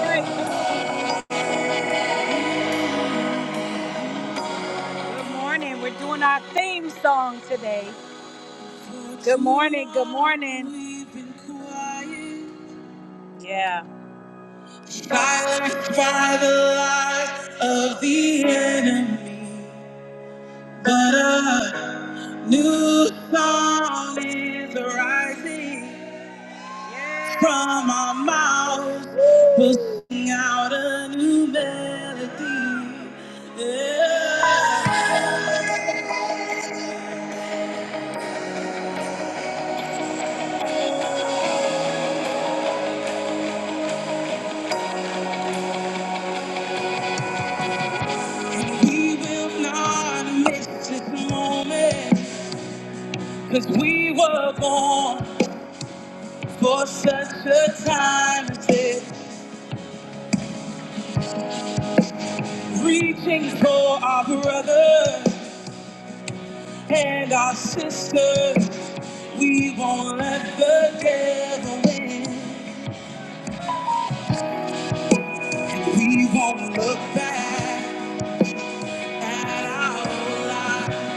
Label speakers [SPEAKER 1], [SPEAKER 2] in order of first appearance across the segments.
[SPEAKER 1] Good morning. We're doing our theme song today. Good morning. Good morning. Yeah. Silence by the lies of the enemy, but a new song is rising from our mouths. We'll sing out a new melody. Yeah. We will not miss this moment. Cause we were born for such a time as this, reaching for our brothers and our sisters. We won't let the devil win. We won't look back at our own lives.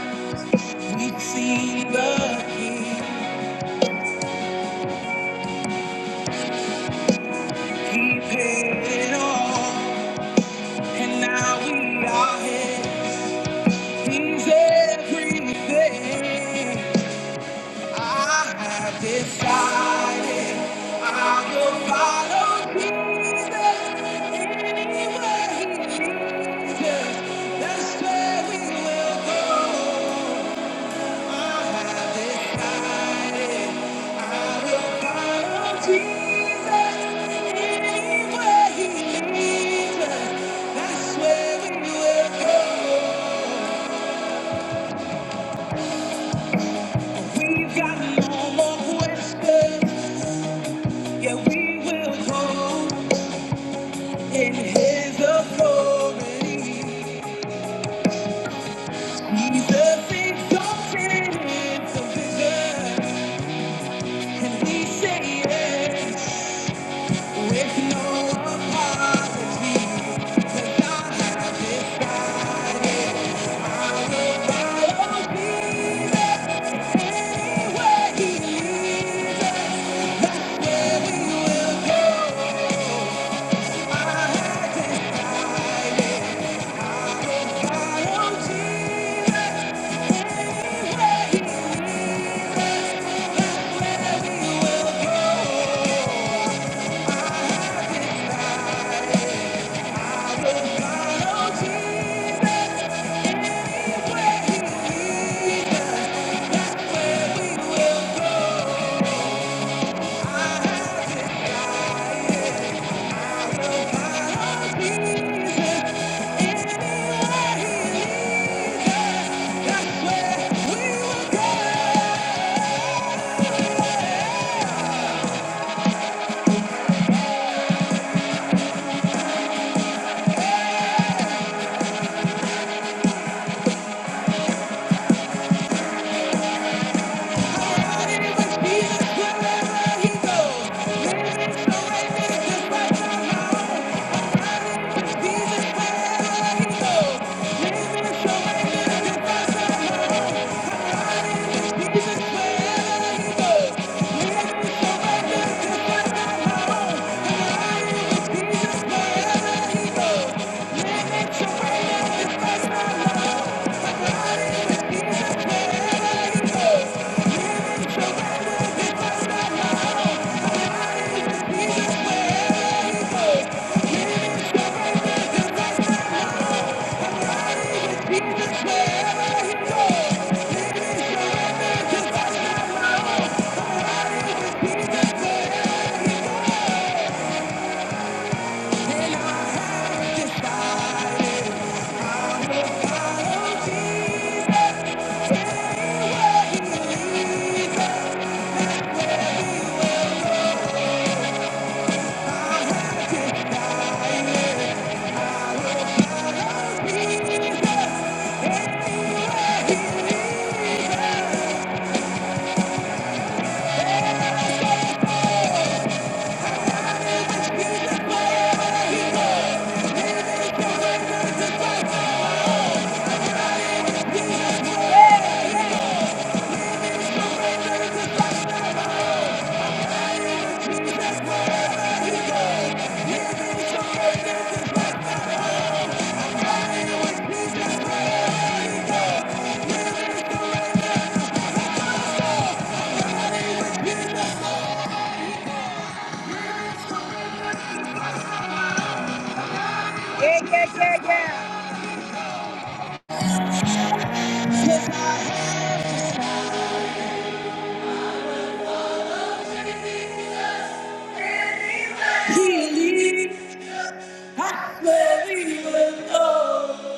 [SPEAKER 1] We've seen the King. He paid it all, and now we are here. He's everything. I have decided I will follow Jesus anywhere he leads us. That's where we will go. I have decided I will follow Jesus anywhere he leads us. That's where we will go. We've got no more questions. Yeah, we will go in his authority. He's the exalted physician, and we say yes with no apology. Cause God has decided follow Jesus anywhere he leads us, where we will go. I follow Jesus anywhere he, leads us, where we will go. Thank you. go, let it go right there, just right now. Thank you. Yeah, yeah, yeah, yeah. He I swear he will know.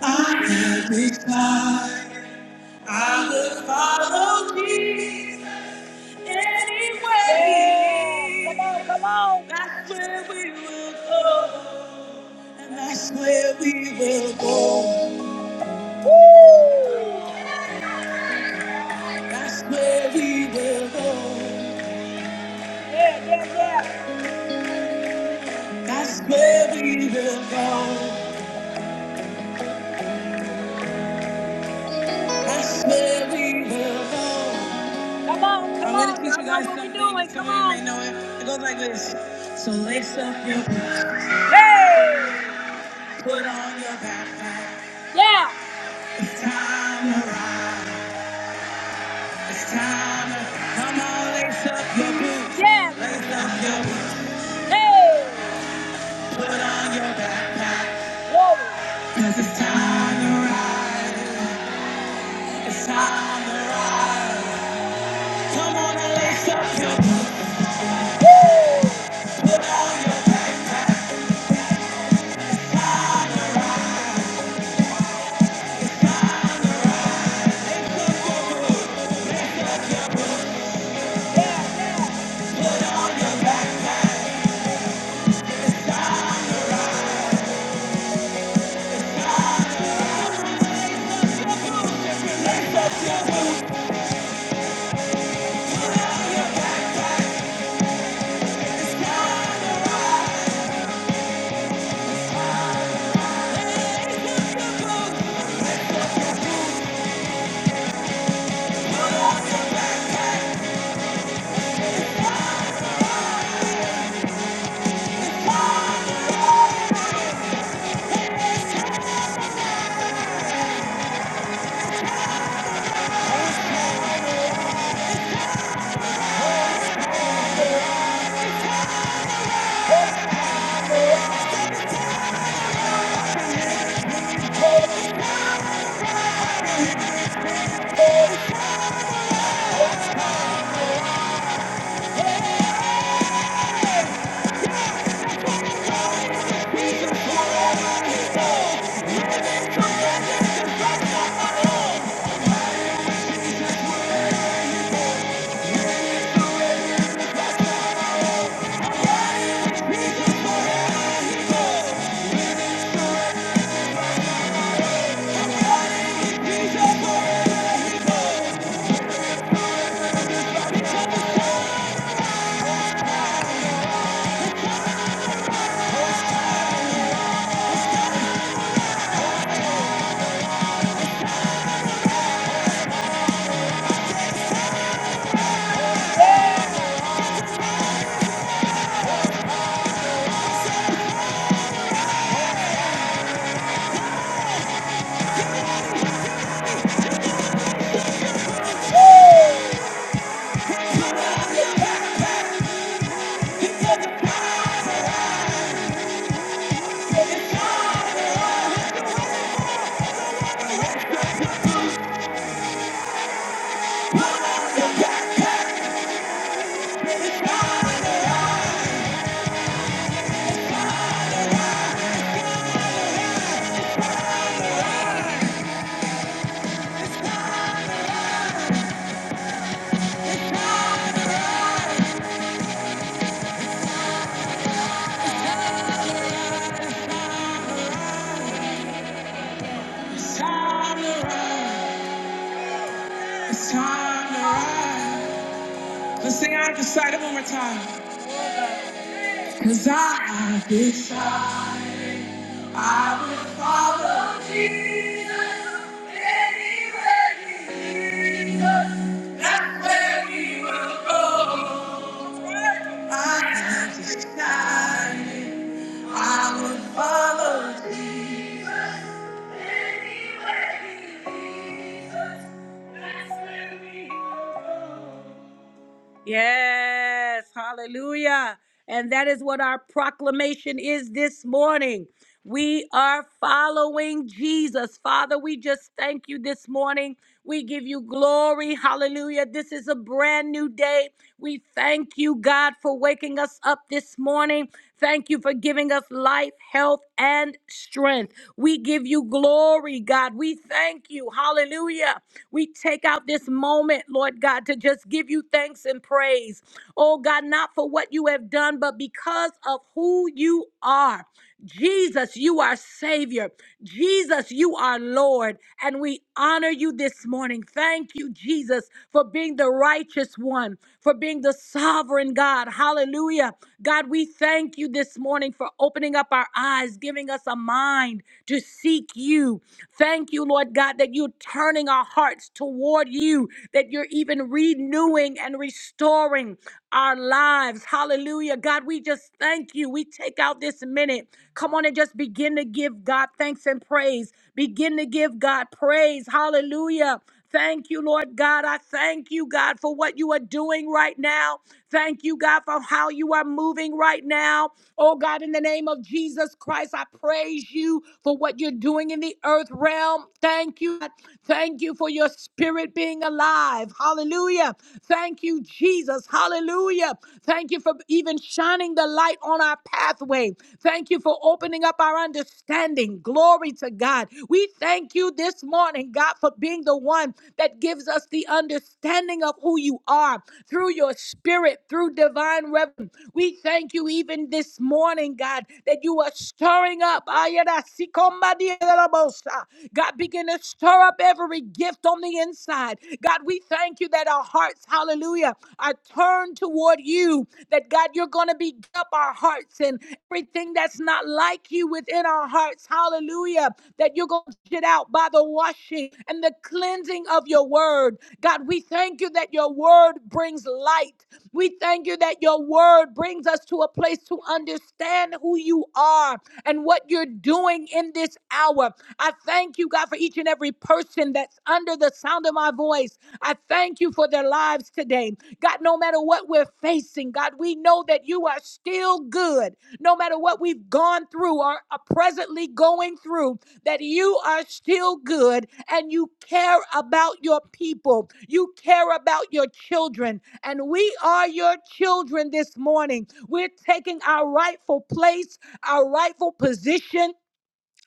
[SPEAKER 1] I am his child. I will follow Jesus anyway. Come on, come on. That's where we will go. And that's where we will go. Woo! That's where we will go. Yeah, yeah, yeah. That's where we will go. That's where we will go. Come on, come on. I'm gonna on. teach you guys what we something. doing. Come of you on. may know it. It goes like this. So lace up your boots, Hey! put on your backpack. Yeah! It's time to ride. It's time to come on, lace up your boots, Yeah! lace up your boots, Hey! put on your backpack. Whoa! 'Cause it's time to ride. It's time to ride. Come on and lace up your boots, Woo! put on your Yeah, yeah, It's time to rise. It's time to rise. Let's sing out of the sight one more time. Cause I have decided. I will follow Jesus anywhere he leads us. That's where we will go. I have decided I will follow Jesus anywhere he leads us. That's where we will go. Jesus. Hallelujah. And that is what our proclamation is this morning. We are following Jesus. Father, we just thank you this morning. We give you glory. Hallelujah. This is a brand new day. We thank you, God, for waking us up this morning. Thank you for giving us life, health, and strength. We give you glory, God. We thank you. Hallelujah. We take out this moment, Lord God, to just give you thanks and praise oh God, not for what you have done, but because of who you are. Jesus, you are Savior. Jesus, you are Lord. And we honor you this morning. Thank you, Jesus, for being the righteous one, for being the sovereign God. Hallelujah. God, we thank you this morning for opening up our eyes, giving us a mind to seek you. Thank you, Lord God, that you're turning our hearts toward you that you're even renewing and restoring our lives. Hallelujah. God, we just thank you. We take out this minute. Come on and just begin to give God thanks and praise. Begin to give God praise. Hallelujah. Thank you, Lord God. I thank you, God, for what you are doing right now. Thank you, God, for how you are moving right now. Oh, God, in the name of Jesus Christ, I praise you for what you're doing in the earth realm. Thank you. Thank you for your spirit being alive. Hallelujah. Thank you, Jesus. Hallelujah. Thank you for even shining the light on our pathway. Thank you for opening up our understanding. Glory to God. We thank you this morning, God, for being the one that gives us the understanding of who you are through your spirit, through divine revelation. We thank you even this morning, God, that you are stirring up. Ayarasikombadielabosa. God, begin to stir up every gift on the inside. God, we thank you that our hearts hallelujah, are turned toward you, that God, you're going to beat up our hearts and everything that's not like you within our hearts, hallelujah, that you're going to get out by the washing and the cleansing of your word. God, we thank you that your word brings light. We thank you that your word brings us to a place to understand who you are and what you're doing in this hour. I thank you, God, for each and every person that's under the sound of my voice. I thank you for their lives today. God, no matter what we're facing, God, we know that you are still good. No matter what we've gone through or are presently going through, that you are still good and you care about your people. You care about your children. And we are your children this morning. We're taking our rightful place, our rightful position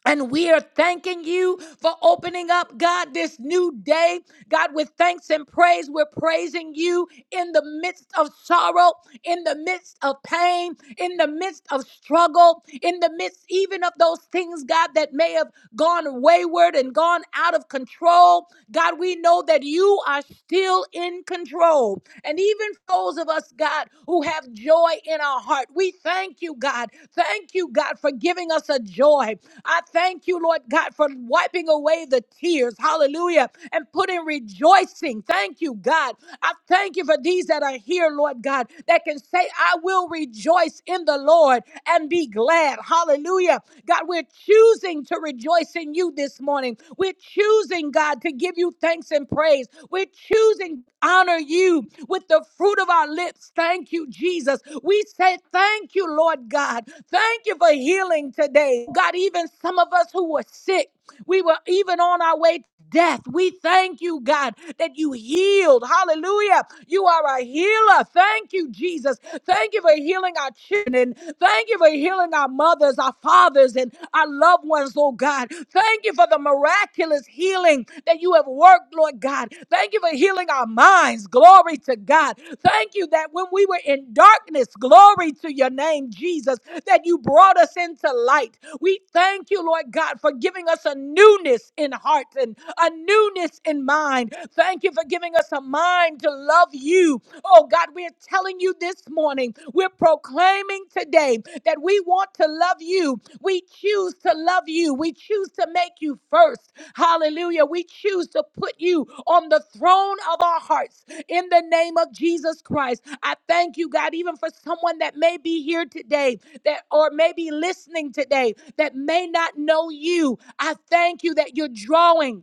[SPEAKER 1] and we are thanking you for opening up, God, this new day. God, with thanks and praise, we're praising you in the midst of sorrow, in the midst of pain, in the midst of struggle, in the midst even of those things, God, that may have gone wayward and gone out of control. God, we know that you are still in control. And even for those of us, God, who have joy in our heart, we thank you, God. Thank you, God, for giving us a joy. I thank you, Lord God, for wiping away the tears. Hallelujah. And putting rejoicing. Thank you, God. I thank you for these that are here, Lord God, that can say, I will rejoice in the Lord. Lord and be glad. Hallelujah. God, we're choosing to rejoice in you this morning. We're choosing, God, to give you thanks and praise. We're choosing to honor you with the fruit of our lips. Thank you, Jesus. We say thank you, Lord God. Thank you for healing today. God, even some of us who were sick. We were even on our way to death. We thank you, God, that you healed. Hallelujah. You are a healer. Thank you, Jesus. Thank you for healing our children. Thank you for healing our mothers, our fathers, and our loved ones, oh God. Thank you for the miraculous healing that you have worked, Lord God. God. Thank you for healing our minds. Glory to God. Thank you that when we were in darkness, glory to your name, Jesus, that you brought us into light. We thank you, Lord God, for giving us a newness in heart and a newness in mind. Thank you for giving us a mind to love you Oh God, we're telling you this morning, we're proclaiming today that we want to love you. We choose to love you. We choose to make you first. Hallelujah. We choose to put you on the throne of our hearts in the name of Jesus Christ. I thank you, God, even for someone that may be here today that or may be listening today that may not know you. I thank you that you're drawing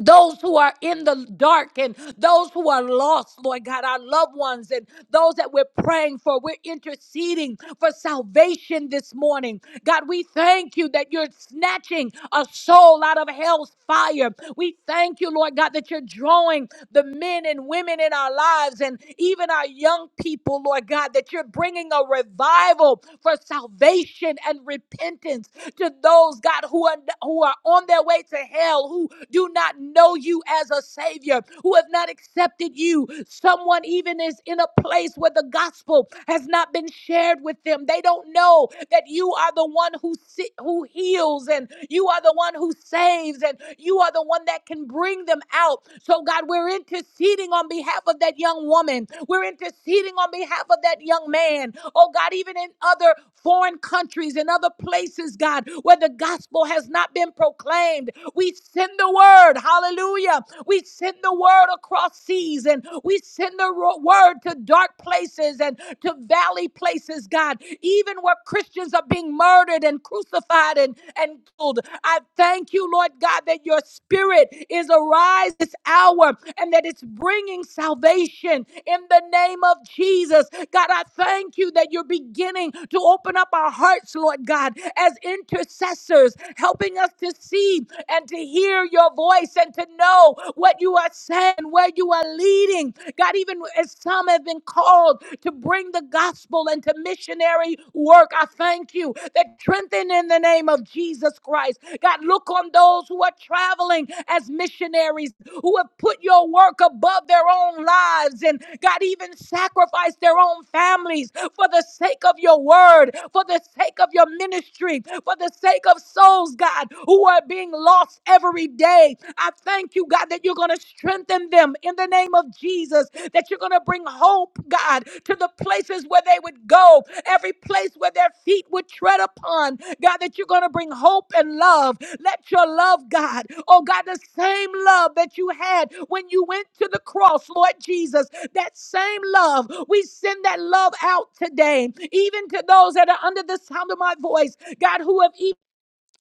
[SPEAKER 1] those who are in the dark and those who are lost, Lord God, our loved ones and those that we're praying for. We're interceding for salvation this morning. God, we thank you that you're snatching a soul out of hell's fire. We thank you, Lord God, that you're drawing the men and women in our lives and even our young people, Lord God, that you're bringing a revival for salvation and repentance to those, God, who are, who are on their way to hell, who who do not know you as a Savior, who have not accepted you. Someone even is in a place where the gospel has not been shared with them. They don't know that you are the one who si- who heals and you are the one who saves and you are the one that can bring them out. So God, we're interceding on behalf of that young woman. We're interceding on behalf of that young man. Oh God, even in other foreign countries and other places, God, where the gospel has not been proclaimed, we send the word, hallelujah. We send the word across seas and we send the ro- word to dark places and to valley places, God, even where Christians are being murdered and crucified and, and killed. I thank you, Lord God, that your spirit is arise this hour and that it's bringing salvation in the name of Jesus. God, I thank you that you're beginning to open up our hearts, Lord God, as intercessors, helping us to to see and to hear your voice and to know what you are saying, where you are leading. God, even as some have been called to bring the gospel and to missionary work, I thank you that strengthen in the name of Jesus Christ. God, look on those who are traveling as missionaries who have put your work above their own lives and God even sacrificed their own families for the sake of your word, for the sake of your ministry, for the sake of souls those, God, who are being lost every day. I thank you, God, that you're going to strengthen them in the name of Jesus, that you're going to bring hope, God, to the places where they would go, every place where their feet would tread upon. God, that you're going to bring hope and love. Let your love, God, oh God, the same love that you had when you went to the cross, Lord Jesus, that same love, we send that love out today, even to those that are under the sound of my voice, God, who have even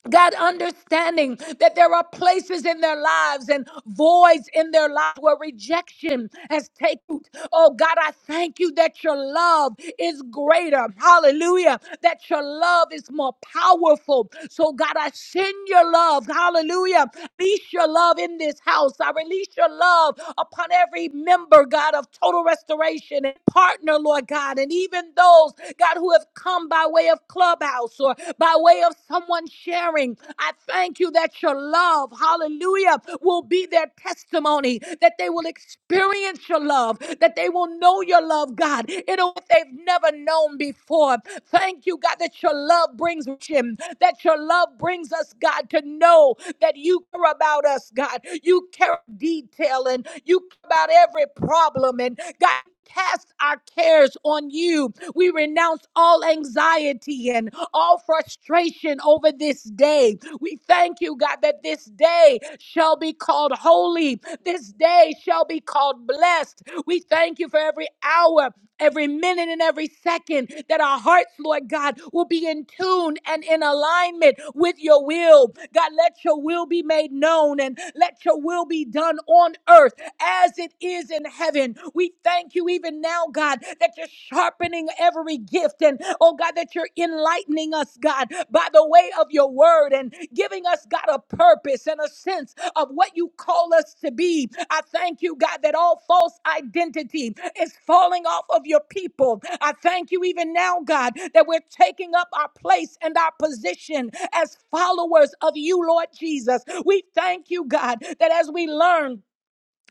[SPEAKER 1] God, understanding that there are places in their lives and voids in their lives where rejection has taken root. Oh, God, I thank you that your love is greater. Hallelujah. That your love is more powerful. So, God, I send your love. Hallelujah. Release your love in this house. I release your love upon every member, God, of total restoration generation and partner, Lord God, and even those, God, who have come by way of clubhouse or by way of someone sharing. I thank you that your love, hallelujah, will be their testimony, that they will experience your love, that they will know your love, God, in a way they've never known before. Thank you, God, that your love brings him, that your love brings us, God, to know that you care about us, God. You care about detail and you care about every problem. And God, cast our cares on you. We renounce all anxiety and all frustration over this day. We thank you, God, that this day shall be called holy. This day shall be called blessed. We thank you for every hour every minute and every second, that our hearts, Lord God, will be in tune and in alignment with your will. God, let your will be made known and let your will be done on earth as it is in heaven. We thank you even now, God, that you're sharpening every gift and, oh God, that you're enlightening us, God, by the way way of your word and giving us, God, a purpose and a sense of what you call us to be. I thank you, God, that all false identity is falling off of your people. I thank you even now, God, that we're taking up our place and our position as followers of you, Lord Jesus. We thank you, God, that as we learn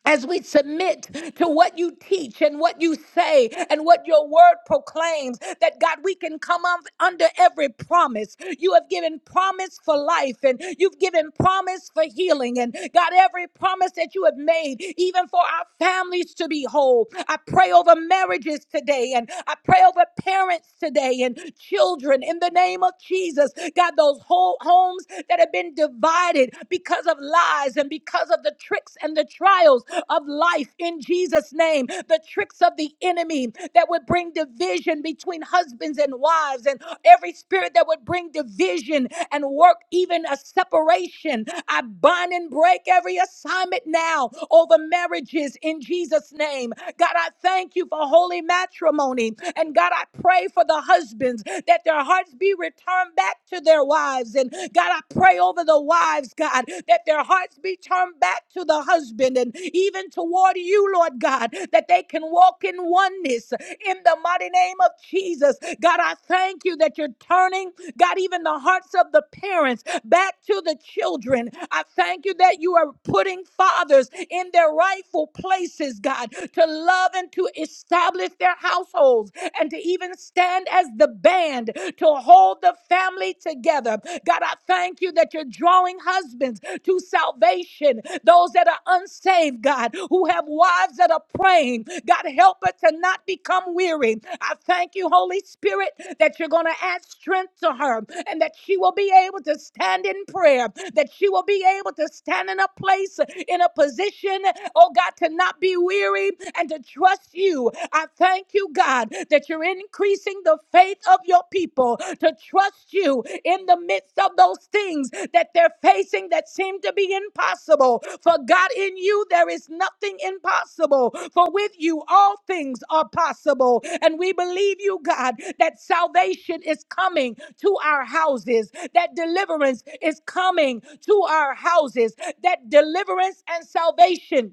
[SPEAKER 1] as we submit to what you teach and what you say and what your word proclaims, that God, we can come up under every promise. You have given promise for life and you've given promise for healing. And God, every promise that you have made, even for our families to be whole. I pray over marriages today and I pray over parents today and children in the name of Jesus. Jesus. God, those whole homes that have been divided because of lies and because of the tricks and the trials of life in Jesus' name, the tricks of the enemy that would bring division between husbands and wives, and every spirit that would bring division and work even a separation. I bind and break every assignment now over marriages in Jesus' name. God, I thank you for holy matrimony. And God, I pray for the husbands that their hearts be returned back to their wives. And God, I pray over the wives, God, that their hearts be turned back to the husband and even toward you, Lord God, that they can walk in oneness in the mighty name of Jesus. God, I thank you that you're turning, God, even the hearts of the parents back to the children. I thank you that you are putting fathers in their rightful places, God. God, to love and to establish their households and to even stand as the band to hold the family together. God, I thank you that you're drawing husbands to salvation, those that are unsaved, God, who have wives that are praying. God, help us to not become weary. I thank you, Holy Spirit, that you're going to add strength to her and that she will be able to stand in prayer, that she will be able to stand in a place, in a position, oh God, to not be weary and to trust you. I thank you, God, that you're increasing the faith of your people to trust you in the midst of those things that they're facing that seem to be impossible. For God, in you, there is nothing impossible. For with you, all things are possible. And we believe you, God, that salvation is coming to our houses, that deliverance is coming to our houses, that deliverance and salvation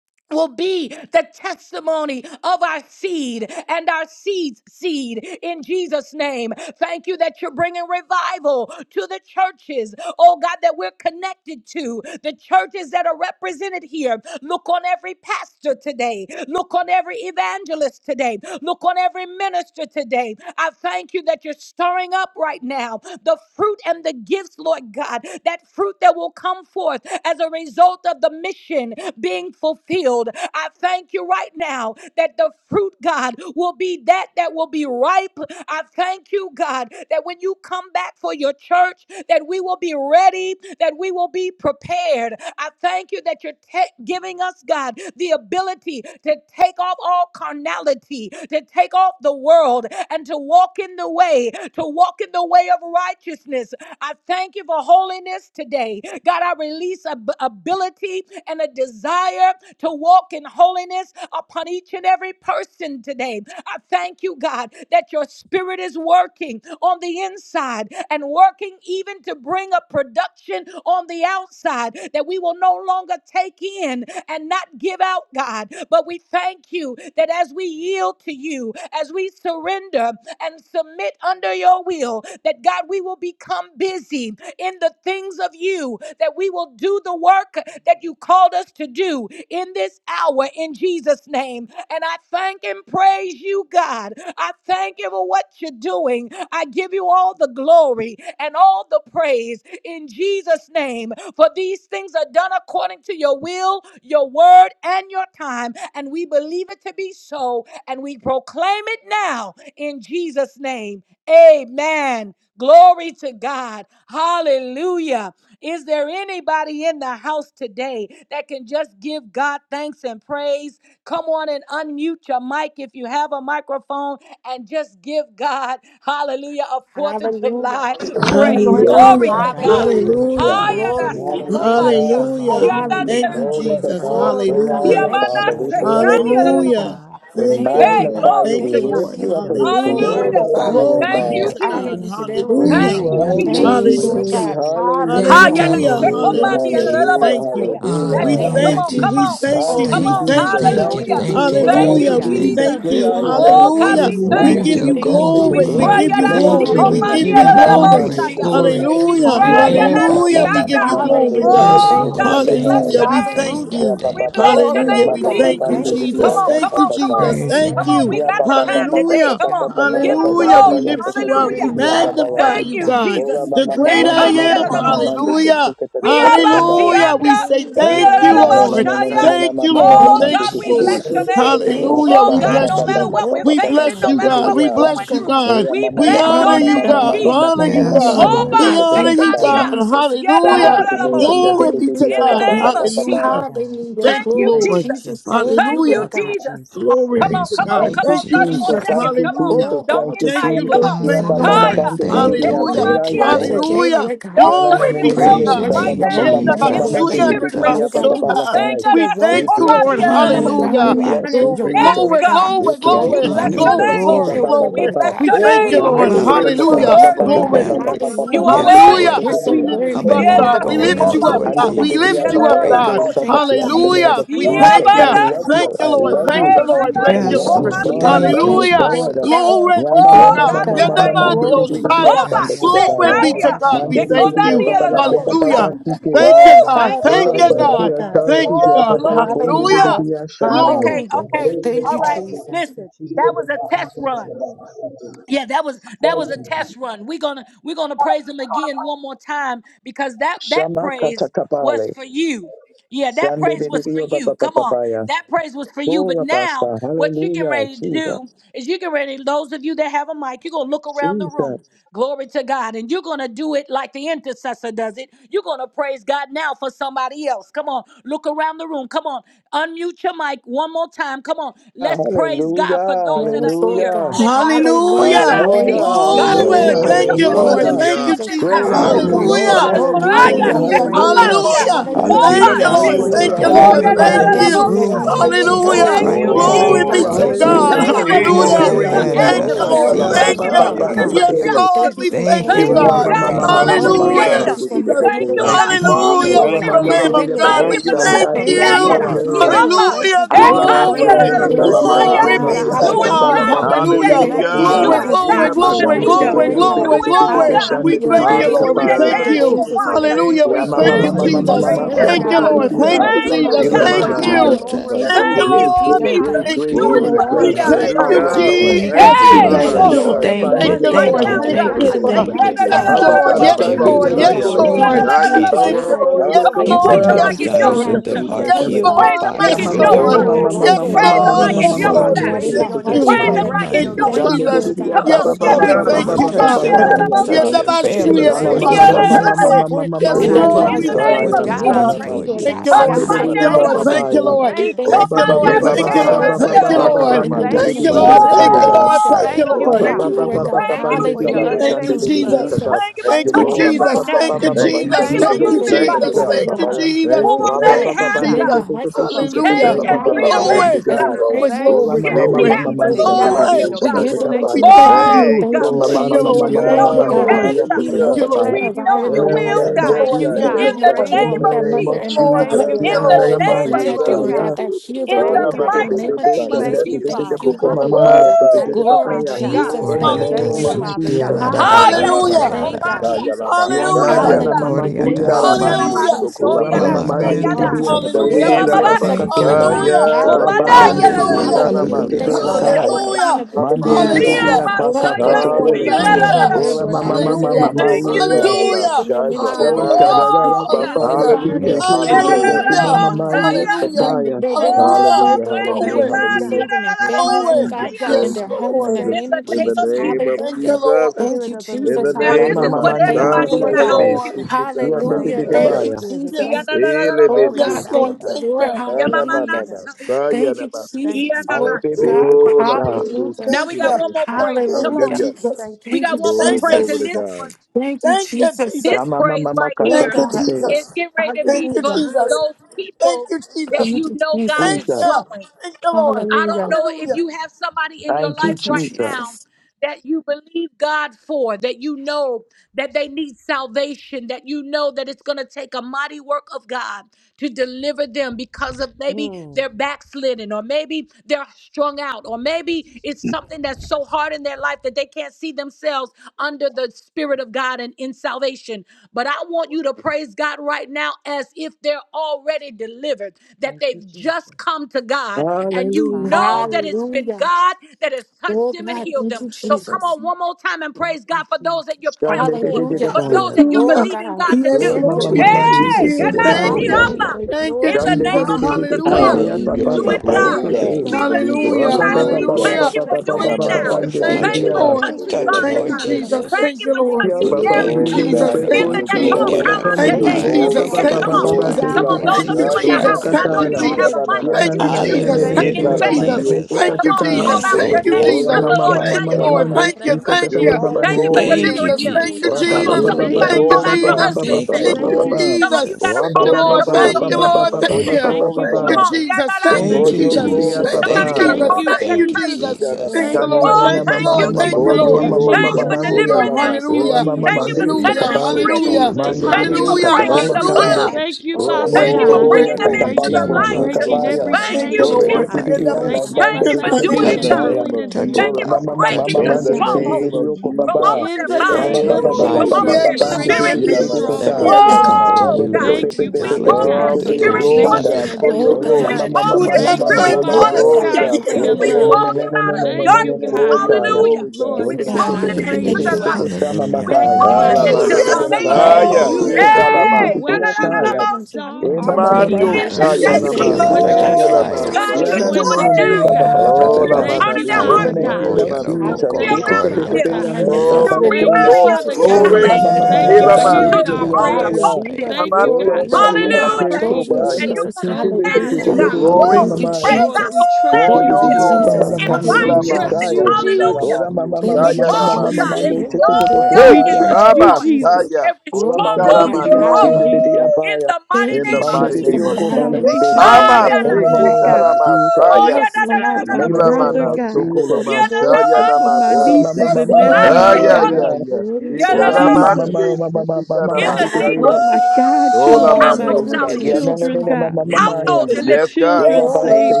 [SPEAKER 1] will be the testimony of our seed and our seed's seed in Jesus' name. Thank you that you're bringing revival to the churches, oh God, that we're connected to, the churches that are represented here. Look on every pastor today, look on every evangelist today, look on every minister today. I thank you that you're stirring up right now the fruit and the gifts, Lord God, that fruit that will come forth as a result of the commission being fulfilled. I thank you right now that the fruit, God, will be that that will be ripe. I thank you, God, that when you come back for your church, that we will be ready, that we will be prepared. I thank you that you're ta- giving us, God, the ability to take off all carnality, to take off the world, and to walk in the way, to walk in the way of righteousness. I thank you for holiness today. God, I release a b- ability and a desire to walk in holiness upon each and every person today. I thank you, God, that your spirit is working on the inside and working even to bring a production on the outside that we will no longer take in and not give out, God. But we thank you that as we yield to you, as we surrender and submit under your will, that God, we will become busy in the things of you, that we will do the work that you called us to do in this hour in Jesus' name. And I thank and praise you, God. I thank you for what you're doing. I give you all the glory and all the praise in Jesus' name. For these things are done according to your will, your word, and your time. And we believe it to be so. And we proclaim it now in Jesus' name. Amen. Glory to God. Hallelujah. Is there anybody in the house today that can just give God thanks and praise? Come on and unmute your mic if you have a microphone and just give God, hallelujah, a 4th of
[SPEAKER 2] Hallelujah.
[SPEAKER 1] July
[SPEAKER 2] Thank you,
[SPEAKER 1] praise.
[SPEAKER 2] Lord
[SPEAKER 3] Hallelujah.
[SPEAKER 2] God.
[SPEAKER 4] Glory
[SPEAKER 1] Glory
[SPEAKER 4] to
[SPEAKER 1] to
[SPEAKER 5] Hallelujah.
[SPEAKER 1] God.
[SPEAKER 4] God,
[SPEAKER 2] Hallelujah.
[SPEAKER 3] Glory to
[SPEAKER 4] Lord, you're
[SPEAKER 3] God.
[SPEAKER 5] Hallelujah.
[SPEAKER 1] Haya da
[SPEAKER 2] Glory,
[SPEAKER 4] worthy
[SPEAKER 2] God.
[SPEAKER 3] Glory to
[SPEAKER 2] Thank
[SPEAKER 3] God.
[SPEAKER 4] to
[SPEAKER 2] you,
[SPEAKER 6] Hallelujah.
[SPEAKER 1] sikomadia.
[SPEAKER 4] receive
[SPEAKER 2] Jesus.
[SPEAKER 4] all
[SPEAKER 5] Hallelujah.
[SPEAKER 1] Yanda
[SPEAKER 3] Hallelujah.
[SPEAKER 4] glory,
[SPEAKER 1] dia da
[SPEAKER 5] Thank you,
[SPEAKER 1] da
[SPEAKER 2] Hallelujah.
[SPEAKER 1] da
[SPEAKER 4] honor,
[SPEAKER 6] Glory
[SPEAKER 4] and
[SPEAKER 6] to
[SPEAKER 5] Jesus.
[SPEAKER 1] bosa.
[SPEAKER 6] God.
[SPEAKER 4] praise,
[SPEAKER 2] Glory,
[SPEAKER 6] Great
[SPEAKER 4] God.
[SPEAKER 6] are
[SPEAKER 2] God.
[SPEAKER 6] you,
[SPEAKER 5] Hallelujah.
[SPEAKER 2] Thank you,
[SPEAKER 3] Yes.
[SPEAKER 1] Yamana
[SPEAKER 6] Father.
[SPEAKER 4] Lord,
[SPEAKER 6] We
[SPEAKER 2] Lord
[SPEAKER 1] se.
[SPEAKER 4] you
[SPEAKER 2] God.
[SPEAKER 4] are
[SPEAKER 3] Glory
[SPEAKER 6] bless
[SPEAKER 1] Yandia
[SPEAKER 3] to
[SPEAKER 1] da da
[SPEAKER 3] God.
[SPEAKER 6] you.
[SPEAKER 4] awesome,
[SPEAKER 1] da
[SPEAKER 2] Hallelujah.
[SPEAKER 5] Hallelujah.
[SPEAKER 4] God.
[SPEAKER 1] bosa.
[SPEAKER 6] We
[SPEAKER 5] Thank you,
[SPEAKER 2] Thank
[SPEAKER 4] God,
[SPEAKER 2] you,
[SPEAKER 1] Hey,
[SPEAKER 5] Lord.
[SPEAKER 4] thank
[SPEAKER 6] magnify
[SPEAKER 2] God.
[SPEAKER 6] you.
[SPEAKER 1] glory
[SPEAKER 4] you
[SPEAKER 6] We
[SPEAKER 5] Thank
[SPEAKER 1] to
[SPEAKER 5] you,
[SPEAKER 2] Thank you,
[SPEAKER 4] for
[SPEAKER 1] God.
[SPEAKER 6] lift
[SPEAKER 5] Lord.
[SPEAKER 6] you
[SPEAKER 2] Jesus.
[SPEAKER 6] up and
[SPEAKER 4] freedom.
[SPEAKER 6] we
[SPEAKER 2] You're so
[SPEAKER 5] Hallelujah.
[SPEAKER 4] Whom the
[SPEAKER 1] Hallelujah.
[SPEAKER 2] worthy,
[SPEAKER 3] Shabbat.
[SPEAKER 6] glorify
[SPEAKER 4] Son
[SPEAKER 6] you,
[SPEAKER 4] is
[SPEAKER 2] Father.
[SPEAKER 6] O
[SPEAKER 4] set
[SPEAKER 5] Glory
[SPEAKER 1] Thank
[SPEAKER 5] be
[SPEAKER 4] free
[SPEAKER 6] God.
[SPEAKER 1] you,
[SPEAKER 2] We
[SPEAKER 7] Hallelujah.
[SPEAKER 5] to
[SPEAKER 4] is
[SPEAKER 2] honor
[SPEAKER 4] free
[SPEAKER 5] God.
[SPEAKER 2] you
[SPEAKER 1] Jesus.
[SPEAKER 2] today,
[SPEAKER 4] indeed.
[SPEAKER 6] For
[SPEAKER 2] Lord
[SPEAKER 7] Praise
[SPEAKER 1] Thank
[SPEAKER 5] Hallelujah.
[SPEAKER 6] you
[SPEAKER 2] God.
[SPEAKER 7] your
[SPEAKER 4] Thank
[SPEAKER 1] you,
[SPEAKER 6] are
[SPEAKER 4] you,
[SPEAKER 7] name,
[SPEAKER 3] Thank you,
[SPEAKER 2] Thank
[SPEAKER 4] God,
[SPEAKER 1] Jesus.
[SPEAKER 2] you,
[SPEAKER 4] for your
[SPEAKER 3] Jesus.
[SPEAKER 2] Lord
[SPEAKER 7] Jesus.
[SPEAKER 6] worthy.
[SPEAKER 5] Hallelujah.
[SPEAKER 2] God.
[SPEAKER 4] word.
[SPEAKER 1] Ha
[SPEAKER 6] Hallelujah.
[SPEAKER 7] Thank
[SPEAKER 4] Thank
[SPEAKER 2] Hallelujah.
[SPEAKER 7] you,
[SPEAKER 1] yada
[SPEAKER 4] you,
[SPEAKER 5] Hallelujah.
[SPEAKER 7] Lord.
[SPEAKER 6] Hallelujah.
[SPEAKER 4] Jesus,
[SPEAKER 2] Thank you,
[SPEAKER 1] sekomandi
[SPEAKER 4] for
[SPEAKER 5] Hallelujah.
[SPEAKER 4] your
[SPEAKER 5] We
[SPEAKER 6] Hallelujah.
[SPEAKER 5] thank
[SPEAKER 2] Jesus.
[SPEAKER 5] you.
[SPEAKER 1] alelabosaya.
[SPEAKER 2] Glory to
[SPEAKER 4] sacrifice.
[SPEAKER 2] your
[SPEAKER 1] That's
[SPEAKER 5] We
[SPEAKER 6] Hallelujah.
[SPEAKER 1] it.
[SPEAKER 2] name,
[SPEAKER 4] Thank
[SPEAKER 1] Come
[SPEAKER 3] Thank
[SPEAKER 2] God.
[SPEAKER 7] Hallelujah,
[SPEAKER 5] thank
[SPEAKER 1] on,
[SPEAKER 3] you.
[SPEAKER 5] you.
[SPEAKER 4] you,
[SPEAKER 1] come
[SPEAKER 5] We
[SPEAKER 1] on,
[SPEAKER 4] Jesus,
[SPEAKER 5] thank
[SPEAKER 7] Jesus.
[SPEAKER 6] Thank
[SPEAKER 2] Oh
[SPEAKER 4] for
[SPEAKER 5] you.
[SPEAKER 6] you,
[SPEAKER 1] come
[SPEAKER 5] We
[SPEAKER 4] your
[SPEAKER 7] Thank
[SPEAKER 1] on.
[SPEAKER 2] God,
[SPEAKER 7] you,
[SPEAKER 2] we
[SPEAKER 5] thank
[SPEAKER 6] Jesus.
[SPEAKER 4] love.
[SPEAKER 5] you.
[SPEAKER 7] thank
[SPEAKER 2] worship
[SPEAKER 6] Thank
[SPEAKER 7] you,
[SPEAKER 2] you
[SPEAKER 6] you,
[SPEAKER 2] on
[SPEAKER 1] Hallelujah.
[SPEAKER 4] You're
[SPEAKER 7] thank you,
[SPEAKER 2] today,
[SPEAKER 6] Jesus.
[SPEAKER 1] Thank
[SPEAKER 2] Lord
[SPEAKER 3] Thank
[SPEAKER 6] Thank
[SPEAKER 4] worthy,
[SPEAKER 7] thank
[SPEAKER 1] you,
[SPEAKER 5] Hallelujah.
[SPEAKER 6] you,
[SPEAKER 7] you,
[SPEAKER 3] you,
[SPEAKER 2] God.
[SPEAKER 5] We
[SPEAKER 7] thank
[SPEAKER 4] God.
[SPEAKER 6] Jesus.
[SPEAKER 2] We
[SPEAKER 3] Jesus.
[SPEAKER 5] thank
[SPEAKER 1] Jesus.
[SPEAKER 7] you.
[SPEAKER 6] Great
[SPEAKER 2] give
[SPEAKER 5] you.
[SPEAKER 6] are
[SPEAKER 2] you
[SPEAKER 4] You're
[SPEAKER 6] you,
[SPEAKER 2] all the
[SPEAKER 1] Oh
[SPEAKER 6] Lord.
[SPEAKER 4] worthy
[SPEAKER 1] God,
[SPEAKER 4] to
[SPEAKER 5] Hallelujah.
[SPEAKER 1] we
[SPEAKER 2] praises,
[SPEAKER 4] receive
[SPEAKER 5] We
[SPEAKER 2] Lord
[SPEAKER 1] thank
[SPEAKER 3] Hallelujah.
[SPEAKER 7] Praise
[SPEAKER 6] Mighty,
[SPEAKER 4] all
[SPEAKER 2] God.
[SPEAKER 5] give
[SPEAKER 1] you.
[SPEAKER 7] your
[SPEAKER 5] you
[SPEAKER 2] Thank you,
[SPEAKER 4] glory,
[SPEAKER 6] majestic,
[SPEAKER 7] holy
[SPEAKER 4] all
[SPEAKER 6] and
[SPEAKER 1] We
[SPEAKER 5] glory. We
[SPEAKER 3] Hallelujah.
[SPEAKER 7] name.
[SPEAKER 2] Jesus.
[SPEAKER 1] pray
[SPEAKER 4] honor,
[SPEAKER 6] glorious
[SPEAKER 7] We
[SPEAKER 5] give
[SPEAKER 4] and
[SPEAKER 5] you
[SPEAKER 6] in
[SPEAKER 1] yada
[SPEAKER 4] all
[SPEAKER 6] all of
[SPEAKER 7] thank
[SPEAKER 3] Glory
[SPEAKER 7] you.
[SPEAKER 3] to
[SPEAKER 5] glory.
[SPEAKER 6] your
[SPEAKER 5] We
[SPEAKER 7] We
[SPEAKER 3] God.
[SPEAKER 4] praise.
[SPEAKER 6] ways.
[SPEAKER 1] sikomandi
[SPEAKER 5] give
[SPEAKER 7] give
[SPEAKER 5] you
[SPEAKER 2] Hallelujah.
[SPEAKER 7] you
[SPEAKER 6] Yama
[SPEAKER 2] Thank you,
[SPEAKER 6] mama
[SPEAKER 7] honor
[SPEAKER 5] glory.
[SPEAKER 7] and
[SPEAKER 1] alelabosaya.
[SPEAKER 6] ndekete.
[SPEAKER 4] Hallelujah.
[SPEAKER 2] Jesus.
[SPEAKER 3] Thank
[SPEAKER 7] glory
[SPEAKER 1] We
[SPEAKER 4] Thank
[SPEAKER 3] you,
[SPEAKER 5] Hallelujah.
[SPEAKER 4] you,
[SPEAKER 7] and
[SPEAKER 1] pray
[SPEAKER 6] Yama
[SPEAKER 1] yada
[SPEAKER 4] Jesus.
[SPEAKER 2] Hallelujah.
[SPEAKER 6] mama
[SPEAKER 3] Jesus.
[SPEAKER 5] Hallelujah.
[SPEAKER 6] mama
[SPEAKER 5] We
[SPEAKER 7] everything.
[SPEAKER 6] mama
[SPEAKER 5] give
[SPEAKER 3] Thank
[SPEAKER 5] you
[SPEAKER 3] you,
[SPEAKER 1] sianda.
[SPEAKER 6] mama
[SPEAKER 4] Lord,
[SPEAKER 5] glory,
[SPEAKER 4] you are
[SPEAKER 2] Hallelujah.
[SPEAKER 5] God.
[SPEAKER 7] Yes,
[SPEAKER 1] Oh
[SPEAKER 2] Thank you,
[SPEAKER 4] worthy
[SPEAKER 7] Lord.
[SPEAKER 1] God,
[SPEAKER 4] to
[SPEAKER 1] we bless
[SPEAKER 6] ndekete.
[SPEAKER 2] Jesus.
[SPEAKER 7] Thank
[SPEAKER 4] receive
[SPEAKER 5] Hallelujah.
[SPEAKER 7] you,
[SPEAKER 1] your
[SPEAKER 5] We
[SPEAKER 4] all
[SPEAKER 1] name.
[SPEAKER 5] thank
[SPEAKER 4] glory,
[SPEAKER 7] thank
[SPEAKER 2] Hallelujah.
[SPEAKER 7] you,
[SPEAKER 6] Ya
[SPEAKER 4] all
[SPEAKER 5] you.
[SPEAKER 6] pa
[SPEAKER 1] We
[SPEAKER 6] pa
[SPEAKER 4] honor,
[SPEAKER 7] thank
[SPEAKER 6] pa
[SPEAKER 7] you.
[SPEAKER 6] pa
[SPEAKER 4] all
[SPEAKER 1] bless
[SPEAKER 6] pa
[SPEAKER 1] your
[SPEAKER 2] Glory,
[SPEAKER 6] pa
[SPEAKER 5] Hallelujah.
[SPEAKER 6] pa
[SPEAKER 1] name,
[SPEAKER 4] praise.
[SPEAKER 2] Lord
[SPEAKER 5] We
[SPEAKER 6] pa pa
[SPEAKER 2] God.
[SPEAKER 6] pa
[SPEAKER 5] thank you,
[SPEAKER 4] God,
[SPEAKER 6] nde
[SPEAKER 1] Jesus.
[SPEAKER 2] Thank
[SPEAKER 4] I
[SPEAKER 6] di
[SPEAKER 2] you,
[SPEAKER 6] di
[SPEAKER 1] Come
[SPEAKER 6] ya
[SPEAKER 5] Jesus.
[SPEAKER 2] Lord
[SPEAKER 1] on,
[SPEAKER 6] pa
[SPEAKER 4] praise you.
[SPEAKER 1] come
[SPEAKER 5] Thank
[SPEAKER 6] pa
[SPEAKER 2] God.
[SPEAKER 5] you,
[SPEAKER 1] on,
[SPEAKER 6] pa
[SPEAKER 4] God, I
[SPEAKER 1] come
[SPEAKER 2] You're
[SPEAKER 1] on.
[SPEAKER 6] pa.
[SPEAKER 5] Jesus.
[SPEAKER 4] thank
[SPEAKER 2] so
[SPEAKER 7] Praise
[SPEAKER 4] you.
[SPEAKER 7] your
[SPEAKER 5] Thank
[SPEAKER 1] Come
[SPEAKER 4] God,
[SPEAKER 2] worthy,
[SPEAKER 1] on,
[SPEAKER 4] I
[SPEAKER 5] you.
[SPEAKER 1] we
[SPEAKER 7] name.
[SPEAKER 6] Ya
[SPEAKER 2] God,
[SPEAKER 1] got
[SPEAKER 6] pa
[SPEAKER 1] the
[SPEAKER 6] pa
[SPEAKER 4] glorify
[SPEAKER 6] pa
[SPEAKER 2] Lord
[SPEAKER 1] time
[SPEAKER 6] pa
[SPEAKER 4] you.
[SPEAKER 6] pa
[SPEAKER 2] God.
[SPEAKER 1] today.
[SPEAKER 6] pa pa
[SPEAKER 5] Hallelujah.
[SPEAKER 6] pa
[SPEAKER 1] Come
[SPEAKER 4] God,
[SPEAKER 1] on,
[SPEAKER 6] pa
[SPEAKER 4] I
[SPEAKER 6] pa pa
[SPEAKER 1] give
[SPEAKER 2] Oh
[SPEAKER 1] him
[SPEAKER 6] pa pa
[SPEAKER 5] Hallelujah.
[SPEAKER 6] pa
[SPEAKER 4] magnify
[SPEAKER 6] pa
[SPEAKER 5] We
[SPEAKER 2] God,
[SPEAKER 1] glory.
[SPEAKER 6] ya
[SPEAKER 2] you're
[SPEAKER 4] you.
[SPEAKER 6] pa
[SPEAKER 5] lift
[SPEAKER 2] so
[SPEAKER 6] nde
[SPEAKER 5] you
[SPEAKER 6] di di
[SPEAKER 5] up.
[SPEAKER 6] di
[SPEAKER 5] We
[SPEAKER 1] Hallelujah.
[SPEAKER 4] Lord,
[SPEAKER 2] worthy,
[SPEAKER 6] ya pa
[SPEAKER 4] you're
[SPEAKER 6] pa
[SPEAKER 2] Father.
[SPEAKER 6] ya.
[SPEAKER 5] magnify
[SPEAKER 2] Thank
[SPEAKER 1] Thank
[SPEAKER 4] awesome,
[SPEAKER 2] you,
[SPEAKER 5] you,
[SPEAKER 1] you,
[SPEAKER 4] God.
[SPEAKER 5] God
[SPEAKER 2] Jesus.
[SPEAKER 6] Ora
[SPEAKER 1] Jesus.
[SPEAKER 6] ma
[SPEAKER 5] the
[SPEAKER 6] ma ma
[SPEAKER 5] great
[SPEAKER 6] ma
[SPEAKER 2] Oh
[SPEAKER 4] You're
[SPEAKER 5] I
[SPEAKER 6] ma
[SPEAKER 2] God,
[SPEAKER 6] ma
[SPEAKER 2] we
[SPEAKER 6] ma
[SPEAKER 5] am.
[SPEAKER 6] ma
[SPEAKER 4] awesome,
[SPEAKER 2] honor
[SPEAKER 6] ma
[SPEAKER 7] Yeah.
[SPEAKER 6] ma
[SPEAKER 2] you,
[SPEAKER 4] God.
[SPEAKER 6] nde di
[SPEAKER 1] Ekandieleleleboshaya.
[SPEAKER 2] God.
[SPEAKER 6] di
[SPEAKER 5] Hallelujah.
[SPEAKER 6] ka ta ta
[SPEAKER 1] We
[SPEAKER 6] ta
[SPEAKER 1] are
[SPEAKER 2] Oh
[SPEAKER 6] ta ta ta.
[SPEAKER 2] God,
[SPEAKER 4] Yes,
[SPEAKER 5] Hallelujah. We
[SPEAKER 4] God.
[SPEAKER 1] Basianda.
[SPEAKER 5] say
[SPEAKER 2] hallelujah.
[SPEAKER 4] Thank
[SPEAKER 5] thank
[SPEAKER 4] you,
[SPEAKER 5] you,
[SPEAKER 6] Ya
[SPEAKER 2] Glory,
[SPEAKER 6] na na
[SPEAKER 5] Lord.
[SPEAKER 3] Jesus.
[SPEAKER 6] na na na
[SPEAKER 4] Jesus.
[SPEAKER 1] Dieleleleboshaya.
[SPEAKER 6] na
[SPEAKER 2] Jesus.
[SPEAKER 6] na
[SPEAKER 5] Thank
[SPEAKER 6] ma
[SPEAKER 5] you,
[SPEAKER 6] ma ma
[SPEAKER 7] Thank
[SPEAKER 6] ma
[SPEAKER 5] Lord.
[SPEAKER 6] ma
[SPEAKER 1] Oh,
[SPEAKER 7] you,
[SPEAKER 2] Thank
[SPEAKER 5] Thank
[SPEAKER 2] you,
[SPEAKER 6] nde
[SPEAKER 1] God,
[SPEAKER 6] di
[SPEAKER 5] you,
[SPEAKER 4] Thank
[SPEAKER 1] we
[SPEAKER 6] di di
[SPEAKER 4] you,
[SPEAKER 6] di
[SPEAKER 7] Jesus.
[SPEAKER 5] Lord.
[SPEAKER 1] bless
[SPEAKER 6] di.
[SPEAKER 1] your
[SPEAKER 2] Jesus.
[SPEAKER 1] name.
[SPEAKER 4] Jesus.
[SPEAKER 2] Thank
[SPEAKER 6] Ora
[SPEAKER 2] you,
[SPEAKER 6] pa
[SPEAKER 5] Hallelujah.
[SPEAKER 1] Oh,
[SPEAKER 6] pa
[SPEAKER 5] We
[SPEAKER 2] Lord
[SPEAKER 6] pa
[SPEAKER 4] Thank
[SPEAKER 1] God,
[SPEAKER 6] pa
[SPEAKER 1] no
[SPEAKER 6] pa
[SPEAKER 5] bless
[SPEAKER 2] God.
[SPEAKER 4] you,
[SPEAKER 6] pa
[SPEAKER 1] matter
[SPEAKER 5] you.
[SPEAKER 6] pa
[SPEAKER 1] what
[SPEAKER 7] Hallelujah.
[SPEAKER 6] pa
[SPEAKER 2] Oh
[SPEAKER 1] we're
[SPEAKER 6] pa
[SPEAKER 5] We
[SPEAKER 6] pa
[SPEAKER 4] Jesus.
[SPEAKER 6] pa
[SPEAKER 1] facing,
[SPEAKER 5] bless
[SPEAKER 2] God,
[SPEAKER 6] sa
[SPEAKER 1] no
[SPEAKER 5] you,
[SPEAKER 6] nde
[SPEAKER 1] matter
[SPEAKER 4] Thank
[SPEAKER 6] di
[SPEAKER 5] God.
[SPEAKER 1] what
[SPEAKER 6] di
[SPEAKER 5] We
[SPEAKER 6] ya.
[SPEAKER 4] you,
[SPEAKER 1] we're
[SPEAKER 2] oh
[SPEAKER 1] going
[SPEAKER 5] bless you,
[SPEAKER 2] God,
[SPEAKER 1] through,
[SPEAKER 4] Jesus.
[SPEAKER 5] God.
[SPEAKER 6] Oya
[SPEAKER 1] we
[SPEAKER 6] ma
[SPEAKER 4] Thank
[SPEAKER 6] ma
[SPEAKER 2] we
[SPEAKER 5] We
[SPEAKER 6] ma
[SPEAKER 4] you,
[SPEAKER 1] bless
[SPEAKER 6] ma
[SPEAKER 2] honor
[SPEAKER 6] ma ma
[SPEAKER 5] honor
[SPEAKER 1] your
[SPEAKER 2] you,
[SPEAKER 5] you,
[SPEAKER 6] ma
[SPEAKER 1] name,
[SPEAKER 6] ma
[SPEAKER 2] God.
[SPEAKER 4] Jesus.
[SPEAKER 6] ma
[SPEAKER 5] God. We
[SPEAKER 6] ma
[SPEAKER 4] Thank
[SPEAKER 6] ma
[SPEAKER 1] Jesus.
[SPEAKER 4] you,
[SPEAKER 5] honor
[SPEAKER 6] ma
[SPEAKER 2] We
[SPEAKER 6] ma
[SPEAKER 5] you,
[SPEAKER 6] ma
[SPEAKER 2] honor
[SPEAKER 6] ma
[SPEAKER 7] Yes,
[SPEAKER 6] nde
[SPEAKER 2] you,
[SPEAKER 5] God.
[SPEAKER 6] di
[SPEAKER 4] Jesus.
[SPEAKER 1] Oh,
[SPEAKER 6] di
[SPEAKER 7] Lord.
[SPEAKER 2] Lord
[SPEAKER 6] ka
[SPEAKER 5] We
[SPEAKER 6] ta
[SPEAKER 2] God.
[SPEAKER 6] ta ta
[SPEAKER 5] honor
[SPEAKER 2] Thank
[SPEAKER 6] pa
[SPEAKER 4] Yes,
[SPEAKER 5] you,
[SPEAKER 2] you,
[SPEAKER 6] pa ya.
[SPEAKER 4] God.
[SPEAKER 1] Basekandia.
[SPEAKER 5] God.
[SPEAKER 2] Jesus.
[SPEAKER 6] Sa nde di
[SPEAKER 5] Hallelujah.
[SPEAKER 4] Yes,
[SPEAKER 6] di di ya
[SPEAKER 4] Lord
[SPEAKER 2] Hallelujah.
[SPEAKER 6] nde
[SPEAKER 1] Yedelelelebosha.
[SPEAKER 5] Glory
[SPEAKER 6] di
[SPEAKER 4] God.
[SPEAKER 5] be
[SPEAKER 2] Thank
[SPEAKER 6] di di
[SPEAKER 2] you,
[SPEAKER 5] to
[SPEAKER 6] ya
[SPEAKER 1] In
[SPEAKER 2] Lord
[SPEAKER 1] the
[SPEAKER 6] pa
[SPEAKER 5] God.
[SPEAKER 6] pa
[SPEAKER 2] God.
[SPEAKER 6] pa
[SPEAKER 1] name
[SPEAKER 4] Thank
[SPEAKER 6] pa
[SPEAKER 1] of
[SPEAKER 4] you,
[SPEAKER 6] pa
[SPEAKER 7] Yes, Lord.
[SPEAKER 6] pa.
[SPEAKER 4] Father
[SPEAKER 1] Jesus.
[SPEAKER 5] Hallelujah.
[SPEAKER 4] God.
[SPEAKER 2] Hallelujah.
[SPEAKER 1] Thank
[SPEAKER 5] Thank you,
[SPEAKER 1] you,
[SPEAKER 2] Glory,
[SPEAKER 4] Thank
[SPEAKER 5] Lord.
[SPEAKER 4] you,
[SPEAKER 1] Jesus.
[SPEAKER 2] Jesus.
[SPEAKER 4] Jesus.
[SPEAKER 2] Thank
[SPEAKER 1] Thank
[SPEAKER 2] you,
[SPEAKER 1] you,
[SPEAKER 2] Lord
[SPEAKER 5] Hallelujah.
[SPEAKER 4] Thank you,
[SPEAKER 2] God.
[SPEAKER 1] Jesus.
[SPEAKER 4] Jesus.
[SPEAKER 5] Glory
[SPEAKER 1] Come
[SPEAKER 5] be
[SPEAKER 1] on,
[SPEAKER 5] to
[SPEAKER 7] Praise
[SPEAKER 1] come
[SPEAKER 7] your
[SPEAKER 1] on,
[SPEAKER 2] Thank
[SPEAKER 5] God.
[SPEAKER 6] Thank
[SPEAKER 1] come
[SPEAKER 7] name,
[SPEAKER 6] you,
[SPEAKER 1] on.
[SPEAKER 5] Thank you,
[SPEAKER 1] 30 more
[SPEAKER 2] you.
[SPEAKER 6] Jesus.
[SPEAKER 5] Jesus.
[SPEAKER 7] Jesus.
[SPEAKER 6] Thank
[SPEAKER 1] seconds.
[SPEAKER 6] you,
[SPEAKER 1] Come on.
[SPEAKER 5] Hallelujah.
[SPEAKER 6] Jesus.
[SPEAKER 2] Oh
[SPEAKER 1] Don't
[SPEAKER 6] Thank
[SPEAKER 2] God,
[SPEAKER 1] get
[SPEAKER 2] you're
[SPEAKER 6] you,
[SPEAKER 5] Thank
[SPEAKER 2] so
[SPEAKER 1] tired.
[SPEAKER 5] you,
[SPEAKER 1] Come
[SPEAKER 6] Jesus.
[SPEAKER 5] Lord.
[SPEAKER 1] on.
[SPEAKER 2] worthy,
[SPEAKER 6] Yeah,
[SPEAKER 5] Thank
[SPEAKER 6] ba
[SPEAKER 5] you,
[SPEAKER 6] ba
[SPEAKER 2] Father.
[SPEAKER 6] ba
[SPEAKER 5] Lord.
[SPEAKER 6] ba,
[SPEAKER 7] Hallelujah.
[SPEAKER 1] Higher.
[SPEAKER 6] de de
[SPEAKER 2] Oh
[SPEAKER 6] de de,
[SPEAKER 7] Thank you.
[SPEAKER 2] God,
[SPEAKER 6] yeah.
[SPEAKER 2] we
[SPEAKER 5] Hallelujah.
[SPEAKER 6] Great are
[SPEAKER 7] Thank
[SPEAKER 2] lift
[SPEAKER 7] you.
[SPEAKER 6] you,
[SPEAKER 2] you
[SPEAKER 1] Ekomandia,
[SPEAKER 2] up
[SPEAKER 6] Lord.
[SPEAKER 7] Thank you.
[SPEAKER 2] today,
[SPEAKER 5] Hallelujah.
[SPEAKER 2] Lord God.
[SPEAKER 6] Yeah,
[SPEAKER 1] Yokes
[SPEAKER 6] na
[SPEAKER 1] are
[SPEAKER 5] Glory
[SPEAKER 6] na na
[SPEAKER 1] being
[SPEAKER 5] be
[SPEAKER 2] Oh
[SPEAKER 6] na na
[SPEAKER 2] God,
[SPEAKER 5] to
[SPEAKER 2] we
[SPEAKER 7] Praise
[SPEAKER 6] na.
[SPEAKER 1] broken
[SPEAKER 7] your
[SPEAKER 5] God.
[SPEAKER 6] Sa
[SPEAKER 2] worship
[SPEAKER 6] ma
[SPEAKER 1] right
[SPEAKER 7] name,
[SPEAKER 2] your
[SPEAKER 6] ma ma
[SPEAKER 1] now
[SPEAKER 6] ma
[SPEAKER 2] holy
[SPEAKER 6] ma ma
[SPEAKER 2] name,
[SPEAKER 1] in
[SPEAKER 6] ma
[SPEAKER 1] the
[SPEAKER 6] ma,
[SPEAKER 7] Jesus.
[SPEAKER 2] Lord
[SPEAKER 6] de
[SPEAKER 5] Yedabasuya
[SPEAKER 2] God.
[SPEAKER 6] de de
[SPEAKER 1] spirit
[SPEAKER 6] de de,
[SPEAKER 7] Jesus.
[SPEAKER 1] realm.
[SPEAKER 2] Oh
[SPEAKER 6] yeah, ba
[SPEAKER 2] God,
[SPEAKER 6] ba
[SPEAKER 2] we
[SPEAKER 7] Je-
[SPEAKER 2] will
[SPEAKER 6] ba la
[SPEAKER 5] dedabasota.
[SPEAKER 2] stand
[SPEAKER 1] Thank
[SPEAKER 6] kai.
[SPEAKER 2] to
[SPEAKER 1] God
[SPEAKER 2] your
[SPEAKER 5] We
[SPEAKER 1] that's
[SPEAKER 6] We
[SPEAKER 5] thank
[SPEAKER 2] word,
[SPEAKER 5] you,
[SPEAKER 6] bless
[SPEAKER 2] Father.
[SPEAKER 5] Lord.
[SPEAKER 1] Ekomandia,
[SPEAKER 6] you,
[SPEAKER 1] la, la, la,
[SPEAKER 2] Oh
[SPEAKER 6] Jesus.
[SPEAKER 2] God, we
[SPEAKER 5] Hallelujah.
[SPEAKER 6] We
[SPEAKER 2] will
[SPEAKER 1] Messiah.
[SPEAKER 7] Hallelujah.
[SPEAKER 6] bless
[SPEAKER 2] honor
[SPEAKER 6] you,
[SPEAKER 2] your
[SPEAKER 5] Glory,
[SPEAKER 2] word,
[SPEAKER 1] Yes,
[SPEAKER 6] Jesus.
[SPEAKER 2] Lord
[SPEAKER 5] glory,
[SPEAKER 1] God.
[SPEAKER 2] God.
[SPEAKER 7] We
[SPEAKER 5] glory,
[SPEAKER 6] We
[SPEAKER 7] give
[SPEAKER 6] bless
[SPEAKER 7] you
[SPEAKER 1] We
[SPEAKER 2] Oh
[SPEAKER 5] glory,
[SPEAKER 6] you,
[SPEAKER 2] God,
[SPEAKER 1] bless
[SPEAKER 7] honor
[SPEAKER 1] your
[SPEAKER 2] we
[SPEAKER 7] and
[SPEAKER 2] will
[SPEAKER 6] Jesus.
[SPEAKER 5] glory,
[SPEAKER 1] name.
[SPEAKER 6] Yeah,
[SPEAKER 2] teach
[SPEAKER 6] ba
[SPEAKER 5] glory,
[SPEAKER 2] your
[SPEAKER 6] ba
[SPEAKER 7] glory
[SPEAKER 6] ba
[SPEAKER 2] word,
[SPEAKER 6] ba
[SPEAKER 1] We
[SPEAKER 5] glory.
[SPEAKER 2] Lord
[SPEAKER 6] ba.
[SPEAKER 1] bless
[SPEAKER 5] We
[SPEAKER 2] God.
[SPEAKER 1] your
[SPEAKER 5] thank
[SPEAKER 3] Oh,
[SPEAKER 2] We
[SPEAKER 1] name.
[SPEAKER 5] you,
[SPEAKER 7] from the
[SPEAKER 6] And da
[SPEAKER 2] are
[SPEAKER 5] Lord.
[SPEAKER 6] da da
[SPEAKER 3] glory
[SPEAKER 6] da
[SPEAKER 3] to
[SPEAKER 2] disciples
[SPEAKER 6] da
[SPEAKER 1] You
[SPEAKER 6] da,
[SPEAKER 2] for
[SPEAKER 1] are
[SPEAKER 6] ba
[SPEAKER 5] Hallelujah.
[SPEAKER 2] you,
[SPEAKER 6] ba
[SPEAKER 3] God.
[SPEAKER 7] mountaintops
[SPEAKER 6] ba
[SPEAKER 7] to
[SPEAKER 1] worthy,
[SPEAKER 2] Lord
[SPEAKER 7] the
[SPEAKER 6] ba ba
[SPEAKER 1] God.
[SPEAKER 5] Glory
[SPEAKER 2] God.
[SPEAKER 6] ba
[SPEAKER 5] be
[SPEAKER 6] ba
[SPEAKER 3] Hallelujah.
[SPEAKER 5] to
[SPEAKER 6] ba
[SPEAKER 5] God.
[SPEAKER 6] ba
[SPEAKER 7] valleys.
[SPEAKER 6] ba,
[SPEAKER 1] You are
[SPEAKER 6] de
[SPEAKER 2] Hallelujah.
[SPEAKER 6] de
[SPEAKER 7] Yes,
[SPEAKER 6] de
[SPEAKER 3] In
[SPEAKER 6] de
[SPEAKER 1] worthy,
[SPEAKER 7] Lord.
[SPEAKER 6] de
[SPEAKER 5] Hallelujah.
[SPEAKER 2] You're
[SPEAKER 6] de
[SPEAKER 1] God.
[SPEAKER 2] so
[SPEAKER 6] de.
[SPEAKER 3] the
[SPEAKER 5] We lift
[SPEAKER 3] very
[SPEAKER 2] worthy
[SPEAKER 5] you
[SPEAKER 7] Coming
[SPEAKER 2] of
[SPEAKER 5] up,
[SPEAKER 3] course
[SPEAKER 7] in
[SPEAKER 2] all
[SPEAKER 3] of
[SPEAKER 7] and
[SPEAKER 2] the
[SPEAKER 5] God.
[SPEAKER 1] Yela
[SPEAKER 5] We
[SPEAKER 3] time,
[SPEAKER 7] going
[SPEAKER 3] we
[SPEAKER 5] lift
[SPEAKER 3] are
[SPEAKER 7] out,
[SPEAKER 5] you
[SPEAKER 2] praises,
[SPEAKER 5] up,
[SPEAKER 3] doing
[SPEAKER 2] Lord
[SPEAKER 7] Lord
[SPEAKER 6] And
[SPEAKER 1] Sikomandia.
[SPEAKER 6] de
[SPEAKER 5] God.
[SPEAKER 3] this.
[SPEAKER 6] de
[SPEAKER 5] We
[SPEAKER 2] God.
[SPEAKER 6] de de,
[SPEAKER 7] Jesus.
[SPEAKER 6] yeah,
[SPEAKER 5] lift
[SPEAKER 1] Yela
[SPEAKER 7] We
[SPEAKER 6] ba
[SPEAKER 5] you
[SPEAKER 6] ba
[SPEAKER 5] up,
[SPEAKER 1] la, la,
[SPEAKER 6] ba,
[SPEAKER 2] Oh
[SPEAKER 7] praise
[SPEAKER 1] la,
[SPEAKER 5] God.
[SPEAKER 7] your
[SPEAKER 6] do.
[SPEAKER 2] God,
[SPEAKER 6] Such a
[SPEAKER 2] thank you,
[SPEAKER 6] bless
[SPEAKER 1] Messiah.
[SPEAKER 7] holy
[SPEAKER 6] the name
[SPEAKER 7] name.
[SPEAKER 2] Jesus.
[SPEAKER 5] Hallelujah.
[SPEAKER 6] of
[SPEAKER 5] We
[SPEAKER 3] Thank
[SPEAKER 5] thank
[SPEAKER 6] Jesus.
[SPEAKER 3] you,
[SPEAKER 6] I
[SPEAKER 5] you.
[SPEAKER 3] Jesus.
[SPEAKER 6] love
[SPEAKER 2] Hallelujah.
[SPEAKER 1] Yabadasa.
[SPEAKER 6] you.
[SPEAKER 3] Thank
[SPEAKER 5] Thank you,
[SPEAKER 6] I
[SPEAKER 5] Lord.
[SPEAKER 6] love
[SPEAKER 5] Thank
[SPEAKER 6] you.
[SPEAKER 3] you,
[SPEAKER 5] you,
[SPEAKER 3] Jesus.
[SPEAKER 1] Hey,
[SPEAKER 5] Lord.
[SPEAKER 2] Hallelujah.
[SPEAKER 6] I
[SPEAKER 1] Yana
[SPEAKER 5] Thank you,
[SPEAKER 7] Yes,
[SPEAKER 6] love
[SPEAKER 2] Thank you,
[SPEAKER 3] Thank
[SPEAKER 6] your
[SPEAKER 5] Lord.
[SPEAKER 7] Lord.
[SPEAKER 1] Sikomandia,
[SPEAKER 3] you,
[SPEAKER 6] God.
[SPEAKER 1] la,
[SPEAKER 6] I
[SPEAKER 1] la,
[SPEAKER 2] Jesus.
[SPEAKER 1] la,
[SPEAKER 7] Thank
[SPEAKER 6] love
[SPEAKER 3] Jesus.
[SPEAKER 7] you,
[SPEAKER 6] your
[SPEAKER 2] Thank you,
[SPEAKER 5] Hallelujah.
[SPEAKER 6] God.
[SPEAKER 1] Messiah.
[SPEAKER 2] Lord
[SPEAKER 7] Jesus.
[SPEAKER 2] God.
[SPEAKER 3] Thank
[SPEAKER 5] Glory
[SPEAKER 6] Yeah,
[SPEAKER 3] you,
[SPEAKER 5] be
[SPEAKER 6] ma
[SPEAKER 5] to
[SPEAKER 6] ma
[SPEAKER 1] Oh,
[SPEAKER 6] ma
[SPEAKER 2] Glory,
[SPEAKER 6] ma
[SPEAKER 5] God.
[SPEAKER 1] God,
[SPEAKER 6] ma
[SPEAKER 1] we
[SPEAKER 6] ma
[SPEAKER 2] God.
[SPEAKER 3] Jesus.
[SPEAKER 6] ma
[SPEAKER 3] Thank
[SPEAKER 1] thank
[SPEAKER 6] ma
[SPEAKER 1] you.
[SPEAKER 5] Yandamandi
[SPEAKER 6] de de de
[SPEAKER 2] Glory,
[SPEAKER 6] de de
[SPEAKER 1] Oh,
[SPEAKER 5] Osaya.
[SPEAKER 2] Jesus.
[SPEAKER 1] Oba
[SPEAKER 6] asanda
[SPEAKER 7] Yes,
[SPEAKER 6] de de
[SPEAKER 1] se
[SPEAKER 4] Yes,
[SPEAKER 7] Lord.
[SPEAKER 5] Glory
[SPEAKER 6] baya.
[SPEAKER 4] Lord.
[SPEAKER 5] be to
[SPEAKER 2] Glory,
[SPEAKER 1] yandia.
[SPEAKER 4] Yes,
[SPEAKER 5] God.
[SPEAKER 6] Man
[SPEAKER 5] We
[SPEAKER 6] de
[SPEAKER 3] you,
[SPEAKER 6] de
[SPEAKER 4] Lord.
[SPEAKER 2] Jesus.
[SPEAKER 6] de
[SPEAKER 5] thank
[SPEAKER 6] de ya
[SPEAKER 5] you.
[SPEAKER 1] Ekodandia
[SPEAKER 6] papa
[SPEAKER 1] la
[SPEAKER 2] Glory,
[SPEAKER 6] la
[SPEAKER 1] la la
[SPEAKER 6] copa
[SPEAKER 2] glory,
[SPEAKER 4] Yes,
[SPEAKER 1] bosha.
[SPEAKER 5] Hallelujah.
[SPEAKER 6] papa
[SPEAKER 2] God.
[SPEAKER 4] God.
[SPEAKER 6] kike.
[SPEAKER 5] Thank
[SPEAKER 4] Yes,
[SPEAKER 5] you,
[SPEAKER 2] Glory,
[SPEAKER 1] Woo!
[SPEAKER 5] God.
[SPEAKER 4] Lord.
[SPEAKER 1] Thank
[SPEAKER 2] Father.
[SPEAKER 4] We
[SPEAKER 1] you,
[SPEAKER 6] Oh
[SPEAKER 5] Thank you,
[SPEAKER 2] Thank you,
[SPEAKER 4] praise
[SPEAKER 6] papa
[SPEAKER 1] Jesus.
[SPEAKER 4] your
[SPEAKER 6] si
[SPEAKER 3] Jesus.
[SPEAKER 5] God.
[SPEAKER 2] Lord
[SPEAKER 4] holy
[SPEAKER 2] God.
[SPEAKER 6] atara
[SPEAKER 4] name.
[SPEAKER 5] Thank
[SPEAKER 6] de
[SPEAKER 5] you,
[SPEAKER 6] de ya
[SPEAKER 1] Oh,
[SPEAKER 5] God.
[SPEAKER 6] papa la
[SPEAKER 1] glory
[SPEAKER 4] Thank
[SPEAKER 1] to
[SPEAKER 6] konde
[SPEAKER 4] you,
[SPEAKER 6] de
[SPEAKER 1] God.
[SPEAKER 6] de
[SPEAKER 2] Hallelujah.
[SPEAKER 6] de
[SPEAKER 5] Hallelujah.
[SPEAKER 6] ya
[SPEAKER 4] Jesus.
[SPEAKER 6] shama.
[SPEAKER 5] Glory.
[SPEAKER 1] Okay,
[SPEAKER 2] Hallelujah.
[SPEAKER 4] Thank
[SPEAKER 1] okay.
[SPEAKER 4] you,
[SPEAKER 2] Thank
[SPEAKER 1] All
[SPEAKER 2] you,
[SPEAKER 1] right.
[SPEAKER 4] Jesus.
[SPEAKER 2] Jesus.
[SPEAKER 4] Thank you,
[SPEAKER 1] Listen, that
[SPEAKER 4] Jesus.
[SPEAKER 1] was a
[SPEAKER 4] Thank
[SPEAKER 1] test
[SPEAKER 4] you,
[SPEAKER 1] run
[SPEAKER 4] Jesus.
[SPEAKER 1] yeah that was that was a test run we're gonna we're gonna praise him again one more time because that that
[SPEAKER 6] Shama kata
[SPEAKER 1] praise was
[SPEAKER 6] kapale.
[SPEAKER 1] for you yeah that
[SPEAKER 6] Sande
[SPEAKER 1] praise
[SPEAKER 6] de de
[SPEAKER 1] was
[SPEAKER 6] de
[SPEAKER 1] for
[SPEAKER 6] yo
[SPEAKER 1] you
[SPEAKER 6] papa
[SPEAKER 1] come
[SPEAKER 6] papa
[SPEAKER 1] on
[SPEAKER 6] paya.
[SPEAKER 1] that praise was for you
[SPEAKER 6] Oh
[SPEAKER 1] but
[SPEAKER 6] papa
[SPEAKER 1] now
[SPEAKER 6] sa.
[SPEAKER 1] what you're getting
[SPEAKER 6] Hallelujah.
[SPEAKER 1] ready to do
[SPEAKER 6] Jesus.
[SPEAKER 1] is you get ready those of you that have a mic you're gonna look around the
[SPEAKER 6] Jesus.
[SPEAKER 1] room glory to god and you're gonna do it like the intercessor does it you're gonna praise god now for somebody else come on look around the room come on Unmute your mic one more time. Come on. Let's praise
[SPEAKER 6] Hallelujah,
[SPEAKER 1] God for those that are
[SPEAKER 2] Yes, Lord
[SPEAKER 1] here.
[SPEAKER 6] hallelujah,
[SPEAKER 2] God.
[SPEAKER 1] That God is gonna yeah,
[SPEAKER 2] Hallelujah.
[SPEAKER 5] Hallelujah.
[SPEAKER 1] I
[SPEAKER 3] Oh,
[SPEAKER 6] hallelujah,
[SPEAKER 2] Thank
[SPEAKER 1] see.
[SPEAKER 2] you,
[SPEAKER 3] thank
[SPEAKER 1] God
[SPEAKER 3] you,
[SPEAKER 1] is
[SPEAKER 5] Glory.
[SPEAKER 2] Jesus.
[SPEAKER 1] gonna
[SPEAKER 6] hallelujah,
[SPEAKER 1] do
[SPEAKER 3] Jesus, for
[SPEAKER 5] Thank
[SPEAKER 8] Oh,
[SPEAKER 5] you,
[SPEAKER 1] something for
[SPEAKER 2] Thank
[SPEAKER 5] Lord.
[SPEAKER 1] them
[SPEAKER 2] you,
[SPEAKER 6] hallelujah,
[SPEAKER 3] justice.
[SPEAKER 1] even
[SPEAKER 5] Thank
[SPEAKER 1] in
[SPEAKER 5] you,
[SPEAKER 8] hallelujah.
[SPEAKER 2] Jesus.
[SPEAKER 1] this
[SPEAKER 5] Jesus.
[SPEAKER 6] Great
[SPEAKER 1] hour.
[SPEAKER 6] are
[SPEAKER 3] Oh,
[SPEAKER 6] you,
[SPEAKER 8] My
[SPEAKER 3] thank
[SPEAKER 4] Glory
[SPEAKER 2] Hallelujah.
[SPEAKER 3] you
[SPEAKER 7] Hallelujah.
[SPEAKER 3] for
[SPEAKER 4] to
[SPEAKER 6] Lord.
[SPEAKER 5] Hallelujah.
[SPEAKER 8] God.
[SPEAKER 1] God is
[SPEAKER 2] Oh
[SPEAKER 3] justice.
[SPEAKER 1] gonna
[SPEAKER 4] God,
[SPEAKER 2] God,
[SPEAKER 8] ila
[SPEAKER 1] ah,
[SPEAKER 2] we
[SPEAKER 4] Lord.
[SPEAKER 1] yeah,
[SPEAKER 6] Hallelujah,
[SPEAKER 4] We
[SPEAKER 2] thank
[SPEAKER 1] say,
[SPEAKER 2] you,
[SPEAKER 5] Hallelujah.
[SPEAKER 1] come
[SPEAKER 8] masaya,
[SPEAKER 2] Lord
[SPEAKER 4] praise
[SPEAKER 1] on,
[SPEAKER 6] hallelujah,
[SPEAKER 2] God.
[SPEAKER 4] you,
[SPEAKER 1] yeah.
[SPEAKER 4] God.
[SPEAKER 5] Hallelujah.
[SPEAKER 4] We
[SPEAKER 8] Ilamashaya.
[SPEAKER 1] Oh
[SPEAKER 2] Hallelujah.
[SPEAKER 5] Thank
[SPEAKER 1] my
[SPEAKER 4] thank
[SPEAKER 6] hallelujah,
[SPEAKER 5] you,
[SPEAKER 2] Thank you
[SPEAKER 4] you
[SPEAKER 7] Praise
[SPEAKER 1] say.
[SPEAKER 5] Lord.
[SPEAKER 2] for
[SPEAKER 4] for your
[SPEAKER 7] God
[SPEAKER 5] Thank
[SPEAKER 6] hallelujah,
[SPEAKER 8] Ikilamaniosa,
[SPEAKER 2] Daniel,
[SPEAKER 5] you,
[SPEAKER 7] for
[SPEAKER 2] Lord
[SPEAKER 1] Oh
[SPEAKER 5] Lord.
[SPEAKER 4] people,
[SPEAKER 1] yeah,
[SPEAKER 2] God.
[SPEAKER 1] la,
[SPEAKER 7] everyone
[SPEAKER 1] la,
[SPEAKER 5] Thank
[SPEAKER 7] in
[SPEAKER 1] la,
[SPEAKER 4] God.
[SPEAKER 7] this
[SPEAKER 2] Thank
[SPEAKER 8] katalamamiosa.
[SPEAKER 5] you.
[SPEAKER 2] you
[SPEAKER 1] la,
[SPEAKER 2] for
[SPEAKER 1] most
[SPEAKER 6] hallelujah,
[SPEAKER 7] room,
[SPEAKER 2] Angela,
[SPEAKER 1] yeah.
[SPEAKER 7] Lord
[SPEAKER 4] These are
[SPEAKER 2] Lord
[SPEAKER 4] your
[SPEAKER 2] God.
[SPEAKER 7] Jesus,
[SPEAKER 5] Hallelujah.
[SPEAKER 1] Thank
[SPEAKER 7] right
[SPEAKER 1] you,
[SPEAKER 4] people
[SPEAKER 2] Oh
[SPEAKER 6] hallelujah, hallelujah,
[SPEAKER 7] now,
[SPEAKER 2] God, we
[SPEAKER 5] Glory
[SPEAKER 4] called
[SPEAKER 8] Oh,
[SPEAKER 7] Lord
[SPEAKER 1] Jesus.
[SPEAKER 5] be
[SPEAKER 4] by
[SPEAKER 2] thank
[SPEAKER 6] hallelujah,
[SPEAKER 2] you for
[SPEAKER 5] to
[SPEAKER 4] your
[SPEAKER 7] Jesus.
[SPEAKER 6] hallelujah,
[SPEAKER 5] God.
[SPEAKER 2] Denise,
[SPEAKER 4] name,
[SPEAKER 8] masaya,
[SPEAKER 1] Thank you
[SPEAKER 2] Lord
[SPEAKER 1] for
[SPEAKER 8] Hey,
[SPEAKER 4] God.
[SPEAKER 2] God.
[SPEAKER 6] hallelujah.
[SPEAKER 7] Yeah,
[SPEAKER 5] Hallelujah.
[SPEAKER 1] moving
[SPEAKER 2] We
[SPEAKER 7] yeah,
[SPEAKER 6] Great are
[SPEAKER 8] glory.
[SPEAKER 1] for
[SPEAKER 4] Lord,
[SPEAKER 2] thank
[SPEAKER 7] yeah,
[SPEAKER 6] you,
[SPEAKER 2] you
[SPEAKER 7] da,
[SPEAKER 2] for
[SPEAKER 5] Thank
[SPEAKER 7] da,
[SPEAKER 4] thank
[SPEAKER 5] you,
[SPEAKER 7] da,
[SPEAKER 1] Angela.
[SPEAKER 4] you
[SPEAKER 6] Lord.
[SPEAKER 4] for
[SPEAKER 2] Michelle
[SPEAKER 5] Lord.
[SPEAKER 6] Yeah,
[SPEAKER 2] and
[SPEAKER 7] see,
[SPEAKER 4] your
[SPEAKER 7] ya,
[SPEAKER 6] ba
[SPEAKER 1] Thank
[SPEAKER 5] Thank
[SPEAKER 7] da,
[SPEAKER 6] ba
[SPEAKER 1] you
[SPEAKER 2] Tiffany,
[SPEAKER 5] you.
[SPEAKER 1] for
[SPEAKER 7] da,
[SPEAKER 6] ba
[SPEAKER 4] love,
[SPEAKER 7] da,
[SPEAKER 2] Lord
[SPEAKER 6] ba
[SPEAKER 8] Ayalamashaya,
[SPEAKER 6] in
[SPEAKER 1] moving
[SPEAKER 2] God.
[SPEAKER 6] this
[SPEAKER 1] for
[SPEAKER 4] God.
[SPEAKER 8] ramas.
[SPEAKER 5] Yes,
[SPEAKER 7] saya.
[SPEAKER 2] We
[SPEAKER 4] Thank
[SPEAKER 6] city.
[SPEAKER 5] Lord.
[SPEAKER 4] you,
[SPEAKER 2] thank you
[SPEAKER 1] Justin.
[SPEAKER 5] We
[SPEAKER 2] for
[SPEAKER 5] thank
[SPEAKER 7] Thank
[SPEAKER 5] you,
[SPEAKER 7] you,
[SPEAKER 4] Jesus.
[SPEAKER 1] Thank
[SPEAKER 2] Justin,
[SPEAKER 6] Ora
[SPEAKER 1] you,
[SPEAKER 6] ma
[SPEAKER 2] Lord
[SPEAKER 8] Glory
[SPEAKER 7] Lord.
[SPEAKER 5] God.
[SPEAKER 6] ma
[SPEAKER 8] to
[SPEAKER 4] Thank
[SPEAKER 6] ma
[SPEAKER 1] God,
[SPEAKER 2] God.
[SPEAKER 4] you
[SPEAKER 8] God.
[SPEAKER 6] ma
[SPEAKER 1] for
[SPEAKER 4] for
[SPEAKER 7] Thank
[SPEAKER 6] ma
[SPEAKER 7] you,
[SPEAKER 6] ma
[SPEAKER 4] what
[SPEAKER 2] Oh
[SPEAKER 6] ma
[SPEAKER 4] you're
[SPEAKER 1] touching
[SPEAKER 2] God,
[SPEAKER 6] ma
[SPEAKER 2] we
[SPEAKER 5] Hallelujah,
[SPEAKER 6] Sunday
[SPEAKER 2] thank
[SPEAKER 4] doing.
[SPEAKER 8] Hallelujah.
[SPEAKER 1] Dana.
[SPEAKER 2] you
[SPEAKER 6] di di
[SPEAKER 7] Jesus.
[SPEAKER 6] di
[SPEAKER 2] for
[SPEAKER 6] di
[SPEAKER 2] Mother,
[SPEAKER 5] Jesus.
[SPEAKER 4] Thank
[SPEAKER 1] Thank
[SPEAKER 6] di,
[SPEAKER 4] you
[SPEAKER 1] you,
[SPEAKER 6] yeah.
[SPEAKER 4] for
[SPEAKER 2] Lord
[SPEAKER 8] Thank
[SPEAKER 4] how
[SPEAKER 1] God,
[SPEAKER 2] God.
[SPEAKER 8] you,
[SPEAKER 4] you're
[SPEAKER 1] for
[SPEAKER 7] Mm.
[SPEAKER 1] moving
[SPEAKER 8] Father.
[SPEAKER 2] Cynthia,
[SPEAKER 5] Hallelujah
[SPEAKER 1] for
[SPEAKER 4] moving,
[SPEAKER 6] Ora
[SPEAKER 2] Lord
[SPEAKER 5] to
[SPEAKER 8] Thank
[SPEAKER 5] the
[SPEAKER 8] you,
[SPEAKER 2] God.
[SPEAKER 4] God.
[SPEAKER 6] Monday
[SPEAKER 1] Mildred.
[SPEAKER 6] di
[SPEAKER 5] Lamb
[SPEAKER 8] God.
[SPEAKER 6] di
[SPEAKER 2] Jay,
[SPEAKER 6] di
[SPEAKER 5] of
[SPEAKER 2] Lord
[SPEAKER 1] Thank
[SPEAKER 5] God.
[SPEAKER 4] Thank
[SPEAKER 2] God.
[SPEAKER 1] you
[SPEAKER 5] We
[SPEAKER 8] Thank you,
[SPEAKER 4] you,
[SPEAKER 1] for
[SPEAKER 2] We
[SPEAKER 6] Sunday.
[SPEAKER 4] God,
[SPEAKER 5] thank
[SPEAKER 8] Lord.
[SPEAKER 6] I
[SPEAKER 4] for
[SPEAKER 1] touching
[SPEAKER 2] thank you
[SPEAKER 6] bless
[SPEAKER 2] for
[SPEAKER 5] you.
[SPEAKER 2] your
[SPEAKER 6] your
[SPEAKER 1] Tayana.
[SPEAKER 4] breakthroughs.
[SPEAKER 6] name.
[SPEAKER 2] people,
[SPEAKER 8] Ilamasha.
[SPEAKER 2] Lord God.
[SPEAKER 1] Siomba.
[SPEAKER 4] Thank you,
[SPEAKER 5] Hallelujah.
[SPEAKER 6] I
[SPEAKER 4] God,
[SPEAKER 1] Here
[SPEAKER 4] for
[SPEAKER 2] Oh
[SPEAKER 6] bless
[SPEAKER 1] come the
[SPEAKER 6] your
[SPEAKER 2] God,
[SPEAKER 5] Glory.
[SPEAKER 2] we
[SPEAKER 8] Ilamaniosa,
[SPEAKER 1] other
[SPEAKER 6] name. I
[SPEAKER 4] breakthroughs.
[SPEAKER 2] thank you,
[SPEAKER 6] bless
[SPEAKER 2] Lord
[SPEAKER 1] Messiah.
[SPEAKER 4] Thank
[SPEAKER 6] your
[SPEAKER 5] Glory
[SPEAKER 4] you,
[SPEAKER 2] God.
[SPEAKER 5] be
[SPEAKER 6] name.
[SPEAKER 4] God,
[SPEAKER 8] kalamanasaya.
[SPEAKER 1] Do
[SPEAKER 5] to
[SPEAKER 4] for
[SPEAKER 6] Kata
[SPEAKER 1] it,
[SPEAKER 6] ba la
[SPEAKER 5] God.
[SPEAKER 2] Hallelujah.
[SPEAKER 1] God,
[SPEAKER 6] ba
[SPEAKER 1] for
[SPEAKER 6] ba
[SPEAKER 4] deliverance.
[SPEAKER 6] di di di di
[SPEAKER 1] Jay.
[SPEAKER 5] Hallelujah.
[SPEAKER 2] Thank
[SPEAKER 4] Thank
[SPEAKER 2] you,
[SPEAKER 6] di,
[SPEAKER 4] you,
[SPEAKER 1] Do
[SPEAKER 6] yeah.
[SPEAKER 5] Glory,
[SPEAKER 8] Hallelujah.
[SPEAKER 1] it,
[SPEAKER 4] God,
[SPEAKER 2] Jesus.
[SPEAKER 4] for
[SPEAKER 1] God,
[SPEAKER 5] glory,
[SPEAKER 2] Thank
[SPEAKER 4] your
[SPEAKER 2] you
[SPEAKER 1] for
[SPEAKER 2] for
[SPEAKER 5] glory,
[SPEAKER 6] Sunday
[SPEAKER 2] Maria,
[SPEAKER 6] di
[SPEAKER 1] Anita.
[SPEAKER 4] protection
[SPEAKER 6] di
[SPEAKER 5] glory,
[SPEAKER 4] and
[SPEAKER 6] di
[SPEAKER 2] Lord
[SPEAKER 4] your
[SPEAKER 6] di di
[SPEAKER 2] God.
[SPEAKER 1] Do
[SPEAKER 5] glory,
[SPEAKER 6] di
[SPEAKER 1] it, oh
[SPEAKER 8] Ilamaniosa,
[SPEAKER 4] provision,
[SPEAKER 5] glory.
[SPEAKER 4] God.
[SPEAKER 1] God.
[SPEAKER 5] We
[SPEAKER 6] Sunday
[SPEAKER 1] We
[SPEAKER 6] di
[SPEAKER 2] Hallelujah.
[SPEAKER 6] di di,
[SPEAKER 5] thank
[SPEAKER 2] Thank
[SPEAKER 5] you,
[SPEAKER 6] yeah,
[SPEAKER 2] you
[SPEAKER 1] praise
[SPEAKER 2] for
[SPEAKER 1] you
[SPEAKER 5] Lord.
[SPEAKER 1] in
[SPEAKER 5] We
[SPEAKER 4] Glory to
[SPEAKER 6] kapaya.
[SPEAKER 2] Israel,
[SPEAKER 8] Hallelujah.
[SPEAKER 5] thank
[SPEAKER 4] your
[SPEAKER 2] Lord
[SPEAKER 1] advance
[SPEAKER 5] you.
[SPEAKER 1] for
[SPEAKER 4] name,
[SPEAKER 8] Glory
[SPEAKER 2] Jesus,
[SPEAKER 8] to
[SPEAKER 2] for
[SPEAKER 8] your
[SPEAKER 2] your
[SPEAKER 1] Wanda.
[SPEAKER 4] Jesus.
[SPEAKER 8] name,
[SPEAKER 5] Hallelujah.
[SPEAKER 2] people
[SPEAKER 5] We
[SPEAKER 6] Yeah,
[SPEAKER 1] We
[SPEAKER 8] God.
[SPEAKER 6] ma,
[SPEAKER 2] that
[SPEAKER 6] ma,
[SPEAKER 5] thank
[SPEAKER 6] ma,
[SPEAKER 2] is
[SPEAKER 1] thank
[SPEAKER 5] you,
[SPEAKER 4] Lord,
[SPEAKER 6] ma,
[SPEAKER 1] you
[SPEAKER 6] ma,
[SPEAKER 2] willing
[SPEAKER 4] we
[SPEAKER 6] ma,
[SPEAKER 1] for
[SPEAKER 2] to
[SPEAKER 6] ma,
[SPEAKER 5] Jesus.
[SPEAKER 7] Hallelujah,
[SPEAKER 6] ma,
[SPEAKER 4] praise
[SPEAKER 2] serve,
[SPEAKER 4] you,
[SPEAKER 1] Loretta,
[SPEAKER 5] Thank
[SPEAKER 6] Sunday,
[SPEAKER 5] you,
[SPEAKER 2] Father,
[SPEAKER 6] di,
[SPEAKER 4] God.
[SPEAKER 1] God.
[SPEAKER 6] di,
[SPEAKER 2] Lord
[SPEAKER 5] Lord.
[SPEAKER 4] We
[SPEAKER 6] di,
[SPEAKER 7] hallelujah.
[SPEAKER 8] Amasikitanamaniosaya.
[SPEAKER 2] God. We
[SPEAKER 5] Thank
[SPEAKER 3] Hallelujah,
[SPEAKER 6] uh,
[SPEAKER 5] you,
[SPEAKER 2] lift
[SPEAKER 1] Thank
[SPEAKER 6] Bless
[SPEAKER 2] them
[SPEAKER 1] you,
[SPEAKER 2] up
[SPEAKER 4] magnify
[SPEAKER 6] your
[SPEAKER 2] to
[SPEAKER 5] Jesus.
[SPEAKER 1] God,
[SPEAKER 4] you,
[SPEAKER 2] you,
[SPEAKER 6] name,
[SPEAKER 7] Thank
[SPEAKER 5] Thank
[SPEAKER 1] for
[SPEAKER 3] hallelujah.
[SPEAKER 7] you,
[SPEAKER 2] Lord
[SPEAKER 4] God. We
[SPEAKER 2] God.
[SPEAKER 5] you.
[SPEAKER 6] Jesus.
[SPEAKER 1] Carrie.
[SPEAKER 2] We
[SPEAKER 7] Jesus.
[SPEAKER 2] place
[SPEAKER 5] Thank
[SPEAKER 8] Ilamanananasaya.
[SPEAKER 4] glorify
[SPEAKER 2] them
[SPEAKER 6] Oh,
[SPEAKER 2] at
[SPEAKER 5] you,
[SPEAKER 1] Thank
[SPEAKER 4] you,
[SPEAKER 2] your
[SPEAKER 1] you,
[SPEAKER 6] great,
[SPEAKER 8] Libiso.
[SPEAKER 2] feet,
[SPEAKER 5] Lord.
[SPEAKER 6] great,
[SPEAKER 2] Lord
[SPEAKER 5] We
[SPEAKER 1] Jesus.
[SPEAKER 4] God.
[SPEAKER 6] great,
[SPEAKER 2] God.
[SPEAKER 5] thank
[SPEAKER 4] We
[SPEAKER 6] great,
[SPEAKER 4] give
[SPEAKER 1] Do
[SPEAKER 2] You
[SPEAKER 1] it
[SPEAKER 4] you
[SPEAKER 8] Glory
[SPEAKER 5] you.
[SPEAKER 2] know
[SPEAKER 6] great,
[SPEAKER 8] to
[SPEAKER 4] the
[SPEAKER 1] for
[SPEAKER 2] all
[SPEAKER 5] We
[SPEAKER 8] God.
[SPEAKER 6] great,
[SPEAKER 4] praise.
[SPEAKER 6] great
[SPEAKER 1] Leon,
[SPEAKER 2] that
[SPEAKER 5] thank
[SPEAKER 2] they
[SPEAKER 6] are
[SPEAKER 1] God.
[SPEAKER 5] you,
[SPEAKER 2] are
[SPEAKER 6] your
[SPEAKER 4] God,
[SPEAKER 8] Hallelujah.
[SPEAKER 2] are
[SPEAKER 6] Lord.
[SPEAKER 4] you're
[SPEAKER 7] Thank you,
[SPEAKER 4] able
[SPEAKER 2] praying
[SPEAKER 8] Thank
[SPEAKER 5] Jesus.
[SPEAKER 2] to
[SPEAKER 4] to
[SPEAKER 8] you.
[SPEAKER 5] We
[SPEAKER 2] you
[SPEAKER 6] Great
[SPEAKER 4] do
[SPEAKER 1] Hey,
[SPEAKER 6] are
[SPEAKER 2] about,
[SPEAKER 5] thank
[SPEAKER 6] your
[SPEAKER 2] Lord
[SPEAKER 7] Jesus.
[SPEAKER 1] glory.
[SPEAKER 2] God.
[SPEAKER 5] you.
[SPEAKER 8] Lamasha.
[SPEAKER 6] Lord.
[SPEAKER 4] exceedingly and
[SPEAKER 2] You know
[SPEAKER 7] Thank
[SPEAKER 6] Upon
[SPEAKER 2] the
[SPEAKER 7] you,
[SPEAKER 5] Thank you,
[SPEAKER 6] David
[SPEAKER 2] things
[SPEAKER 1] Right
[SPEAKER 2] that
[SPEAKER 6] 6,
[SPEAKER 7] thank
[SPEAKER 2] are
[SPEAKER 4] abundantly.
[SPEAKER 5] Lord.
[SPEAKER 7] you,
[SPEAKER 2] on
[SPEAKER 1] now,
[SPEAKER 2] their
[SPEAKER 6] 13,
[SPEAKER 5] Thank
[SPEAKER 1] God.
[SPEAKER 7] thank
[SPEAKER 6] 20,
[SPEAKER 8] Idamanana
[SPEAKER 2] hearts
[SPEAKER 7] you,
[SPEAKER 4] God,
[SPEAKER 2] and their
[SPEAKER 6] 27.
[SPEAKER 5] you.
[SPEAKER 4] thank
[SPEAKER 8] siki
[SPEAKER 7] thank you,
[SPEAKER 4] you,
[SPEAKER 2] minds,
[SPEAKER 5] Yes,
[SPEAKER 4] God.
[SPEAKER 7] thank
[SPEAKER 2] Father.
[SPEAKER 8] lebesiko
[SPEAKER 7] you.
[SPEAKER 5] Lord.
[SPEAKER 6] Ababa,
[SPEAKER 2] We
[SPEAKER 4] Show
[SPEAKER 7] Touch
[SPEAKER 5] Yes,
[SPEAKER 1] Yadadadadadadabosaya.
[SPEAKER 2] thank
[SPEAKER 6] Shadi,
[SPEAKER 2] you,
[SPEAKER 8] taramaniyo
[SPEAKER 5] Lord.
[SPEAKER 7] everyone
[SPEAKER 4] yourself
[SPEAKER 2] Lord
[SPEAKER 7] in
[SPEAKER 5] Yes,
[SPEAKER 8] saya.
[SPEAKER 2] God.
[SPEAKER 7] this
[SPEAKER 2] We
[SPEAKER 4] strong,
[SPEAKER 6] Lebekoya.
[SPEAKER 7] room,
[SPEAKER 2] give
[SPEAKER 5] Lord.
[SPEAKER 2] them
[SPEAKER 4] God.
[SPEAKER 7] Lord
[SPEAKER 2] to you on
[SPEAKER 5] We
[SPEAKER 8] Lamashaya.
[SPEAKER 5] thank
[SPEAKER 2] today,
[SPEAKER 5] you,
[SPEAKER 1] Yadadadadadabosaya.
[SPEAKER 7] Jesus.
[SPEAKER 4] God,
[SPEAKER 2] Lord
[SPEAKER 6] Ayaba,
[SPEAKER 5] Lord.
[SPEAKER 2] God.
[SPEAKER 5] Yes,
[SPEAKER 1] Come
[SPEAKER 4] throw
[SPEAKER 1] on,
[SPEAKER 2] I
[SPEAKER 4] your
[SPEAKER 6] Lebeka,
[SPEAKER 7] Give
[SPEAKER 2] ask
[SPEAKER 5] Lord.
[SPEAKER 4] weight
[SPEAKER 1] praise
[SPEAKER 2] that
[SPEAKER 7] them
[SPEAKER 1] him
[SPEAKER 7] the
[SPEAKER 2] your
[SPEAKER 6] Shanda,
[SPEAKER 5] Yes,
[SPEAKER 8] Hallelujah.
[SPEAKER 1] like
[SPEAKER 4] around.
[SPEAKER 1] it's
[SPEAKER 2] peace
[SPEAKER 6] 6,
[SPEAKER 1] your
[SPEAKER 7] desires
[SPEAKER 5] Lord.
[SPEAKER 6] 13,
[SPEAKER 2] become
[SPEAKER 7] of their
[SPEAKER 1] sister.
[SPEAKER 6] 20,
[SPEAKER 2] a
[SPEAKER 7] heart.
[SPEAKER 4] Hallelujah.
[SPEAKER 5] Yes,
[SPEAKER 2] place
[SPEAKER 6] 27.
[SPEAKER 7] Heal
[SPEAKER 2] of
[SPEAKER 7] their
[SPEAKER 1] Praise
[SPEAKER 4] Thank
[SPEAKER 5] Lord.
[SPEAKER 1] him
[SPEAKER 4] you,
[SPEAKER 1] like
[SPEAKER 6] Yeah,
[SPEAKER 7] bodies.
[SPEAKER 2] uh,
[SPEAKER 5] Yes,
[SPEAKER 6] ma,
[SPEAKER 1] it's
[SPEAKER 4] God,
[SPEAKER 7] Heal
[SPEAKER 6] ma,
[SPEAKER 1] your
[SPEAKER 7] their
[SPEAKER 4] for
[SPEAKER 6] ma,
[SPEAKER 2] preserved
[SPEAKER 6] ma,
[SPEAKER 5] Lord.
[SPEAKER 2] in
[SPEAKER 6] ma,
[SPEAKER 1] brother.
[SPEAKER 2] their
[SPEAKER 8] Oh,
[SPEAKER 6] ma,
[SPEAKER 4] showing
[SPEAKER 7] minds
[SPEAKER 2] life,
[SPEAKER 8] glory.
[SPEAKER 4] who
[SPEAKER 6] ma,
[SPEAKER 5] Yes,
[SPEAKER 2] Lord
[SPEAKER 6] ma,
[SPEAKER 4] you
[SPEAKER 6] ma,
[SPEAKER 1] Praise
[SPEAKER 2] God,
[SPEAKER 1] him
[SPEAKER 6] ma, ma,
[SPEAKER 4] are.
[SPEAKER 2] over
[SPEAKER 6] ma,
[SPEAKER 5] Lord.
[SPEAKER 1] like
[SPEAKER 2] their
[SPEAKER 6] ma,
[SPEAKER 1] it's
[SPEAKER 6] ma,
[SPEAKER 7] Yes,
[SPEAKER 5] Yes,
[SPEAKER 6] ma,
[SPEAKER 8] Ilamanasha.
[SPEAKER 4] You
[SPEAKER 1] your
[SPEAKER 2] minds,
[SPEAKER 6] ma,
[SPEAKER 4] are
[SPEAKER 7] Lord
[SPEAKER 5] Lord.
[SPEAKER 2] Lord
[SPEAKER 6] no,
[SPEAKER 5] We
[SPEAKER 1] child.
[SPEAKER 2] God,
[SPEAKER 6] so,
[SPEAKER 4] great.
[SPEAKER 2] in
[SPEAKER 6] so,
[SPEAKER 7] Jesus,
[SPEAKER 2] their
[SPEAKER 5] thank
[SPEAKER 6] so,
[SPEAKER 4] Your
[SPEAKER 6] so,
[SPEAKER 2] hearts,
[SPEAKER 7] touch
[SPEAKER 6] so,
[SPEAKER 4] name
[SPEAKER 5] you.
[SPEAKER 4] is
[SPEAKER 1] Praise
[SPEAKER 7] them
[SPEAKER 6] babe.
[SPEAKER 2] Father.
[SPEAKER 1] him
[SPEAKER 7] in a
[SPEAKER 1] like
[SPEAKER 4] great.
[SPEAKER 1] it's
[SPEAKER 7] mighty
[SPEAKER 5] Thank
[SPEAKER 2] We
[SPEAKER 4] You're
[SPEAKER 5] you,
[SPEAKER 1] your
[SPEAKER 7] way.
[SPEAKER 2] thank
[SPEAKER 8] Ilibisikotanamaniosaya.
[SPEAKER 6] Sunday,
[SPEAKER 2] you,
[SPEAKER 4] greatly
[SPEAKER 1] mother.
[SPEAKER 6] di,
[SPEAKER 5] Jesus.
[SPEAKER 6] di,
[SPEAKER 2] Lord
[SPEAKER 4] to
[SPEAKER 6] di,
[SPEAKER 4] be
[SPEAKER 6] ah,
[SPEAKER 2] God.
[SPEAKER 1] Come
[SPEAKER 6] ba,
[SPEAKER 1] on,
[SPEAKER 6] ba,
[SPEAKER 2] We
[SPEAKER 5] Yes,
[SPEAKER 4] praised.
[SPEAKER 6] ba,
[SPEAKER 5] Lord.
[SPEAKER 6] ba,
[SPEAKER 2] thank
[SPEAKER 5] We
[SPEAKER 2] you
[SPEAKER 6] ba,
[SPEAKER 2] for
[SPEAKER 8] Hallelujah.
[SPEAKER 6] ba,
[SPEAKER 2] the
[SPEAKER 6] ba,
[SPEAKER 5] thank
[SPEAKER 7] Hallelujah.
[SPEAKER 5] you,
[SPEAKER 6] ba, ba,
[SPEAKER 7] Touch
[SPEAKER 6] ba,
[SPEAKER 2] salvation,
[SPEAKER 4] Hallelujah.
[SPEAKER 7] their
[SPEAKER 6] ba,
[SPEAKER 5] God.
[SPEAKER 2] Lord
[SPEAKER 4] Thank
[SPEAKER 2] God.
[SPEAKER 8] Lamananiosaya.
[SPEAKER 7] homes,
[SPEAKER 4] you,
[SPEAKER 2] We
[SPEAKER 6] Leaka.
[SPEAKER 7] touch
[SPEAKER 1] yadadadadadabosaya.
[SPEAKER 2] thank
[SPEAKER 7] their
[SPEAKER 4] Jesus.
[SPEAKER 2] you for the
[SPEAKER 5] Yedabashuya
[SPEAKER 7] families,
[SPEAKER 6] Shama,
[SPEAKER 4] Thank
[SPEAKER 2] deliverance,
[SPEAKER 6] ma,
[SPEAKER 7] Lord
[SPEAKER 4] you,
[SPEAKER 6] ma,
[SPEAKER 2] Lord
[SPEAKER 6] ma,
[SPEAKER 2] God,
[SPEAKER 6] ma,
[SPEAKER 8] Libisikelamanasaya.
[SPEAKER 4] Father
[SPEAKER 2] that will
[SPEAKER 6] ma,
[SPEAKER 4] God.
[SPEAKER 6] ma,
[SPEAKER 7] Jesus.
[SPEAKER 2] come
[SPEAKER 6] ma,
[SPEAKER 5] dedabasokande.
[SPEAKER 6] ma, ma,
[SPEAKER 2] forth
[SPEAKER 6] ma,
[SPEAKER 1] Yadadadadadabosaya.
[SPEAKER 6] ma,
[SPEAKER 4] Lord,
[SPEAKER 5] Yes,
[SPEAKER 2] in
[SPEAKER 6] di,
[SPEAKER 4] I
[SPEAKER 2] their
[SPEAKER 8] Oh
[SPEAKER 7] Give
[SPEAKER 6] di, di,
[SPEAKER 5] Lord.
[SPEAKER 1] in
[SPEAKER 7] them
[SPEAKER 6] di,
[SPEAKER 4] bless
[SPEAKER 2] lives,
[SPEAKER 5] We
[SPEAKER 6] ah,
[SPEAKER 1] the
[SPEAKER 2] Lord
[SPEAKER 4] you.
[SPEAKER 7] help
[SPEAKER 2] God,
[SPEAKER 5] thank
[SPEAKER 1] name
[SPEAKER 2] as
[SPEAKER 8] Messiah,
[SPEAKER 6] Saya.
[SPEAKER 7] what
[SPEAKER 2] they
[SPEAKER 1] of
[SPEAKER 5] you,
[SPEAKER 8] He
[SPEAKER 7] they
[SPEAKER 4] God,
[SPEAKER 2] yield
[SPEAKER 4] I
[SPEAKER 1] Jesus.
[SPEAKER 5] God.
[SPEAKER 2] unto
[SPEAKER 8] Hitana
[SPEAKER 7] need,
[SPEAKER 2] you,
[SPEAKER 4] praise
[SPEAKER 7] Lord
[SPEAKER 2] Lord
[SPEAKER 4] you.
[SPEAKER 5] Thank
[SPEAKER 8] Manios,
[SPEAKER 2] God.
[SPEAKER 5] you,
[SPEAKER 1] Touch
[SPEAKER 5] Lord.
[SPEAKER 2] We
[SPEAKER 4] God,
[SPEAKER 8] Sikina
[SPEAKER 7] Jesus.
[SPEAKER 4] I
[SPEAKER 5] Thank
[SPEAKER 1] right
[SPEAKER 2] thank
[SPEAKER 6] Andiriya
[SPEAKER 5] you,
[SPEAKER 1] now,
[SPEAKER 2] you for
[SPEAKER 4] thank
[SPEAKER 5] Lord.
[SPEAKER 2] your
[SPEAKER 1] God.
[SPEAKER 4] you.
[SPEAKER 8] Mananas,
[SPEAKER 5] Thank
[SPEAKER 2] people,
[SPEAKER 5] you,
[SPEAKER 6] bababaya.
[SPEAKER 2] Lord
[SPEAKER 7] Take
[SPEAKER 2] God.
[SPEAKER 5] Lord.
[SPEAKER 2] We
[SPEAKER 1] He
[SPEAKER 4] Thank
[SPEAKER 7] care of
[SPEAKER 2] thank you
[SPEAKER 5] Thank
[SPEAKER 4] you.
[SPEAKER 2] for
[SPEAKER 5] you,
[SPEAKER 7] them
[SPEAKER 2] their
[SPEAKER 7] in
[SPEAKER 5] Lord.
[SPEAKER 1] commanded
[SPEAKER 4] Thank
[SPEAKER 2] willingness
[SPEAKER 8] Hila
[SPEAKER 7] every
[SPEAKER 5] Thank
[SPEAKER 2] to
[SPEAKER 4] you,
[SPEAKER 5] you,
[SPEAKER 4] God,
[SPEAKER 5] Lord.
[SPEAKER 7] way.
[SPEAKER 2] serve,
[SPEAKER 4] for
[SPEAKER 8] Manana,
[SPEAKER 2] Lord
[SPEAKER 5] Thank you,
[SPEAKER 2] God,
[SPEAKER 4] healing.
[SPEAKER 8] Sakala
[SPEAKER 5] Lord.
[SPEAKER 2] in
[SPEAKER 7] Gloria
[SPEAKER 2] the
[SPEAKER 7] da
[SPEAKER 4] Thank
[SPEAKER 2] name
[SPEAKER 4] you
[SPEAKER 5] Thank
[SPEAKER 2] of
[SPEAKER 5] you,
[SPEAKER 4] for
[SPEAKER 5] Lord.
[SPEAKER 7] sia,
[SPEAKER 6] Rabababababababababababandiriya
[SPEAKER 8] Maniosaya,
[SPEAKER 2] Jesus.
[SPEAKER 7] la
[SPEAKER 5] Thank
[SPEAKER 7] da
[SPEAKER 5] you,
[SPEAKER 4] deliverance.
[SPEAKER 7] da
[SPEAKER 6] shakata.
[SPEAKER 8] Debesi,
[SPEAKER 5] Lord.
[SPEAKER 2] Hallelujah.
[SPEAKER 5] Thank
[SPEAKER 1] Oh,
[SPEAKER 5] you,
[SPEAKER 4] Thank
[SPEAKER 7] sia.
[SPEAKER 1] God.
[SPEAKER 2] We
[SPEAKER 4] you,
[SPEAKER 5] Lord.
[SPEAKER 2] thank you,
[SPEAKER 4] God.
[SPEAKER 8] Oh
[SPEAKER 2] Lord
[SPEAKER 7] Mm.
[SPEAKER 2] God.
[SPEAKER 1] Thank
[SPEAKER 4] Thank
[SPEAKER 8] Lamanio,
[SPEAKER 4] you
[SPEAKER 1] you,
[SPEAKER 4] for your
[SPEAKER 2] Hallelujah.
[SPEAKER 6] Rababababababandiriya
[SPEAKER 8] Salamana.
[SPEAKER 5] Thank
[SPEAKER 2] Thank
[SPEAKER 5] you,
[SPEAKER 2] you,
[SPEAKER 1] Jesus.
[SPEAKER 4] unfailing
[SPEAKER 6] sandiriya
[SPEAKER 4] love.
[SPEAKER 5] Jesus.
[SPEAKER 6] kata.
[SPEAKER 2] Jesus.
[SPEAKER 1] Thank you for
[SPEAKER 8] Thank you,
[SPEAKER 4] Thank
[SPEAKER 5] Thank you,
[SPEAKER 4] you,
[SPEAKER 8] Lord.
[SPEAKER 1] touching
[SPEAKER 2] Thank you,
[SPEAKER 1] right
[SPEAKER 5] Jesus.
[SPEAKER 4] Jesus.
[SPEAKER 1] now.
[SPEAKER 2] Father.
[SPEAKER 5] Thank you,
[SPEAKER 8] Thank
[SPEAKER 6] Rabababababababa
[SPEAKER 7] Thank you,
[SPEAKER 8] you,
[SPEAKER 2] Hallelujah.
[SPEAKER 1] Thank
[SPEAKER 5] Jesus.
[SPEAKER 2] We
[SPEAKER 1] you
[SPEAKER 4] Thank
[SPEAKER 1] for
[SPEAKER 2] thank
[SPEAKER 5] Thank
[SPEAKER 2] you
[SPEAKER 4] you,
[SPEAKER 5] you,
[SPEAKER 8] Jesus.
[SPEAKER 2] for
[SPEAKER 7] Lord.
[SPEAKER 1] moving
[SPEAKER 6] sandiriya
[SPEAKER 2] your
[SPEAKER 8] Thank
[SPEAKER 1] right
[SPEAKER 8] you,
[SPEAKER 6] kata
[SPEAKER 4] Jesus,
[SPEAKER 2] people,
[SPEAKER 5] Jesus.
[SPEAKER 4] for
[SPEAKER 1] now.
[SPEAKER 6] kata
[SPEAKER 8] God.
[SPEAKER 2] Lord
[SPEAKER 4] your
[SPEAKER 5] Thank you,
[SPEAKER 2] God.
[SPEAKER 6] babaya.
[SPEAKER 4] love.
[SPEAKER 8] Thank
[SPEAKER 5] Jesus.
[SPEAKER 1] Move
[SPEAKER 2] Oh,
[SPEAKER 8] you,
[SPEAKER 1] on
[SPEAKER 8] thank
[SPEAKER 5] Thank
[SPEAKER 2] God.
[SPEAKER 4] Thank
[SPEAKER 1] their
[SPEAKER 8] you,
[SPEAKER 5] you,
[SPEAKER 4] you,
[SPEAKER 1] behalf,
[SPEAKER 4] God,
[SPEAKER 2] Mend the
[SPEAKER 1] God.
[SPEAKER 5] Jesus.
[SPEAKER 2] hearts of
[SPEAKER 6] Rababababandirudududu
[SPEAKER 2] your
[SPEAKER 4] for
[SPEAKER 6] shikata
[SPEAKER 2] people
[SPEAKER 5] Hallelujah.
[SPEAKER 4] blessing
[SPEAKER 1] Change
[SPEAKER 8] thank
[SPEAKER 2] even
[SPEAKER 4] your
[SPEAKER 1] and
[SPEAKER 8] you,
[SPEAKER 2] now, Lord
[SPEAKER 8] God.
[SPEAKER 4] people,
[SPEAKER 2] God,
[SPEAKER 4] God.
[SPEAKER 8] Thank you,
[SPEAKER 5] Glory,
[SPEAKER 1] rearrange,
[SPEAKER 2] as
[SPEAKER 6] babababababandiridu.
[SPEAKER 8] God.
[SPEAKER 2] we
[SPEAKER 1] God.
[SPEAKER 5] glory,
[SPEAKER 2] praise
[SPEAKER 4] Thank
[SPEAKER 2] you
[SPEAKER 6] Rola
[SPEAKER 8] Amashaya,
[SPEAKER 4] you,
[SPEAKER 5] glory,
[SPEAKER 1] Shift
[SPEAKER 6] mama
[SPEAKER 4] God,
[SPEAKER 6] mama
[SPEAKER 4] for
[SPEAKER 1] the
[SPEAKER 5] glory,
[SPEAKER 6] mama
[SPEAKER 2] you
[SPEAKER 8] Debesi,
[SPEAKER 2] for
[SPEAKER 4] leading and
[SPEAKER 2] them,
[SPEAKER 8] Kutana
[SPEAKER 1] atmosphere for
[SPEAKER 2] God.
[SPEAKER 6] mandiriya
[SPEAKER 4] guiding
[SPEAKER 1] them,
[SPEAKER 5] glory.
[SPEAKER 4] your
[SPEAKER 2] We
[SPEAKER 1] God.
[SPEAKER 2] give
[SPEAKER 4] people.
[SPEAKER 5] Yes,
[SPEAKER 8] Maniosaya.
[SPEAKER 6] shakata
[SPEAKER 2] them
[SPEAKER 4] Thank
[SPEAKER 5] Lord,
[SPEAKER 2] unto
[SPEAKER 5] we
[SPEAKER 4] you
[SPEAKER 6] Baya.
[SPEAKER 2] you,
[SPEAKER 4] for
[SPEAKER 5] thank
[SPEAKER 2] Father. We
[SPEAKER 4] healing
[SPEAKER 1] Oh,
[SPEAKER 8] Thank
[SPEAKER 5] you.
[SPEAKER 4] and
[SPEAKER 8] you,
[SPEAKER 1] God.
[SPEAKER 2] thank you,
[SPEAKER 6] Rama
[SPEAKER 8] Lord.
[SPEAKER 4] comfort.
[SPEAKER 5] Thank
[SPEAKER 6] mama
[SPEAKER 5] you,
[SPEAKER 2] Jesus.
[SPEAKER 6] mama
[SPEAKER 5] Lord.
[SPEAKER 1] We
[SPEAKER 6] mama
[SPEAKER 5] Thank
[SPEAKER 2] Glory,
[SPEAKER 4] Thank
[SPEAKER 1] know
[SPEAKER 5] you,
[SPEAKER 2] to
[SPEAKER 6] mama
[SPEAKER 1] you
[SPEAKER 4] you,
[SPEAKER 8] Hallelujah.
[SPEAKER 6] nde te
[SPEAKER 2] God.
[SPEAKER 6] te
[SPEAKER 1] can,
[SPEAKER 4] God.
[SPEAKER 5] Lord.
[SPEAKER 6] ya
[SPEAKER 1] God.
[SPEAKER 2] We
[SPEAKER 6] kota ta
[SPEAKER 5] Thank
[SPEAKER 2] know
[SPEAKER 8] Hallelujah.
[SPEAKER 5] you,
[SPEAKER 6] pa
[SPEAKER 2] that you
[SPEAKER 6] pa.
[SPEAKER 5] Lord.
[SPEAKER 2] could
[SPEAKER 4] Thank
[SPEAKER 1] We
[SPEAKER 5] Thank
[SPEAKER 4] you,
[SPEAKER 2] provide
[SPEAKER 1] know
[SPEAKER 2] in
[SPEAKER 6] In
[SPEAKER 2] their
[SPEAKER 1] you
[SPEAKER 6] the
[SPEAKER 4] God.
[SPEAKER 8] Yes,
[SPEAKER 2] lives,
[SPEAKER 1] will,
[SPEAKER 8] God.
[SPEAKER 6] name
[SPEAKER 2] Lord
[SPEAKER 5] you,
[SPEAKER 6] of
[SPEAKER 1] God.
[SPEAKER 8] Yes,
[SPEAKER 2] God.
[SPEAKER 4] Thank
[SPEAKER 5] Lord.
[SPEAKER 4] you,
[SPEAKER 8] God.
[SPEAKER 2] You,
[SPEAKER 5] Thank
[SPEAKER 6] Jesus.
[SPEAKER 5] you,
[SPEAKER 1] In
[SPEAKER 2] we
[SPEAKER 4] God.
[SPEAKER 8] Yes,
[SPEAKER 2] know
[SPEAKER 4] You're
[SPEAKER 1] the
[SPEAKER 8] God.
[SPEAKER 2] that
[SPEAKER 5] Lord.
[SPEAKER 2] you
[SPEAKER 6] In
[SPEAKER 2] could
[SPEAKER 8] In
[SPEAKER 6] the
[SPEAKER 2] be
[SPEAKER 1] name
[SPEAKER 8] the
[SPEAKER 4] able.
[SPEAKER 1] of
[SPEAKER 2] that
[SPEAKER 8] name
[SPEAKER 6] name
[SPEAKER 2] mother
[SPEAKER 6] of
[SPEAKER 1] Jesus.
[SPEAKER 8] of
[SPEAKER 2] and that
[SPEAKER 5] Lord,
[SPEAKER 4] Thank
[SPEAKER 6] Jesus.
[SPEAKER 2] father,
[SPEAKER 5] thank
[SPEAKER 4] you,
[SPEAKER 8] Jesus.
[SPEAKER 2] Lord
[SPEAKER 1] In
[SPEAKER 8] In
[SPEAKER 5] you,
[SPEAKER 8] the
[SPEAKER 6] Kiana
[SPEAKER 2] God,
[SPEAKER 1] the
[SPEAKER 4] God.
[SPEAKER 6] na na na
[SPEAKER 5] Lord.
[SPEAKER 8] name
[SPEAKER 2] that
[SPEAKER 8] of
[SPEAKER 6] ma
[SPEAKER 1] name
[SPEAKER 5] Thank
[SPEAKER 1] of
[SPEAKER 6] ye
[SPEAKER 4] Thank
[SPEAKER 2] protector,
[SPEAKER 5] you,
[SPEAKER 4] you,
[SPEAKER 5] Lord.
[SPEAKER 8] Jesus.
[SPEAKER 2] Lord
[SPEAKER 6] kaya.
[SPEAKER 2] God,
[SPEAKER 1] Jesus.
[SPEAKER 4] God.
[SPEAKER 2] that
[SPEAKER 1] In
[SPEAKER 2] healer,
[SPEAKER 8] Oh,
[SPEAKER 4] Thank
[SPEAKER 1] the
[SPEAKER 2] Lord
[SPEAKER 6] Ore
[SPEAKER 8] na,
[SPEAKER 4] you,
[SPEAKER 6] pe
[SPEAKER 8] na,
[SPEAKER 2] God. In
[SPEAKER 6] pe
[SPEAKER 8] na,
[SPEAKER 2] the
[SPEAKER 6] pe
[SPEAKER 8] na,
[SPEAKER 4] God.
[SPEAKER 6] pe
[SPEAKER 1] mighty
[SPEAKER 2] name
[SPEAKER 8] na,
[SPEAKER 2] of
[SPEAKER 6] pe
[SPEAKER 1] name of
[SPEAKER 8] Saya.
[SPEAKER 6] sanda
[SPEAKER 4] Thank
[SPEAKER 2] Jesus,
[SPEAKER 8] Let
[SPEAKER 2] we
[SPEAKER 8] me
[SPEAKER 6] tu
[SPEAKER 4] you,
[SPEAKER 6] te te te
[SPEAKER 8] speak.
[SPEAKER 1] Jesus.
[SPEAKER 2] thank
[SPEAKER 8] Oh,
[SPEAKER 2] you.
[SPEAKER 4] Father.
[SPEAKER 6] poko
[SPEAKER 8] na, na,
[SPEAKER 6] mama ma
[SPEAKER 8] na,
[SPEAKER 6] ya
[SPEAKER 2] Hallelujah.
[SPEAKER 6] tu te
[SPEAKER 1] Woo!
[SPEAKER 6] te
[SPEAKER 8] Saya.
[SPEAKER 4] Thank
[SPEAKER 6] te
[SPEAKER 4] you,
[SPEAKER 2] Glory,
[SPEAKER 1] Glory
[SPEAKER 4] Father
[SPEAKER 6] pakaya.
[SPEAKER 1] to
[SPEAKER 7] Oh,
[SPEAKER 1] God.
[SPEAKER 4] God.
[SPEAKER 2] Jesus.
[SPEAKER 6] In the
[SPEAKER 2] Thank
[SPEAKER 7] Gloria
[SPEAKER 2] you,
[SPEAKER 7] da
[SPEAKER 4] Thank
[SPEAKER 6] name
[SPEAKER 2] Lord
[SPEAKER 4] you,
[SPEAKER 6] of
[SPEAKER 5] Hallelujah.
[SPEAKER 8] Oh,
[SPEAKER 7] sia,
[SPEAKER 2] God.
[SPEAKER 4] Father
[SPEAKER 7] dia,
[SPEAKER 8] glory
[SPEAKER 6] Jesus.
[SPEAKER 8] to
[SPEAKER 7] la
[SPEAKER 4] God.
[SPEAKER 7] da da
[SPEAKER 8] God.
[SPEAKER 1] Ah,
[SPEAKER 7] da
[SPEAKER 4] Thank
[SPEAKER 1] yes.
[SPEAKER 4] you,
[SPEAKER 2] Hallelujah.
[SPEAKER 5] Hallelujah.
[SPEAKER 7] sia,
[SPEAKER 8] Alamana,
[SPEAKER 4] Father
[SPEAKER 7] la
[SPEAKER 2] Thank you,
[SPEAKER 7] da
[SPEAKER 4] God.
[SPEAKER 7] da.
[SPEAKER 1] Sekomandia.
[SPEAKER 8] Saya,
[SPEAKER 2] Jesus.
[SPEAKER 8] Lama,
[SPEAKER 4] Thank
[SPEAKER 1] Thank
[SPEAKER 4] you,
[SPEAKER 6] Siana na
[SPEAKER 1] you,
[SPEAKER 6] na
[SPEAKER 1] Lord
[SPEAKER 6] na
[SPEAKER 5] Hallelujah.
[SPEAKER 7] Oh,
[SPEAKER 8] Saya.
[SPEAKER 6] na
[SPEAKER 1] God.
[SPEAKER 4] Jesus.
[SPEAKER 6] mama
[SPEAKER 2] Hallelujah.
[SPEAKER 7] Gloria da
[SPEAKER 2] Thank
[SPEAKER 6] koya
[SPEAKER 2] you,
[SPEAKER 4] Thank
[SPEAKER 6] ye.
[SPEAKER 4] you,
[SPEAKER 1] Oyala
[SPEAKER 8] Itaramani,
[SPEAKER 7] sia.
[SPEAKER 2] Jesus.
[SPEAKER 4] Holy
[SPEAKER 5] Hallelujah.
[SPEAKER 1] basi,
[SPEAKER 8] Osoko,
[SPEAKER 6] Ora
[SPEAKER 4] Spirit.
[SPEAKER 7] Heal
[SPEAKER 1] oyala
[SPEAKER 2] Oh,
[SPEAKER 8] Lamana,
[SPEAKER 6] mama
[SPEAKER 7] our
[SPEAKER 2] God,
[SPEAKER 6] mande
[SPEAKER 2] we
[SPEAKER 7] land,
[SPEAKER 6] di
[SPEAKER 8] Saya.
[SPEAKER 6] di
[SPEAKER 2] thank
[SPEAKER 6] di
[SPEAKER 7] Lord
[SPEAKER 2] you
[SPEAKER 1] seyada.
[SPEAKER 2] for
[SPEAKER 6] ya
[SPEAKER 4] Holy
[SPEAKER 2] the
[SPEAKER 6] sanda
[SPEAKER 7] Jesus.
[SPEAKER 6] di
[SPEAKER 4] Spirit,
[SPEAKER 6] di
[SPEAKER 5] Hallelujah.
[SPEAKER 2] deliverance
[SPEAKER 6] di
[SPEAKER 8] Eda,
[SPEAKER 1] Yamama
[SPEAKER 4] thank
[SPEAKER 2] that
[SPEAKER 6] ya
[SPEAKER 2] is
[SPEAKER 4] you
[SPEAKER 8] Mana,
[SPEAKER 1] basi,
[SPEAKER 2] setting
[SPEAKER 7] Thank you,
[SPEAKER 2] forth
[SPEAKER 6] pakatola.
[SPEAKER 7] Lord.
[SPEAKER 1] yada.
[SPEAKER 4] Thank
[SPEAKER 2] even
[SPEAKER 4] you,
[SPEAKER 5] Hallelujah.
[SPEAKER 2] now,
[SPEAKER 8] Saya.
[SPEAKER 6] Ora
[SPEAKER 2] Lord
[SPEAKER 1] Komada
[SPEAKER 8] Rebe,
[SPEAKER 4] Jesus.
[SPEAKER 2] God.
[SPEAKER 6] pakande di
[SPEAKER 1] yala la
[SPEAKER 6] di
[SPEAKER 8] Siko,
[SPEAKER 1] la
[SPEAKER 6] di
[SPEAKER 4] Thank
[SPEAKER 7] Hallelujah.
[SPEAKER 6] ya
[SPEAKER 1] bo.
[SPEAKER 5] Hallelujah.
[SPEAKER 4] you,
[SPEAKER 2] Hallelujah.
[SPEAKER 6] suka
[SPEAKER 2] We
[SPEAKER 6] te
[SPEAKER 7] Hallelujah.
[SPEAKER 2] thank you
[SPEAKER 8] Tanamasa.
[SPEAKER 4] Jesus.
[SPEAKER 6] bela
[SPEAKER 2] for
[SPEAKER 1] Thank
[SPEAKER 7] Hallelujah.
[SPEAKER 2] the
[SPEAKER 1] you,
[SPEAKER 4] Thank
[SPEAKER 6] kai.
[SPEAKER 1] Lord
[SPEAKER 4] you,
[SPEAKER 1] God.
[SPEAKER 2] elevation
[SPEAKER 5] Hallelujah.
[SPEAKER 2] of your
[SPEAKER 4] Jesus.
[SPEAKER 6] Mande
[SPEAKER 2] people,
[SPEAKER 6] di
[SPEAKER 4] Thank
[SPEAKER 6] di
[SPEAKER 2] Lord
[SPEAKER 6] di
[SPEAKER 7] Yes,
[SPEAKER 4] you,
[SPEAKER 1] Dia
[SPEAKER 8] Hallelujah.
[SPEAKER 6] di
[SPEAKER 2] God.
[SPEAKER 6] ya
[SPEAKER 5] Hallelujah.
[SPEAKER 7] Lord.
[SPEAKER 4] God.
[SPEAKER 2] Oh
[SPEAKER 6] kaka
[SPEAKER 5] Thank
[SPEAKER 2] God,
[SPEAKER 5] you,
[SPEAKER 1] basaya,
[SPEAKER 2] those
[SPEAKER 4] Thank
[SPEAKER 2] that
[SPEAKER 5] Lord.
[SPEAKER 2] will
[SPEAKER 4] you,
[SPEAKER 6] katetele.
[SPEAKER 1] yala
[SPEAKER 5] Thank
[SPEAKER 4] thank
[SPEAKER 1] la
[SPEAKER 2] teach
[SPEAKER 8] Hallelujah.
[SPEAKER 7] Oh,
[SPEAKER 1] la
[SPEAKER 4] you,
[SPEAKER 2] your
[SPEAKER 5] you.
[SPEAKER 1] la bo.
[SPEAKER 7] yes,
[SPEAKER 2] word,
[SPEAKER 4] thank
[SPEAKER 6] Ora
[SPEAKER 2] Lord
[SPEAKER 4] you,
[SPEAKER 6] mama
[SPEAKER 2] God,
[SPEAKER 7] Lord.
[SPEAKER 2] those that
[SPEAKER 6] mama
[SPEAKER 2] will
[SPEAKER 8] Hey,
[SPEAKER 2] be
[SPEAKER 5] Hallelujah.
[SPEAKER 4] thank
[SPEAKER 6] mama
[SPEAKER 4] you.
[SPEAKER 1] Thank
[SPEAKER 8] glory
[SPEAKER 4] You're
[SPEAKER 8] to
[SPEAKER 1] you,
[SPEAKER 6] ye ya.
[SPEAKER 2] disciples,
[SPEAKER 8] God.
[SPEAKER 2] Lord
[SPEAKER 4] breaking
[SPEAKER 2] God,
[SPEAKER 5] Hallelujah.
[SPEAKER 2] in
[SPEAKER 1] Jesus.
[SPEAKER 2] your
[SPEAKER 8] Abashaya,
[SPEAKER 2] ministry,
[SPEAKER 6] Oh,
[SPEAKER 2] Lord
[SPEAKER 4] bonds.
[SPEAKER 2] God.
[SPEAKER 4] You're
[SPEAKER 8] Ramasi.
[SPEAKER 5] Hallelujah.
[SPEAKER 2] We
[SPEAKER 1] Oh,
[SPEAKER 6] shadadada,
[SPEAKER 4] breaking
[SPEAKER 2] thank
[SPEAKER 1] God.
[SPEAKER 6] papa,
[SPEAKER 2] you,
[SPEAKER 6] the
[SPEAKER 5] Hallelujah.
[SPEAKER 4] bonds.
[SPEAKER 2] Father.
[SPEAKER 6] kete,
[SPEAKER 8] Hallelujah.
[SPEAKER 7] Thank you,
[SPEAKER 6] kete,
[SPEAKER 1] Yada
[SPEAKER 7] Lord.
[SPEAKER 4] You're
[SPEAKER 1] la
[SPEAKER 8] Hallelujah.
[SPEAKER 6] doko,
[SPEAKER 1] la la la
[SPEAKER 6] kuma,
[SPEAKER 2] Hallelujah.
[SPEAKER 4] breaking
[SPEAKER 5] Hallelujah.
[SPEAKER 2] And
[SPEAKER 1] bo
[SPEAKER 6] mama,
[SPEAKER 2] because
[SPEAKER 6] ye,
[SPEAKER 2] of
[SPEAKER 4] bondages.
[SPEAKER 1] shaya.
[SPEAKER 4] You're
[SPEAKER 2] them,
[SPEAKER 5] Hallelujah.
[SPEAKER 6] tataya.
[SPEAKER 4] breaking
[SPEAKER 2] their willingness to
[SPEAKER 4] chains.
[SPEAKER 5] Hallelujah.
[SPEAKER 1] Oh,
[SPEAKER 2] serve,
[SPEAKER 8] Hallelujah,
[SPEAKER 2] Lord
[SPEAKER 1] thank
[SPEAKER 2] God,
[SPEAKER 1] you,
[SPEAKER 2] many
[SPEAKER 8] hallelujah,
[SPEAKER 4] Thank
[SPEAKER 5] Glory.
[SPEAKER 2] will
[SPEAKER 4] you,
[SPEAKER 2] be
[SPEAKER 1] God.
[SPEAKER 4] God.
[SPEAKER 8] hallelujah.
[SPEAKER 2] saved
[SPEAKER 1] Yada
[SPEAKER 2] in
[SPEAKER 1] la
[SPEAKER 2] their
[SPEAKER 1] la
[SPEAKER 8] Thank
[SPEAKER 1] la
[SPEAKER 8] you,
[SPEAKER 1] bo
[SPEAKER 2] families, Lord
[SPEAKER 4] Thank
[SPEAKER 5] Glory.
[SPEAKER 4] you,
[SPEAKER 8] Jesus.
[SPEAKER 2] God,
[SPEAKER 1] shaya.
[SPEAKER 2] in
[SPEAKER 8] Thank
[SPEAKER 5] Yes,
[SPEAKER 2] their
[SPEAKER 4] God.
[SPEAKER 8] you,
[SPEAKER 2] homes, in the
[SPEAKER 5] Lord.
[SPEAKER 4] Thank
[SPEAKER 1] In
[SPEAKER 8] Jesus.
[SPEAKER 2] name
[SPEAKER 4] you
[SPEAKER 1] the
[SPEAKER 2] of
[SPEAKER 4] for
[SPEAKER 8] In
[SPEAKER 1] name
[SPEAKER 4] your
[SPEAKER 8] the
[SPEAKER 1] of
[SPEAKER 2] Jesus.
[SPEAKER 8] name
[SPEAKER 1] Jesus.
[SPEAKER 4] spirit.
[SPEAKER 8] of
[SPEAKER 5] Thank you,
[SPEAKER 2] Hallelujah.
[SPEAKER 8] Jesus.
[SPEAKER 5] Lord.
[SPEAKER 2] Thank
[SPEAKER 4] Spirit
[SPEAKER 2] you,
[SPEAKER 4] of the
[SPEAKER 8] In
[SPEAKER 2] Jesus.
[SPEAKER 8] the
[SPEAKER 4] living
[SPEAKER 1] Now,
[SPEAKER 4] God.
[SPEAKER 8] name
[SPEAKER 1] this
[SPEAKER 6] Yama,
[SPEAKER 8] of
[SPEAKER 1] is
[SPEAKER 8] my
[SPEAKER 1] what
[SPEAKER 2] Hallelujah.
[SPEAKER 6] mama, ndede,
[SPEAKER 2] Thank you,
[SPEAKER 4] Fall
[SPEAKER 8] son,
[SPEAKER 1] everybody
[SPEAKER 6] dede,
[SPEAKER 5] Thank
[SPEAKER 1] in
[SPEAKER 2] Lord
[SPEAKER 1] the
[SPEAKER 5] you,
[SPEAKER 4] fresh
[SPEAKER 2] God.
[SPEAKER 4] on
[SPEAKER 1] house
[SPEAKER 6] yasaya.
[SPEAKER 4] us,
[SPEAKER 1] can
[SPEAKER 5] Lord.
[SPEAKER 8] Tiremesi
[SPEAKER 4] God.
[SPEAKER 6] Yua, ndede,
[SPEAKER 4] Thank
[SPEAKER 2] Hallelujah.
[SPEAKER 4] you
[SPEAKER 6] dede,
[SPEAKER 4] for
[SPEAKER 5] Hey,
[SPEAKER 4] your
[SPEAKER 2] Thank
[SPEAKER 8] Kitanamasoya.
[SPEAKER 2] you,
[SPEAKER 6] baya.
[SPEAKER 5] thank
[SPEAKER 4] spirit.
[SPEAKER 5] you.
[SPEAKER 4] Thank
[SPEAKER 2] Jesus.
[SPEAKER 4] you for
[SPEAKER 2] Oh
[SPEAKER 4] caring
[SPEAKER 1] do.
[SPEAKER 2] God,
[SPEAKER 5] Yes,
[SPEAKER 4] about
[SPEAKER 5] Lord.
[SPEAKER 2] thank you,
[SPEAKER 8] Elemeniosaya.
[SPEAKER 4] us.
[SPEAKER 5] Thank
[SPEAKER 2] Lord.
[SPEAKER 4] Thank
[SPEAKER 5] you.
[SPEAKER 4] you for
[SPEAKER 2] Hallelujah.
[SPEAKER 4] seeing us.
[SPEAKER 8] Anamanana
[SPEAKER 1] Yamamanasaya.
[SPEAKER 8] Saya
[SPEAKER 2] Thank you,
[SPEAKER 8] Namaso.
[SPEAKER 4] Thank
[SPEAKER 2] Jesus.
[SPEAKER 4] you,
[SPEAKER 6] Ale,
[SPEAKER 2] Glory to
[SPEAKER 4] Jesus.
[SPEAKER 6] bebe,
[SPEAKER 2] God.
[SPEAKER 6] beko,
[SPEAKER 8] Oh
[SPEAKER 1] Yananasiyomana.
[SPEAKER 4] Thank you,
[SPEAKER 6] sha.
[SPEAKER 2] Hallelujah.
[SPEAKER 4] Jesus.
[SPEAKER 8] Lamadiosi
[SPEAKER 1] Now we
[SPEAKER 5] Thank
[SPEAKER 1] got
[SPEAKER 5] you.
[SPEAKER 1] one more
[SPEAKER 8] Kilebesi.
[SPEAKER 4] Thank you,
[SPEAKER 1] praise.
[SPEAKER 5] Thank
[SPEAKER 1] Come
[SPEAKER 5] you,
[SPEAKER 1] on.
[SPEAKER 2] Hallelujah.
[SPEAKER 4] Jesus.
[SPEAKER 8] Hallelujah.
[SPEAKER 5] Jesus.
[SPEAKER 4] Thank you,
[SPEAKER 1] We
[SPEAKER 2] Thank
[SPEAKER 1] got
[SPEAKER 2] you,
[SPEAKER 1] one more
[SPEAKER 8] Oh,
[SPEAKER 5] Thank
[SPEAKER 4] Jesus.
[SPEAKER 5] you,
[SPEAKER 1] praise.
[SPEAKER 8] glory
[SPEAKER 1] And
[SPEAKER 8] to
[SPEAKER 2] Jesus.
[SPEAKER 1] this
[SPEAKER 5] Jesus.
[SPEAKER 8] God.
[SPEAKER 1] one,
[SPEAKER 2] Thank you,
[SPEAKER 5] Thank you,
[SPEAKER 2] Jesus.
[SPEAKER 1] this
[SPEAKER 5] Jesus.
[SPEAKER 6] Yama,
[SPEAKER 1] praise
[SPEAKER 6] mama,
[SPEAKER 1] right
[SPEAKER 2] Oh
[SPEAKER 6] makata,
[SPEAKER 5] Thank
[SPEAKER 1] here
[SPEAKER 5] you,
[SPEAKER 2] God.
[SPEAKER 6] tatate.
[SPEAKER 1] is
[SPEAKER 5] Jesus.
[SPEAKER 1] getting ready to
[SPEAKER 5] Thank
[SPEAKER 1] be
[SPEAKER 5] you,
[SPEAKER 1] for
[SPEAKER 2] Hallelujah.
[SPEAKER 5] Jesus.
[SPEAKER 1] those
[SPEAKER 5] Thank
[SPEAKER 1] people
[SPEAKER 5] you,
[SPEAKER 1] that
[SPEAKER 5] Jesus.
[SPEAKER 2] Thank
[SPEAKER 1] you
[SPEAKER 2] you,
[SPEAKER 1] know God
[SPEAKER 5] Thank
[SPEAKER 1] is
[SPEAKER 2] Jesus.
[SPEAKER 5] you.
[SPEAKER 6] Jesus.
[SPEAKER 1] drawing.
[SPEAKER 5] Thank you, Lord.
[SPEAKER 1] I don't
[SPEAKER 2] Hallelujah.
[SPEAKER 1] know if
[SPEAKER 5] Hallelujah.
[SPEAKER 1] you have somebody in your
[SPEAKER 6] Thank you,
[SPEAKER 1] life
[SPEAKER 2] Thank you,
[SPEAKER 1] right
[SPEAKER 6] Jesus.
[SPEAKER 1] now
[SPEAKER 2] Jesus.
[SPEAKER 1] that you believe God for, that you know that they need salvation, that you know that it's going to take a mighty work of God to deliver them because of maybe
[SPEAKER 4] Mm.
[SPEAKER 1] they're backslidden or maybe they're strung out or maybe it's something that's so hard in their life that they can't see themselves under the spirit of God and in salvation. But I want you to praise God right now as if they're already delivered, that
[SPEAKER 4] Thank you,
[SPEAKER 1] they've just
[SPEAKER 4] Jesus.
[SPEAKER 1] come to God
[SPEAKER 4] Thank
[SPEAKER 1] and
[SPEAKER 4] you,
[SPEAKER 1] you
[SPEAKER 6] Hallelujah.
[SPEAKER 4] Father
[SPEAKER 1] know that
[SPEAKER 4] God.
[SPEAKER 1] it's been
[SPEAKER 2] Hallelujah.
[SPEAKER 1] God that has touched
[SPEAKER 2] Oh
[SPEAKER 1] them and
[SPEAKER 2] God.
[SPEAKER 4] Thank
[SPEAKER 1] healed
[SPEAKER 2] Thank
[SPEAKER 1] them.
[SPEAKER 2] you,
[SPEAKER 4] you,
[SPEAKER 1] So come
[SPEAKER 2] Jesus.
[SPEAKER 4] Jesus.
[SPEAKER 1] on one more time and
[SPEAKER 4] Thank
[SPEAKER 1] praise
[SPEAKER 4] you,
[SPEAKER 1] God for those that
[SPEAKER 4] Jesus.
[SPEAKER 1] you're praying
[SPEAKER 6] Shande,
[SPEAKER 1] for,
[SPEAKER 6] dede, dede,
[SPEAKER 2] Hallelujah.
[SPEAKER 4] Thank
[SPEAKER 1] for
[SPEAKER 4] you,
[SPEAKER 1] those
[SPEAKER 6] baya.
[SPEAKER 1] that you're
[SPEAKER 2] Oh
[SPEAKER 4] Jesus.
[SPEAKER 5] Hallelujah.
[SPEAKER 1] believing
[SPEAKER 2] God.
[SPEAKER 1] God to
[SPEAKER 5] Yes,
[SPEAKER 6] Oh,
[SPEAKER 1] do.
[SPEAKER 4] Thank
[SPEAKER 2] Thank you,
[SPEAKER 7] Put
[SPEAKER 5] Lord,
[SPEAKER 4] you,
[SPEAKER 6] mama,
[SPEAKER 7] your
[SPEAKER 5] we
[SPEAKER 2] Lord
[SPEAKER 6] mama,
[SPEAKER 7] Lord
[SPEAKER 5] thank
[SPEAKER 6] ye,
[SPEAKER 4] Jesus.
[SPEAKER 1] Hey,
[SPEAKER 2] Jesus.
[SPEAKER 7] Jesus
[SPEAKER 6] kete,
[SPEAKER 7] in
[SPEAKER 5] you.
[SPEAKER 7] the
[SPEAKER 6] kete,
[SPEAKER 4] Thank
[SPEAKER 5] Thank
[SPEAKER 7] mighty
[SPEAKER 4] you,
[SPEAKER 5] you.
[SPEAKER 6] boya.
[SPEAKER 7] way,
[SPEAKER 1] Yadasiyama.
[SPEAKER 2] Hallelujah.
[SPEAKER 7] Lord
[SPEAKER 4] Jesus.
[SPEAKER 7] Jesus.
[SPEAKER 5] Thank you,
[SPEAKER 4] Thank
[SPEAKER 1] in
[SPEAKER 2] Glory
[SPEAKER 1] the
[SPEAKER 4] you,
[SPEAKER 6] Shande,
[SPEAKER 1] name
[SPEAKER 5] Jesus.
[SPEAKER 6] dede,
[SPEAKER 1] of
[SPEAKER 6] dede,
[SPEAKER 2] God.
[SPEAKER 4] Jesus.
[SPEAKER 6] dede,
[SPEAKER 1] Jesus, come
[SPEAKER 6] dede,
[SPEAKER 5] Hallelujah.
[SPEAKER 1] on.
[SPEAKER 4] Thank
[SPEAKER 6] ya,
[SPEAKER 4] you,
[SPEAKER 8] Hallelujah
[SPEAKER 6] papa,
[SPEAKER 8] for
[SPEAKER 1] Do
[SPEAKER 8] your
[SPEAKER 1] it,
[SPEAKER 7] Hallelujah.
[SPEAKER 2] Hallelujah.
[SPEAKER 4] Jesus.
[SPEAKER 6] papa,
[SPEAKER 7] I
[SPEAKER 6] le,
[SPEAKER 8] glory,
[SPEAKER 1] God.
[SPEAKER 5] Hallelujah.
[SPEAKER 2] Thank you,
[SPEAKER 8] God.
[SPEAKER 7] thank
[SPEAKER 6] kete.
[SPEAKER 8] We
[SPEAKER 1] We
[SPEAKER 4] Thank
[SPEAKER 7] you. I
[SPEAKER 4] you,
[SPEAKER 8] believe
[SPEAKER 2] Jesus.
[SPEAKER 1] believe
[SPEAKER 8] it
[SPEAKER 5] Hallelujah.
[SPEAKER 8] for
[SPEAKER 6] Oh,
[SPEAKER 1] you,
[SPEAKER 7] praise
[SPEAKER 8] your
[SPEAKER 7] you
[SPEAKER 2] Thank
[SPEAKER 1] God,
[SPEAKER 6] papa,
[SPEAKER 4] Jesus.
[SPEAKER 2] you
[SPEAKER 1] and
[SPEAKER 7] for
[SPEAKER 2] for
[SPEAKER 6] papa,
[SPEAKER 1] we
[SPEAKER 7] my
[SPEAKER 8] glory,
[SPEAKER 2] the
[SPEAKER 6] papa,
[SPEAKER 1] thank
[SPEAKER 8] God.
[SPEAKER 5] Hallelujah.
[SPEAKER 1] you
[SPEAKER 6] papa,
[SPEAKER 7] sister,
[SPEAKER 1] for
[SPEAKER 2] deliverance,
[SPEAKER 4] Thank
[SPEAKER 6] papa,
[SPEAKER 1] doing
[SPEAKER 7] Lord
[SPEAKER 5] Thank
[SPEAKER 4] you,
[SPEAKER 1] it
[SPEAKER 6] papa,
[SPEAKER 5] you,
[SPEAKER 2] Father.
[SPEAKER 6] papa,
[SPEAKER 8] Yinamana
[SPEAKER 1] now.
[SPEAKER 5] Lord.
[SPEAKER 4] Jesus.
[SPEAKER 7] Jesus.
[SPEAKER 6] ndede,
[SPEAKER 2] Thank
[SPEAKER 5] Thank
[SPEAKER 7] Touch
[SPEAKER 2] you
[SPEAKER 8] Saya
[SPEAKER 6] dede,
[SPEAKER 7] her,
[SPEAKER 1] Thank
[SPEAKER 5] you,
[SPEAKER 1] you
[SPEAKER 2] for
[SPEAKER 1] for
[SPEAKER 6] ya.
[SPEAKER 7] Lord.
[SPEAKER 5] Lord.
[SPEAKER 4] Thank
[SPEAKER 8] Lebaso
[SPEAKER 2] healing,
[SPEAKER 1] touching
[SPEAKER 7] Touch
[SPEAKER 4] you,
[SPEAKER 2] Lord
[SPEAKER 7] her,
[SPEAKER 1] Vonda,
[SPEAKER 5] Thank you,
[SPEAKER 7] Lord
[SPEAKER 2] God,
[SPEAKER 1] God.
[SPEAKER 2] in the
[SPEAKER 4] Jesus.
[SPEAKER 8] Kolamasaya.
[SPEAKER 5] Jesus.
[SPEAKER 2] name of
[SPEAKER 7] Jesus.
[SPEAKER 1] Thank
[SPEAKER 5] Thank
[SPEAKER 1] you
[SPEAKER 5] you,
[SPEAKER 1] for
[SPEAKER 4] Thank
[SPEAKER 6] Ya
[SPEAKER 5] Lord.
[SPEAKER 2] Jesus.
[SPEAKER 8] For
[SPEAKER 1] touching
[SPEAKER 4] you,
[SPEAKER 7] Put
[SPEAKER 6] ba
[SPEAKER 7] a
[SPEAKER 8] your
[SPEAKER 6] ba
[SPEAKER 5] Thank
[SPEAKER 2] Thank
[SPEAKER 1] Derek,
[SPEAKER 5] you,
[SPEAKER 7] bad
[SPEAKER 2] you
[SPEAKER 4] Jesus.
[SPEAKER 6] de
[SPEAKER 2] for
[SPEAKER 8] glory,
[SPEAKER 1] God
[SPEAKER 6] de
[SPEAKER 2] them
[SPEAKER 6] de
[SPEAKER 7] taste
[SPEAKER 5] Jesus.
[SPEAKER 7] in
[SPEAKER 6] be
[SPEAKER 8] God,
[SPEAKER 7] her
[SPEAKER 2] coming
[SPEAKER 1] in
[SPEAKER 8] for
[SPEAKER 5] Thank
[SPEAKER 6] ko
[SPEAKER 1] the
[SPEAKER 2] unto
[SPEAKER 1] name.
[SPEAKER 5] you,
[SPEAKER 4] Thank
[SPEAKER 7] mouth.
[SPEAKER 8] your
[SPEAKER 6] sha
[SPEAKER 2] you,
[SPEAKER 4] you,
[SPEAKER 1] Come
[SPEAKER 6] ba
[SPEAKER 7] Take
[SPEAKER 1] on,
[SPEAKER 2] Lord
[SPEAKER 6] ba
[SPEAKER 5] Jesus.
[SPEAKER 7] that
[SPEAKER 8] glory,
[SPEAKER 2] God.
[SPEAKER 6] la
[SPEAKER 1] call
[SPEAKER 7] out
[SPEAKER 4] Jesus,
[SPEAKER 7] of
[SPEAKER 6] kan
[SPEAKER 1] out
[SPEAKER 8] for
[SPEAKER 7] her
[SPEAKER 6] de
[SPEAKER 4] for
[SPEAKER 1] that
[SPEAKER 5] Thank
[SPEAKER 6] de
[SPEAKER 2] Thank
[SPEAKER 8] your
[SPEAKER 5] you,
[SPEAKER 2] you
[SPEAKER 6] de
[SPEAKER 2] for
[SPEAKER 6] de
[SPEAKER 1] name.
[SPEAKER 7] mind.
[SPEAKER 2] their
[SPEAKER 6] ya
[SPEAKER 4] healing.
[SPEAKER 6] ba
[SPEAKER 8] glory,
[SPEAKER 7] Take
[SPEAKER 5] Jesus.
[SPEAKER 6] ba
[SPEAKER 8] for
[SPEAKER 1] Yeah,
[SPEAKER 7] it
[SPEAKER 6] ba
[SPEAKER 8] your
[SPEAKER 5] Thank
[SPEAKER 7] out
[SPEAKER 1] come
[SPEAKER 6] ba
[SPEAKER 4] Thank
[SPEAKER 7] of
[SPEAKER 5] you,
[SPEAKER 1] on.
[SPEAKER 4] you
[SPEAKER 6] ba
[SPEAKER 7] her
[SPEAKER 2] salvation,
[SPEAKER 6] ba
[SPEAKER 4] for
[SPEAKER 2] Lord
[SPEAKER 8] glory.
[SPEAKER 6] de
[SPEAKER 5] Jesus.
[SPEAKER 2] God,
[SPEAKER 6] de
[SPEAKER 7] body,
[SPEAKER 1] Come
[SPEAKER 8] Ila
[SPEAKER 6] de
[SPEAKER 1] on,
[SPEAKER 2] in the
[SPEAKER 6] de
[SPEAKER 7] Lord
[SPEAKER 6] de
[SPEAKER 1] those
[SPEAKER 5] Thank
[SPEAKER 6] de
[SPEAKER 1] of
[SPEAKER 2] name
[SPEAKER 5] you,
[SPEAKER 6] ya
[SPEAKER 4] salvation.
[SPEAKER 1] you
[SPEAKER 2] of
[SPEAKER 1] in
[SPEAKER 7] Jesus,
[SPEAKER 6] so
[SPEAKER 4] Thank
[SPEAKER 1] the
[SPEAKER 8] Mashaya,
[SPEAKER 6] ba
[SPEAKER 4] you
[SPEAKER 6] ba
[SPEAKER 7] right
[SPEAKER 4] for
[SPEAKER 5] Jesus.
[SPEAKER 1] house,
[SPEAKER 2] Jesus.
[SPEAKER 7] now,
[SPEAKER 1] I
[SPEAKER 5] Thank
[SPEAKER 1] know
[SPEAKER 5] you,
[SPEAKER 7] Lord
[SPEAKER 1] you don't
[SPEAKER 4] deliverance,
[SPEAKER 8] Ida
[SPEAKER 1] have
[SPEAKER 5] Jesus.
[SPEAKER 7] Jesus.
[SPEAKER 1] a mic,
[SPEAKER 2] Hallelujah.
[SPEAKER 6] ya
[SPEAKER 1] but
[SPEAKER 4] God.
[SPEAKER 6] na
[SPEAKER 5] Thank
[SPEAKER 1] you
[SPEAKER 8] Bananana,
[SPEAKER 2] Thank
[SPEAKER 6] na
[SPEAKER 5] you,
[SPEAKER 6] na
[SPEAKER 1] can
[SPEAKER 2] you
[SPEAKER 1] do
[SPEAKER 6] na na
[SPEAKER 1] it
[SPEAKER 2] for,
[SPEAKER 6] na na
[SPEAKER 5] Jesus.
[SPEAKER 6] na
[SPEAKER 4] Thank
[SPEAKER 6] na
[SPEAKER 5] Thank
[SPEAKER 7] Hallelujah,
[SPEAKER 1] in
[SPEAKER 2] for
[SPEAKER 5] you,
[SPEAKER 6] na
[SPEAKER 8] Yahita
[SPEAKER 4] you,
[SPEAKER 7] Lord
[SPEAKER 6] na me
[SPEAKER 1] faith.
[SPEAKER 2] Travis,
[SPEAKER 6] me
[SPEAKER 5] Jesus.
[SPEAKER 6] me
[SPEAKER 4] Jesus.
[SPEAKER 2] Lord
[SPEAKER 6] ko
[SPEAKER 7] Jesus.
[SPEAKER 6] ta
[SPEAKER 5] Thank
[SPEAKER 8] Ramaniosa.
[SPEAKER 2] God.
[SPEAKER 1] Come
[SPEAKER 6] ta
[SPEAKER 5] you,
[SPEAKER 1] on,
[SPEAKER 6] ta
[SPEAKER 4] Thank
[SPEAKER 2] Lord
[SPEAKER 1] call
[SPEAKER 5] Jesus.
[SPEAKER 7] Yes,
[SPEAKER 4] you,
[SPEAKER 2] God,
[SPEAKER 8] For
[SPEAKER 1] out
[SPEAKER 8] your
[SPEAKER 2] you're
[SPEAKER 5] Thank
[SPEAKER 1] their
[SPEAKER 7] Lord.
[SPEAKER 5] you,
[SPEAKER 1] name.
[SPEAKER 6] o
[SPEAKER 2] sending
[SPEAKER 8] glory,
[SPEAKER 7] Yes,
[SPEAKER 2] me,
[SPEAKER 4] Jesus.
[SPEAKER 6] ma
[SPEAKER 1] Tell
[SPEAKER 5] Jesus.
[SPEAKER 8] do
[SPEAKER 6] ma
[SPEAKER 7] Lord.
[SPEAKER 1] the
[SPEAKER 2] Lord
[SPEAKER 8] it,
[SPEAKER 6] ma
[SPEAKER 1] Lord,
[SPEAKER 6] ma
[SPEAKER 7] Yes,
[SPEAKER 2] God.
[SPEAKER 8] God.
[SPEAKER 6] ma
[SPEAKER 4] Thank
[SPEAKER 5] Thank
[SPEAKER 6] ma
[SPEAKER 1] thank
[SPEAKER 5] you,
[SPEAKER 7] Lord.
[SPEAKER 6] ma
[SPEAKER 4] you,
[SPEAKER 1] you
[SPEAKER 6] ma
[SPEAKER 2] Oh
[SPEAKER 8] Ela
[SPEAKER 1] for
[SPEAKER 5] Lord.
[SPEAKER 2] God,
[SPEAKER 4] God.
[SPEAKER 6] de
[SPEAKER 2] I
[SPEAKER 5] Thank
[SPEAKER 1] saving
[SPEAKER 5] you.
[SPEAKER 8] Masha.
[SPEAKER 6] si
[SPEAKER 4] Thank
[SPEAKER 2] thank
[SPEAKER 1] them.
[SPEAKER 6] ka
[SPEAKER 2] you
[SPEAKER 4] you,
[SPEAKER 6] ta
[SPEAKER 5] Thank
[SPEAKER 2] for the
[SPEAKER 6] ta
[SPEAKER 8] Do
[SPEAKER 6] ba
[SPEAKER 5] you.
[SPEAKER 8] it for
[SPEAKER 6] ba
[SPEAKER 2] law,
[SPEAKER 8] your
[SPEAKER 2] Lord
[SPEAKER 6] de
[SPEAKER 1] Thank
[SPEAKER 4] Jesus.
[SPEAKER 1] you
[SPEAKER 5] Thank
[SPEAKER 6] de
[SPEAKER 1] for
[SPEAKER 2] God,
[SPEAKER 5] you,
[SPEAKER 6] de
[SPEAKER 2] and
[SPEAKER 8] glory.
[SPEAKER 2] for
[SPEAKER 7] Thank you,
[SPEAKER 4] Thank
[SPEAKER 1] delivering
[SPEAKER 5] Jesus.
[SPEAKER 2] the
[SPEAKER 4] you,
[SPEAKER 1] them.
[SPEAKER 5] Thank
[SPEAKER 2] Lord
[SPEAKER 5] you,
[SPEAKER 7] Jesus.
[SPEAKER 2] God.
[SPEAKER 6] wa ba
[SPEAKER 4] Jesus.
[SPEAKER 1] Come on,
[SPEAKER 6] ba
[SPEAKER 8] Do
[SPEAKER 2] In
[SPEAKER 6] ba
[SPEAKER 5] Jesus.
[SPEAKER 1] some
[SPEAKER 8] it
[SPEAKER 2] the
[SPEAKER 1] of
[SPEAKER 8] for
[SPEAKER 6] ba
[SPEAKER 1] you
[SPEAKER 8] your
[SPEAKER 6] ba
[SPEAKER 4] Thank
[SPEAKER 2] name
[SPEAKER 1] got to
[SPEAKER 7] Hallelujah.
[SPEAKER 6] ba
[SPEAKER 5] Thank
[SPEAKER 2] of
[SPEAKER 4] you,
[SPEAKER 6] ba
[SPEAKER 1] call
[SPEAKER 5] you,
[SPEAKER 6] ba
[SPEAKER 8] glory,
[SPEAKER 1] out
[SPEAKER 6] ba
[SPEAKER 1] your
[SPEAKER 2] Jesus,
[SPEAKER 6] ba
[SPEAKER 8] God.
[SPEAKER 6] ba
[SPEAKER 5] Jesus.
[SPEAKER 6] ba
[SPEAKER 8] Do
[SPEAKER 4] Jesus.
[SPEAKER 8] it
[SPEAKER 1] husband's
[SPEAKER 2] Jesus,
[SPEAKER 6] ba
[SPEAKER 8] for
[SPEAKER 7] Thank
[SPEAKER 1] name.
[SPEAKER 8] your
[SPEAKER 7] you,
[SPEAKER 2] in
[SPEAKER 5] Thank
[SPEAKER 2] the
[SPEAKER 6] ba ba
[SPEAKER 4] Thank
[SPEAKER 5] you,
[SPEAKER 6] ba
[SPEAKER 7] Lord
[SPEAKER 2] name
[SPEAKER 4] you,
[SPEAKER 6] ba
[SPEAKER 2] of
[SPEAKER 8] glory.
[SPEAKER 1] Some of
[SPEAKER 5] Jesus.
[SPEAKER 1] you
[SPEAKER 4] Jesus.
[SPEAKER 2] Jesus.
[SPEAKER 1] got
[SPEAKER 7] Jesus.
[SPEAKER 6] wa
[SPEAKER 1] to
[SPEAKER 5] Thank
[SPEAKER 6] ba
[SPEAKER 1] call
[SPEAKER 5] you,
[SPEAKER 6] ba
[SPEAKER 8] For
[SPEAKER 2] Thank
[SPEAKER 1] out
[SPEAKER 2] you,
[SPEAKER 6] ba
[SPEAKER 8] your
[SPEAKER 5] Lord.
[SPEAKER 4] Thank
[SPEAKER 1] your
[SPEAKER 6] ba
[SPEAKER 4] you,
[SPEAKER 6] ba
[SPEAKER 5] Thank
[SPEAKER 1] mother
[SPEAKER 8] glory,
[SPEAKER 6] ba
[SPEAKER 1] or
[SPEAKER 2] Jesus.
[SPEAKER 5] you,
[SPEAKER 6] ba ba
[SPEAKER 1] your
[SPEAKER 8] God.
[SPEAKER 5] Lord.
[SPEAKER 4] Jesus!
[SPEAKER 6] ba
[SPEAKER 1] sister's
[SPEAKER 6] ba
[SPEAKER 2] Hallelujah.
[SPEAKER 8] For
[SPEAKER 5] Thank
[SPEAKER 6] ba
[SPEAKER 8] your
[SPEAKER 6] ba
[SPEAKER 5] you.
[SPEAKER 1] name.
[SPEAKER 2] Thank
[SPEAKER 6] ba
[SPEAKER 4] Thank
[SPEAKER 2] you for
[SPEAKER 6] ba
[SPEAKER 8] glory,
[SPEAKER 4] you,
[SPEAKER 2] my
[SPEAKER 6] ba
[SPEAKER 5] Thank
[SPEAKER 1] Come
[SPEAKER 8] God.
[SPEAKER 5] you,
[SPEAKER 1] on,
[SPEAKER 2] mother,
[SPEAKER 1] yeah,
[SPEAKER 4] Jesus!
[SPEAKER 5] Jesus.
[SPEAKER 1] that I
[SPEAKER 5] Thank
[SPEAKER 6] shan de
[SPEAKER 5] you,
[SPEAKER 2] Sonia,
[SPEAKER 1] see.
[SPEAKER 8] For
[SPEAKER 7] Thank
[SPEAKER 6] de
[SPEAKER 4] Thank
[SPEAKER 7] you,
[SPEAKER 6] de
[SPEAKER 4] you,
[SPEAKER 2] Lord
[SPEAKER 8] your
[SPEAKER 6] de de
[SPEAKER 5] Jesus.
[SPEAKER 2] God,
[SPEAKER 6] de
[SPEAKER 2] in the
[SPEAKER 6] ya
[SPEAKER 8] glory,
[SPEAKER 2] name
[SPEAKER 7] Jesus.
[SPEAKER 6] ba
[SPEAKER 5] Thank
[SPEAKER 4] Jesus!
[SPEAKER 2] of
[SPEAKER 8] God.
[SPEAKER 5] you,
[SPEAKER 6] ba
[SPEAKER 1] Somebody
[SPEAKER 7] Thank
[SPEAKER 2] Jesus,
[SPEAKER 7] you,
[SPEAKER 1] got
[SPEAKER 8] Ila
[SPEAKER 1] to
[SPEAKER 4] Thank
[SPEAKER 2] my
[SPEAKER 1] call
[SPEAKER 5] Jesus.
[SPEAKER 7] Lord.
[SPEAKER 4] you,
[SPEAKER 1] out
[SPEAKER 5] Thank
[SPEAKER 8] Mashaya.
[SPEAKER 1] their
[SPEAKER 2] sister.
[SPEAKER 5] you,
[SPEAKER 7] Thank you,
[SPEAKER 1] cousin.
[SPEAKER 2] My
[SPEAKER 4] Jesus!
[SPEAKER 5] Jesus.
[SPEAKER 8] Ita
[SPEAKER 2] brother,
[SPEAKER 5] Thank
[SPEAKER 2] my
[SPEAKER 7] Jesus.
[SPEAKER 4] Thank
[SPEAKER 5] you,
[SPEAKER 4] you,
[SPEAKER 2] brother
[SPEAKER 5] Lord.
[SPEAKER 8] Ramaniosa.
[SPEAKER 1] Oh,
[SPEAKER 6] Jananana
[SPEAKER 5] Thank you,
[SPEAKER 2] Jamal,
[SPEAKER 6] mama
[SPEAKER 1] thank
[SPEAKER 4] Jesus!
[SPEAKER 2] Lord
[SPEAKER 6] mama
[SPEAKER 5] Lord.
[SPEAKER 1] you,
[SPEAKER 5] Thank
[SPEAKER 2] God,
[SPEAKER 6] mama
[SPEAKER 5] you,
[SPEAKER 8] For
[SPEAKER 1] Jesus.
[SPEAKER 4] Thank
[SPEAKER 8] your
[SPEAKER 2] and
[SPEAKER 5] Lord.
[SPEAKER 4] you,
[SPEAKER 2] my
[SPEAKER 6] mama
[SPEAKER 7] Hallelujah.
[SPEAKER 8] glory,
[SPEAKER 2] brother
[SPEAKER 6] mama
[SPEAKER 1] Thank
[SPEAKER 6] mama
[SPEAKER 1] you for
[SPEAKER 8] God.
[SPEAKER 2] Jamal,
[SPEAKER 4] Jesus!
[SPEAKER 8] For
[SPEAKER 2] in the
[SPEAKER 5] Hallelujah.
[SPEAKER 6] Mande,
[SPEAKER 1] delivering
[SPEAKER 8] Yana
[SPEAKER 2] name of
[SPEAKER 1] them.
[SPEAKER 4] Thank you,
[SPEAKER 6] Ora
[SPEAKER 5] Hallelujah.
[SPEAKER 2] Jesus,
[SPEAKER 8] Masaya.
[SPEAKER 6] Mama
[SPEAKER 2] thank
[SPEAKER 1] Thank
[SPEAKER 2] you
[SPEAKER 1] you
[SPEAKER 8] Ite
[SPEAKER 4] Jesus!
[SPEAKER 1] for
[SPEAKER 2] for
[SPEAKER 6] Mande,
[SPEAKER 8] de
[SPEAKER 7] Thank
[SPEAKER 1] setting
[SPEAKER 5] Hallelujah.
[SPEAKER 7] you
[SPEAKER 2] healing
[SPEAKER 1] them
[SPEAKER 4] Thank
[SPEAKER 7] for
[SPEAKER 6] Sakapale,
[SPEAKER 4] you,
[SPEAKER 8] Sikula
[SPEAKER 2] and
[SPEAKER 1] free.
[SPEAKER 7] total
[SPEAKER 5] Hallelujah.
[SPEAKER 4] Jesus!
[SPEAKER 2] delivering,
[SPEAKER 6] Mande
[SPEAKER 8] Mashaya.
[SPEAKER 1] Thank you
[SPEAKER 2] covering,
[SPEAKER 6] Dudia,
[SPEAKER 7] deliverance
[SPEAKER 1] for
[SPEAKER 2] and
[SPEAKER 7] of
[SPEAKER 5] Hallelujah.
[SPEAKER 7] my
[SPEAKER 4] Hallelujah!
[SPEAKER 1] breaking
[SPEAKER 2] reminding,
[SPEAKER 6] Katatoma
[SPEAKER 8] Thank
[SPEAKER 1] the
[SPEAKER 8] you,
[SPEAKER 2] Lord
[SPEAKER 7] sister,
[SPEAKER 6] Kande,
[SPEAKER 8] Father.
[SPEAKER 5] Hallelujah.
[SPEAKER 2] God.
[SPEAKER 7] Lord
[SPEAKER 1] bondage.
[SPEAKER 4] Thank you,
[SPEAKER 2] Oh
[SPEAKER 6] Ora
[SPEAKER 2] God,
[SPEAKER 4] Father
[SPEAKER 7] Jesus.
[SPEAKER 5] Glory,
[SPEAKER 1] Thank
[SPEAKER 6] Mande
[SPEAKER 1] you for
[SPEAKER 2] recognize the
[SPEAKER 4] God!
[SPEAKER 5] glory.
[SPEAKER 8] Oh,
[SPEAKER 1] bringing
[SPEAKER 6] Dudia,
[SPEAKER 1] them
[SPEAKER 2] spirit of
[SPEAKER 7] Bring her
[SPEAKER 8] glory.
[SPEAKER 4] Thank
[SPEAKER 1] into
[SPEAKER 7] to
[SPEAKER 6] Katapala
[SPEAKER 4] you
[SPEAKER 1] the
[SPEAKER 7] you,
[SPEAKER 2] addiction
[SPEAKER 4] for
[SPEAKER 2] and
[SPEAKER 8] Ilamana
[SPEAKER 7] Lord
[SPEAKER 6] Kostuka
[SPEAKER 1] light.
[SPEAKER 4] breaking
[SPEAKER 2] perversion in
[SPEAKER 6] Paya,
[SPEAKER 4] every
[SPEAKER 2] the
[SPEAKER 8] sokotana
[SPEAKER 7] Jesus.
[SPEAKER 2] name
[SPEAKER 1] Thank
[SPEAKER 2] of
[SPEAKER 5] Thank you,
[SPEAKER 1] you,
[SPEAKER 7] Touch
[SPEAKER 4] chain,
[SPEAKER 7] her
[SPEAKER 6] Ora
[SPEAKER 7] in
[SPEAKER 5] Lord.
[SPEAKER 7] a
[SPEAKER 2] Jesus.
[SPEAKER 8] maniosaya.
[SPEAKER 6] Betu
[SPEAKER 4] God.
[SPEAKER 7] mighty
[SPEAKER 1] Jesus.
[SPEAKER 6] Dudia,
[SPEAKER 2] Oh
[SPEAKER 4] Thank
[SPEAKER 7] way.
[SPEAKER 4] you
[SPEAKER 2] God, I
[SPEAKER 4] for
[SPEAKER 1] Thank
[SPEAKER 6] Dandanga
[SPEAKER 1] you for
[SPEAKER 2] actually
[SPEAKER 1] doing
[SPEAKER 2] yield
[SPEAKER 6] Dudia
[SPEAKER 8] In
[SPEAKER 1] it,
[SPEAKER 7] Touch
[SPEAKER 5] Yedamashiyandaya.
[SPEAKER 8] the
[SPEAKER 4] salvation,
[SPEAKER 7] her,
[SPEAKER 2] unto
[SPEAKER 1] God.
[SPEAKER 6] Saya,
[SPEAKER 2] you
[SPEAKER 8] name
[SPEAKER 4] healing,
[SPEAKER 7] Lord.
[SPEAKER 8] of
[SPEAKER 4] and
[SPEAKER 2] even
[SPEAKER 7] Touch
[SPEAKER 2] now,
[SPEAKER 7] her
[SPEAKER 1] Thank
[SPEAKER 6] Ora
[SPEAKER 1] you
[SPEAKER 2] Lord
[SPEAKER 8] Jesus.
[SPEAKER 1] for
[SPEAKER 4] deliverance,
[SPEAKER 2] God.
[SPEAKER 6] Mama
[SPEAKER 7] body.
[SPEAKER 6] Mama
[SPEAKER 7] Touch
[SPEAKER 1] breaking
[SPEAKER 7] her
[SPEAKER 6] mama
[SPEAKER 1] the
[SPEAKER 8] In
[SPEAKER 4] Lord
[SPEAKER 2] Thank
[SPEAKER 8] the
[SPEAKER 2] you,
[SPEAKER 6] Mande,
[SPEAKER 7] mind.
[SPEAKER 4] God.
[SPEAKER 8] name
[SPEAKER 1] stronghold
[SPEAKER 2] Jesus, in
[SPEAKER 8] of
[SPEAKER 6] Dudia
[SPEAKER 2] the name
[SPEAKER 1] from
[SPEAKER 2] of
[SPEAKER 8] Jesus.
[SPEAKER 6] Kopapa,
[SPEAKER 1] over
[SPEAKER 4] In
[SPEAKER 1] their
[SPEAKER 2] Jesus.
[SPEAKER 4] the
[SPEAKER 8] In the
[SPEAKER 6] Ora
[SPEAKER 1] mind,
[SPEAKER 2] I
[SPEAKER 7] Touch
[SPEAKER 4] name
[SPEAKER 7] her
[SPEAKER 6] Papa
[SPEAKER 2] work
[SPEAKER 4] of
[SPEAKER 8] name
[SPEAKER 2] in
[SPEAKER 6] Papa
[SPEAKER 8] of
[SPEAKER 1] from
[SPEAKER 2] every
[SPEAKER 5] Oh,
[SPEAKER 7] life,
[SPEAKER 6] Papa
[SPEAKER 1] over
[SPEAKER 4] Jesus,
[SPEAKER 8] Jesus.
[SPEAKER 7] Lord
[SPEAKER 6] Papa
[SPEAKER 1] their
[SPEAKER 4] we
[SPEAKER 2] local God,
[SPEAKER 6] Pande
[SPEAKER 4] break
[SPEAKER 2] every
[SPEAKER 7] Jesus.
[SPEAKER 1] spirit,
[SPEAKER 4] every
[SPEAKER 1] man.
[SPEAKER 6] Dudia
[SPEAKER 2] promise,
[SPEAKER 8] Ilamana
[SPEAKER 7] Let
[SPEAKER 2] God, is
[SPEAKER 6] Kota,
[SPEAKER 7] her
[SPEAKER 4] stronghold,
[SPEAKER 5] yedamaniyosia.
[SPEAKER 8] saya
[SPEAKER 2] keeping
[SPEAKER 4] God.
[SPEAKER 2] them
[SPEAKER 7] come
[SPEAKER 2] safe
[SPEAKER 7] to
[SPEAKER 6] Ora
[SPEAKER 1] Oh,
[SPEAKER 8] namaso.
[SPEAKER 7] you,
[SPEAKER 6] Pepe
[SPEAKER 1] God.
[SPEAKER 6] Pepe
[SPEAKER 7] Lord
[SPEAKER 4] Thank
[SPEAKER 2] mentally
[SPEAKER 4] you,
[SPEAKER 2] and
[SPEAKER 6] Pepe
[SPEAKER 1] We
[SPEAKER 7] Jesus.
[SPEAKER 4] Father
[SPEAKER 6] Pepe
[SPEAKER 7] Let her
[SPEAKER 1] call
[SPEAKER 2] spiritually
[SPEAKER 6] Pepe
[SPEAKER 2] in
[SPEAKER 1] their
[SPEAKER 7] know
[SPEAKER 2] the
[SPEAKER 8] Oh,
[SPEAKER 4] God,
[SPEAKER 8] for
[SPEAKER 4] for
[SPEAKER 7] that
[SPEAKER 6] Pepe
[SPEAKER 2] name
[SPEAKER 8] your
[SPEAKER 7] there
[SPEAKER 2] of
[SPEAKER 6] Pepe
[SPEAKER 1] spirit
[SPEAKER 7] is
[SPEAKER 8] glory,
[SPEAKER 1] forth
[SPEAKER 2] Jesus.
[SPEAKER 6] Sanda,
[SPEAKER 4] salvation
[SPEAKER 8] God.
[SPEAKER 7] nothing
[SPEAKER 4] and
[SPEAKER 8] For
[SPEAKER 1] today.
[SPEAKER 7] like
[SPEAKER 8] your
[SPEAKER 7] you,
[SPEAKER 2] Oh
[SPEAKER 6] Ora
[SPEAKER 7] Lord
[SPEAKER 1] We
[SPEAKER 6] Mama
[SPEAKER 4] deliverance.
[SPEAKER 8] glory.
[SPEAKER 2] God,
[SPEAKER 6] Mama
[SPEAKER 1] call
[SPEAKER 2] I
[SPEAKER 7] Jesus.
[SPEAKER 6] Mama
[SPEAKER 1] their
[SPEAKER 2] lift
[SPEAKER 4] Thank
[SPEAKER 6] Mama
[SPEAKER 2] them
[SPEAKER 4] you,
[SPEAKER 2] into
[SPEAKER 1] spirit
[SPEAKER 6] Mama
[SPEAKER 8] For your
[SPEAKER 2] you,
[SPEAKER 1] forth
[SPEAKER 4] Father
[SPEAKER 2] Lord
[SPEAKER 6] mama
[SPEAKER 2] God.
[SPEAKER 8] glory,
[SPEAKER 1] today.
[SPEAKER 4] God,
[SPEAKER 7] Hallelujah.
[SPEAKER 2] Thank you
[SPEAKER 8] God.
[SPEAKER 4] for
[SPEAKER 8] For
[SPEAKER 2] for my
[SPEAKER 6] Ya
[SPEAKER 4] your
[SPEAKER 8] your
[SPEAKER 6] na
[SPEAKER 5] Udamaniyasikiande.
[SPEAKER 1] We
[SPEAKER 6] na
[SPEAKER 2] time.
[SPEAKER 6] na
[SPEAKER 4] love.
[SPEAKER 8] glory,
[SPEAKER 6] na
[SPEAKER 1] call
[SPEAKER 6] na
[SPEAKER 1] them
[SPEAKER 6] na na
[SPEAKER 8] God.
[SPEAKER 1] out
[SPEAKER 6] na
[SPEAKER 1] of
[SPEAKER 2] Glory,
[SPEAKER 6] na
[SPEAKER 4] Thank
[SPEAKER 6] na
[SPEAKER 4] you,
[SPEAKER 6] na
[SPEAKER 2] glory,
[SPEAKER 6] na
[SPEAKER 2] Lord
[SPEAKER 1] darkness.
[SPEAKER 6] ya
[SPEAKER 8] For
[SPEAKER 4] God.
[SPEAKER 2] God,
[SPEAKER 8] your
[SPEAKER 2] in the
[SPEAKER 6] kaya
[SPEAKER 2] name
[SPEAKER 1] Hallelujah.
[SPEAKER 2] of
[SPEAKER 8] glory, God.
[SPEAKER 4] Lord
[SPEAKER 6] don
[SPEAKER 1] We
[SPEAKER 6] de
[SPEAKER 2] Jesus.
[SPEAKER 6] de
[SPEAKER 4] God,
[SPEAKER 6] de
[SPEAKER 1] call
[SPEAKER 4] I
[SPEAKER 2] Oh
[SPEAKER 6] de
[SPEAKER 1] them
[SPEAKER 6] de
[SPEAKER 2] God,
[SPEAKER 6] de de
[SPEAKER 1] into
[SPEAKER 2] thank
[SPEAKER 4] praise
[SPEAKER 6] de
[SPEAKER 2] you
[SPEAKER 1] the
[SPEAKER 7] Hallelujah,
[SPEAKER 6] de
[SPEAKER 4] you. I
[SPEAKER 1] light.
[SPEAKER 6] beko sama
[SPEAKER 1] We
[SPEAKER 7] hallelujah,
[SPEAKER 6] makaya
[SPEAKER 2] name
[SPEAKER 1] call
[SPEAKER 2] of
[SPEAKER 4] magnify
[SPEAKER 1] them
[SPEAKER 4] you.
[SPEAKER 7] hallelujah.
[SPEAKER 6] oh
[SPEAKER 4] I
[SPEAKER 1] into
[SPEAKER 8] Alamana
[SPEAKER 2] Jesus.
[SPEAKER 6] bebe be
[SPEAKER 5] Yes,
[SPEAKER 6] la
[SPEAKER 2] And
[SPEAKER 1] salvation.
[SPEAKER 4] celebrate
[SPEAKER 6] kaya
[SPEAKER 8] nasaya.
[SPEAKER 6] ku
[SPEAKER 4] you,
[SPEAKER 2] Hallelujah,
[SPEAKER 6] ko
[SPEAKER 5] Lord.
[SPEAKER 2] Lord
[SPEAKER 4] God,
[SPEAKER 6] pukundi
[SPEAKER 4] for
[SPEAKER 1] Hey!
[SPEAKER 2] God.
[SPEAKER 8] Ikalamaso.
[SPEAKER 6] diya
[SPEAKER 4] what
[SPEAKER 2] I
[SPEAKER 4] you
[SPEAKER 2] give
[SPEAKER 6] kaya
[SPEAKER 4] have
[SPEAKER 2] them unto
[SPEAKER 4] do-
[SPEAKER 2] you
[SPEAKER 6] eh
[SPEAKER 2] on
[SPEAKER 7] Oh,
[SPEAKER 6] mama
[SPEAKER 2] today,
[SPEAKER 4] already
[SPEAKER 6] mama
[SPEAKER 8] Amanio
[SPEAKER 7] Gloria
[SPEAKER 6] do
[SPEAKER 1] in
[SPEAKER 2] God.
[SPEAKER 6] si
[SPEAKER 7] da
[SPEAKER 1] the
[SPEAKER 4] done,
[SPEAKER 6] di
[SPEAKER 2] I
[SPEAKER 8] shaya
[SPEAKER 6] di
[SPEAKER 1] name
[SPEAKER 5] Yes,
[SPEAKER 6] di
[SPEAKER 1] of
[SPEAKER 7] Siti,
[SPEAKER 2] thank
[SPEAKER 4] for
[SPEAKER 2] you,
[SPEAKER 7] la
[SPEAKER 6] beku
[SPEAKER 7] da
[SPEAKER 4] what
[SPEAKER 2] Lord
[SPEAKER 1] Jesus.
[SPEAKER 4] you're
[SPEAKER 6] ya
[SPEAKER 7] da
[SPEAKER 2] God,
[SPEAKER 8] namase
[SPEAKER 6] ya
[SPEAKER 2] for
[SPEAKER 5] Lord.
[SPEAKER 4] doing,
[SPEAKER 2] your
[SPEAKER 4] for
[SPEAKER 7] saya.
[SPEAKER 1] God,
[SPEAKER 4] what
[SPEAKER 5] Yes,
[SPEAKER 4] you're
[SPEAKER 6] ya
[SPEAKER 1] you're
[SPEAKER 6] na
[SPEAKER 2] salvation,
[SPEAKER 8] lamasaya.
[SPEAKER 6] na
[SPEAKER 4] going
[SPEAKER 2] Lord
[SPEAKER 6] na
[SPEAKER 1] doing
[SPEAKER 4] to
[SPEAKER 6] na
[SPEAKER 1] it
[SPEAKER 2] God.
[SPEAKER 6] na yu
[SPEAKER 7] Ya
[SPEAKER 1] now.
[SPEAKER 5] Lord.
[SPEAKER 4] do,
[SPEAKER 2] Oh
[SPEAKER 7] ya
[SPEAKER 2] God, I
[SPEAKER 4] God.
[SPEAKER 7] da da
[SPEAKER 6] kapalakata
[SPEAKER 8] Oh,
[SPEAKER 7] da
[SPEAKER 2] thank
[SPEAKER 1] You're
[SPEAKER 8] la
[SPEAKER 2] you,
[SPEAKER 7] da
[SPEAKER 6] ta
[SPEAKER 7] da
[SPEAKER 4] Thank
[SPEAKER 8] mana
[SPEAKER 1] turning
[SPEAKER 4] you,
[SPEAKER 8] de
[SPEAKER 1] their
[SPEAKER 2] Jesus,
[SPEAKER 8] yo
[SPEAKER 2] in
[SPEAKER 1] heart,
[SPEAKER 4] Father
[SPEAKER 7] saya.
[SPEAKER 2] the
[SPEAKER 8] si
[SPEAKER 2] name
[SPEAKER 1] God.
[SPEAKER 2] of
[SPEAKER 4] God.
[SPEAKER 8] kele
[SPEAKER 7] Baboya
[SPEAKER 2] Jesus.
[SPEAKER 8] mana
[SPEAKER 7] do
[SPEAKER 8] yo
[SPEAKER 7] go
[SPEAKER 1] You're
[SPEAKER 6] endonezia
[SPEAKER 7] go,
[SPEAKER 8] saya.
[SPEAKER 4] Thank
[SPEAKER 2] Hallelujah.
[SPEAKER 4] you,
[SPEAKER 6] suskutikje
[SPEAKER 1] rerouting
[SPEAKER 2] Oh
[SPEAKER 7] Gloria
[SPEAKER 4] Father
[SPEAKER 6] bebe be
[SPEAKER 1] them.
[SPEAKER 7] da
[SPEAKER 2] God, my
[SPEAKER 6] liang
[SPEAKER 4] God.
[SPEAKER 8] Oh,
[SPEAKER 7] sia.
[SPEAKER 2] nephews, in
[SPEAKER 1] You're
[SPEAKER 2] the
[SPEAKER 6] dakapale
[SPEAKER 8] glory,
[SPEAKER 5] Woo!
[SPEAKER 4] Thank
[SPEAKER 2] name
[SPEAKER 6] ko
[SPEAKER 2] of
[SPEAKER 6] ya
[SPEAKER 4] you,
[SPEAKER 1] rerouting
[SPEAKER 8] glory,
[SPEAKER 1] them
[SPEAKER 5] Woo!
[SPEAKER 4] Father
[SPEAKER 2] Jesus,
[SPEAKER 1] to
[SPEAKER 2] keep
[SPEAKER 6] oh
[SPEAKER 7] Oh,
[SPEAKER 5] Yes,
[SPEAKER 2] them
[SPEAKER 7] ya
[SPEAKER 8] glory.
[SPEAKER 4] God.
[SPEAKER 6] mama
[SPEAKER 2] covered
[SPEAKER 7] ya
[SPEAKER 2] in
[SPEAKER 6] mama
[SPEAKER 7] da
[SPEAKER 1] salvation,
[SPEAKER 2] your
[SPEAKER 6] mama
[SPEAKER 7] da
[SPEAKER 4] Thank
[SPEAKER 6] mama
[SPEAKER 4] you
[SPEAKER 2] blood,
[SPEAKER 7] da
[SPEAKER 8] Ela
[SPEAKER 4] for
[SPEAKER 2] Lord
[SPEAKER 6] banjo
[SPEAKER 1] to
[SPEAKER 6] di
[SPEAKER 4] hearing
[SPEAKER 2] God.
[SPEAKER 6] di
[SPEAKER 1] the
[SPEAKER 5] Lord.
[SPEAKER 8] maso.
[SPEAKER 7] Siti,
[SPEAKER 4] our
[SPEAKER 6] di ya
[SPEAKER 7] la
[SPEAKER 1] road of
[SPEAKER 7] da
[SPEAKER 6] ya
[SPEAKER 4] prayers.
[SPEAKER 2] Hallelujah.
[SPEAKER 7] saya.
[SPEAKER 1] holiness.
[SPEAKER 8] Ela
[SPEAKER 7] I
[SPEAKER 4] Thank
[SPEAKER 7] think
[SPEAKER 8] mana
[SPEAKER 4] you,
[SPEAKER 7] with
[SPEAKER 8] yo
[SPEAKER 6] oh
[SPEAKER 4] God.
[SPEAKER 2] Glory,
[SPEAKER 8] sa,
[SPEAKER 7] this
[SPEAKER 6] pale ya
[SPEAKER 7] room,
[SPEAKER 2] God.
[SPEAKER 4] Receive
[SPEAKER 8] kala
[SPEAKER 4] our
[SPEAKER 7] Lord
[SPEAKER 8] mana
[SPEAKER 1] Hallelujah.
[SPEAKER 8] yo
[SPEAKER 6] beku
[SPEAKER 4] praise.
[SPEAKER 2] Glory,
[SPEAKER 6] pale
[SPEAKER 7] Jesus.
[SPEAKER 1] And
[SPEAKER 8] saya.
[SPEAKER 1] you're
[SPEAKER 2] Jesus.
[SPEAKER 1] going to
[SPEAKER 6] kaspike
[SPEAKER 4] Oh,
[SPEAKER 6] di di di
[SPEAKER 1] plant
[SPEAKER 4] God,
[SPEAKER 6] di
[SPEAKER 1] them,
[SPEAKER 6] di
[SPEAKER 8] For
[SPEAKER 2] Hallelujah.
[SPEAKER 6] di
[SPEAKER 4] you're
[SPEAKER 7] Oh,
[SPEAKER 8] your
[SPEAKER 6] di
[SPEAKER 1] God.
[SPEAKER 6] di
[SPEAKER 1] Come
[SPEAKER 4] able.
[SPEAKER 8] glory,
[SPEAKER 1] on.
[SPEAKER 6] sama
[SPEAKER 2] Thank
[SPEAKER 5] Woo!
[SPEAKER 2] you,
[SPEAKER 6] mai
[SPEAKER 1] Praise
[SPEAKER 7] hallelujah.
[SPEAKER 5] Yes,
[SPEAKER 4] Lord,
[SPEAKER 1] God
[SPEAKER 4] we
[SPEAKER 2] Jesus.
[SPEAKER 1] for
[SPEAKER 4] trust
[SPEAKER 8] for
[SPEAKER 4] you,
[SPEAKER 2] Thank
[SPEAKER 1] planting
[SPEAKER 8] your
[SPEAKER 2] you,
[SPEAKER 1] them
[SPEAKER 8] glory,
[SPEAKER 4] Jesus.
[SPEAKER 5] Lord.
[SPEAKER 7] Oh,
[SPEAKER 2] Jesus.
[SPEAKER 8] God.
[SPEAKER 1] in
[SPEAKER 7] yes,
[SPEAKER 4] We
[SPEAKER 8] Ela
[SPEAKER 7] Lord,
[SPEAKER 2] Hallelujah.
[SPEAKER 4] trust
[SPEAKER 1] righteousness.
[SPEAKER 7] yes,
[SPEAKER 8] maso
[SPEAKER 6] Ondedidiyapapalakandedidiyosaya.
[SPEAKER 4] you,
[SPEAKER 7] Lord,
[SPEAKER 2] Hallelujah.
[SPEAKER 8] kutara
[SPEAKER 1] Hallelujah.
[SPEAKER 4] Jesus.
[SPEAKER 7] yes,
[SPEAKER 6] Ora
[SPEAKER 8] mana yo
[SPEAKER 7] Lord,
[SPEAKER 6] mama mama
[SPEAKER 2] Thank
[SPEAKER 4] We
[SPEAKER 7] yes,
[SPEAKER 2] you,
[SPEAKER 8] saya
[SPEAKER 7] Lord.
[SPEAKER 6] mama
[SPEAKER 8] na
[SPEAKER 1] Oh,
[SPEAKER 4] trust
[SPEAKER 6] mama
[SPEAKER 2] Jesus.
[SPEAKER 4] you,
[SPEAKER 1] God,
[SPEAKER 6] mama
[SPEAKER 8] masi.
[SPEAKER 6] ndo
[SPEAKER 1] every
[SPEAKER 2] Thank
[SPEAKER 4] Jesus.
[SPEAKER 2] you,
[SPEAKER 6] tetete
[SPEAKER 1] yoke,
[SPEAKER 2] Lord, in
[SPEAKER 1] yoke
[SPEAKER 4] We
[SPEAKER 8] Hey,
[SPEAKER 2] the
[SPEAKER 1] is
[SPEAKER 6] dokubaya.
[SPEAKER 4] trust
[SPEAKER 2] name
[SPEAKER 5] Woo!
[SPEAKER 4] you,
[SPEAKER 2] of
[SPEAKER 1] destroyed.
[SPEAKER 2] Jesus.
[SPEAKER 8] amasaya.
[SPEAKER 4] Jesus.
[SPEAKER 1] Every
[SPEAKER 6] Ora
[SPEAKER 2] Glory,
[SPEAKER 8] Kitara
[SPEAKER 5] Yes,
[SPEAKER 1] stronghold
[SPEAKER 4] We
[SPEAKER 2] God.
[SPEAKER 8] mana
[SPEAKER 1] is
[SPEAKER 4] trust
[SPEAKER 8] yo
[SPEAKER 4] you,
[SPEAKER 8] sa.
[SPEAKER 1] broken.
[SPEAKER 2] Hallelujah.
[SPEAKER 5] Lord.
[SPEAKER 4] Jesus.
[SPEAKER 1] In
[SPEAKER 6] mandedidiyachendedidiyapaya.
[SPEAKER 1] the mighty
[SPEAKER 2] Thank
[SPEAKER 8] In
[SPEAKER 2] you,
[SPEAKER 4] We
[SPEAKER 8] the
[SPEAKER 1] name of
[SPEAKER 8] mighty
[SPEAKER 4] trust
[SPEAKER 2] Jesus, in
[SPEAKER 4] you
[SPEAKER 8] name
[SPEAKER 2] the
[SPEAKER 8] of
[SPEAKER 4] for
[SPEAKER 1] Jesus.
[SPEAKER 2] mighty name of
[SPEAKER 8] Jesus.
[SPEAKER 4] salvation
[SPEAKER 6] Mandedidiyokobalaiseke.
[SPEAKER 5] Woo!
[SPEAKER 4] for
[SPEAKER 1] Ah,
[SPEAKER 2] Jesus.
[SPEAKER 4] our
[SPEAKER 1] yeah,
[SPEAKER 5] Yes,
[SPEAKER 2] Oh,
[SPEAKER 6] In
[SPEAKER 1] I
[SPEAKER 4] loved
[SPEAKER 6] the
[SPEAKER 8] Amase
[SPEAKER 4] ones,
[SPEAKER 2] God.
[SPEAKER 1] say.
[SPEAKER 6] name of
[SPEAKER 8] kitara
[SPEAKER 4] God.
[SPEAKER 5] Lord.
[SPEAKER 1] Oh,
[SPEAKER 6] Jesus.
[SPEAKER 8] masaya.
[SPEAKER 1] yeah, da,
[SPEAKER 2] Yes,
[SPEAKER 1] da,
[SPEAKER 4] Lord,
[SPEAKER 2] God.
[SPEAKER 1] da,
[SPEAKER 4] for
[SPEAKER 1] da, da,
[SPEAKER 4] my
[SPEAKER 6] In the
[SPEAKER 8] Ila
[SPEAKER 6] name
[SPEAKER 1] Boshaya.
[SPEAKER 4] brother,
[SPEAKER 1] Yeah,
[SPEAKER 8] mana
[SPEAKER 6] of
[SPEAKER 2] Hallelujah.
[SPEAKER 4] God,
[SPEAKER 8] sokolo
[SPEAKER 4] for my
[SPEAKER 1] Yeah, na
[SPEAKER 6] Jesus.
[SPEAKER 2] Glory,
[SPEAKER 1] na.
[SPEAKER 8] masaya
[SPEAKER 4] sister,
[SPEAKER 8] na
[SPEAKER 4] for my
[SPEAKER 1] Masia.
[SPEAKER 6] Ora
[SPEAKER 5] Woo!
[SPEAKER 8] masaya.
[SPEAKER 6] mama
[SPEAKER 4] nieces
[SPEAKER 5] Yes,
[SPEAKER 6] mama
[SPEAKER 4] and
[SPEAKER 1] Woo,
[SPEAKER 6] mama
[SPEAKER 8] Ah,
[SPEAKER 2] glory,
[SPEAKER 6] mama
[SPEAKER 4] nephews,
[SPEAKER 6] ya
[SPEAKER 5] Lord.
[SPEAKER 8] yeah,
[SPEAKER 4] God.
[SPEAKER 8] yeah,
[SPEAKER 1] Basekondia.
[SPEAKER 2] Lord.
[SPEAKER 6] ya.
[SPEAKER 8] yeah.
[SPEAKER 2] Glory,
[SPEAKER 1] Yeah, da,
[SPEAKER 6] Ora
[SPEAKER 1] da, da,
[SPEAKER 6] mama
[SPEAKER 2] Jesus.
[SPEAKER 6] mama
[SPEAKER 8] Itaramani
[SPEAKER 4] Jesus.
[SPEAKER 6] mama
[SPEAKER 1] Boshaya.
[SPEAKER 8] yese
[SPEAKER 6] mama mama
[SPEAKER 1] In
[SPEAKER 2] God,
[SPEAKER 1] the
[SPEAKER 6] mande de.
[SPEAKER 1] name of
[SPEAKER 6] de.
[SPEAKER 4] for
[SPEAKER 8] kitaramasaya.
[SPEAKER 2] In
[SPEAKER 5] Woo!
[SPEAKER 4] my
[SPEAKER 1] Jesus,
[SPEAKER 2] the mighty
[SPEAKER 4] godchildren,
[SPEAKER 8] Olamani
[SPEAKER 4] my
[SPEAKER 1] household
[SPEAKER 2] name of
[SPEAKER 6] Ya
[SPEAKER 8] osaya.
[SPEAKER 1] salvation,
[SPEAKER 6] na
[SPEAKER 2] Jesus.
[SPEAKER 6] na na
[SPEAKER 4] grandchildren,
[SPEAKER 6] na mama
[SPEAKER 4] God.
[SPEAKER 2] Hallelujah.
[SPEAKER 6] mama ya.
[SPEAKER 1] household
[SPEAKER 8] Mm,
[SPEAKER 4] My
[SPEAKER 8] Yes,
[SPEAKER 1] deliverance.
[SPEAKER 8] God.
[SPEAKER 4] children
[SPEAKER 6] Ora
[SPEAKER 2] Oh,
[SPEAKER 4] save,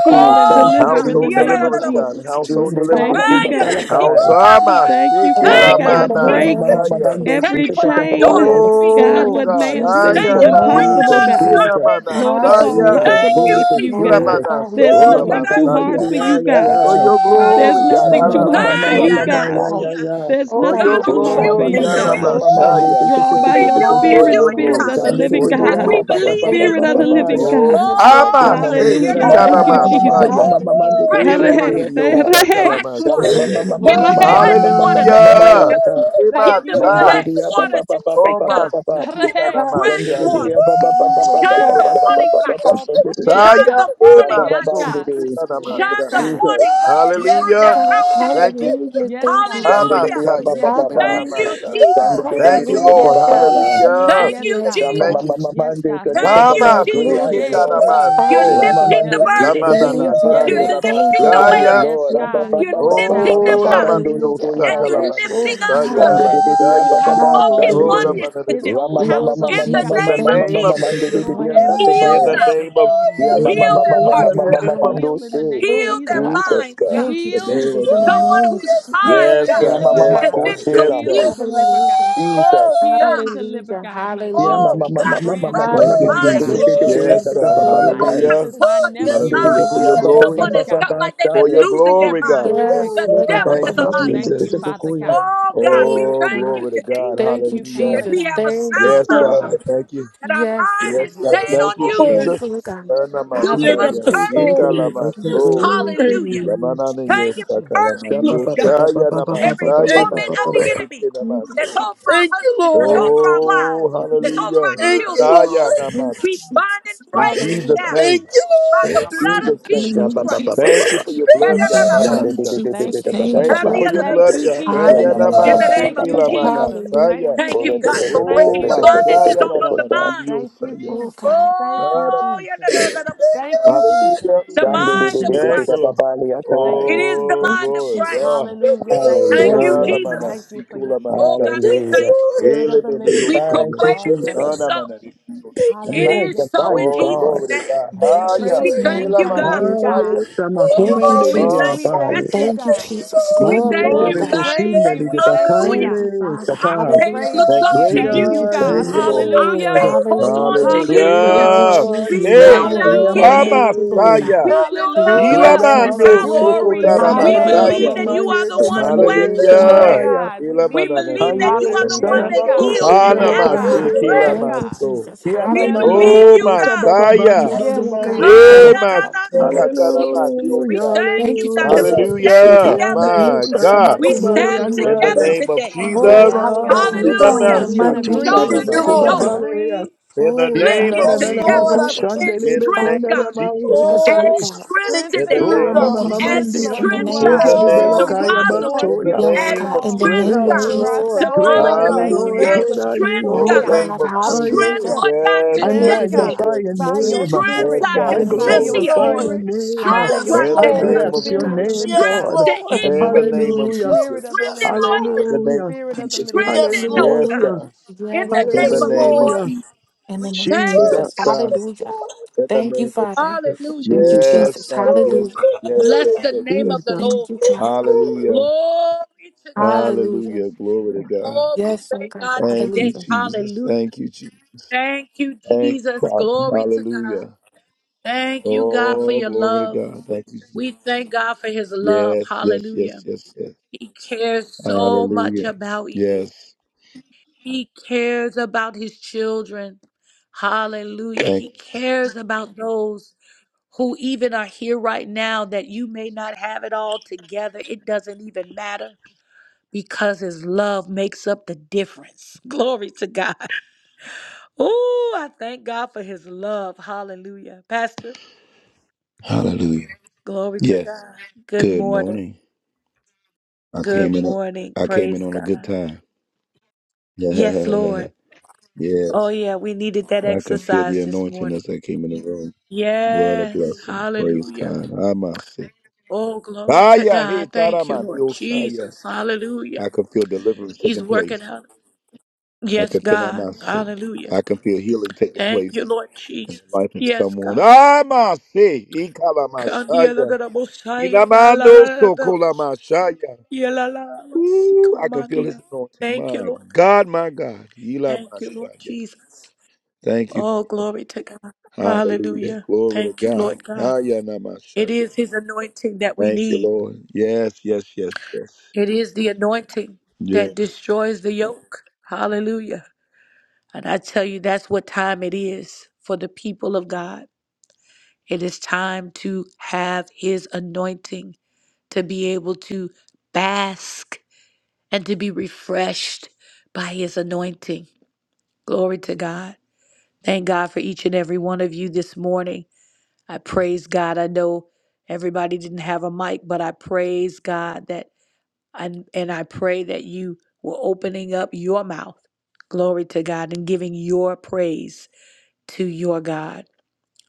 [SPEAKER 4] heal,
[SPEAKER 2] God.
[SPEAKER 4] and
[SPEAKER 2] Thank
[SPEAKER 1] Oh,
[SPEAKER 6] Thank you,
[SPEAKER 2] you,
[SPEAKER 4] deliver
[SPEAKER 1] God.
[SPEAKER 4] in the
[SPEAKER 8] Household
[SPEAKER 1] Yeah,
[SPEAKER 2] Jesus,
[SPEAKER 1] da,
[SPEAKER 2] for
[SPEAKER 6] Jesus.
[SPEAKER 4] name
[SPEAKER 2] the
[SPEAKER 1] da,
[SPEAKER 4] of
[SPEAKER 1] da,
[SPEAKER 8] deliverance,
[SPEAKER 1] da,
[SPEAKER 8] God.
[SPEAKER 2] deliverance,
[SPEAKER 4] Jesus.
[SPEAKER 1] Boshaya.
[SPEAKER 6] Tune
[SPEAKER 8] Household
[SPEAKER 2] Jesus.
[SPEAKER 6] de
[SPEAKER 4] Thank
[SPEAKER 8] deliverance.
[SPEAKER 4] you,
[SPEAKER 1] Ah,
[SPEAKER 2] Hallelujah.
[SPEAKER 1] yeah, da,
[SPEAKER 4] God.
[SPEAKER 6] de
[SPEAKER 8] Houseama
[SPEAKER 1] Sikomandia.
[SPEAKER 4] Thank you,
[SPEAKER 6] Yeah,
[SPEAKER 4] Father
[SPEAKER 2] Oh,
[SPEAKER 1] Thank
[SPEAKER 6] mama,
[SPEAKER 1] you,
[SPEAKER 6] mama,
[SPEAKER 4] God.
[SPEAKER 2] freedom in
[SPEAKER 6] mama,
[SPEAKER 2] the
[SPEAKER 8] shekelamana
[SPEAKER 2] name
[SPEAKER 6] mama, mama, ma- ma-
[SPEAKER 2] of
[SPEAKER 4] Break
[SPEAKER 1] Jesus.
[SPEAKER 6] ma- ma-
[SPEAKER 8] saya.
[SPEAKER 6] mando,
[SPEAKER 2] Jesus.
[SPEAKER 1] Thank
[SPEAKER 6] si-
[SPEAKER 4] every
[SPEAKER 1] you
[SPEAKER 6] ta-
[SPEAKER 1] for
[SPEAKER 6] ta-
[SPEAKER 1] our
[SPEAKER 6] ta- pa-
[SPEAKER 2] Oh,
[SPEAKER 6] pa-
[SPEAKER 4] chain.
[SPEAKER 2] God,
[SPEAKER 6] le.
[SPEAKER 2] the
[SPEAKER 1] daughters being
[SPEAKER 4] God,
[SPEAKER 8] Oh,
[SPEAKER 4] what
[SPEAKER 1] touched.
[SPEAKER 2] freedom,
[SPEAKER 8] God.
[SPEAKER 4] man
[SPEAKER 2] Jesus,
[SPEAKER 4] says
[SPEAKER 2] in
[SPEAKER 1] Thank
[SPEAKER 2] the
[SPEAKER 4] is
[SPEAKER 1] you
[SPEAKER 5] Woo!
[SPEAKER 6] Jesus,
[SPEAKER 1] for
[SPEAKER 2] name
[SPEAKER 1] bringing
[SPEAKER 8] Ayanana
[SPEAKER 2] of
[SPEAKER 1] them
[SPEAKER 4] impossible,
[SPEAKER 6] Jesus,
[SPEAKER 1] out of
[SPEAKER 4] God.
[SPEAKER 2] Jesus.
[SPEAKER 6] Jesus,
[SPEAKER 8] sikenamana
[SPEAKER 1] darkness.
[SPEAKER 5] Woo!
[SPEAKER 4] Lord, it's
[SPEAKER 5] Yes,
[SPEAKER 4] all
[SPEAKER 8] saya.
[SPEAKER 6] Jesus,
[SPEAKER 2] Hallelujah.
[SPEAKER 1] Thank
[SPEAKER 4] possible
[SPEAKER 1] you,
[SPEAKER 4] with
[SPEAKER 6] Jesus,
[SPEAKER 5] Lord.
[SPEAKER 4] you,
[SPEAKER 1] Jesus.
[SPEAKER 2] Oh,
[SPEAKER 4] God.
[SPEAKER 6] Jesus.
[SPEAKER 8] Ilamana
[SPEAKER 2] God, we
[SPEAKER 4] There's
[SPEAKER 2] pray
[SPEAKER 6] Oh,
[SPEAKER 1] Woo!
[SPEAKER 6] mama,
[SPEAKER 4] nothing
[SPEAKER 2] that
[SPEAKER 1] Yada
[SPEAKER 4] too
[SPEAKER 1] si
[SPEAKER 4] hard
[SPEAKER 6] Kandidi,
[SPEAKER 8] sokulamasaya.
[SPEAKER 4] for
[SPEAKER 6] yeah,
[SPEAKER 4] you,
[SPEAKER 5] Yes, Lord!
[SPEAKER 1] komandi
[SPEAKER 6] yeah.
[SPEAKER 1] ala
[SPEAKER 6] ya.
[SPEAKER 4] God.
[SPEAKER 1] la
[SPEAKER 8] For
[SPEAKER 1] la
[SPEAKER 2] it's you,
[SPEAKER 1] bo-
[SPEAKER 8] your
[SPEAKER 2] God,
[SPEAKER 1] aya.
[SPEAKER 4] There's
[SPEAKER 8] glory,
[SPEAKER 2] every
[SPEAKER 6] Ya,
[SPEAKER 8] God.
[SPEAKER 6] ma,
[SPEAKER 4] nothing
[SPEAKER 6] ma,
[SPEAKER 2] time
[SPEAKER 4] too
[SPEAKER 2] of
[SPEAKER 6] ma, ma,
[SPEAKER 2] the
[SPEAKER 4] hard
[SPEAKER 6] ma,
[SPEAKER 4] for
[SPEAKER 1] Hey,
[SPEAKER 6] ma,
[SPEAKER 2] yoke,
[SPEAKER 4] you,
[SPEAKER 6] ma,
[SPEAKER 8] Alamasaya.
[SPEAKER 6] ma,
[SPEAKER 2] oh,
[SPEAKER 1] yada
[SPEAKER 4] God.
[SPEAKER 6] ya, ya,
[SPEAKER 2] God.
[SPEAKER 1] siya.
[SPEAKER 6] ya.
[SPEAKER 4] There's
[SPEAKER 2] Oh,
[SPEAKER 8] For
[SPEAKER 2] God,
[SPEAKER 4] nothing
[SPEAKER 1] God,
[SPEAKER 2] where
[SPEAKER 8] your
[SPEAKER 4] too
[SPEAKER 2] that
[SPEAKER 6] Oh,
[SPEAKER 1] only
[SPEAKER 4] hard
[SPEAKER 6] Rama,
[SPEAKER 2] trap
[SPEAKER 1] you
[SPEAKER 4] for
[SPEAKER 6] ma,
[SPEAKER 8] glory,
[SPEAKER 1] can
[SPEAKER 4] you,
[SPEAKER 6] mama,
[SPEAKER 1] do
[SPEAKER 2] mentally,
[SPEAKER 6] mama,
[SPEAKER 1] it.
[SPEAKER 4] God.
[SPEAKER 6] ma,
[SPEAKER 2] Lord
[SPEAKER 6] ma, ma, ma,
[SPEAKER 2] God.
[SPEAKER 6] de,
[SPEAKER 8] Anamashaya.
[SPEAKER 6] de, de,
[SPEAKER 4] Draw
[SPEAKER 6] de,
[SPEAKER 2] Free
[SPEAKER 6] de,
[SPEAKER 4] by
[SPEAKER 6] de,
[SPEAKER 2] their
[SPEAKER 1] Only
[SPEAKER 6] de,
[SPEAKER 4] your
[SPEAKER 6] de,
[SPEAKER 1] you can
[SPEAKER 2] minds
[SPEAKER 8] for
[SPEAKER 6] do.
[SPEAKER 2] in
[SPEAKER 4] spirit,
[SPEAKER 1] do
[SPEAKER 2] the
[SPEAKER 8] your
[SPEAKER 1] it,
[SPEAKER 2] name
[SPEAKER 4] spirit
[SPEAKER 2] of
[SPEAKER 8] glory,
[SPEAKER 4] of
[SPEAKER 1] God.
[SPEAKER 4] the
[SPEAKER 8] God,
[SPEAKER 6] Sande, de,
[SPEAKER 4] living
[SPEAKER 2] Jesus,
[SPEAKER 8] for
[SPEAKER 6] de, de,
[SPEAKER 2] Lord
[SPEAKER 8] your
[SPEAKER 1] And
[SPEAKER 6] ya,
[SPEAKER 4] God.
[SPEAKER 6] ba,
[SPEAKER 2] God.
[SPEAKER 1] we
[SPEAKER 8] glory,
[SPEAKER 6] ba, ba,
[SPEAKER 8] God.
[SPEAKER 1] believe
[SPEAKER 2] In the
[SPEAKER 4] Spirit
[SPEAKER 1] you.
[SPEAKER 4] of the
[SPEAKER 2] name of
[SPEAKER 4] living
[SPEAKER 8] Oh,
[SPEAKER 4] God.
[SPEAKER 2] Jesus, Lord
[SPEAKER 1] Oh,
[SPEAKER 6] na,
[SPEAKER 2] God.
[SPEAKER 6] na,
[SPEAKER 1] God.
[SPEAKER 6] na,
[SPEAKER 8] amase
[SPEAKER 6] na, na,
[SPEAKER 4] Hallelujah.
[SPEAKER 6] ma, ma,
[SPEAKER 4] Thank
[SPEAKER 8] kitana
[SPEAKER 6] ma,
[SPEAKER 4] you,
[SPEAKER 6] ma, ma, ma,
[SPEAKER 2] Hallelujah.
[SPEAKER 6] ma, ma,
[SPEAKER 4] Jesus.
[SPEAKER 8] masaya.
[SPEAKER 6] ma, ma, ma, de,
[SPEAKER 2] Hallelujah.
[SPEAKER 6] de, de,
[SPEAKER 1] Fresh
[SPEAKER 6] de, de, de,
[SPEAKER 8] Eleme
[SPEAKER 4] Hooray,
[SPEAKER 6] ya,
[SPEAKER 1] water.
[SPEAKER 6] ta,
[SPEAKER 8] dio
[SPEAKER 4] they-
[SPEAKER 6] ta.
[SPEAKER 2] Thank you,
[SPEAKER 8] sakala
[SPEAKER 4] hooray,
[SPEAKER 1] Fresh
[SPEAKER 6] Sha,
[SPEAKER 2] Jesus.
[SPEAKER 6] ma,
[SPEAKER 1] water.
[SPEAKER 6] ma,
[SPEAKER 2] Thank
[SPEAKER 8] masaya.
[SPEAKER 2] you,
[SPEAKER 1] Give
[SPEAKER 2] Lord
[SPEAKER 1] them
[SPEAKER 2] God.
[SPEAKER 4] hooray.
[SPEAKER 1] fresh water to drink,
[SPEAKER 8] Hallelujah.
[SPEAKER 2] Thank
[SPEAKER 1] God.
[SPEAKER 2] you,
[SPEAKER 4] Thank
[SPEAKER 1] Give
[SPEAKER 2] God.
[SPEAKER 1] them
[SPEAKER 4] you.
[SPEAKER 6] Mando,
[SPEAKER 2] Thank
[SPEAKER 6] de,
[SPEAKER 8] Emasa.
[SPEAKER 2] you,
[SPEAKER 6] de,
[SPEAKER 1] fresh
[SPEAKER 4] Hooray,
[SPEAKER 6] ya, ba,
[SPEAKER 1] water
[SPEAKER 6] ba, ba,
[SPEAKER 1] to
[SPEAKER 6] ba,
[SPEAKER 2] Jesus.
[SPEAKER 6] ba,
[SPEAKER 1] drink,
[SPEAKER 8] Oh,
[SPEAKER 1] God.
[SPEAKER 8] masiki
[SPEAKER 1] Give
[SPEAKER 2] Oh,
[SPEAKER 1] them
[SPEAKER 8] kana
[SPEAKER 4] hooray.
[SPEAKER 2] God.
[SPEAKER 1] fresh water.
[SPEAKER 8] masaya.
[SPEAKER 6] Sandiriya ba
[SPEAKER 2] Praise
[SPEAKER 6] ba
[SPEAKER 2] to
[SPEAKER 6] ba
[SPEAKER 2] you,
[SPEAKER 6] ba ba
[SPEAKER 2] Lord
[SPEAKER 6] ba
[SPEAKER 4] Hey,
[SPEAKER 1] Shine
[SPEAKER 6] ba ba
[SPEAKER 1] the
[SPEAKER 8] Oh,
[SPEAKER 2] God.
[SPEAKER 6] ba
[SPEAKER 8] da,
[SPEAKER 4] God.
[SPEAKER 6] ba
[SPEAKER 8] da,
[SPEAKER 1] morning
[SPEAKER 2] Thank
[SPEAKER 8] da,
[SPEAKER 6] ba
[SPEAKER 2] you,
[SPEAKER 6] ba ba
[SPEAKER 8] da.
[SPEAKER 1] light.
[SPEAKER 2] Father.
[SPEAKER 6] Sandiriya
[SPEAKER 4] Yes,
[SPEAKER 1] Shine
[SPEAKER 8] Saya
[SPEAKER 1] the
[SPEAKER 4] God.
[SPEAKER 6] sa ba
[SPEAKER 1] morning
[SPEAKER 2] Thank
[SPEAKER 6] ba
[SPEAKER 2] you,
[SPEAKER 4] Yes,
[SPEAKER 6] ba
[SPEAKER 1] light,
[SPEAKER 8] emaso
[SPEAKER 1] God.
[SPEAKER 4] God.
[SPEAKER 6] Sandiri
[SPEAKER 2] Jesus.
[SPEAKER 8] kutana
[SPEAKER 2] Glory
[SPEAKER 1] Shine
[SPEAKER 4] Yes,
[SPEAKER 8] masha.
[SPEAKER 1] the
[SPEAKER 2] God.
[SPEAKER 4] God.
[SPEAKER 6] Jesus
[SPEAKER 1] morning light
[SPEAKER 4] Yes,
[SPEAKER 1] upon
[SPEAKER 5] Yes,
[SPEAKER 2] Oh,
[SPEAKER 1] their
[SPEAKER 8] Hallelujah.
[SPEAKER 2] God.
[SPEAKER 4] God.
[SPEAKER 1] countenance.
[SPEAKER 5] Lord!
[SPEAKER 8] Thank you.
[SPEAKER 2] Hallelujah.
[SPEAKER 4] Yes,
[SPEAKER 2] Thank you,
[SPEAKER 4] God.
[SPEAKER 1] Hallelujah.
[SPEAKER 6] Sandiriya
[SPEAKER 2] Jesus.
[SPEAKER 6] ba
[SPEAKER 8] Amasaya
[SPEAKER 6] ba
[SPEAKER 4] Yes,
[SPEAKER 6] ba ba
[SPEAKER 8] kitana
[SPEAKER 1] Thank
[SPEAKER 4] God.
[SPEAKER 1] you,
[SPEAKER 2] Hallelujah.
[SPEAKER 8] masha.
[SPEAKER 4] Yes,
[SPEAKER 5] Yes,
[SPEAKER 1] Jesus.
[SPEAKER 4] God.
[SPEAKER 5] Lord!
[SPEAKER 8] Thank
[SPEAKER 5] Yes,
[SPEAKER 8] you,
[SPEAKER 6] Sandiriya to
[SPEAKER 2] Hallelujah.
[SPEAKER 8] Lord.
[SPEAKER 4] Yes,
[SPEAKER 2] Thank
[SPEAKER 4] God.
[SPEAKER 2] you,
[SPEAKER 6] kupapala
[SPEAKER 8] Hallelujah.
[SPEAKER 9] Thank
[SPEAKER 1] Thank
[SPEAKER 2] Jesus.
[SPEAKER 4] Yes,
[SPEAKER 1] you,
[SPEAKER 2] Yes,
[SPEAKER 4] God.
[SPEAKER 1] Jesus.
[SPEAKER 6] Shama ma
[SPEAKER 8] Thank
[SPEAKER 2] God.
[SPEAKER 8] you,
[SPEAKER 6] ma ma
[SPEAKER 4] Yes,
[SPEAKER 8] Jesus.
[SPEAKER 6] mandi
[SPEAKER 4] God.
[SPEAKER 6] katata
[SPEAKER 1] Thank
[SPEAKER 2] Oh,
[SPEAKER 6] ba
[SPEAKER 4] Hooray.
[SPEAKER 1] you,
[SPEAKER 8] Hama
[SPEAKER 6] ba
[SPEAKER 2] God.
[SPEAKER 6] Great are
[SPEAKER 2] Glory,
[SPEAKER 6] you
[SPEAKER 1] Jesus.
[SPEAKER 4] Yay,
[SPEAKER 8] sikita na
[SPEAKER 6] Lord
[SPEAKER 2] Jesus.
[SPEAKER 1] You're
[SPEAKER 8] maso.
[SPEAKER 4] glory.
[SPEAKER 6] Rama
[SPEAKER 2] Hallelujah.
[SPEAKER 1] lifting the
[SPEAKER 6] mandi
[SPEAKER 4] Hooray.
[SPEAKER 1] burden.
[SPEAKER 5] Lord!
[SPEAKER 8] Lama na
[SPEAKER 5] Yes,
[SPEAKER 8] na
[SPEAKER 6] Sandiriya
[SPEAKER 2] Thank you,
[SPEAKER 6] ba
[SPEAKER 5] Lord!
[SPEAKER 1] You're
[SPEAKER 6] le
[SPEAKER 8] saya,
[SPEAKER 2] God.
[SPEAKER 4] Yeah,
[SPEAKER 5] Yes,
[SPEAKER 8] lama
[SPEAKER 2] Thank
[SPEAKER 1] lifting
[SPEAKER 2] you,
[SPEAKER 6] Great
[SPEAKER 1] the
[SPEAKER 6] are
[SPEAKER 2] God.
[SPEAKER 6] you
[SPEAKER 1] weight.
[SPEAKER 8] shaya.
[SPEAKER 5] Lord!
[SPEAKER 4] Yes,
[SPEAKER 6] Lord
[SPEAKER 2] You're
[SPEAKER 6] Ah, ba
[SPEAKER 4] God,
[SPEAKER 6] ba
[SPEAKER 2] worthy,
[SPEAKER 1] You're
[SPEAKER 6] ba ba
[SPEAKER 4] Lord,
[SPEAKER 6] ba
[SPEAKER 1] lifting
[SPEAKER 6] ba ba
[SPEAKER 2] Jesus.
[SPEAKER 1] them,
[SPEAKER 8] Oh,
[SPEAKER 6] ba ba
[SPEAKER 4] salvation,
[SPEAKER 8] lama
[SPEAKER 1] God.
[SPEAKER 8] ni
[SPEAKER 6] ndo to
[SPEAKER 8] yo
[SPEAKER 2] Hallelujah.
[SPEAKER 6] kuya
[SPEAKER 1] And
[SPEAKER 8] saka,
[SPEAKER 1] you're
[SPEAKER 6] ya
[SPEAKER 8] lama ni
[SPEAKER 4] salvation
[SPEAKER 8] yo
[SPEAKER 4] for
[SPEAKER 1] lifting
[SPEAKER 2] Oh,
[SPEAKER 4] my
[SPEAKER 1] us,
[SPEAKER 8] saya,
[SPEAKER 4] brother
[SPEAKER 1] God,
[SPEAKER 2] God.
[SPEAKER 8] lama
[SPEAKER 4] and his
[SPEAKER 6] Sandiriya
[SPEAKER 4] whole
[SPEAKER 6] ba
[SPEAKER 8] shaya.
[SPEAKER 6] ba
[SPEAKER 1] to
[SPEAKER 6] ba
[SPEAKER 1] walk in
[SPEAKER 4] household,
[SPEAKER 8] Oh,
[SPEAKER 2] Hallelujah.
[SPEAKER 6] Sandiri
[SPEAKER 8] lama
[SPEAKER 1] oneness
[SPEAKER 8] na na
[SPEAKER 1] with
[SPEAKER 8] ni
[SPEAKER 4] his
[SPEAKER 1] them.
[SPEAKER 4] whole
[SPEAKER 6] Rama ma ma ma
[SPEAKER 2] Glory,
[SPEAKER 1] In
[SPEAKER 6] ma
[SPEAKER 4] household,
[SPEAKER 6] ma
[SPEAKER 1] the
[SPEAKER 6] ma
[SPEAKER 8] In
[SPEAKER 2] Jesus.
[SPEAKER 4] God.
[SPEAKER 6] ma
[SPEAKER 8] the
[SPEAKER 1] name
[SPEAKER 6] ma
[SPEAKER 1] of
[SPEAKER 6] ma
[SPEAKER 2] Thank
[SPEAKER 8] name
[SPEAKER 6] ma
[SPEAKER 2] you,
[SPEAKER 6] ma
[SPEAKER 8] of
[SPEAKER 1] Jesus,
[SPEAKER 2] Jesus.
[SPEAKER 6] mandi
[SPEAKER 2] In the
[SPEAKER 8] Jesus.
[SPEAKER 4] Lord,
[SPEAKER 2] mighty name of
[SPEAKER 4] every
[SPEAKER 8] In
[SPEAKER 5] Oh,
[SPEAKER 1] heal,
[SPEAKER 6] katobaya
[SPEAKER 8] the
[SPEAKER 4] prayer
[SPEAKER 1] God.
[SPEAKER 5] yes,
[SPEAKER 2] Jesus,
[SPEAKER 8] name
[SPEAKER 4] that's
[SPEAKER 8] of
[SPEAKER 5] Lord!
[SPEAKER 4] gone up.
[SPEAKER 6] Yeah,
[SPEAKER 8] Jesus.
[SPEAKER 5] Yes,
[SPEAKER 2] heal
[SPEAKER 6] mama,
[SPEAKER 2] and
[SPEAKER 1] Heal
[SPEAKER 6] mama,
[SPEAKER 1] their
[SPEAKER 8] In
[SPEAKER 2] deliver,
[SPEAKER 4] Oh,
[SPEAKER 6] mama,
[SPEAKER 8] the
[SPEAKER 2] them,
[SPEAKER 1] hearts,
[SPEAKER 6] mama,
[SPEAKER 2] Lord
[SPEAKER 4] God,
[SPEAKER 1] God.
[SPEAKER 8] name
[SPEAKER 6] mama,
[SPEAKER 8] of
[SPEAKER 2] God.
[SPEAKER 6] no
[SPEAKER 4] heal in the
[SPEAKER 6] shame.
[SPEAKER 4] name of
[SPEAKER 2] Oh,
[SPEAKER 1] Heal their
[SPEAKER 4] Jesus.
[SPEAKER 2] God.
[SPEAKER 6] Jesus.
[SPEAKER 8] Jesus,
[SPEAKER 1] minds,
[SPEAKER 8] God.
[SPEAKER 1] God.
[SPEAKER 2] Thank you,
[SPEAKER 8] In the
[SPEAKER 4] Heal,
[SPEAKER 8] name of
[SPEAKER 2] Jesus. In the
[SPEAKER 8] Jesus.
[SPEAKER 1] Someone
[SPEAKER 4] deliver,
[SPEAKER 2] name of
[SPEAKER 1] whose mind,
[SPEAKER 4] heal
[SPEAKER 8] Yes,
[SPEAKER 4] and
[SPEAKER 6] Yeah,
[SPEAKER 1] God,
[SPEAKER 8] God.
[SPEAKER 4] deliver,
[SPEAKER 6] mama,
[SPEAKER 2] Jesus.
[SPEAKER 8] Yes,
[SPEAKER 6] mama,
[SPEAKER 1] has
[SPEAKER 5] Lord!
[SPEAKER 4] God.
[SPEAKER 6] go
[SPEAKER 1] been
[SPEAKER 8] God. Yes,
[SPEAKER 6] Salem.
[SPEAKER 4] Heal
[SPEAKER 8] God.
[SPEAKER 4] and
[SPEAKER 5] Yes,
[SPEAKER 4] deliver,
[SPEAKER 1] confused.
[SPEAKER 4] God.
[SPEAKER 2] Hallelujah.
[SPEAKER 6] Jesus.
[SPEAKER 5] Lord!
[SPEAKER 1] Oh,
[SPEAKER 4] Heal and
[SPEAKER 1] God.
[SPEAKER 4] deliver,
[SPEAKER 2] Hallelujah.
[SPEAKER 4] God, my
[SPEAKER 6] Yeah,
[SPEAKER 2] Hallelujah.
[SPEAKER 1] Oh,
[SPEAKER 6] mama,
[SPEAKER 4] children, my
[SPEAKER 1] God.
[SPEAKER 6] mama,
[SPEAKER 1] We
[SPEAKER 6] mama, mama,
[SPEAKER 1] pray for
[SPEAKER 8] Thank
[SPEAKER 6] mama,
[SPEAKER 1] the
[SPEAKER 4] grandchildren,
[SPEAKER 5] Oh,
[SPEAKER 8] you,
[SPEAKER 6] mama, no
[SPEAKER 4] my
[SPEAKER 2] Hallelujah.
[SPEAKER 6] de
[SPEAKER 1] mind
[SPEAKER 5] yes,
[SPEAKER 6] de
[SPEAKER 8] Jesus.
[SPEAKER 6] de
[SPEAKER 1] this
[SPEAKER 2] Thank
[SPEAKER 6] de
[SPEAKER 2] you,
[SPEAKER 5] Lord!
[SPEAKER 6] de.
[SPEAKER 1] morning.
[SPEAKER 4] godchildren,
[SPEAKER 8] Yes,
[SPEAKER 5] Yes,
[SPEAKER 6] Tata
[SPEAKER 2] Jesus.
[SPEAKER 8] God.
[SPEAKER 6] papa la
[SPEAKER 5] Lord!
[SPEAKER 2] Glory,
[SPEAKER 4] my
[SPEAKER 1] Oh
[SPEAKER 6] kai.
[SPEAKER 1] God,
[SPEAKER 8] Hallelujah.
[SPEAKER 4] nieces,
[SPEAKER 2] Jesus.
[SPEAKER 4] my
[SPEAKER 5] Oh,
[SPEAKER 1] someone whose
[SPEAKER 5] yes,
[SPEAKER 6] Mando de
[SPEAKER 4] nephews,
[SPEAKER 8] Hallelujah.
[SPEAKER 6] de
[SPEAKER 1] mind,
[SPEAKER 2] Oh,
[SPEAKER 6] de.
[SPEAKER 8] For
[SPEAKER 2] we
[SPEAKER 4] my
[SPEAKER 8] your
[SPEAKER 6] Yeah,
[SPEAKER 5] Lord!
[SPEAKER 2] tell you
[SPEAKER 6] papa,
[SPEAKER 5] Yes,
[SPEAKER 8] glory.
[SPEAKER 1] someone
[SPEAKER 4] children,
[SPEAKER 2] Thank
[SPEAKER 6] papa,
[SPEAKER 2] you.
[SPEAKER 1] has
[SPEAKER 5] Lord!
[SPEAKER 6] papa,
[SPEAKER 1] felt
[SPEAKER 4] God.
[SPEAKER 6] papa,
[SPEAKER 1] like they've
[SPEAKER 8] For
[SPEAKER 1] been
[SPEAKER 6] saya.
[SPEAKER 8] your
[SPEAKER 1] losing their
[SPEAKER 8] glory,
[SPEAKER 4] Everyone
[SPEAKER 1] mind.
[SPEAKER 8] God.
[SPEAKER 5] Yes,
[SPEAKER 2] Yes,
[SPEAKER 1] The
[SPEAKER 6] Oh,
[SPEAKER 4] connected
[SPEAKER 6] la
[SPEAKER 4] to
[SPEAKER 2] Lord
[SPEAKER 5] Lord.
[SPEAKER 4] me,
[SPEAKER 1] devil
[SPEAKER 6] papa,
[SPEAKER 2] God.
[SPEAKER 8] Thank
[SPEAKER 2] In
[SPEAKER 1] is
[SPEAKER 5] Yes,
[SPEAKER 2] the
[SPEAKER 8] you,
[SPEAKER 4] God.
[SPEAKER 1] a
[SPEAKER 6] papa,
[SPEAKER 5] Lord.
[SPEAKER 6] se
[SPEAKER 2] name
[SPEAKER 1] liar.
[SPEAKER 6] te
[SPEAKER 4] Thank
[SPEAKER 2] of
[SPEAKER 6] te
[SPEAKER 8] Jesus.
[SPEAKER 4] you,
[SPEAKER 6] te
[SPEAKER 2] Jesus.
[SPEAKER 4] Father
[SPEAKER 6] pokoya.
[SPEAKER 4] God.
[SPEAKER 1] Oh God, we
[SPEAKER 2] Oh,
[SPEAKER 8] Oh,
[SPEAKER 1] thank you
[SPEAKER 2] God.
[SPEAKER 8] glory to
[SPEAKER 1] today
[SPEAKER 8] God.
[SPEAKER 4] Ooh,
[SPEAKER 2] Thank
[SPEAKER 4] thank
[SPEAKER 2] you,
[SPEAKER 4] you,
[SPEAKER 1] that
[SPEAKER 4] Father
[SPEAKER 8] Hallelujah.
[SPEAKER 1] we
[SPEAKER 2] Jesus.
[SPEAKER 1] have
[SPEAKER 4] God.
[SPEAKER 1] a
[SPEAKER 2] Thank you,
[SPEAKER 5] Yes,
[SPEAKER 1] sound
[SPEAKER 4] Thank
[SPEAKER 8] Yes,
[SPEAKER 4] you,
[SPEAKER 1] mind,
[SPEAKER 5] Lord.
[SPEAKER 2] Father.
[SPEAKER 8] God.
[SPEAKER 4] Jesus.
[SPEAKER 8] Thank you.
[SPEAKER 1] that our
[SPEAKER 2] Yes.
[SPEAKER 1] mind is
[SPEAKER 8] Yes, God.
[SPEAKER 1] stayed
[SPEAKER 5] Yes,
[SPEAKER 4] Thank
[SPEAKER 1] on
[SPEAKER 8] Thank
[SPEAKER 4] you,
[SPEAKER 8] you,
[SPEAKER 1] you,
[SPEAKER 4] Jesus.
[SPEAKER 5] Lord.
[SPEAKER 2] Yes,
[SPEAKER 8] Jesus.
[SPEAKER 2] Lord
[SPEAKER 1] Jesus.
[SPEAKER 2] God.
[SPEAKER 1] you
[SPEAKER 5] You're
[SPEAKER 1] give
[SPEAKER 5] the
[SPEAKER 1] us
[SPEAKER 8] Anamasaya.
[SPEAKER 2] Hallelujah.
[SPEAKER 5] best,
[SPEAKER 6] Peter,
[SPEAKER 1] perfect
[SPEAKER 5] Lord.
[SPEAKER 6] when you ask
[SPEAKER 1] peace.
[SPEAKER 6] your
[SPEAKER 5] Yes,
[SPEAKER 2] Praise the
[SPEAKER 8] Ikalamaso.
[SPEAKER 2] name
[SPEAKER 6] burning
[SPEAKER 5] Lord.
[SPEAKER 1] Hallelujah.
[SPEAKER 6] thing.
[SPEAKER 2] of
[SPEAKER 8] Lamanana
[SPEAKER 4] Thank
[SPEAKER 1] Thank
[SPEAKER 4] you,
[SPEAKER 1] you
[SPEAKER 2] Jesus.
[SPEAKER 1] for
[SPEAKER 8] yosaka
[SPEAKER 4] Jesus.
[SPEAKER 1] perfect
[SPEAKER 8] laman-
[SPEAKER 6] Shapa,
[SPEAKER 2] Thank
[SPEAKER 1] peace,
[SPEAKER 5] Lord,
[SPEAKER 2] you,
[SPEAKER 6] papa,
[SPEAKER 1] God.
[SPEAKER 2] Jesus.
[SPEAKER 6] papa,
[SPEAKER 8] yoshaya
[SPEAKER 6] papa, papa,
[SPEAKER 2] Thank
[SPEAKER 1] Every
[SPEAKER 2] you,
[SPEAKER 6] papa,
[SPEAKER 2] Lord.
[SPEAKER 8] namasaya
[SPEAKER 5] Thank
[SPEAKER 6] papa,
[SPEAKER 2] God.
[SPEAKER 5] you,
[SPEAKER 1] torment of
[SPEAKER 6] papa,
[SPEAKER 1] the
[SPEAKER 6] papa.
[SPEAKER 5] Lord.
[SPEAKER 1] enemy
[SPEAKER 8] nasekete
[SPEAKER 2] Thank you,
[SPEAKER 1] that's
[SPEAKER 8] namaso.
[SPEAKER 1] over our
[SPEAKER 2] Jesus.
[SPEAKER 5] Thank you,
[SPEAKER 1] husbands, that's
[SPEAKER 5] Lord.
[SPEAKER 1] over
[SPEAKER 2] Hallelujah.
[SPEAKER 1] our
[SPEAKER 8] Oh,
[SPEAKER 1] wives, that's over
[SPEAKER 2] Thank you,
[SPEAKER 8] hallelujah.
[SPEAKER 1] our
[SPEAKER 5] Thank
[SPEAKER 2] Lord.
[SPEAKER 5] you,
[SPEAKER 2] God.
[SPEAKER 1] children,
[SPEAKER 8] Saya
[SPEAKER 5] Lord.
[SPEAKER 8] namas.
[SPEAKER 2] Thank you,
[SPEAKER 1] we bind and
[SPEAKER 2] Jesus.
[SPEAKER 8] In
[SPEAKER 1] break it
[SPEAKER 8] Jesus'
[SPEAKER 2] Hallelujah.
[SPEAKER 1] now
[SPEAKER 8] name.
[SPEAKER 5] Thank you,
[SPEAKER 1] by
[SPEAKER 5] Lord.
[SPEAKER 8] In
[SPEAKER 1] the blood of
[SPEAKER 2] In
[SPEAKER 8] Jesus'
[SPEAKER 2] the
[SPEAKER 8] name.
[SPEAKER 1] Jesus
[SPEAKER 2] name
[SPEAKER 6] Shapa,
[SPEAKER 2] of
[SPEAKER 1] Christ.
[SPEAKER 6] papa, papa,
[SPEAKER 8] Thank
[SPEAKER 2] Jesus.
[SPEAKER 8] you
[SPEAKER 6] papa.
[SPEAKER 8] for your blood,
[SPEAKER 2] In the
[SPEAKER 8] God.
[SPEAKER 6] Mando
[SPEAKER 2] name of
[SPEAKER 6] de de
[SPEAKER 8] Amashaya.
[SPEAKER 6] de de
[SPEAKER 2] Jesus.
[SPEAKER 6] de
[SPEAKER 4] Thank
[SPEAKER 6] de.
[SPEAKER 4] you,
[SPEAKER 6] Papa,
[SPEAKER 2] Thank you,
[SPEAKER 8] Thank you
[SPEAKER 6] papa.
[SPEAKER 2] Lord
[SPEAKER 8] for
[SPEAKER 4] Jesus.
[SPEAKER 8] your
[SPEAKER 2] God.
[SPEAKER 4] Thank
[SPEAKER 8] blood,
[SPEAKER 4] you,
[SPEAKER 8] God. Thank
[SPEAKER 6] Yeah,
[SPEAKER 8] you,
[SPEAKER 4] Jesus.
[SPEAKER 6] mama,
[SPEAKER 1] In
[SPEAKER 6] mama,
[SPEAKER 2] Hallelujah.
[SPEAKER 1] the
[SPEAKER 6] mama, mama,
[SPEAKER 1] name
[SPEAKER 4] Thank
[SPEAKER 1] of
[SPEAKER 8] Namasiki
[SPEAKER 4] you,
[SPEAKER 6] mama, mama.
[SPEAKER 1] Jesus,
[SPEAKER 4] Jesus. Thank
[SPEAKER 2] Hallelujah.
[SPEAKER 8] Lamanasaya.
[SPEAKER 4] you,
[SPEAKER 1] thank you,
[SPEAKER 6] Hallelujah.
[SPEAKER 1] God,
[SPEAKER 4] Jesus.
[SPEAKER 1] for
[SPEAKER 4] Thank
[SPEAKER 8] Oh,
[SPEAKER 1] breaking
[SPEAKER 4] you,
[SPEAKER 1] the
[SPEAKER 4] Jesus.
[SPEAKER 1] bondages
[SPEAKER 8] Masaya,
[SPEAKER 1] off
[SPEAKER 8] na
[SPEAKER 1] of
[SPEAKER 8] na na,
[SPEAKER 1] the mind.
[SPEAKER 4] Thank you,
[SPEAKER 8] Diosaya.
[SPEAKER 2] Oh
[SPEAKER 4] Jesus.
[SPEAKER 2] God.
[SPEAKER 4] Thank you,
[SPEAKER 1] Oh,
[SPEAKER 4] Jesus.
[SPEAKER 5] Thank
[SPEAKER 4] Thank you, Jesus.
[SPEAKER 8] Hallelujah.
[SPEAKER 1] the
[SPEAKER 4] Thank
[SPEAKER 2] Thank you,
[SPEAKER 4] you,
[SPEAKER 1] mind of
[SPEAKER 4] Jesus.
[SPEAKER 8] Thank
[SPEAKER 2] Jesus.
[SPEAKER 8] you,
[SPEAKER 1] Christ.
[SPEAKER 8] Lord.
[SPEAKER 4] Thank
[SPEAKER 1] It
[SPEAKER 4] you,
[SPEAKER 1] is the
[SPEAKER 8] Oh,
[SPEAKER 4] Jesus.
[SPEAKER 2] Thank you,
[SPEAKER 1] mind of
[SPEAKER 8] glory,
[SPEAKER 1] Christ.
[SPEAKER 2] Jesus.
[SPEAKER 8] God.
[SPEAKER 5] you,
[SPEAKER 4] Hallelujah. Thank you,
[SPEAKER 1] Thank
[SPEAKER 5] Lord.
[SPEAKER 2] Yes,
[SPEAKER 1] you,
[SPEAKER 4] God.
[SPEAKER 2] Lord God.
[SPEAKER 4] Thank
[SPEAKER 1] Jesus.
[SPEAKER 4] you for
[SPEAKER 8] Alamanasiku
[SPEAKER 4] your
[SPEAKER 1] Oh,
[SPEAKER 4] spirit.
[SPEAKER 1] God,
[SPEAKER 8] Lamashata.
[SPEAKER 1] we
[SPEAKER 5] Thank you, Lord. Thank you,
[SPEAKER 6] Hallelujah.
[SPEAKER 1] thank
[SPEAKER 5] Lord.
[SPEAKER 1] you.
[SPEAKER 4] Spirit of the living
[SPEAKER 1] We
[SPEAKER 4] God.
[SPEAKER 6] Thank
[SPEAKER 8] Elemeniyosaya.
[SPEAKER 6] you,
[SPEAKER 1] proclaim
[SPEAKER 5] Thank you,
[SPEAKER 1] it
[SPEAKER 4] Fall
[SPEAKER 5] Lord.
[SPEAKER 1] to be
[SPEAKER 4] fresh
[SPEAKER 6] Jesus.
[SPEAKER 4] on
[SPEAKER 1] so.
[SPEAKER 4] us.
[SPEAKER 8] Anamanadisio.
[SPEAKER 5] Thank
[SPEAKER 6] And
[SPEAKER 1] It
[SPEAKER 5] you.
[SPEAKER 1] is
[SPEAKER 4] Hallelujah.
[SPEAKER 6] magnify
[SPEAKER 4] Thank
[SPEAKER 1] so in
[SPEAKER 6] you,
[SPEAKER 4] you,
[SPEAKER 8] Oh,
[SPEAKER 6] God.
[SPEAKER 1] Jesus'
[SPEAKER 4] Jesus.
[SPEAKER 8] glory to
[SPEAKER 1] name.
[SPEAKER 8] God.
[SPEAKER 5] Thank
[SPEAKER 4] We
[SPEAKER 5] you,
[SPEAKER 8] Haya.
[SPEAKER 1] We
[SPEAKER 2] Jesus'
[SPEAKER 4] praise
[SPEAKER 5] Lord.
[SPEAKER 4] you.
[SPEAKER 1] thank
[SPEAKER 4] We
[SPEAKER 2] name.
[SPEAKER 1] you,
[SPEAKER 4] thank
[SPEAKER 1] God.
[SPEAKER 4] you,
[SPEAKER 2] Hallelujah.
[SPEAKER 4] God.
[SPEAKER 8] Ilamanasaya.
[SPEAKER 6] Aye,
[SPEAKER 5] Thank you,
[SPEAKER 4] We
[SPEAKER 2] Thank you,
[SPEAKER 1] Oh,
[SPEAKER 6] tamakumende
[SPEAKER 5] Lord.
[SPEAKER 1] we
[SPEAKER 4] praise
[SPEAKER 6] dili
[SPEAKER 4] you.
[SPEAKER 8] Oh,
[SPEAKER 1] thank
[SPEAKER 4] We
[SPEAKER 2] Jesus.
[SPEAKER 1] you.
[SPEAKER 8] glory to
[SPEAKER 4] thank
[SPEAKER 6] apaye.
[SPEAKER 1] That's it.
[SPEAKER 4] you,
[SPEAKER 8] God.
[SPEAKER 2] Thank you,
[SPEAKER 5] Thank
[SPEAKER 4] God.
[SPEAKER 5] you,
[SPEAKER 2] Jesus.
[SPEAKER 5] Lord.
[SPEAKER 1] We
[SPEAKER 2] Glory,
[SPEAKER 1] thank
[SPEAKER 6] Mandele de
[SPEAKER 8] Thank
[SPEAKER 2] Lord
[SPEAKER 4] Lord,
[SPEAKER 1] you,
[SPEAKER 4] we
[SPEAKER 8] you,
[SPEAKER 2] God.
[SPEAKER 1] God, in
[SPEAKER 4] praise
[SPEAKER 6] beposhinda
[SPEAKER 5] Thank
[SPEAKER 1] faith.
[SPEAKER 4] you.
[SPEAKER 5] you,
[SPEAKER 6] dili
[SPEAKER 4] We thank
[SPEAKER 5] Lord.
[SPEAKER 4] you,
[SPEAKER 1] Hallelujah.
[SPEAKER 2] Thank
[SPEAKER 4] God.
[SPEAKER 2] you,
[SPEAKER 6] takayele
[SPEAKER 2] Father.
[SPEAKER 1] Our
[SPEAKER 6] tata.
[SPEAKER 4] We
[SPEAKER 1] faith
[SPEAKER 5] Thank you,
[SPEAKER 2] Hallelujah.
[SPEAKER 4] praise
[SPEAKER 1] looks
[SPEAKER 4] you.
[SPEAKER 8] Thank
[SPEAKER 1] up
[SPEAKER 8] you,
[SPEAKER 4] We
[SPEAKER 5] Lord.
[SPEAKER 6] Great
[SPEAKER 1] to
[SPEAKER 4] thank
[SPEAKER 2] Thank
[SPEAKER 1] you.
[SPEAKER 8] Jesus.
[SPEAKER 2] you,
[SPEAKER 4] you,
[SPEAKER 6] are you,
[SPEAKER 4] God.
[SPEAKER 8] Thank you,
[SPEAKER 2] Jesus.
[SPEAKER 8] Lord.
[SPEAKER 5] Thank
[SPEAKER 1] Our
[SPEAKER 5] you,
[SPEAKER 6] Lord.
[SPEAKER 4] Hallelujah.
[SPEAKER 1] faith
[SPEAKER 5] Lord.
[SPEAKER 1] holds
[SPEAKER 5] Thank
[SPEAKER 1] on
[SPEAKER 5] you.
[SPEAKER 1] to
[SPEAKER 2] Hallelujah.
[SPEAKER 1] you.
[SPEAKER 6] Great
[SPEAKER 4] Hallelujah.
[SPEAKER 2] Thank you,
[SPEAKER 8] Hallelujah.
[SPEAKER 6] are
[SPEAKER 2] Jesus.
[SPEAKER 1] We
[SPEAKER 6] you,
[SPEAKER 5] Thank
[SPEAKER 1] will
[SPEAKER 8] Hey,
[SPEAKER 5] you,
[SPEAKER 6] Lord.
[SPEAKER 1] not
[SPEAKER 2] Hallelujah.
[SPEAKER 1] give
[SPEAKER 5] Lord.
[SPEAKER 4] Hallelujah.
[SPEAKER 1] in.
[SPEAKER 2] Thank you, Lord
[SPEAKER 6] Yamande.
[SPEAKER 5] Thank
[SPEAKER 2] God.
[SPEAKER 8] Amasaya.
[SPEAKER 1] We
[SPEAKER 5] you,
[SPEAKER 1] will not
[SPEAKER 2] Glory,
[SPEAKER 1] throw
[SPEAKER 6] Great
[SPEAKER 5] Lord.
[SPEAKER 1] in
[SPEAKER 4] Hallelujah.
[SPEAKER 1] the
[SPEAKER 6] are
[SPEAKER 8] Ilamano
[SPEAKER 2] Jesus.
[SPEAKER 6] you,
[SPEAKER 1] towel.
[SPEAKER 6] Lord.
[SPEAKER 4] Glory
[SPEAKER 5] Thank
[SPEAKER 4] to
[SPEAKER 8] Sokotara
[SPEAKER 4] your
[SPEAKER 1] We
[SPEAKER 4] name,
[SPEAKER 5] you.
[SPEAKER 2] Hallelujah.
[SPEAKER 1] believe
[SPEAKER 8] Masaya.
[SPEAKER 1] that
[SPEAKER 4] Jesus.
[SPEAKER 2] Thank
[SPEAKER 1] you
[SPEAKER 2] you,
[SPEAKER 1] are
[SPEAKER 6] Yamamamamamamaye
[SPEAKER 1] the
[SPEAKER 2] Jesus.
[SPEAKER 5] Thank
[SPEAKER 1] one
[SPEAKER 5] you,
[SPEAKER 1] who
[SPEAKER 6] tumande de
[SPEAKER 1] answers
[SPEAKER 4] Oh
[SPEAKER 8] Hallelujah.
[SPEAKER 1] prayer.
[SPEAKER 5] Lord.
[SPEAKER 6] kanaya.
[SPEAKER 4] God, we
[SPEAKER 1] We
[SPEAKER 4] need you,
[SPEAKER 1] believe that you
[SPEAKER 4] Jesus.
[SPEAKER 6] Aye,
[SPEAKER 1] are the
[SPEAKER 8] Ilamananananiyosaya.
[SPEAKER 1] one
[SPEAKER 4] Yes,
[SPEAKER 6] sana
[SPEAKER 2] Hallelujah.
[SPEAKER 5] Thank
[SPEAKER 1] that
[SPEAKER 5] you, Lord. Thank you,
[SPEAKER 4] God.
[SPEAKER 1] heals
[SPEAKER 5] Lord.
[SPEAKER 6] makuse
[SPEAKER 1] and
[SPEAKER 4] Yes,
[SPEAKER 6] bela
[SPEAKER 2] Oh,
[SPEAKER 1] answers
[SPEAKER 8] Hanamashe
[SPEAKER 4] God.
[SPEAKER 2] God.
[SPEAKER 4] Yes,
[SPEAKER 6] kandideya.
[SPEAKER 1] prayer.
[SPEAKER 2] Thank you,
[SPEAKER 4] God.
[SPEAKER 8] maso.
[SPEAKER 2] Jesus.
[SPEAKER 6] Ya
[SPEAKER 1] We
[SPEAKER 4] Yes,
[SPEAKER 6] mama
[SPEAKER 2] Hallelujah.
[SPEAKER 6] mama
[SPEAKER 1] believe
[SPEAKER 4] God.
[SPEAKER 8] Oh,
[SPEAKER 1] you,
[SPEAKER 6] kuta
[SPEAKER 1] God.
[SPEAKER 6] baba
[SPEAKER 8] Masaya.
[SPEAKER 6] bandu
[SPEAKER 2] Yes,
[SPEAKER 6] dudu
[SPEAKER 4] Yes,
[SPEAKER 2] Lord God.
[SPEAKER 4] Lord.
[SPEAKER 1] Ah,
[SPEAKER 6] mayeka.
[SPEAKER 8] Eh,
[SPEAKER 4] Yes,
[SPEAKER 2] Oh,
[SPEAKER 1] yeah, nah,
[SPEAKER 2] God.
[SPEAKER 4] Lord.
[SPEAKER 1] nah.
[SPEAKER 2] Thank you,
[SPEAKER 9] you.
[SPEAKER 8] Masikatara
[SPEAKER 2] Jesus.
[SPEAKER 1] We
[SPEAKER 6] Hallelujah,
[SPEAKER 8] Maniyosha.
[SPEAKER 1] thank
[SPEAKER 2] Thank
[SPEAKER 1] you,
[SPEAKER 2] you for
[SPEAKER 1] God,
[SPEAKER 2] the
[SPEAKER 6] hallelujah.
[SPEAKER 1] that we stand
[SPEAKER 2] salvation, God.
[SPEAKER 8] Hallelujah.
[SPEAKER 6] Ya
[SPEAKER 1] together.
[SPEAKER 6] ne
[SPEAKER 2] Thank
[SPEAKER 8] My
[SPEAKER 2] you,
[SPEAKER 6] sana
[SPEAKER 8] God.
[SPEAKER 2] Jesus.
[SPEAKER 1] We
[SPEAKER 6] makubali
[SPEAKER 2] Glory,
[SPEAKER 1] stand
[SPEAKER 8] In
[SPEAKER 2] Lord
[SPEAKER 8] the
[SPEAKER 2] God.
[SPEAKER 1] together
[SPEAKER 5] Thank
[SPEAKER 6] andaya.
[SPEAKER 8] name
[SPEAKER 5] you,
[SPEAKER 8] of
[SPEAKER 1] today.
[SPEAKER 2] Oh,
[SPEAKER 8] Jesus.
[SPEAKER 6] Great
[SPEAKER 4] Yes, God.
[SPEAKER 2] hallelujah.
[SPEAKER 8] In
[SPEAKER 6] you,
[SPEAKER 8] the
[SPEAKER 4] We
[SPEAKER 5] God.
[SPEAKER 2] In the
[SPEAKER 6] Lord.
[SPEAKER 1] Hallelujah.
[SPEAKER 4] touch
[SPEAKER 6] Ya
[SPEAKER 4] and
[SPEAKER 2] mighty
[SPEAKER 6] tu
[SPEAKER 2] name of
[SPEAKER 4] agree.
[SPEAKER 8] Masikitana
[SPEAKER 1] Shoulder
[SPEAKER 5] Thank
[SPEAKER 4] We
[SPEAKER 6] selebe
[SPEAKER 2] Jesus,
[SPEAKER 5] you,
[SPEAKER 1] to
[SPEAKER 4] touch
[SPEAKER 2] Lord
[SPEAKER 4] and
[SPEAKER 8] Masaya.
[SPEAKER 1] shoulder,
[SPEAKER 5] Lord.
[SPEAKER 2] God.
[SPEAKER 6] kubabaleya.
[SPEAKER 4] agree.
[SPEAKER 8] In the
[SPEAKER 2] Oh,
[SPEAKER 6] Ya
[SPEAKER 8] name
[SPEAKER 6] na
[SPEAKER 2] God.
[SPEAKER 1] linking
[SPEAKER 6] na
[SPEAKER 8] of
[SPEAKER 6] na
[SPEAKER 5] Yes,
[SPEAKER 4] Holy
[SPEAKER 6] na
[SPEAKER 2] We
[SPEAKER 8] Jesus.
[SPEAKER 1] together
[SPEAKER 5] Lord, I
[SPEAKER 2] rest
[SPEAKER 4] Spirit,
[SPEAKER 2] at your
[SPEAKER 5] thank
[SPEAKER 1] in
[SPEAKER 8] In
[SPEAKER 5] you.
[SPEAKER 2] feet,
[SPEAKER 6] makushandelebe
[SPEAKER 8] the
[SPEAKER 1] strength,
[SPEAKER 8] name
[SPEAKER 6] kunda
[SPEAKER 2] Father.
[SPEAKER 8] of
[SPEAKER 1] God.
[SPEAKER 8] Jesus.
[SPEAKER 6] mayeka
[SPEAKER 2] Yes,
[SPEAKER 1] Add
[SPEAKER 2] Lord
[SPEAKER 5] Oh,
[SPEAKER 6] tali.
[SPEAKER 2] God.
[SPEAKER 1] strength
[SPEAKER 5] thank
[SPEAKER 8] In the
[SPEAKER 4] strengthen
[SPEAKER 1] today.
[SPEAKER 5] you,
[SPEAKER 6] Ora
[SPEAKER 8] name
[SPEAKER 4] God.
[SPEAKER 8] of
[SPEAKER 2] Thank
[SPEAKER 6] mama
[SPEAKER 2] you,
[SPEAKER 5] God.
[SPEAKER 6] mama
[SPEAKER 1] Add
[SPEAKER 4] Strength,
[SPEAKER 8] Jesus.
[SPEAKER 6] ndi
[SPEAKER 2] Jesus. In
[SPEAKER 4] Lord.
[SPEAKER 2] the
[SPEAKER 6] andu
[SPEAKER 1] strength,
[SPEAKER 4] You
[SPEAKER 2] name of
[SPEAKER 8] In
[SPEAKER 4] are our
[SPEAKER 6] seke
[SPEAKER 1] God,
[SPEAKER 8] the name
[SPEAKER 6] bebela
[SPEAKER 4] strength.
[SPEAKER 1] to
[SPEAKER 5] Oh,
[SPEAKER 8] of
[SPEAKER 2] Jesus.
[SPEAKER 4] You
[SPEAKER 5] thank
[SPEAKER 4] are
[SPEAKER 6] kaya
[SPEAKER 4] our
[SPEAKER 5] you,
[SPEAKER 8] Jesus.
[SPEAKER 1] Rosalind.
[SPEAKER 4] source.
[SPEAKER 6] bato
[SPEAKER 8] In
[SPEAKER 5] Father.
[SPEAKER 8] the
[SPEAKER 4] You're our
[SPEAKER 2] Yes,
[SPEAKER 1] Add
[SPEAKER 8] name
[SPEAKER 2] God.
[SPEAKER 8] of
[SPEAKER 2] In
[SPEAKER 4] song.
[SPEAKER 2] the
[SPEAKER 6] Great
[SPEAKER 1] strength,
[SPEAKER 8] Jesus,
[SPEAKER 2] name
[SPEAKER 6] are
[SPEAKER 2] of
[SPEAKER 6] you,
[SPEAKER 1] God,
[SPEAKER 8] God.
[SPEAKER 4] You're our
[SPEAKER 6] Lord.
[SPEAKER 1] to
[SPEAKER 2] Jesus.
[SPEAKER 6] Great
[SPEAKER 5] Oh,
[SPEAKER 6] are
[SPEAKER 4] salvation.
[SPEAKER 1] Monica.
[SPEAKER 5] God,
[SPEAKER 6] you,
[SPEAKER 4] Thank
[SPEAKER 5] I
[SPEAKER 4] you for
[SPEAKER 6] Lord.
[SPEAKER 5] thank
[SPEAKER 1] Add
[SPEAKER 8] Hallelujah.
[SPEAKER 6] Great
[SPEAKER 4] giving
[SPEAKER 5] you.
[SPEAKER 4] us
[SPEAKER 6] are you,
[SPEAKER 1] strength,
[SPEAKER 8] In
[SPEAKER 4] support,
[SPEAKER 8] the
[SPEAKER 2] Oh,
[SPEAKER 6] Lord.
[SPEAKER 1] God.
[SPEAKER 4] God.
[SPEAKER 5] Thank
[SPEAKER 8] name
[SPEAKER 2] God.
[SPEAKER 5] you.
[SPEAKER 8] of
[SPEAKER 5] I
[SPEAKER 6] Oh,
[SPEAKER 8] Jesus.
[SPEAKER 5] thank
[SPEAKER 1] Strength,
[SPEAKER 6] yeah.
[SPEAKER 5] you.
[SPEAKER 2] Hallelujah.
[SPEAKER 1] Lord God,
[SPEAKER 8] Yes,
[SPEAKER 1] to
[SPEAKER 6] I
[SPEAKER 8] yes,
[SPEAKER 2] Thank
[SPEAKER 4] Yes,
[SPEAKER 5] Thank
[SPEAKER 2] you,
[SPEAKER 5] you.
[SPEAKER 2] Lord
[SPEAKER 1] Justin.
[SPEAKER 8] yes,
[SPEAKER 4] God.
[SPEAKER 2] God.
[SPEAKER 6] magnify
[SPEAKER 8] yes.
[SPEAKER 6] your
[SPEAKER 4] By your
[SPEAKER 2] Strength,
[SPEAKER 6] name.
[SPEAKER 5] Thank you.
[SPEAKER 1] Strength,
[SPEAKER 2] Jesus.
[SPEAKER 8] Yes,
[SPEAKER 2] In
[SPEAKER 4] spirit,
[SPEAKER 1] God,
[SPEAKER 2] the
[SPEAKER 8] God,
[SPEAKER 6] I
[SPEAKER 1] to
[SPEAKER 2] name
[SPEAKER 8] in
[SPEAKER 4] God.
[SPEAKER 2] of
[SPEAKER 8] the
[SPEAKER 4] By
[SPEAKER 8] name
[SPEAKER 5] Yes,
[SPEAKER 4] your
[SPEAKER 8] of
[SPEAKER 2] Jesus.
[SPEAKER 1] Cynthia.
[SPEAKER 6] glorify
[SPEAKER 8] Jesus.
[SPEAKER 5] Lord.
[SPEAKER 6] your
[SPEAKER 4] spirit.
[SPEAKER 6] name.
[SPEAKER 4] By
[SPEAKER 1] Strength
[SPEAKER 5] Yes,
[SPEAKER 4] your
[SPEAKER 1] right
[SPEAKER 8] In
[SPEAKER 2] Hallelujah.
[SPEAKER 6] I
[SPEAKER 8] the
[SPEAKER 1] now,
[SPEAKER 5] Lord.
[SPEAKER 2] Thank
[SPEAKER 1] God.
[SPEAKER 4] spirit,
[SPEAKER 2] you,
[SPEAKER 8] name of
[SPEAKER 6] bless
[SPEAKER 2] Lord
[SPEAKER 6] your
[SPEAKER 4] spirit of
[SPEAKER 8] Jesus.
[SPEAKER 4] the
[SPEAKER 2] God.
[SPEAKER 6] name,
[SPEAKER 4] living
[SPEAKER 5] Yes,
[SPEAKER 1] Strength
[SPEAKER 4] God.
[SPEAKER 6] God.
[SPEAKER 1] to
[SPEAKER 2] In
[SPEAKER 5] Lord.
[SPEAKER 2] the
[SPEAKER 8] In the
[SPEAKER 1] Ingrid.
[SPEAKER 2] mighty
[SPEAKER 8] name
[SPEAKER 2] name
[SPEAKER 8] of
[SPEAKER 2] of
[SPEAKER 6] Hallelujah.
[SPEAKER 5] Oh,
[SPEAKER 8] Jesus.
[SPEAKER 4] Spirit of
[SPEAKER 2] Jesus.
[SPEAKER 4] the
[SPEAKER 5] yes,
[SPEAKER 1] Strengthen,
[SPEAKER 4] living
[SPEAKER 1] Lord
[SPEAKER 4] God.
[SPEAKER 8] In
[SPEAKER 5] Lord.
[SPEAKER 8] the
[SPEAKER 1] God.
[SPEAKER 8] name
[SPEAKER 6] Hallelujah.
[SPEAKER 8] of
[SPEAKER 4] Spirit of the
[SPEAKER 8] Jesus.
[SPEAKER 4] living
[SPEAKER 5] Yes,
[SPEAKER 4] God.
[SPEAKER 1] Strengthen, oh
[SPEAKER 8] Yes,
[SPEAKER 5] Lord.
[SPEAKER 1] God.
[SPEAKER 6] Hallelujah.
[SPEAKER 8] God.
[SPEAKER 1] In
[SPEAKER 2] Yes,
[SPEAKER 1] the
[SPEAKER 2] Lord
[SPEAKER 4] Yes,
[SPEAKER 8] In
[SPEAKER 4] God.
[SPEAKER 1] name
[SPEAKER 2] God.
[SPEAKER 8] the
[SPEAKER 5] Yes,
[SPEAKER 1] of
[SPEAKER 8] name
[SPEAKER 1] Jesus,
[SPEAKER 8] of
[SPEAKER 5] Lord.
[SPEAKER 6] Hallelujah.
[SPEAKER 8] Jesus.
[SPEAKER 2] In the
[SPEAKER 1] we
[SPEAKER 2] name of
[SPEAKER 1] thank you,
[SPEAKER 2] Jesus.
[SPEAKER 8] Yes,
[SPEAKER 6] Jesus.
[SPEAKER 8] God.
[SPEAKER 2] Hallelujah.
[SPEAKER 8] In the
[SPEAKER 2] Thank you,
[SPEAKER 8] name of
[SPEAKER 2] Father.
[SPEAKER 1] God.
[SPEAKER 8] Jesus.
[SPEAKER 1] Hallelujah.
[SPEAKER 2] Thank you,
[SPEAKER 8] Yes,
[SPEAKER 2] Jesus.
[SPEAKER 6] Jesus.
[SPEAKER 8] Father. Yes,
[SPEAKER 2] Hallelujah.
[SPEAKER 8] yes,
[SPEAKER 1] Bless
[SPEAKER 8] yes,
[SPEAKER 1] the
[SPEAKER 8] yes,
[SPEAKER 1] name
[SPEAKER 8] yes.
[SPEAKER 1] of the
[SPEAKER 6] Jesus.
[SPEAKER 2] Thank
[SPEAKER 1] Lord.
[SPEAKER 2] you, God.
[SPEAKER 8] Hallelujah.
[SPEAKER 1] Glory to God.
[SPEAKER 2] Hallelujah.
[SPEAKER 8] Hallelujah. Glory to God.
[SPEAKER 1] Oh, we
[SPEAKER 2] Yes, oh
[SPEAKER 1] thank
[SPEAKER 2] God.
[SPEAKER 1] God
[SPEAKER 8] Thank you,
[SPEAKER 1] today.
[SPEAKER 2] Hallelujah.
[SPEAKER 8] Jesus.
[SPEAKER 1] Hallelujah.
[SPEAKER 8] Thank you, Jesus.
[SPEAKER 1] Thank you,
[SPEAKER 8] Thank you,
[SPEAKER 1] Jesus.
[SPEAKER 8] Father.
[SPEAKER 1] Glory to God.
[SPEAKER 8] Hallelujah.
[SPEAKER 1] Thank you, God, for
[SPEAKER 8] Oh,
[SPEAKER 1] your
[SPEAKER 8] glory to
[SPEAKER 1] love.
[SPEAKER 8] God. Thank you. Jesus.
[SPEAKER 1] We thank God for his love.
[SPEAKER 8] Yes, yes,
[SPEAKER 1] Hallelujah.
[SPEAKER 8] yes, yes, yes.
[SPEAKER 1] He cares so much
[SPEAKER 8] Hallelujah.
[SPEAKER 1] about you,
[SPEAKER 8] Yes.
[SPEAKER 1] he cares about his children. Hallelujah.
[SPEAKER 8] Thank
[SPEAKER 1] He
[SPEAKER 8] you.
[SPEAKER 1] cares about those who even are here right now that you may not have it all together. It doesn't even matter because his love makes up the difference. Glory to God. Oh, I thank God for his love. Hallelujah. Pastor,
[SPEAKER 8] Hallelujah.
[SPEAKER 1] glory to
[SPEAKER 8] Yes.
[SPEAKER 1] God. Good
[SPEAKER 8] Good
[SPEAKER 1] morning.
[SPEAKER 8] morning. I came
[SPEAKER 1] Good
[SPEAKER 8] in.
[SPEAKER 1] morning.
[SPEAKER 8] I came
[SPEAKER 1] Praise
[SPEAKER 8] in on a good
[SPEAKER 1] God.
[SPEAKER 8] time. yes.
[SPEAKER 1] Yes, Lord. Oh, yeah, we needed that
[SPEAKER 8] I can feel the
[SPEAKER 1] exercise this
[SPEAKER 8] anointing
[SPEAKER 1] morning.
[SPEAKER 8] as I came in the room. What a
[SPEAKER 1] Yes.
[SPEAKER 8] blessing. Praise
[SPEAKER 1] Hallelujah.
[SPEAKER 8] God. I'm
[SPEAKER 1] Oh, glory to
[SPEAKER 8] Aya, hey,
[SPEAKER 1] God. Thank you,
[SPEAKER 8] Taraman,
[SPEAKER 1] Lord
[SPEAKER 8] Yoshaya.
[SPEAKER 1] Jesus.
[SPEAKER 8] I
[SPEAKER 1] Hallelujah.
[SPEAKER 8] can feel deliverance
[SPEAKER 1] He's
[SPEAKER 8] taking
[SPEAKER 1] working
[SPEAKER 8] place.
[SPEAKER 1] out.
[SPEAKER 8] I
[SPEAKER 1] Yes,
[SPEAKER 8] can feel that in
[SPEAKER 1] God.
[SPEAKER 8] my soul.
[SPEAKER 1] Hallelujah.
[SPEAKER 8] I can feel healing taking
[SPEAKER 1] Thank
[SPEAKER 8] place
[SPEAKER 1] you, Lord
[SPEAKER 8] in the
[SPEAKER 1] Jesus.
[SPEAKER 8] life of
[SPEAKER 1] Yes,
[SPEAKER 8] someone.
[SPEAKER 1] God.
[SPEAKER 8] Ama se,
[SPEAKER 1] Kandia la
[SPEAKER 8] ikalamashaya.
[SPEAKER 1] da da Mosiah, ma la
[SPEAKER 8] Inamano
[SPEAKER 1] la la da
[SPEAKER 8] sokolamashaya. Ooh, I can feel his
[SPEAKER 1] Yalalabasikomandia.
[SPEAKER 8] anointing.
[SPEAKER 1] Thank you,
[SPEAKER 8] My
[SPEAKER 1] Lord God.
[SPEAKER 8] God, my God.
[SPEAKER 1] Thank you, Lord
[SPEAKER 8] Ilamashaya.
[SPEAKER 1] Jesus.
[SPEAKER 8] Thank you.
[SPEAKER 1] Oh, glory to God.
[SPEAKER 8] Hallelujah.
[SPEAKER 1] Hallelujah.
[SPEAKER 8] Glory to
[SPEAKER 1] Thank you,
[SPEAKER 8] God.
[SPEAKER 1] Lord God.
[SPEAKER 8] Aya
[SPEAKER 1] It
[SPEAKER 8] namashaya.
[SPEAKER 1] is His anointing that we
[SPEAKER 8] Thank you,
[SPEAKER 1] need,
[SPEAKER 8] Lord. Yes, yes, yes, yes.
[SPEAKER 1] it is the anointing
[SPEAKER 8] Yes.
[SPEAKER 1] that destroys the yoke. Hallelujah. And I tell you, that's what time it is for the people of God. It is time to have His anointing, to be able to bask and to be refreshed by His anointing. Glory to God. Thank God for each and every one of you this morning. I praise God. I know everybody didn't have a mic, but I praise God that and and I pray that you were opening up your mouth. Glory to God and giving your praise to your God.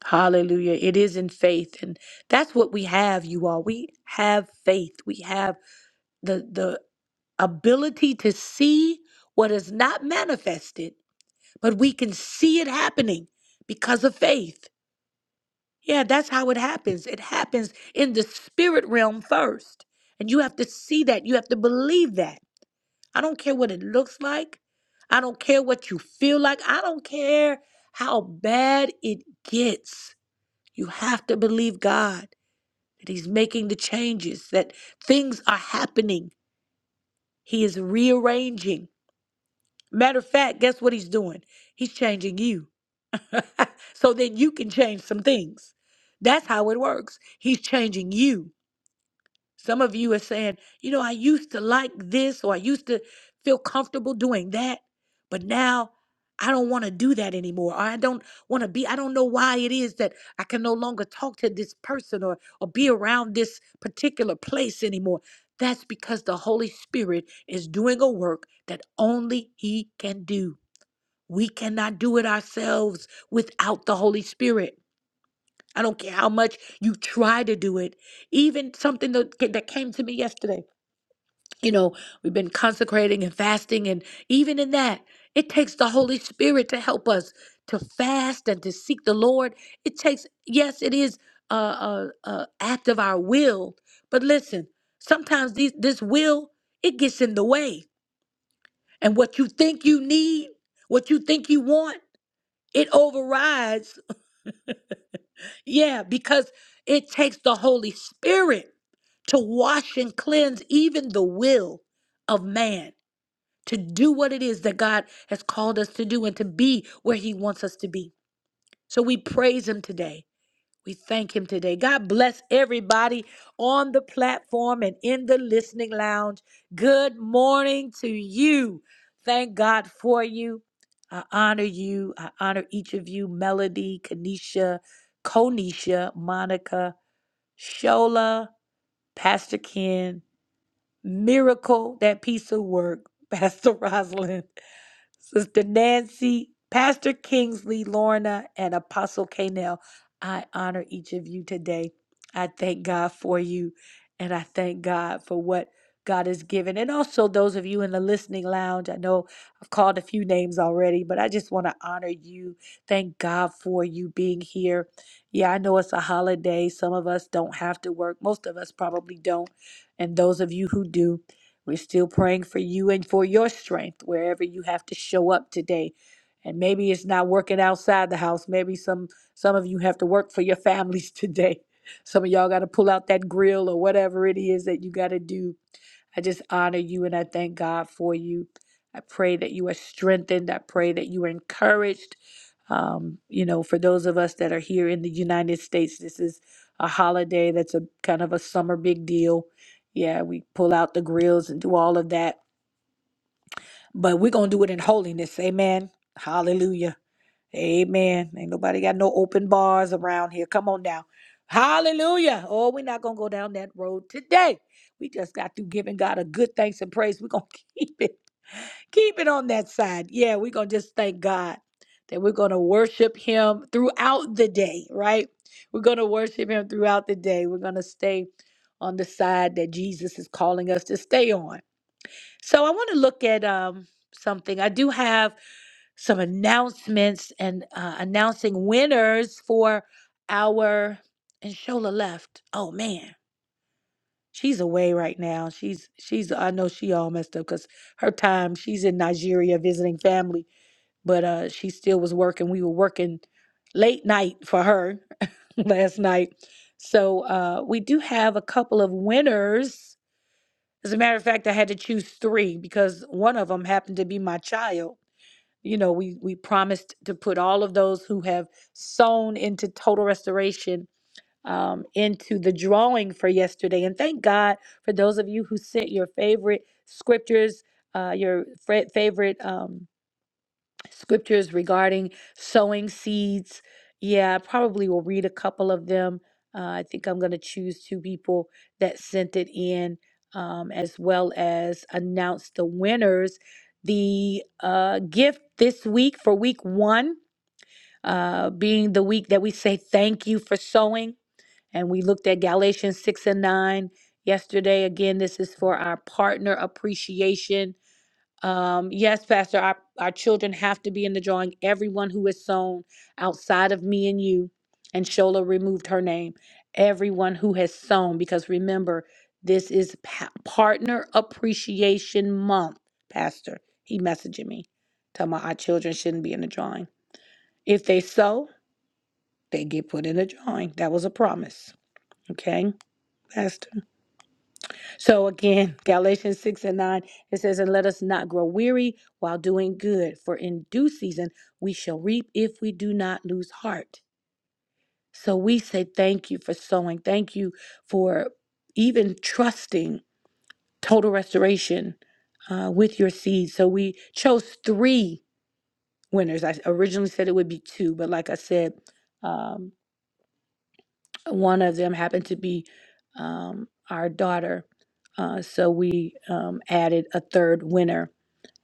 [SPEAKER 1] Hallelujah. It is in faith and that's what we have you all. We have faith. We have the the ability to see what is not manifested but we can see it happening because of faith. Yeah, that's how it happens. It happens in the spirit realm first. And you have to see that. You have to believe that. I don't care what it looks like. I don't care what you feel like. I don't care how bad it gets. You have to believe God that He's making the changes, that things are happening. He is rearranging. Matter of fact, guess what He's doing? He's changing you. so that you can change some things. That's how it works. He's changing you. Some of you are saying, you know, I used to like this or I used to feel comfortable doing that, but now I don't want to do that anymore. Or I don't want to be, I don't know why it is that I can no longer talk to this person or, or be around this particular place anymore. That's because the Holy Spirit is doing a work that only He can do. We cannot do it ourselves without the Holy Spirit. I don't care how much you try to do it. Even something that, that came to me yesterday, you know, we've been consecrating and fasting, and even in that, it takes the Holy Spirit to help us to fast and to seek the Lord. It takes, yes, it is a, a, a act of our will, but listen, sometimes these, this will it gets in the way, and what you think you need, what you think you want. It overrides, yeah, because it takes the Holy Spirit to wash and cleanse even the will of man to do what it is that God has called us to do and to be where He wants us to be. So we praise Him today. We thank him today. God bless everybody on the platform and in the listening lounge. Good morning to you. Thank God for you. I honor you. I honor each of you Melody, Kanisha, Konisha, Monica, Shola, Pastor Ken, Miracle, that piece of work, Pastor Rosalind. Sister Nancy, Pastor Kingsley, Lorna, and Apostle Canel, I honor each of you today. I thank God for you, and I thank God for what God has given. And also, those of you in the listening lounge, I know I've called a few names already, but I just want to honor you. Thank God for you being here. Yeah, I know it's a holiday. Some of us don't have to work, most of us probably don't. And those of you who do, we're still praying for you and for your strength wherever you have to show up today. And maybe it's not working outside the house. Maybe some some of you have to work for your families today. Some of y'all got to pull out that grill or whatever it is that you got to do. I just honor you and I thank God for you. I pray that you are strengthened. I pray that you are encouraged. Um, you know, for those of us that are here in the United States, this is a holiday that's a kind of a summer big deal. Yeah, we pull out the grills and do all of that, but we're going to do it in holiness. Amen. Hallelujah. Amen. Ain't nobody got no open bars around here. Come on now. Hallelujah. Oh, we're not going to go down that road today. We just got through giving God a good thanks and praise. We're going to keep it keep it on that side. Yeah, we're going to just thank God that we're going to worship Him throughout the day, right? We're going to worship Him throughout the day. We're going to stay on the side that Jesus is calling us to stay on. So I want to look at um, something. I do have some announcements and uh, announcing winners for our. And Shola left. Oh, man. She's away right now. She's she's I know she all messed up because her time she's in Nigeria visiting family, but uh she still was working. We were working late night for her last night. So uh we do have a couple of winners. As a matter of fact, I had to choose three because one of them happened to be my child. You know, we we promised to put all of those who have sown into total restoration um, into the drawing for yesterday. And thank God for those of you who sent your favorite scriptures, uh, your fra- favorite um, scriptures regarding sowing seeds. Yeah, I probably will read a couple of them. Uh, I think I'm going to choose two people that sent it in, um, as well as announce the winners. The uh, gift this week for week one, uh, being the week that we say thank you for sowing. And we looked at Galatians 6 and 9 yesterday. Again, this is for our partner appreciation. Um, yes, Pastor, our, our children have to be in the drawing. Everyone who is sown outside of me and you, and Shola removed her name, everyone who has sown, because remember, this is pa- Partner Appreciation Month, Pastor. He messaging me, telling my our children shouldn't be in the drawing. If they sow, they get put in the drawing. That was a promise. Okay, Pastor. So again, Galatians 6 and 9, it says, And let us not grow weary while doing good, for in due season we shall reap if we do not lose heart. So we say thank you for sowing. Thank you for even trusting total restoration uh, with your seeds. So we chose three winners. I originally said it would be two, but like I said, um, one of them happened to be um, our daughter. Uh, so we um, added a third winner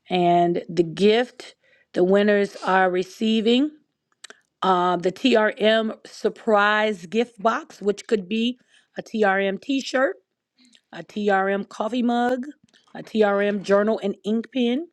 [SPEAKER 1] and the gift the winners are receiving uh, the TRM surprise gift box, which could be a TRM t shirt, a TRM coffee mug, a TRM journal and ink pen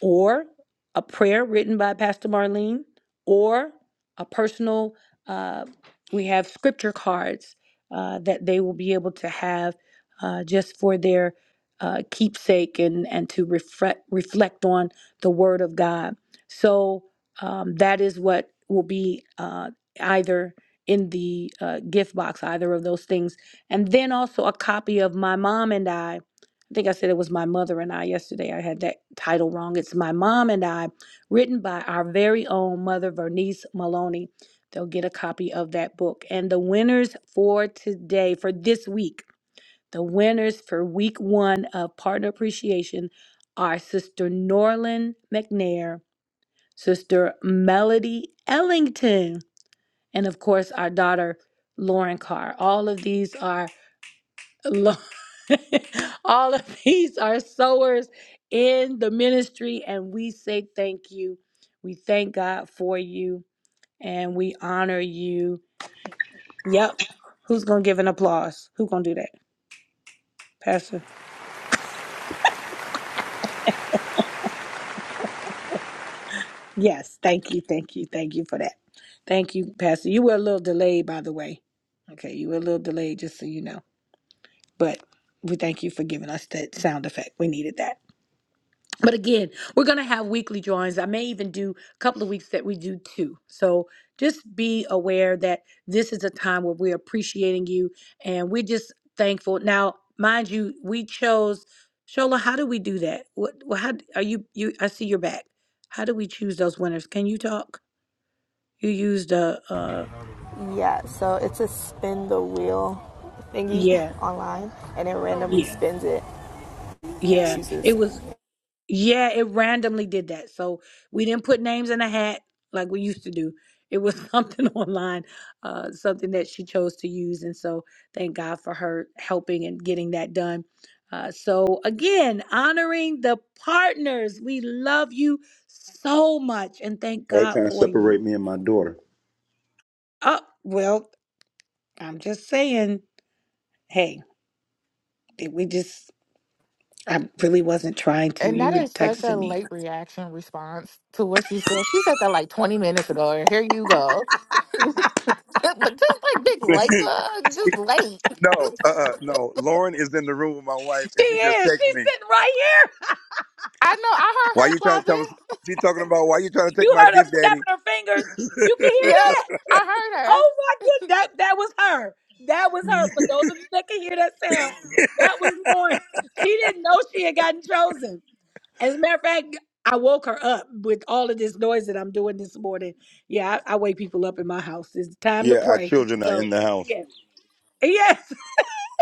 [SPEAKER 1] or a prayer written by Pastor Marlene, or a personal, uh, we have scripture cards uh, that they will be able to have uh, just for their uh, keepsake and, and to reflect, reflect on the Word of God. So um, that is what will be uh, either in the uh, gift box, either of those things. And then also a copy of My Mom and I I think I said it was my mother and I yesterday. I had that title wrong. It's My Mom and I, written by our very own mother, Vernice Maloney. They'll get a copy of that book. And the winners for today, for this week, the winners for week one of Partner Appreciation are Sister Norlin McNair, Sister Melody Ellington, and of course, our daughter, Lauren Carr. All of these are Lord, all of these are sowers in the ministry, and we say thank you. We thank God for you, and we honor you. Yep. Who's gonna give an applause? Who gonna do that, Pastor? Yes. Thank you. Thank you. Thank you for that. Thank you, Pastor. You were a little delayed, by the way. Okay, you were a little delayed, just so you know. But we thank you for giving us that sound effect. We needed that. But again, we're going to have weekly drawings. I may even do a couple of weeks that we do two. So just be aware that this is a time where we're appreciating you and we're just thankful. Now, mind you, we chose Shola. How do we do that? What? Well, how d- are you? You? I see your back. How do we choose those winners? Can you talk? You used a. Uh,
[SPEAKER 10] Yeah, so it's a spin the wheel thingy
[SPEAKER 1] yeah.
[SPEAKER 10] online, and it randomly
[SPEAKER 1] Yeah.
[SPEAKER 10] spins it and
[SPEAKER 1] Yeah.
[SPEAKER 10] chooses
[SPEAKER 1] It was. Yeah, it randomly did that. So we didn't put names in a hat like we used to do. It was something online, uh, something that she chose to use. And so thank God for her helping and getting that done. Uh, so again, honoring the partners. We love you so much and thank
[SPEAKER 8] Why are you
[SPEAKER 1] God
[SPEAKER 8] trying to
[SPEAKER 1] for you.
[SPEAKER 8] separate me and my daughter?
[SPEAKER 1] Oh, well, I'm just saying, hey, did we just, I really wasn't trying to.
[SPEAKER 2] And
[SPEAKER 1] You were texting me.
[SPEAKER 8] She- no, uh, uh no. Lauren is in the room with my wife,
[SPEAKER 1] She
[SPEAKER 8] and she just
[SPEAKER 1] is. She's
[SPEAKER 8] texted me.
[SPEAKER 1] sitting right here.
[SPEAKER 2] I,
[SPEAKER 8] Why you trying to tell me? She talking about why you trying to take
[SPEAKER 1] You
[SPEAKER 8] my
[SPEAKER 1] heard her
[SPEAKER 8] gift, Daddy?
[SPEAKER 1] snapping her fingers. You can
[SPEAKER 2] yeah,
[SPEAKER 1] hear that?
[SPEAKER 2] I,
[SPEAKER 1] Oh my goodness! that that was her. That was her. For those of you that can hear that sound, that was Lauren. She didn't know she had gotten chosen. As a matter of fact, I woke her up with all of this noise that I'm doing this morning. Yeah, I, I wake people up in my house. It's time to
[SPEAKER 8] Yeah, our
[SPEAKER 1] pray.
[SPEAKER 8] children are in
[SPEAKER 1] So
[SPEAKER 8] the house,
[SPEAKER 1] yeah, yes,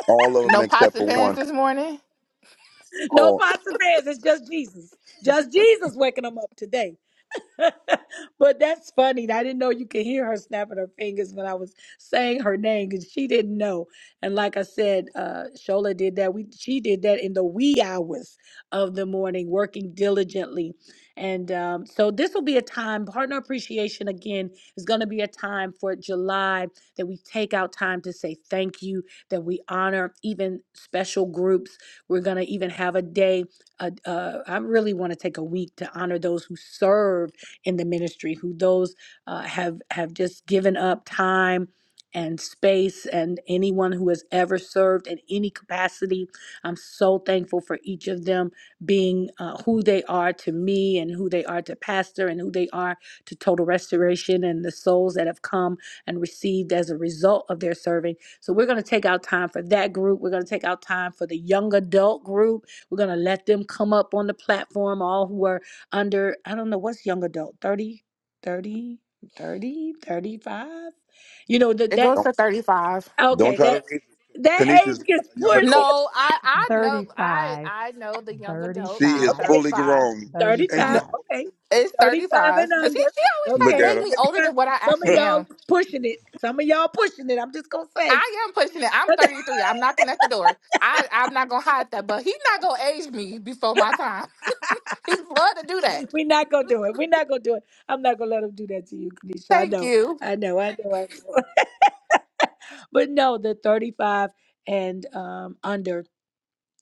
[SPEAKER 8] all of them
[SPEAKER 2] no pots
[SPEAKER 8] except
[SPEAKER 2] and
[SPEAKER 8] for
[SPEAKER 2] pans
[SPEAKER 8] one.
[SPEAKER 2] this morning.
[SPEAKER 1] no
[SPEAKER 8] Oh,
[SPEAKER 1] pots and pans. It's just Jesus. Just Jesus waking them up today. but that's funny. I didn't know you could hear her snapping her fingers when I was saying her name because she didn't know. And like I said, uh, Shola did that. We she did that in the wee hours of the morning, working diligently. And um, so this will be a time. Partner appreciation again is going to be a time for July that we take out time to say thank you, that we honor even special groups. We're going to even have a day. Uh, uh, I really want to take a week to honor those who serve in the ministry, who those uh, have have just given up time and space, and anyone who has ever served in any capacity. I'm so thankful for each of them being uh, who they are to me, and who they are to Pastor, and who they are to Total Restoration, and the souls that have come and received as a result of their serving. So we're going to take out time for that group. We're going to take out time for the young adult group. We're going to let them come up on the platform, all who are under i don't know what's young adult 30, 30, 30, 35. you know that
[SPEAKER 2] It
[SPEAKER 1] that
[SPEAKER 2] goes
[SPEAKER 8] don't,
[SPEAKER 2] to 35.
[SPEAKER 8] don't
[SPEAKER 1] okay
[SPEAKER 8] try
[SPEAKER 1] that
[SPEAKER 8] to raise.
[SPEAKER 1] that
[SPEAKER 8] Kanisha's
[SPEAKER 1] age
[SPEAKER 8] not
[SPEAKER 1] gets
[SPEAKER 8] a young
[SPEAKER 1] pushed
[SPEAKER 8] adult.
[SPEAKER 2] No, I, I know, I,
[SPEAKER 4] 35.
[SPEAKER 2] I know the young adults.
[SPEAKER 8] She
[SPEAKER 2] It's
[SPEAKER 8] is
[SPEAKER 4] Thirty-five,
[SPEAKER 1] okay
[SPEAKER 8] fully
[SPEAKER 2] 35.
[SPEAKER 8] grown. Ain't she
[SPEAKER 2] No,
[SPEAKER 1] 35
[SPEAKER 4] 35.
[SPEAKER 1] okay
[SPEAKER 8] forty-two?
[SPEAKER 2] it's
[SPEAKER 1] 35 and
[SPEAKER 2] 35. Cause he,
[SPEAKER 1] under
[SPEAKER 2] she always trying
[SPEAKER 8] Look
[SPEAKER 2] to
[SPEAKER 1] okay
[SPEAKER 2] make
[SPEAKER 8] at
[SPEAKER 2] me older
[SPEAKER 1] 35
[SPEAKER 2] than what I
[SPEAKER 1] some of
[SPEAKER 2] actually
[SPEAKER 8] her.
[SPEAKER 1] y'all
[SPEAKER 2] am.
[SPEAKER 1] is pushing it some of y'all pushing it i'm just gonna say
[SPEAKER 2] I am pushing it. I'm 33. I'm knocking at the door. I, I'm not gonna hide that, but he's not gonna age me before my time. She'd love to do that.
[SPEAKER 1] we're not gonna do it we're not gonna do it i'm not gonna let them do that to you Kanisha. i
[SPEAKER 2] Thank
[SPEAKER 1] know
[SPEAKER 2] you.
[SPEAKER 1] i know i know i know but no the 35 and um under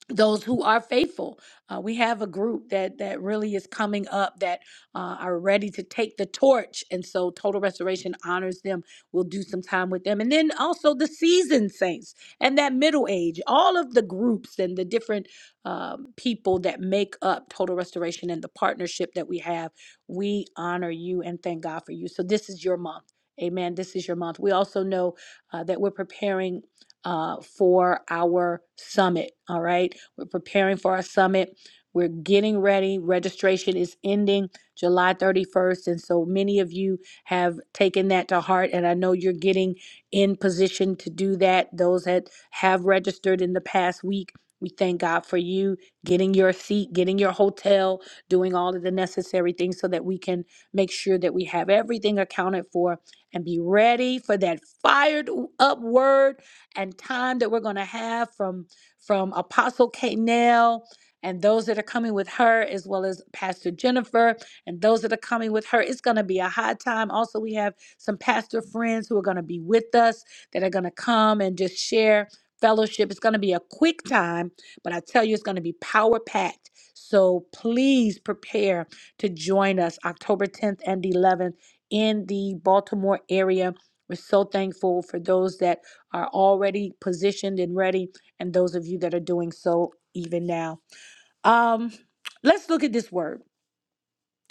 [SPEAKER 1] those who are faithful. Uh, we have a group that that really is coming up that uh, are ready to take the torch, and so Total Restoration honors them. We'll do some time with them, and then also the seasoned saints and that middle age. All of the groups and the different um, people that make up Total Restoration and the partnership that we have. We honor you and thank God for you. So this is your month. Amen. This is your month. We also know uh, that we're preparing uh, for our summit. All right. We're preparing for our summit. We're getting ready. Registration is ending July 31st. And so many of you have taken that to heart. And I know you're getting in position to do that. Those that have registered in the past week, we thank God for you getting your seat, getting your hotel, doing all of the necessary things so that we can make sure that we have everything accounted for and be ready for that fired up word and time that we're going to have from from Apostle Kate Nell and those that are coming with her, as well as Pastor Jennifer and those that are coming with her. It's going to be a high time. Also, we have some pastor friends who are going to be with us that are going to come and just share fellowship. It's going to be a quick time, but I tell you, it's going to be power packed. So please prepare to join us October 10th and 11th in the Baltimore area. We're so thankful for those that are already positioned and ready, and those of you that are doing so even now. Um, let's look at this word.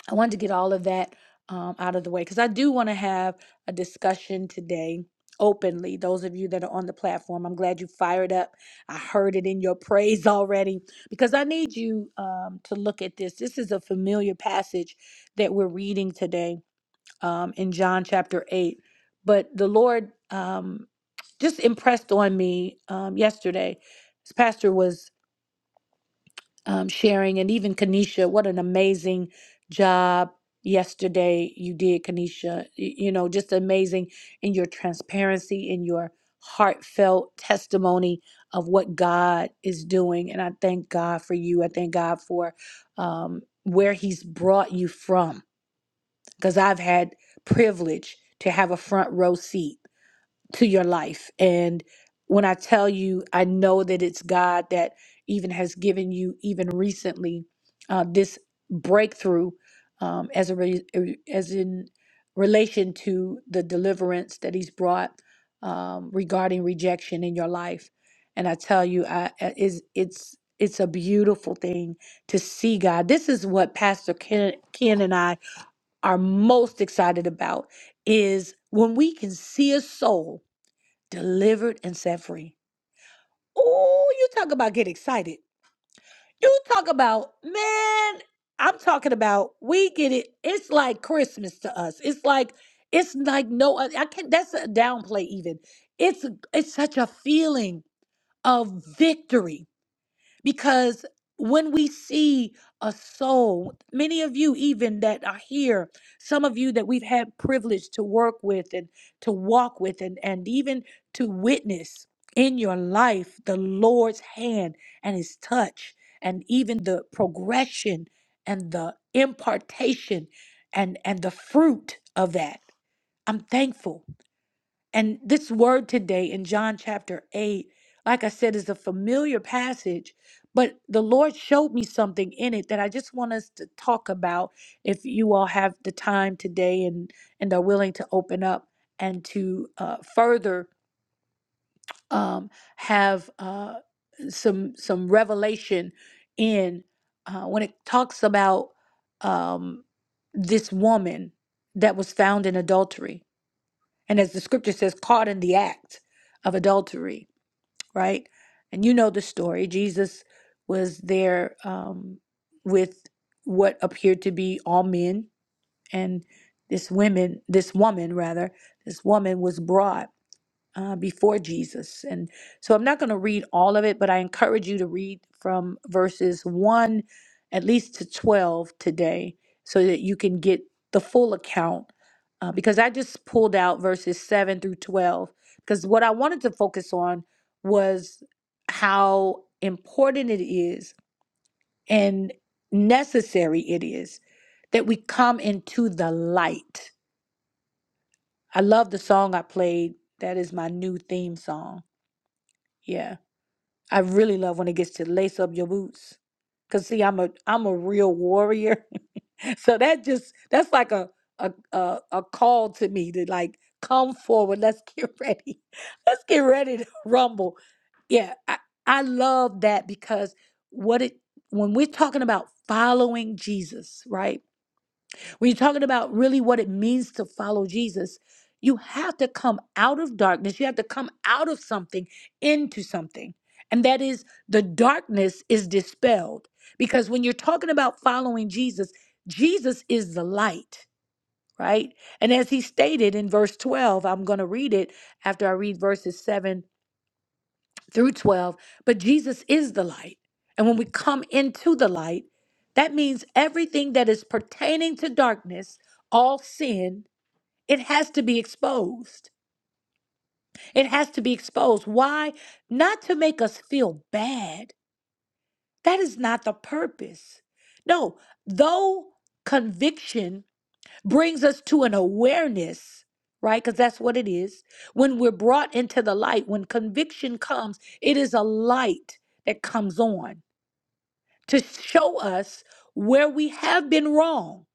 [SPEAKER 1] I wanted to get all of that um, out of the way because I do want to have a discussion today openly. Those of you that are on the platform, I'm glad you fired up. I heard it in your praise already because I need you um, to look at this. This is a familiar passage that we're reading today um, in John chapter 8. But the Lord um, just impressed on me um, yesterday This pastor was um, sharing and even kanisha what an amazing job yesterday you did kanisha Y- you know just amazing in your transparency in your heartfelt testimony of what god is doing and i thank god for you i thank god for um, where he's brought you from because i've had privilege to have a front row seat to your life. And when I tell you, I know that it's God that even has given you, even recently, uh, this breakthrough um, as a re- as in relation to the deliverance that He's brought um, regarding rejection in your life. And I tell you, I I- is it's it's a beautiful thing to see God. This is what Pastor Ken, Ken and I are most excited about is when we can see a soul delivered and set free. Oh, you talk about get excited. You talk about, man, I'm talking about we get it. It's like Christmas to us. It's like it's like no oth- I can't that's a downplay even. It's it's such a feeling of victory because when we see a soul many of you even that are here some of you that we've had privilege to work with and to walk with and, and even to witness in your life the lord's hand and his touch and even the progression and the impartation and and the fruit of that i'm thankful and this word today in John chapter 8, like I said, is a familiar passage, but the Lord showed me something in it that I just want us to talk about if you all have the time today and, and are willing to open up and to uh, further um, have uh, some, some revelation in uh, when it talks about um, this woman that was found in adultery and as the scripture says, caught in the act of adultery, right? And you know the story. Jesus was there um, with what appeared to be all men, and this women, this woman rather, this woman was brought uh, before Jesus. And so I'm not going to read all of it, but I encourage you to read from verses 1 at least to 12 today so that you can get the full account. Uh, because I just pulled out verses 7 through 12, because what I wanted to focus on was how important it is and necessary it is that we come into the light. I love the song I played. That is my new theme song. Yeah I really love when it gets to lace up your boots. Cause see, I'm a I'm a real warrior. so that just that's like a a, a a call to me to like come forward. Let's get ready. Let's get ready to rumble. Yeah, I, I love that because what it when we're talking about following Jesus, right? When you're talking about really what it means to follow Jesus, you have to come out of darkness. You have to come out of something into something. And that is the darkness is dispelled. Because when you're talking about following Jesus, Jesus is the light, right? And as he stated in verse 12, I'm going to read it after I read verses 7 through 12, but Jesus is the light. And when we come into the light, that means everything that is pertaining to darkness, all sin, it has to be exposed. It has to be exposed. Why? Not to make us feel bad. That is not the purpose. No, though conviction brings us to an awareness, right? Because that's what it is. When we're brought into the light, when conviction comes, it is a light that comes on. to show us where we have been wrong,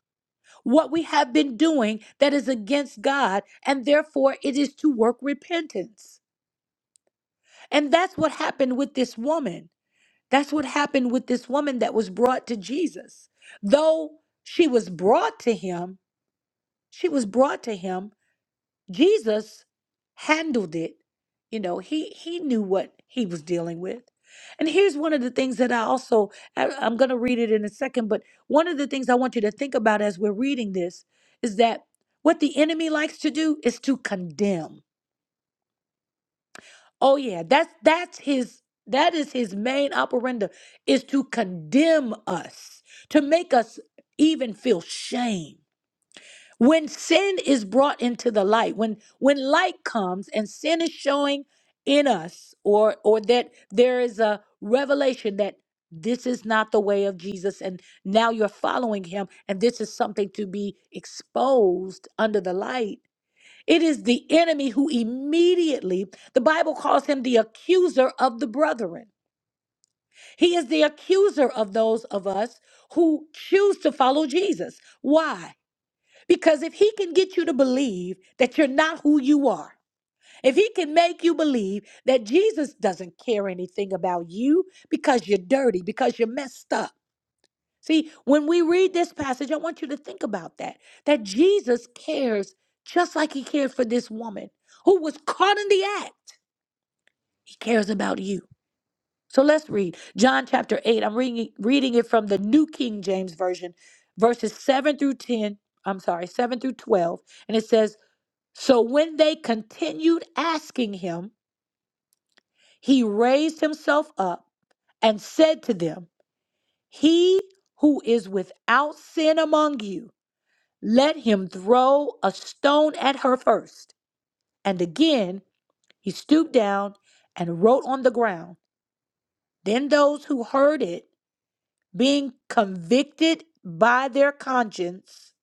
[SPEAKER 1] what we have been doing that is against God, and therefore it is to work repentance. And that's what happened with this woman. That's what happened with this woman that was brought to Jesus. Though she was brought to him, she was brought to him Jesus handled it. You know, he he knew what he was dealing with. And here's one of the things that I also I- I'm going to read it in a second, but one of the things I want you to think about as we're reading this is that what the enemy likes to do is to condemn. Oh yeah, that's that's his that is his main operanda is to condemn us, to make us even feel shame when sin is brought into the light when when light comes and sin is showing in us or or that there is a revelation that this is not the way of Jesus and now you're following him and this is something to be exposed under the light it is the enemy who immediately the bible calls him the accuser of the brethren he is the accuser of those of us who choose to follow Jesus why because if he can get you to believe that you're not who you are, if he can make you believe that Jesus doesn't care anything about you because you're dirty, because you're messed up. See, when we read this passage, I want you to think about that. That Jesus cares just like he cared for this woman who was caught in the act. He cares about you. So let's read John chapter 8. I'm reading, reading it from the New King James Version, verses 7 through 10. I'm sorry, 7 through 12. And it says, So when they continued asking him, he raised himself up and said to them, He who is without sin among you, let him throw a stone at her first." And again he stooped down and wrote on the ground. Then those who heard it, being convicted by their conscience,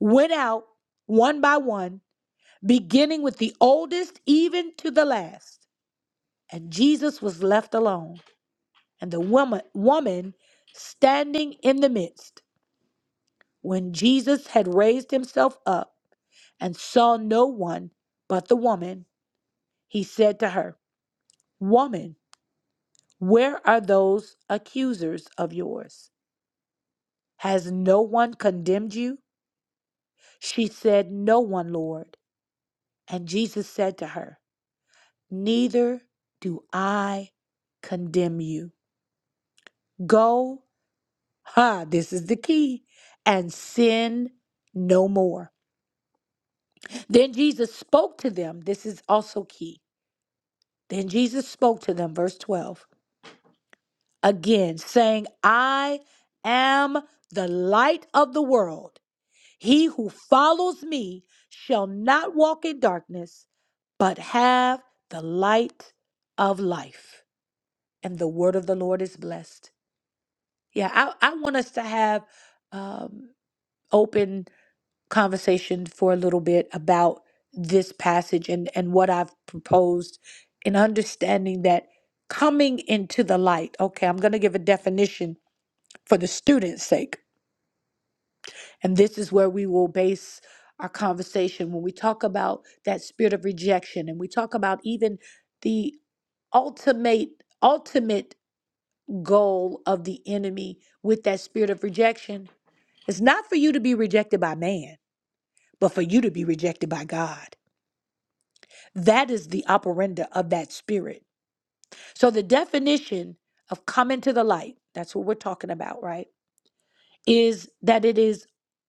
[SPEAKER 1] went out one by one, beginning with the oldest even to the last. And Jesus was left alone, and the woman, woman standing in the midst. When Jesus had raised himself up and saw no one but the woman, he said to her, Woman, where are those accusers of yours? Has no one condemned you? She said, No one, Lord. And Jesus said to her, Neither do I condemn you. Go Ha, this is the key. And sin no more. Then Jesus spoke to them. This is also key. Then Jesus spoke to them, verse 12, again, saying, I am the light of the world. He who follows me shall not walk in darkness, but have the light of life. And the word of the Lord is blessed. Yeah, I, I want us to have um, open conversation for a little bit about this passage and, and what I've proposed in understanding that coming into the light. Okay, I'm going to give a definition for the student's sake. And this is where we will base our conversation when we talk about that spirit of rejection and we talk about even the ultimate ultimate goal of the enemy with that spirit of rejection It's not for you to be rejected by man, but for you to be rejected by God. That is the operanda of that spirit. So the definition of coming to the light, that's what we're talking about, right? Is that it is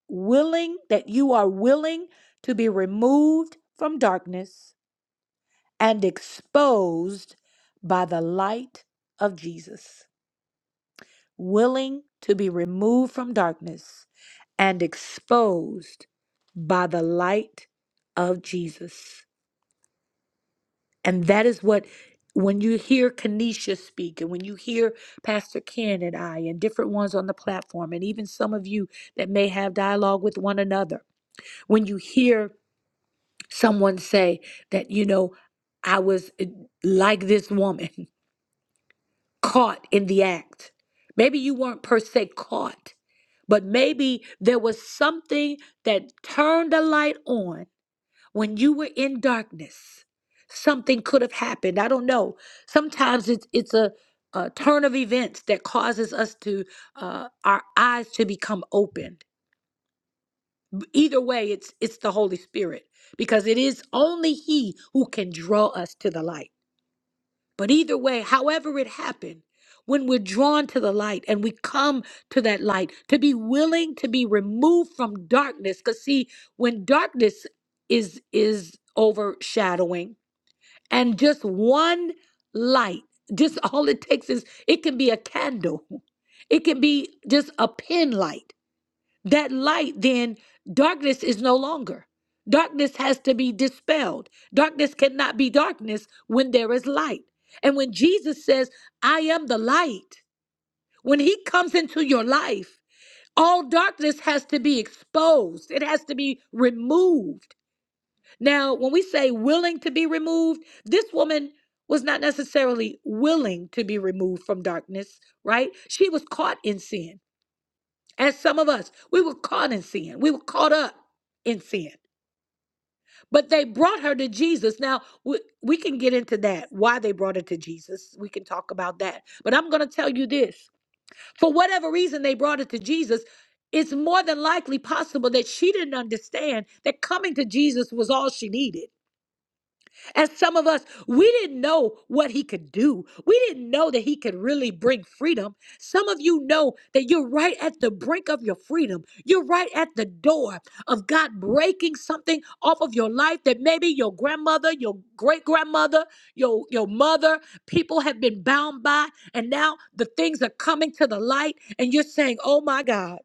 [SPEAKER 1] willing, that you are willing to be removed from darkness and exposed by the light of Jesus. Willing to be removed from darkness and exposed by the light of Jesus. And that is what, when you hear Kanisha speak, and when you hear Pastor Ken and I, and different ones on the platform, and even some of you that may have dialogue with one another, when you hear someone say that, you know, I was eh, like this woman, caught in the act. Maybe you weren't per se caught, but maybe there was something that turned a light on when you were in darkness something could have happened i don't know sometimes it's it's a, a turn of events that causes us to uh, our eyes to become opened either way it's it's the holy spirit because it is only he who can draw us to the light but either way however it happened when we're drawn to the light and we come to that light to be willing to be removed from darkness because see when darkness is is overshadowing and just one light, just all it takes is it can be a candle, it can be just a pin light. That light, then darkness is no longer. Darkness has to be dispelled. Darkness cannot be darkness when there is light. And when Jesus says, I am the light, when he comes into your life, all darkness has to be exposed. It has to be removed now, when we say willing to be removed, this woman was not necessarily willing to be removed from darkness, right? She was caught in sin. As some of us, we were caught in sin. We were caught up in sin. But they brought her to Jesus. Now, we, we can get into that, why they brought her to Jesus. We can talk about that. But I'm going to tell you this for whatever reason they brought her to Jesus, it's more than likely possible that she didn't understand that coming to Jesus was all she needed And some of us, we didn't know what he could do. We didn't know that he could really bring freedom. Some of you know that you're right at the brink of your freedom. You're right at the door of God breaking something off of your life that maybe your grandmother, your great grandmother, your, your mother, people have been bound by. And now the things are coming to the light, and you're saying, Oh my God.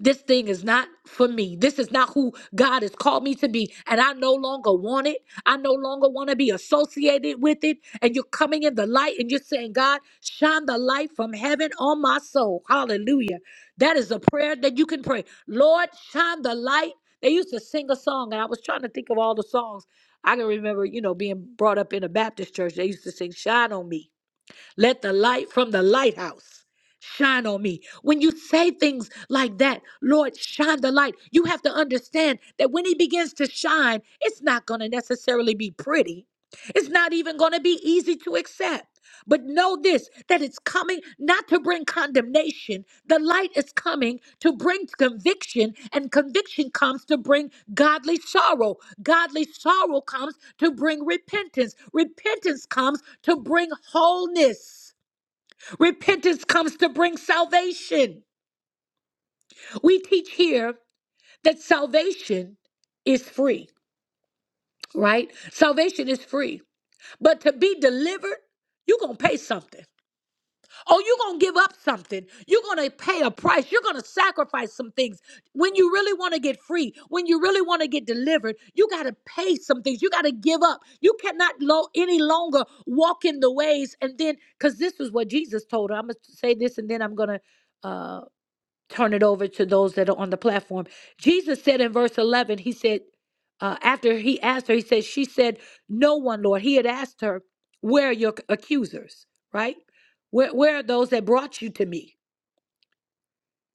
[SPEAKER 1] This thing is not for me. This is not who God has called me to be. And I no longer want it. I no longer want to be associated with it. And you're coming in the light and you're saying, God, shine the light from heaven on my soul. Hallelujah. That is a prayer that you can pray. Lord, shine the light. They used to sing a song, and I was trying to think of all the songs. I can remember, you know, being brought up in a Baptist church. They used to sing, Shine on Me. Let the light from the lighthouse shine on me. When you say things like that, Lord, shine the light, you have to understand that when He begins to shine, it's not going to necessarily be pretty. It's not even going to be easy to accept. But know this that it's coming not to bring condemnation. The light is coming to bring conviction, and conviction comes to bring godly sorrow. Godly sorrow comes to bring repentance. Repentance comes to bring wholeness. Repentance comes to bring salvation. We teach here that salvation is free, right? Salvation is free. But to be delivered, you're going to pay something. Oh, you're going to give up something. You're going to pay a price. You're going to sacrifice some things. When you really want to get free, when you really want to get delivered, you got to pay some things. You got to give up. You cannot lo- any longer walk in the ways. And then, because this is what Jesus told her, I'm going to say this and then I'm going to turn it over to those that are on the platform. Jesus said in verse 11, he said, uh, after he asked her, he said, she said, no one, Lord. He had asked her, where are your accusers, right? Where, where are those that brought you to me?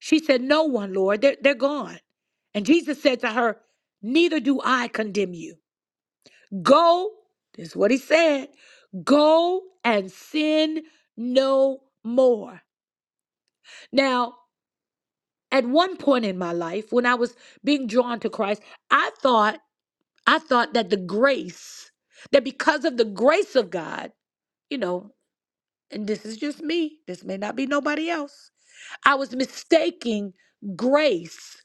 [SPEAKER 1] She said, no one, Lord. They're, they're gone. And Jesus said to her, neither do I condemn you. Go, this is what he said, go and sin no more. Now, At one point in my life, when I was being drawn to Christ, I thought I thought that the grace, that because of the grace of God, you know, and this is just me, this may not be nobody else. I was mistaking grace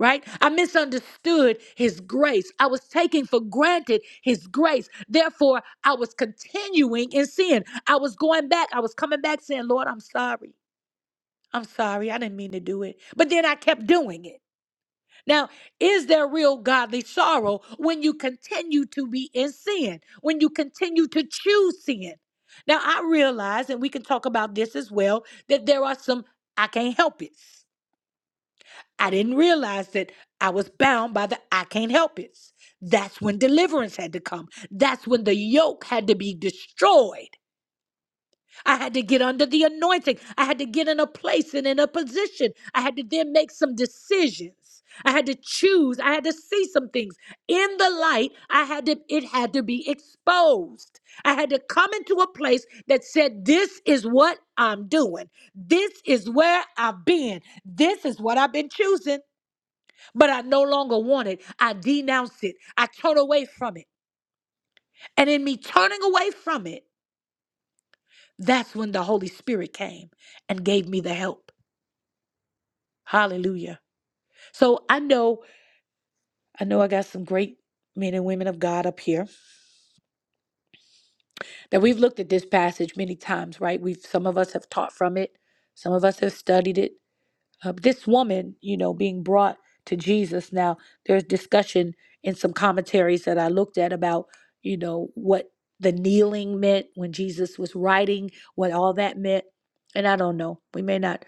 [SPEAKER 1] right? I misunderstood his grace. I was taking for granted his grace. Therefore, I was continuing in sin. I was going back. I was coming back saying, Lord, I'm sorry. I'm sorry. I didn't mean to do it. But then I kept doing it. Now, is there real godly sorrow when you continue to be in sin, when you continue to choose sin? Now, I realize, and we can talk about this as well, that there are some I can't help it. I didn't realize that I was bound by the I can't help it. That's when deliverance had to come. That's when the yoke had to be destroyed. I had to get under the anointing. I had to get in a place and in a position. I had to then make some decisions. I had to choose. I had to see some things in the light. I had to it had to be exposed. I had to come into a place that said this is what I'm doing. This is where I've been. This is what I've been choosing, but I no longer want it. I denounce it. I turn away from it. And in me turning away from it, That's when the Holy Spirit came and gave me the help. Hallelujah. So I know, I know I got some great men and women of God up here that we've looked at this passage many times, right? We've some of us have taught from it, some of us have studied it. Uh, this woman, you know, being brought to Jesus. Now, there's discussion in some commentaries that I looked at about, you know, what the kneeling meant when Jesus was writing, what all that meant. And I don't know. We may not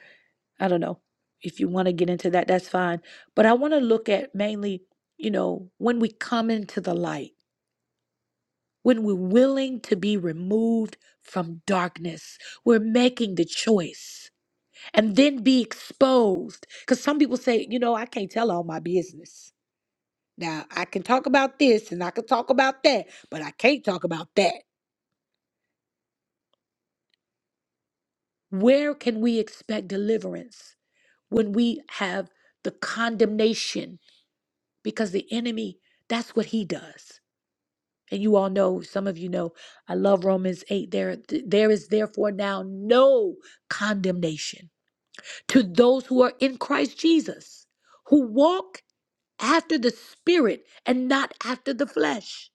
[SPEAKER 1] I don't know if you want to get into that, that's fine. But I want to look at mainly, you know, when we come into the light, when we're willing to be removed from darkness, we're making the choice and then be exposed. Because some people say, you know, I can't tell all my business. Now, I can talk about this and I can talk about that, but I can't talk about that. Where can we expect deliverance when we have the condemnation? because the enemy that's what he does and you all know some of you know i love romans 8 there there is therefore now no condemnation to those who are in christ jesus who walk after the spirit and not after the flesh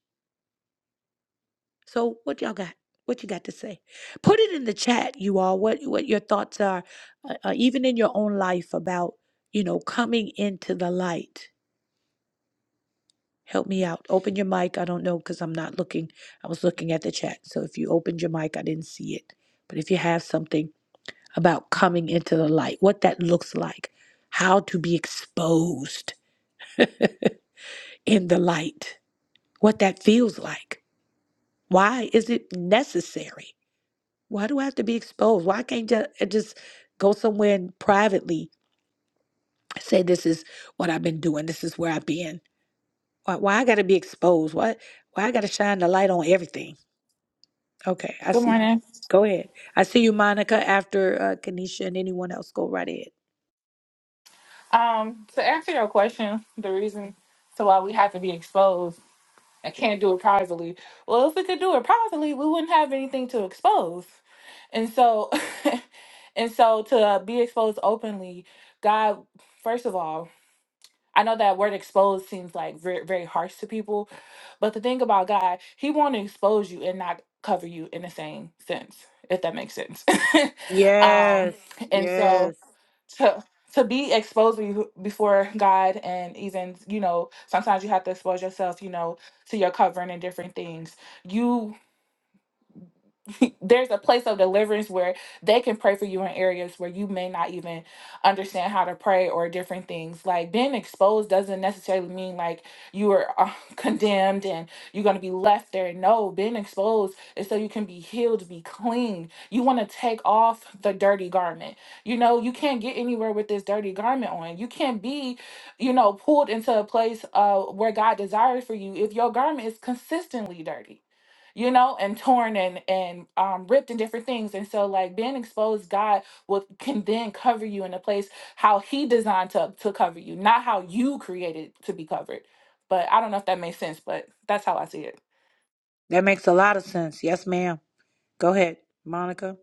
[SPEAKER 1] so what y'all got what you got to say put it in the chat you all what what your thoughts are uh, uh, even in your own life about you know coming into the light Help me out. Open your mic. I don't know because I'm not looking. I was looking at the chat. So if you opened your mic, I didn't see it. But if you have something about coming into the light, what that looks like, how to be exposed in the light, what that feels like. Why is it necessary? Why do I have to be exposed? Why can't ju- I just go somewhere and privately say this is what I've been doing, this is where I've been? Why, why I got to be exposed? Why, why I got to shine the light on everything? Okay, I
[SPEAKER 2] Good
[SPEAKER 1] see.
[SPEAKER 2] morning.
[SPEAKER 1] Go ahead. I see you, Monica, after uh, Kanisha and anyone else. Go right ahead.
[SPEAKER 2] Um, to answer your question, the reason to why we have to be exposed and can't do it privately. Well, if we could do it privately, we wouldn't have anything to expose. And so, and so to uh, be exposed openly, God, first of all, I know that word exposed seems like very, very harsh to people, but the thing about God, He want to expose you and not cover you in the same sense, if that makes sense. um, and so, to to be exposed be- before God and even you know sometimes you have to expose yourself you know to your covering and different things. You there's a place of deliverance where they can pray for you in areas where you may not even understand how to pray or different things. Like being exposed doesn't necessarily mean like you are uh, condemned and you're going to be left there. No, being exposed is so you can be healed, be clean. You want to take off the dirty garment. You know, you can't get anywhere with this dirty garment on. You can't be, you know, pulled into a place uh, where God desires for you if your garment is consistently dirty you know, and torn and and um, ripped and different things. And so, like being exposed, God will can then cover you in a place how He designed to to cover you, not how you created to be covered. But I don't know if that makes sense, but that's how I see it.
[SPEAKER 1] That makes a lot of sense. Yes, ma'am. Go ahead, Monica.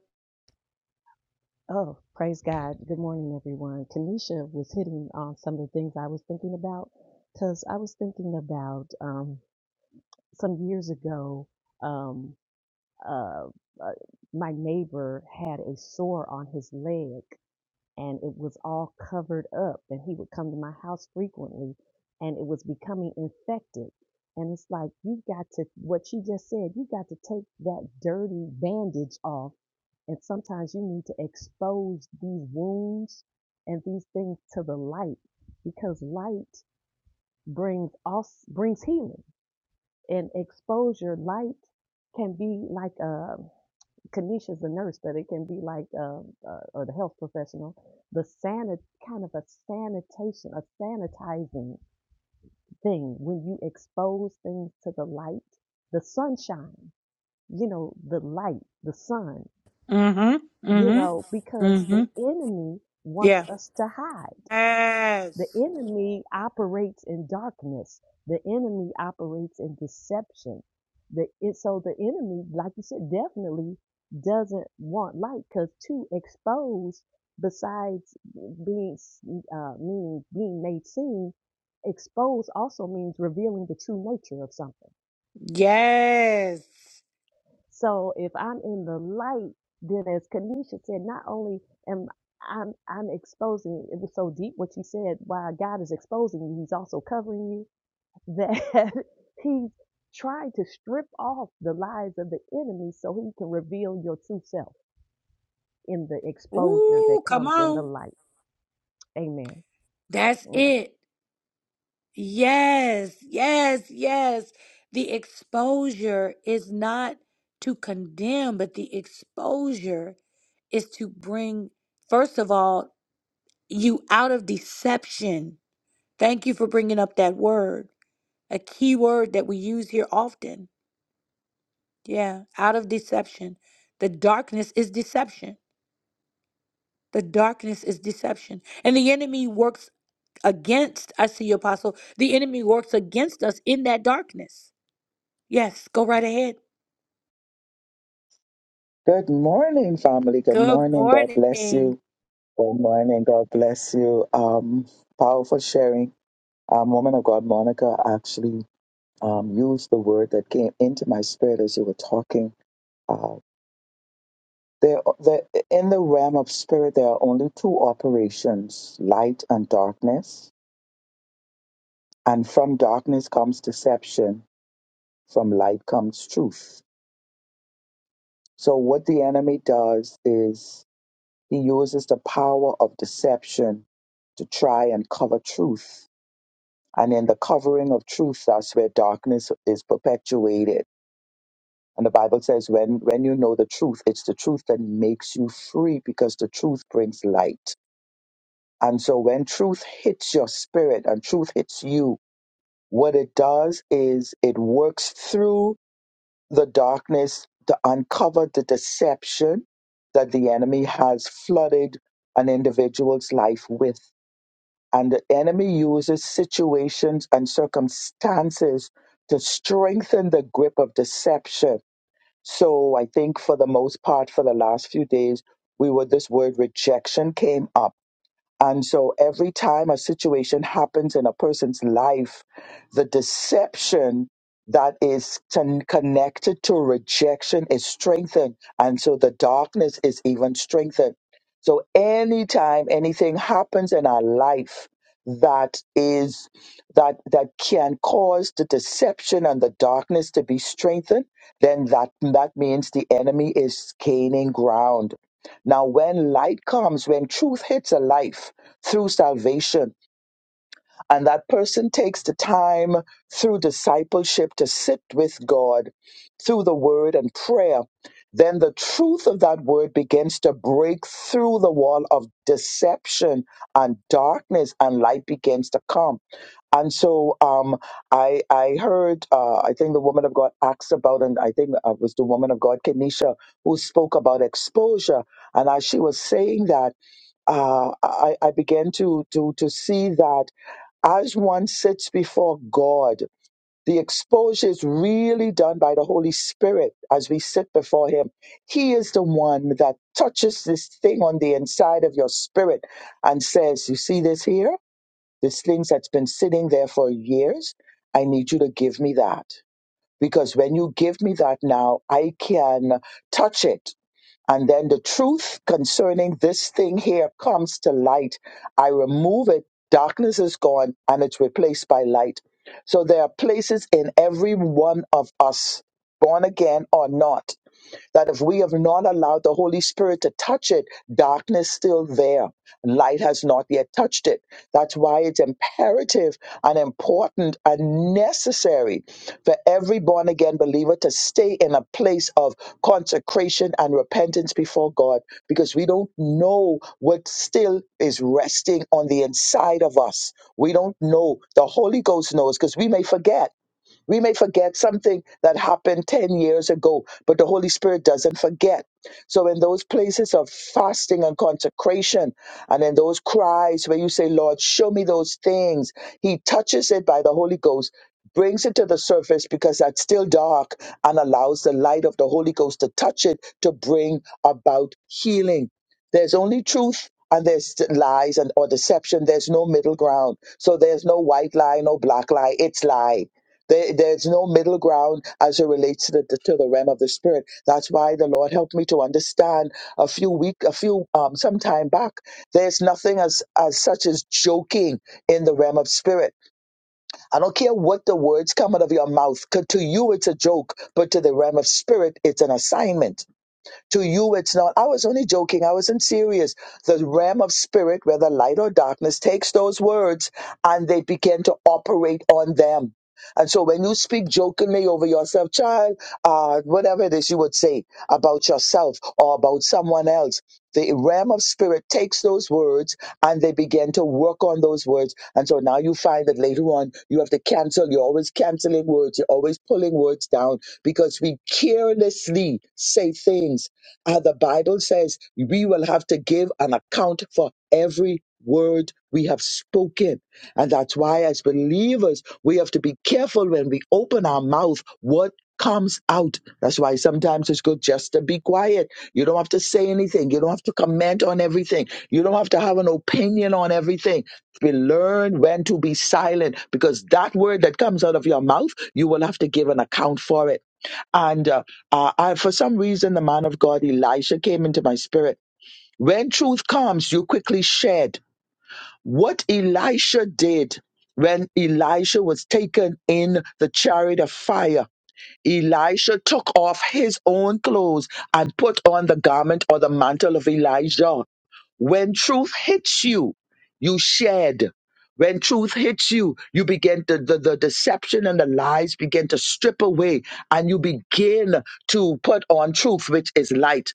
[SPEAKER 4] Oh, praise God. Good morning, everyone. Kanisha was hitting on some of the things I was thinking about because I was thinking about um, some years ago, um, uh, uh, my neighbor had a sore on his leg and it was all covered up, and he would come to my house frequently and it was becoming infected. And it's like, you got to, what you just said, you got to take that dirty bandage off And sometimes you need to expose these wounds and these things to the light because light brings us brings healing and exposure light can be like uh Kanisha's a nurse, but it can be like um, uh, or the health professional, the sanit kind of a sanitation, a sanitizing thing when you expose things to the light, the sunshine, you know, the light, the sun
[SPEAKER 1] Mm-hmm.
[SPEAKER 4] you
[SPEAKER 1] Mm-hmm.
[SPEAKER 4] know, because the enemy wants
[SPEAKER 1] Yeah.
[SPEAKER 4] us to hide. The
[SPEAKER 1] Yes.
[SPEAKER 4] enemy operates in darkness. The enemy operates in deception. The it, so the enemy, like you said, definitely doesn't want light because to expose, besides being s- uh, meaning being made seen, expose also means revealing the true nature of something
[SPEAKER 1] Yes.
[SPEAKER 4] So if I'm in the light, then as Kanisha said, not only am I'm I'm exposing it was so deep what she said, while God is exposing you, he's also covering you, that he's trying to strip off the lies of the enemy so he can reveal your true self in the exposure that
[SPEAKER 1] Ooh, come
[SPEAKER 4] comes in the
[SPEAKER 1] on.
[SPEAKER 4] light. Amen.
[SPEAKER 1] That's
[SPEAKER 4] That-
[SPEAKER 1] it. Yes. Yes. Yes. The exposure is not to condemn, but the exposure is to bring, first of all, you out of deception Thank you for bringing up that word, a key word that we use here often. Yeah, out of deception. The darkness is deception. The darkness is deception. And the enemy works against, I see you, Apostle. The enemy works against us in that darkness. Yes, go right ahead.
[SPEAKER 6] Good morning, family. Good
[SPEAKER 1] Good
[SPEAKER 6] morning. God
[SPEAKER 1] morning.
[SPEAKER 6] bless you.
[SPEAKER 1] Hey,
[SPEAKER 6] Good morning. God bless you. Um, powerful sharing. Um, woman of God, Monica, actually. um, used the word that came into my spirit as you were talking. Uh, there, there, in the realm of spirit, there are only two operations light and darkness. And from darkness comes deception, from light comes truth. So, what the enemy does is he uses the power of deception to try and cover truth. And in the covering of truth, that's where darkness is perpetuated And the Bible says, when, when you know the truth, it's the truth that makes you free because the truth brings light. And so when truth hits your spirit and truth hits you, what it does is it works through the darkness to uncover the deception that the enemy has flooded an individual's life with. And the enemy uses situations and circumstances to strengthen the grip of deception so I think for the most part, for the last few days, we were this word rejection came up and so every time a situation happens in a person's life, the deception that is con- connected to rejection is strengthened. And so the darkness is even strengthened. So anytime anything happens in our life that is that that can cause the deception and the darkness to be strengthened, then that that means the enemy is gaining ground. Now when light comes, when truth hits a life, through salvation. And that person takes the time through discipleship to sit with God through the word and prayer. Then the truth of that word begins to break through the wall of deception and darkness, and light begins to come. And so um, I, I heard, uh, I think the woman of God asked about, and I think uh, it was the woman of God, Kenisha, who spoke about exposure. And as she was saying that, uh, I, I began to, to, to see that as one sits before God, the exposure is really done by the Holy Spirit as we sit before Him. He is the one that touches this thing on the inside of your spirit and says, You see this here? This thing that's been sitting there for years. I need you to give me that. Because when you give me that now, I can touch it. And then the truth concerning this thing here comes to light. I remove it. Darkness is gone and it's replaced by light. So there are places in every one of us, born again or not, that if we have not allowed the Holy Spirit to touch it, darkness still there. Light has not yet touched it. That's why it's imperative and important and necessary for every born again believer to stay in a place of consecration and repentance before God because we don't know what still is resting on the inside of us. We don't know. The Holy Ghost knows because we may forget. We may forget something that happened 10 years ago, but the Holy Spirit doesn't forget. So, in those places of fasting and consecration, and in those cries where you say, Lord, show me those things, He touches it by the Holy Ghost, brings it to the surface because that's still dark and allows the light of the Holy Ghost to touch it to bring about healing. There's only truth. And there's lies and or deception. There's no middle ground. So there's no white lie, no black lie. It's lie there, there's no middle ground as it relates to the, to the realm of the spirit. That's why the Lord helped me to understand a few week, a few um, some time back. There's nothing as as such as joking in the realm of spirit. I don't care what the words come out of your mouth. 'cause To you, it's a joke, but to the realm of spirit, it's an assignment. To you, it's not. I was only joking. I wasn't serious. The realm of spirit, whether light or darkness, takes those words and they begin to operate on them. And so when you speak jokingly over yourself, child, uh, whatever it is you would say about yourself or about someone else, the realm of spirit takes those words and they begin to work on those words. And so now you find that later on you have to cancel. You're always canceling words. You're always pulling words down because we carelessly say things uh, the Bible says we will have to give an account for every word we have spoken. And that's why, as believers, we have to be careful when we open our mouth what comes out. That's why sometimes it's good just to be quiet. You don't have to say anything. You don't have to comment on everything. You don't have to have an opinion on everything. We learn when to be silent because that word that comes out of your mouth, you will have to give an account for it. And uh, uh, I, for some reason, the man of God, Elisha, came into my spirit. When truth comes, you quickly shed what Elisha did when Elisha was taken in the chariot of fire. Elisha took off his own clothes and put on the garment or the mantle of Elijah. When truth hits you, you shed. When truth hits you, you begin to, the, the deception and the lies begin to strip away and you begin to put on truth, which is light.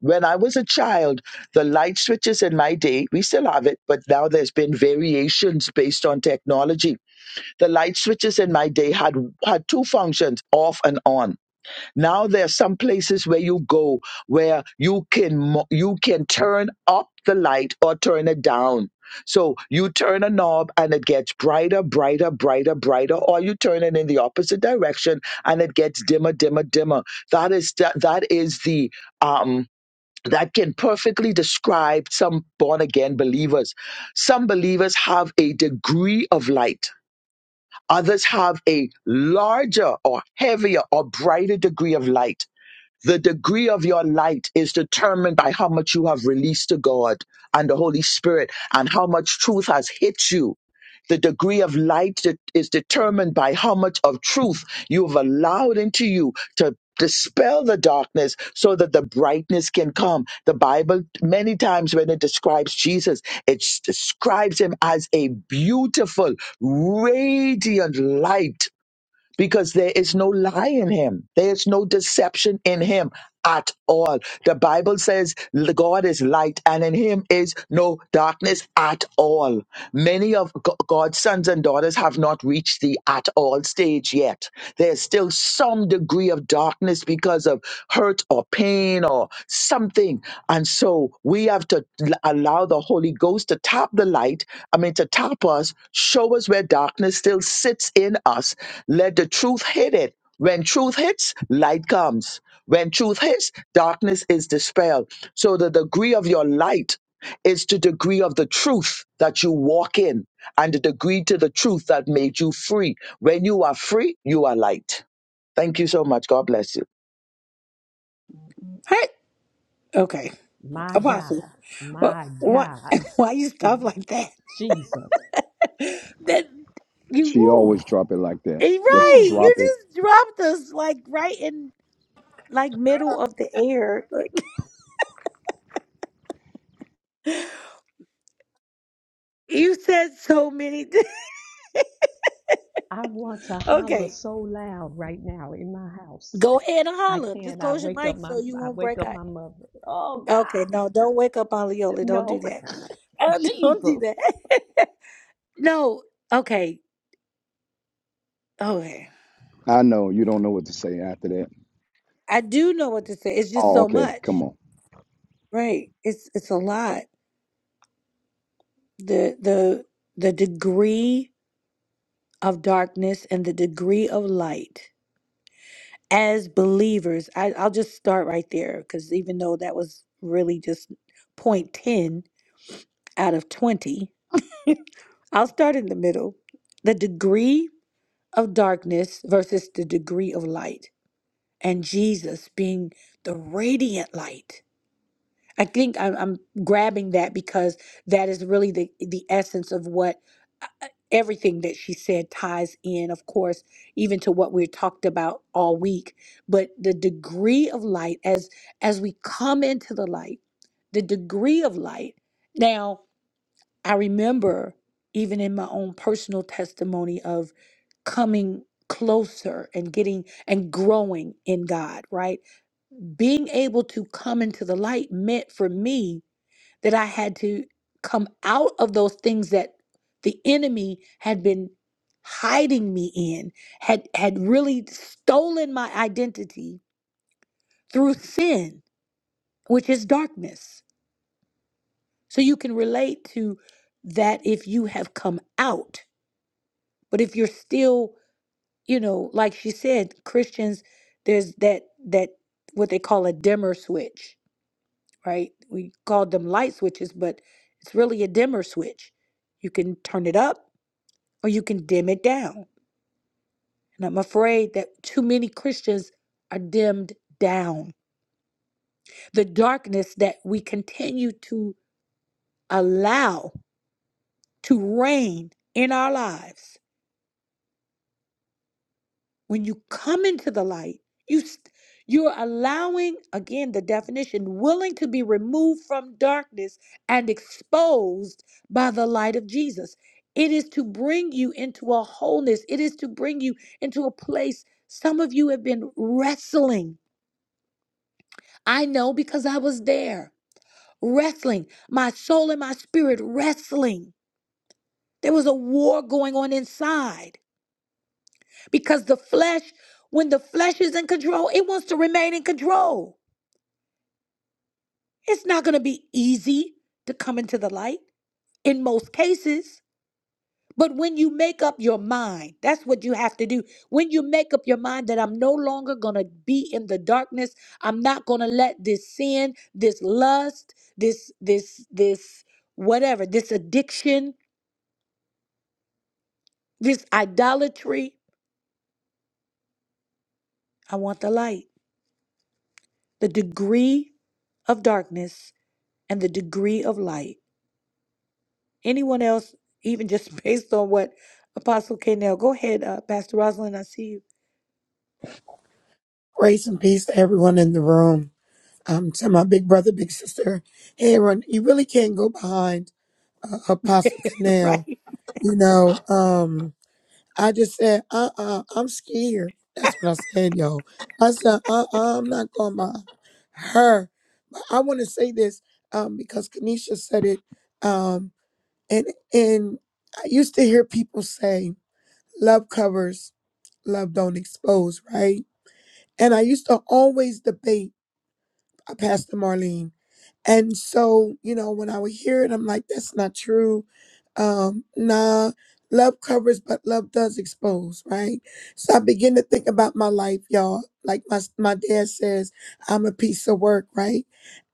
[SPEAKER 6] When I was a child, the light switches in my day, we still have it, but now there's been variations based on technology. The light switches in my day had, had two functions, off and on now there are some places where you go where you can mo- you can turn up the light or turn it down. So you turn a knob and it gets brighter, brighter, brighter, brighter, or you turn it in the opposite direction and it gets dimmer, dimmer, dimmer. That is that, that is the um that can perfectly describe some born again believers. Some believers have a degree of light. Others have a larger or heavier or brighter degree of light the degree of your light is determined by how much you have released to God and the Holy Spirit and how much truth has hit you. The degree of light that is determined by how much of truth you have allowed into you to dispel the darkness so that the brightness can come. The Bible, many times when it describes Jesus, it s- describes him as a beautiful, radiant light because there is no lie in him. There is no deception in him at all. The Bible says "The God is light and in him is no darkness at all. Many of G- God's sons and daughters have not reached the at all stage yet. There's still some degree of darkness because of hurt or pain or something. And so we have to l- allow the Holy Ghost to tap the light, I mean, to tap us, show us where darkness still sits in us let the truth hit it. When truth hits, light comes. When truth hits, darkness is dispelled. So the degree of your light is the degree of the truth that you walk in and the degree to the truth that made you free. When you are free, you are light. Thank you so much. God bless you.
[SPEAKER 1] Okay,
[SPEAKER 4] My
[SPEAKER 1] Apostle.
[SPEAKER 4] God,
[SPEAKER 1] What?
[SPEAKER 4] my
[SPEAKER 1] Why,
[SPEAKER 4] God,
[SPEAKER 1] why you stop like that?
[SPEAKER 4] Jesus.
[SPEAKER 1] That you
[SPEAKER 8] She
[SPEAKER 4] Woo,
[SPEAKER 8] always drop it like that.
[SPEAKER 1] eh,
[SPEAKER 8] Just
[SPEAKER 1] right?
[SPEAKER 4] woo.
[SPEAKER 8] drop
[SPEAKER 1] You
[SPEAKER 8] it.
[SPEAKER 1] just dropped us like right in. like middle of the air. Like you said so many things.
[SPEAKER 4] I want to holler
[SPEAKER 1] Okay.
[SPEAKER 4] so loud right now in my house.
[SPEAKER 1] Go ahead and
[SPEAKER 4] I
[SPEAKER 1] holler. Just
[SPEAKER 4] can. I
[SPEAKER 1] close your
[SPEAKER 4] wake
[SPEAKER 1] mic
[SPEAKER 4] up my
[SPEAKER 1] so you
[SPEAKER 4] I
[SPEAKER 1] won't
[SPEAKER 4] wake
[SPEAKER 1] break
[SPEAKER 4] up
[SPEAKER 1] out.
[SPEAKER 4] my mother. Oh
[SPEAKER 1] Okay,
[SPEAKER 4] God.
[SPEAKER 1] no, don't wake up on Leola. Don't do
[SPEAKER 4] No.
[SPEAKER 1] that. Uh, don't do
[SPEAKER 4] Jesus.
[SPEAKER 1] that. no. Okay. Okay.
[SPEAKER 8] I know you don't know what to say after that.
[SPEAKER 1] I do know what to say. It's just
[SPEAKER 8] Oh,
[SPEAKER 1] so
[SPEAKER 8] okay.
[SPEAKER 1] much.
[SPEAKER 8] Come on.
[SPEAKER 1] Right. It's it's a lot. The the the degree of darkness and the degree of light as believers, I, I'll just start right there because even though that was really just point 10 out of 20, I'll start in the middle. The degree of darkness versus the degree of light, and Jesus being the radiant light. I think I'm, I'm grabbing that because that is really the the essence of what uh, uh, everything that she said ties in, of course, even to what we talked about all week. But the degree of light, as as we come into the light, the degree of light. Now, I remember even in my own personal testimony of coming closer and getting and growing in God, right? Being able to come into the light meant for me that I had to come out of those things that the enemy had been hiding me in, had had really stolen my identity through sin, which is darkness. So you can relate to that if you have come out. But if you're still, you know, like she said, Christians, there's that that what they call a dimmer switch, right? We called them light switches, but it's really a dimmer switch. You can turn it up or you can dim it down. And I'm afraid that too many Christians are dimmed down. The darkness that we continue to allow to reign in our lives. When you come into the light, you st- you're allowing again the definition willing to be removed from darkness and exposed by the light of Jesus. It is to bring you into a wholeness. It is to bring you into a place some of you have been wrestling I know because I was there wrestling, my soul and my spirit wrestling. There was a war going on inside because the flesh, when the flesh is in control, it wants to remain in control. It's not going to be easy to come into the light in most cases. But when you make up your mind, that's what you have to do. When you make up your mind that I'm no longer going to be in the darkness, I'm not going to let this sin, this lust, this this this whatever, this addiction, this idolatry, I want the light. The degree of darkness and the degree of light. Anyone else even just based on what Apostle K. go ahead, uh, Pastor Rosalind. I see you.
[SPEAKER 5] Grace and peace to everyone in the room. Um, to my big brother, big sister, Aaron, you really can't go behind uh, Apostle Canal.
[SPEAKER 1] Right.
[SPEAKER 5] You know, um, I just said, uh uh-uh, uh, i am scared. That's what I said, yo. I said, uh uh-uh, uh, i am not going by her. But I want to say this um, because Kanisha said it. Um, and, and I used to hear people say, love covers Love Don't Expose, right? And I used to always debate uh, Pastor Marlene. And so, you know, when I would hear it, I'm like, that's not true. Um, nah, love covers, but love does expose, right? So I begin to think about my life, y'all. Like my my dad says, I'm a piece of work, right?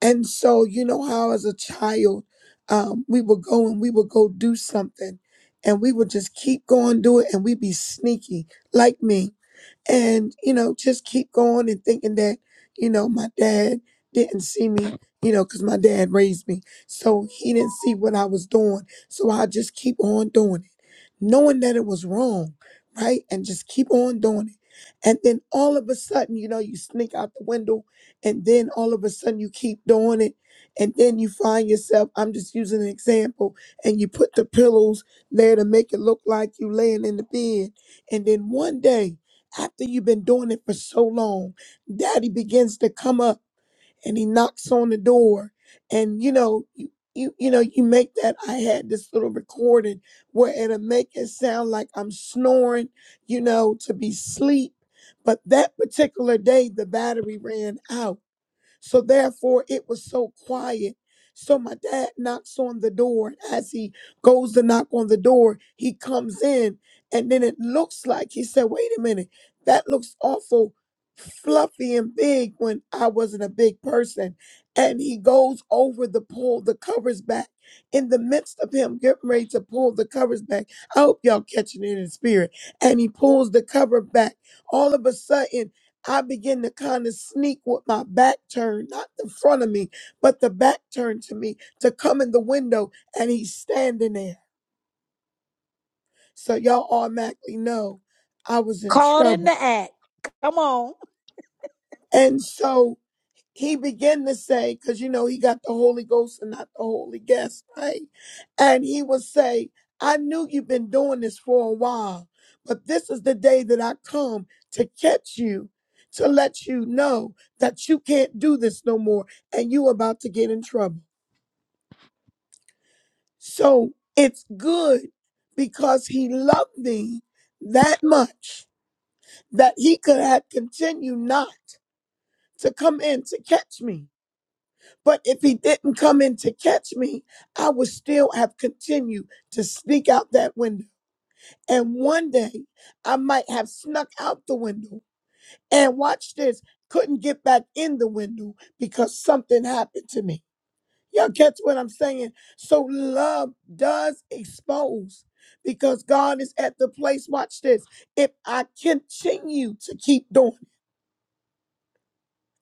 [SPEAKER 5] And so, you know how as a child, um, we would go and we would go do something, and we would just keep going do it, and we'd be sneaky, like me and you know just keep going and thinking that you know my dad didn't see me you know because my dad raised me so he didn't see what i was doing so i just keep on doing it knowing that it was wrong, right? And just keep on doing it. And then all of a sudden, you know, you sneak out the window, and then all of a sudden you keep doing it. And then you find yourself, I'm just using an example, and you put the pillows there to make it look like you laying in the bed. And then one day, after you've been doing it for so long, daddy begins to come up and he knocks on the door and you know you you, you know you make that i had this little recording where it'll make it sound like i'm snoring you know to be sleep but that particular day the battery ran out so therefore, it was so quiet. So my dad knocks on the door. and As he goes to knock on the door, he comes in, and then it looks like he said, "Wait a minute, that looks awful." fluffy and big when I wasn't a big person and he goes over the pull the covers back in the midst of him getting ready to pull the covers back I hope y'all catching it in spirit and he pulls the cover back all of a sudden I began to kind of sneak with my back turned, not the front of me, but the back turned to me to come in the window and he's standing there. So y'all automatically know I was in
[SPEAKER 1] Called in the
[SPEAKER 5] trouble.
[SPEAKER 1] act. Come on.
[SPEAKER 5] And so he began to say, because you know he got the Holy Ghost and not the Holy Guest, right? And he would say, I knew you've been doing this for a while, but this is the day that I come to catch you, to let you know that you can't do this no more and you about to get in trouble. So it's good because he loved me that much that he could have continued not to come in to catch me But if he didn't come in to catch me, I would still have continued to sneak out that window. And one day I might have snuck out the window and watch this, couldn't get back in the window because something happened to me. Y'all catch what I'm saying? So love does expose because God is at the place, watch this. If I continue to keep doing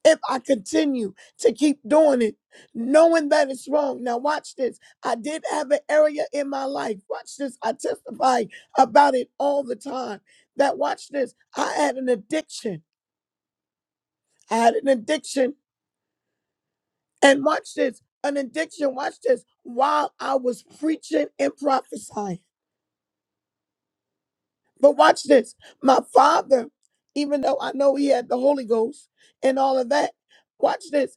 [SPEAKER 5] if I continue to keep doing it, knowing that it's wrong. Now, watch this. I did have an area in my life. Watch this. I testify about it all the time. That, watch this. I had an addiction. I had an addiction. And watch this. An addiction. Watch this. While I was preaching and prophesying. But watch this. My father, even though I know he had the Holy Ghost and all of that, watch this.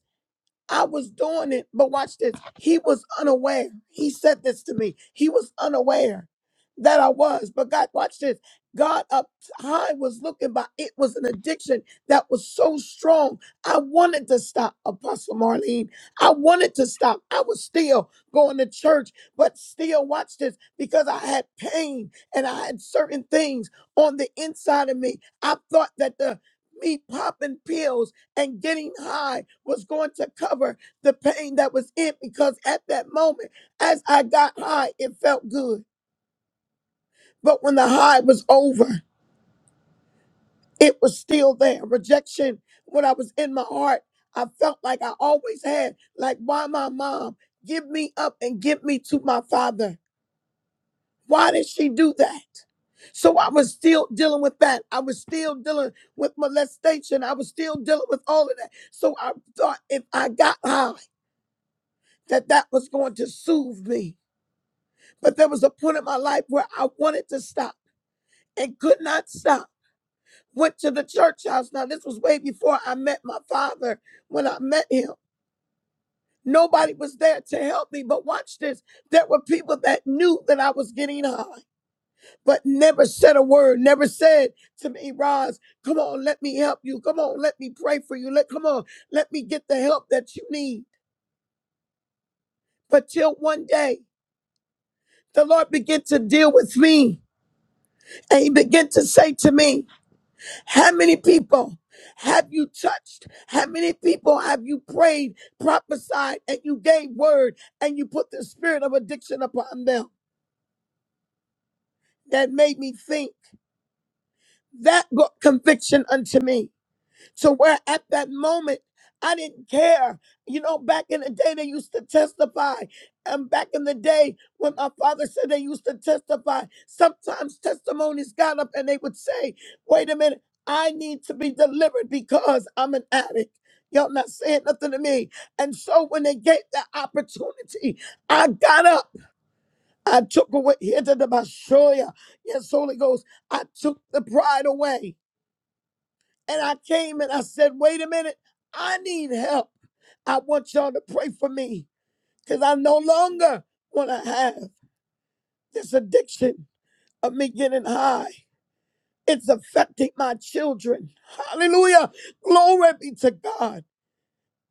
[SPEAKER 5] I was doing it, but watch this. He was unaware. He said this to me. He was unaware that I was. But God, watch this. God up high was looking, but it was an addiction that was so strong. I wanted to stop, Apostle Marlene. I wanted to stop. I was still going to church, but still, watch this, because I had pain and I had certain things on the inside of me. I thought that the me popping pills and getting high was going to cover the pain that was in because at that moment, as I got high, it felt good. But when the high was over, it was still there. Rejection, when I was in my heart, I felt like I always had, like, why my mom give me up and give me to my father? Why did she do that? So I was still dealing with that. I was still dealing with molestation. I was still dealing with all of that. So I thought if I got high. that that was going to soothe me. But there was a point in my life where I wanted to stop and could not stop. Went to the church house. Now, this was way before I met my father when I met him. Nobody was there to help me, but watch this. There were people that knew that I was getting high, but never said a word, never said to me, Roz, come on, let me help you. Come on, let me pray for you. Let come on, let me get the help that you need. But till one day, the Lord began to deal with me And he began to say to me, How many people have you touched? How many people have you prayed, prophesied, and you gave word and you put the spirit of addiction upon them? That made me think. That brought conviction unto me. So where at that moment, I didn't care. You know, back in the day, they used to testify. And back in the day, when my father said they used to testify, sometimes testimonies got up and they would say, wait a minute, I need to be delivered because I'm an addict. Y'all not saying nothing to me. And so when they gave that opportunity, I got up. I took away here to the Bashoya. Yes, Holy Ghost. I took the pride away. And I came and I said, wait a minute, I need help. I want y'all to pray for me because I no longer want to have this addiction of me getting high. It's affecting my children. Hallelujah. Glory be to God.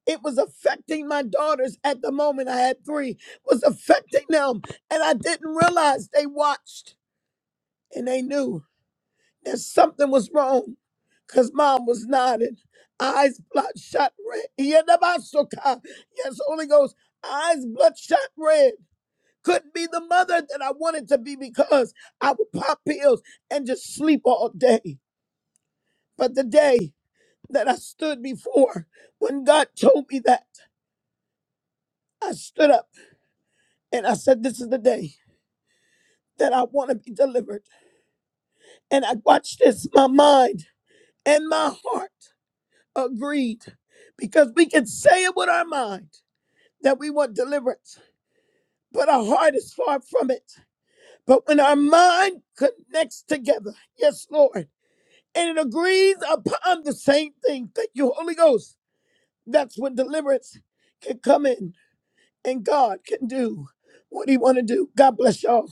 [SPEAKER 5] It was affecting my daughters at the moment. I had three, was affecting them. And I didn't realize they watched and they knew. that something was wrong because mom was nodding, eyes bloodshot red. Yadabasoka. Yes, Holy Ghost, eyes bloodshot red. Couldn't be the mother that I wanted to be because I would pop pills and just sleep all day. But the day that I stood before, when God told me that, I stood up and I said, This is the day that I want to be delivered. And I watched this, my mind and my heart. Agreed. Because we can say it with our mind that we want deliverance, but our heart is far from it. But when our mind connects together, yes, Lord, and it agrees upon the same thing, thank you, Holy Ghost, that's when deliverance can come in and God can do what he want to do. God bless y'all.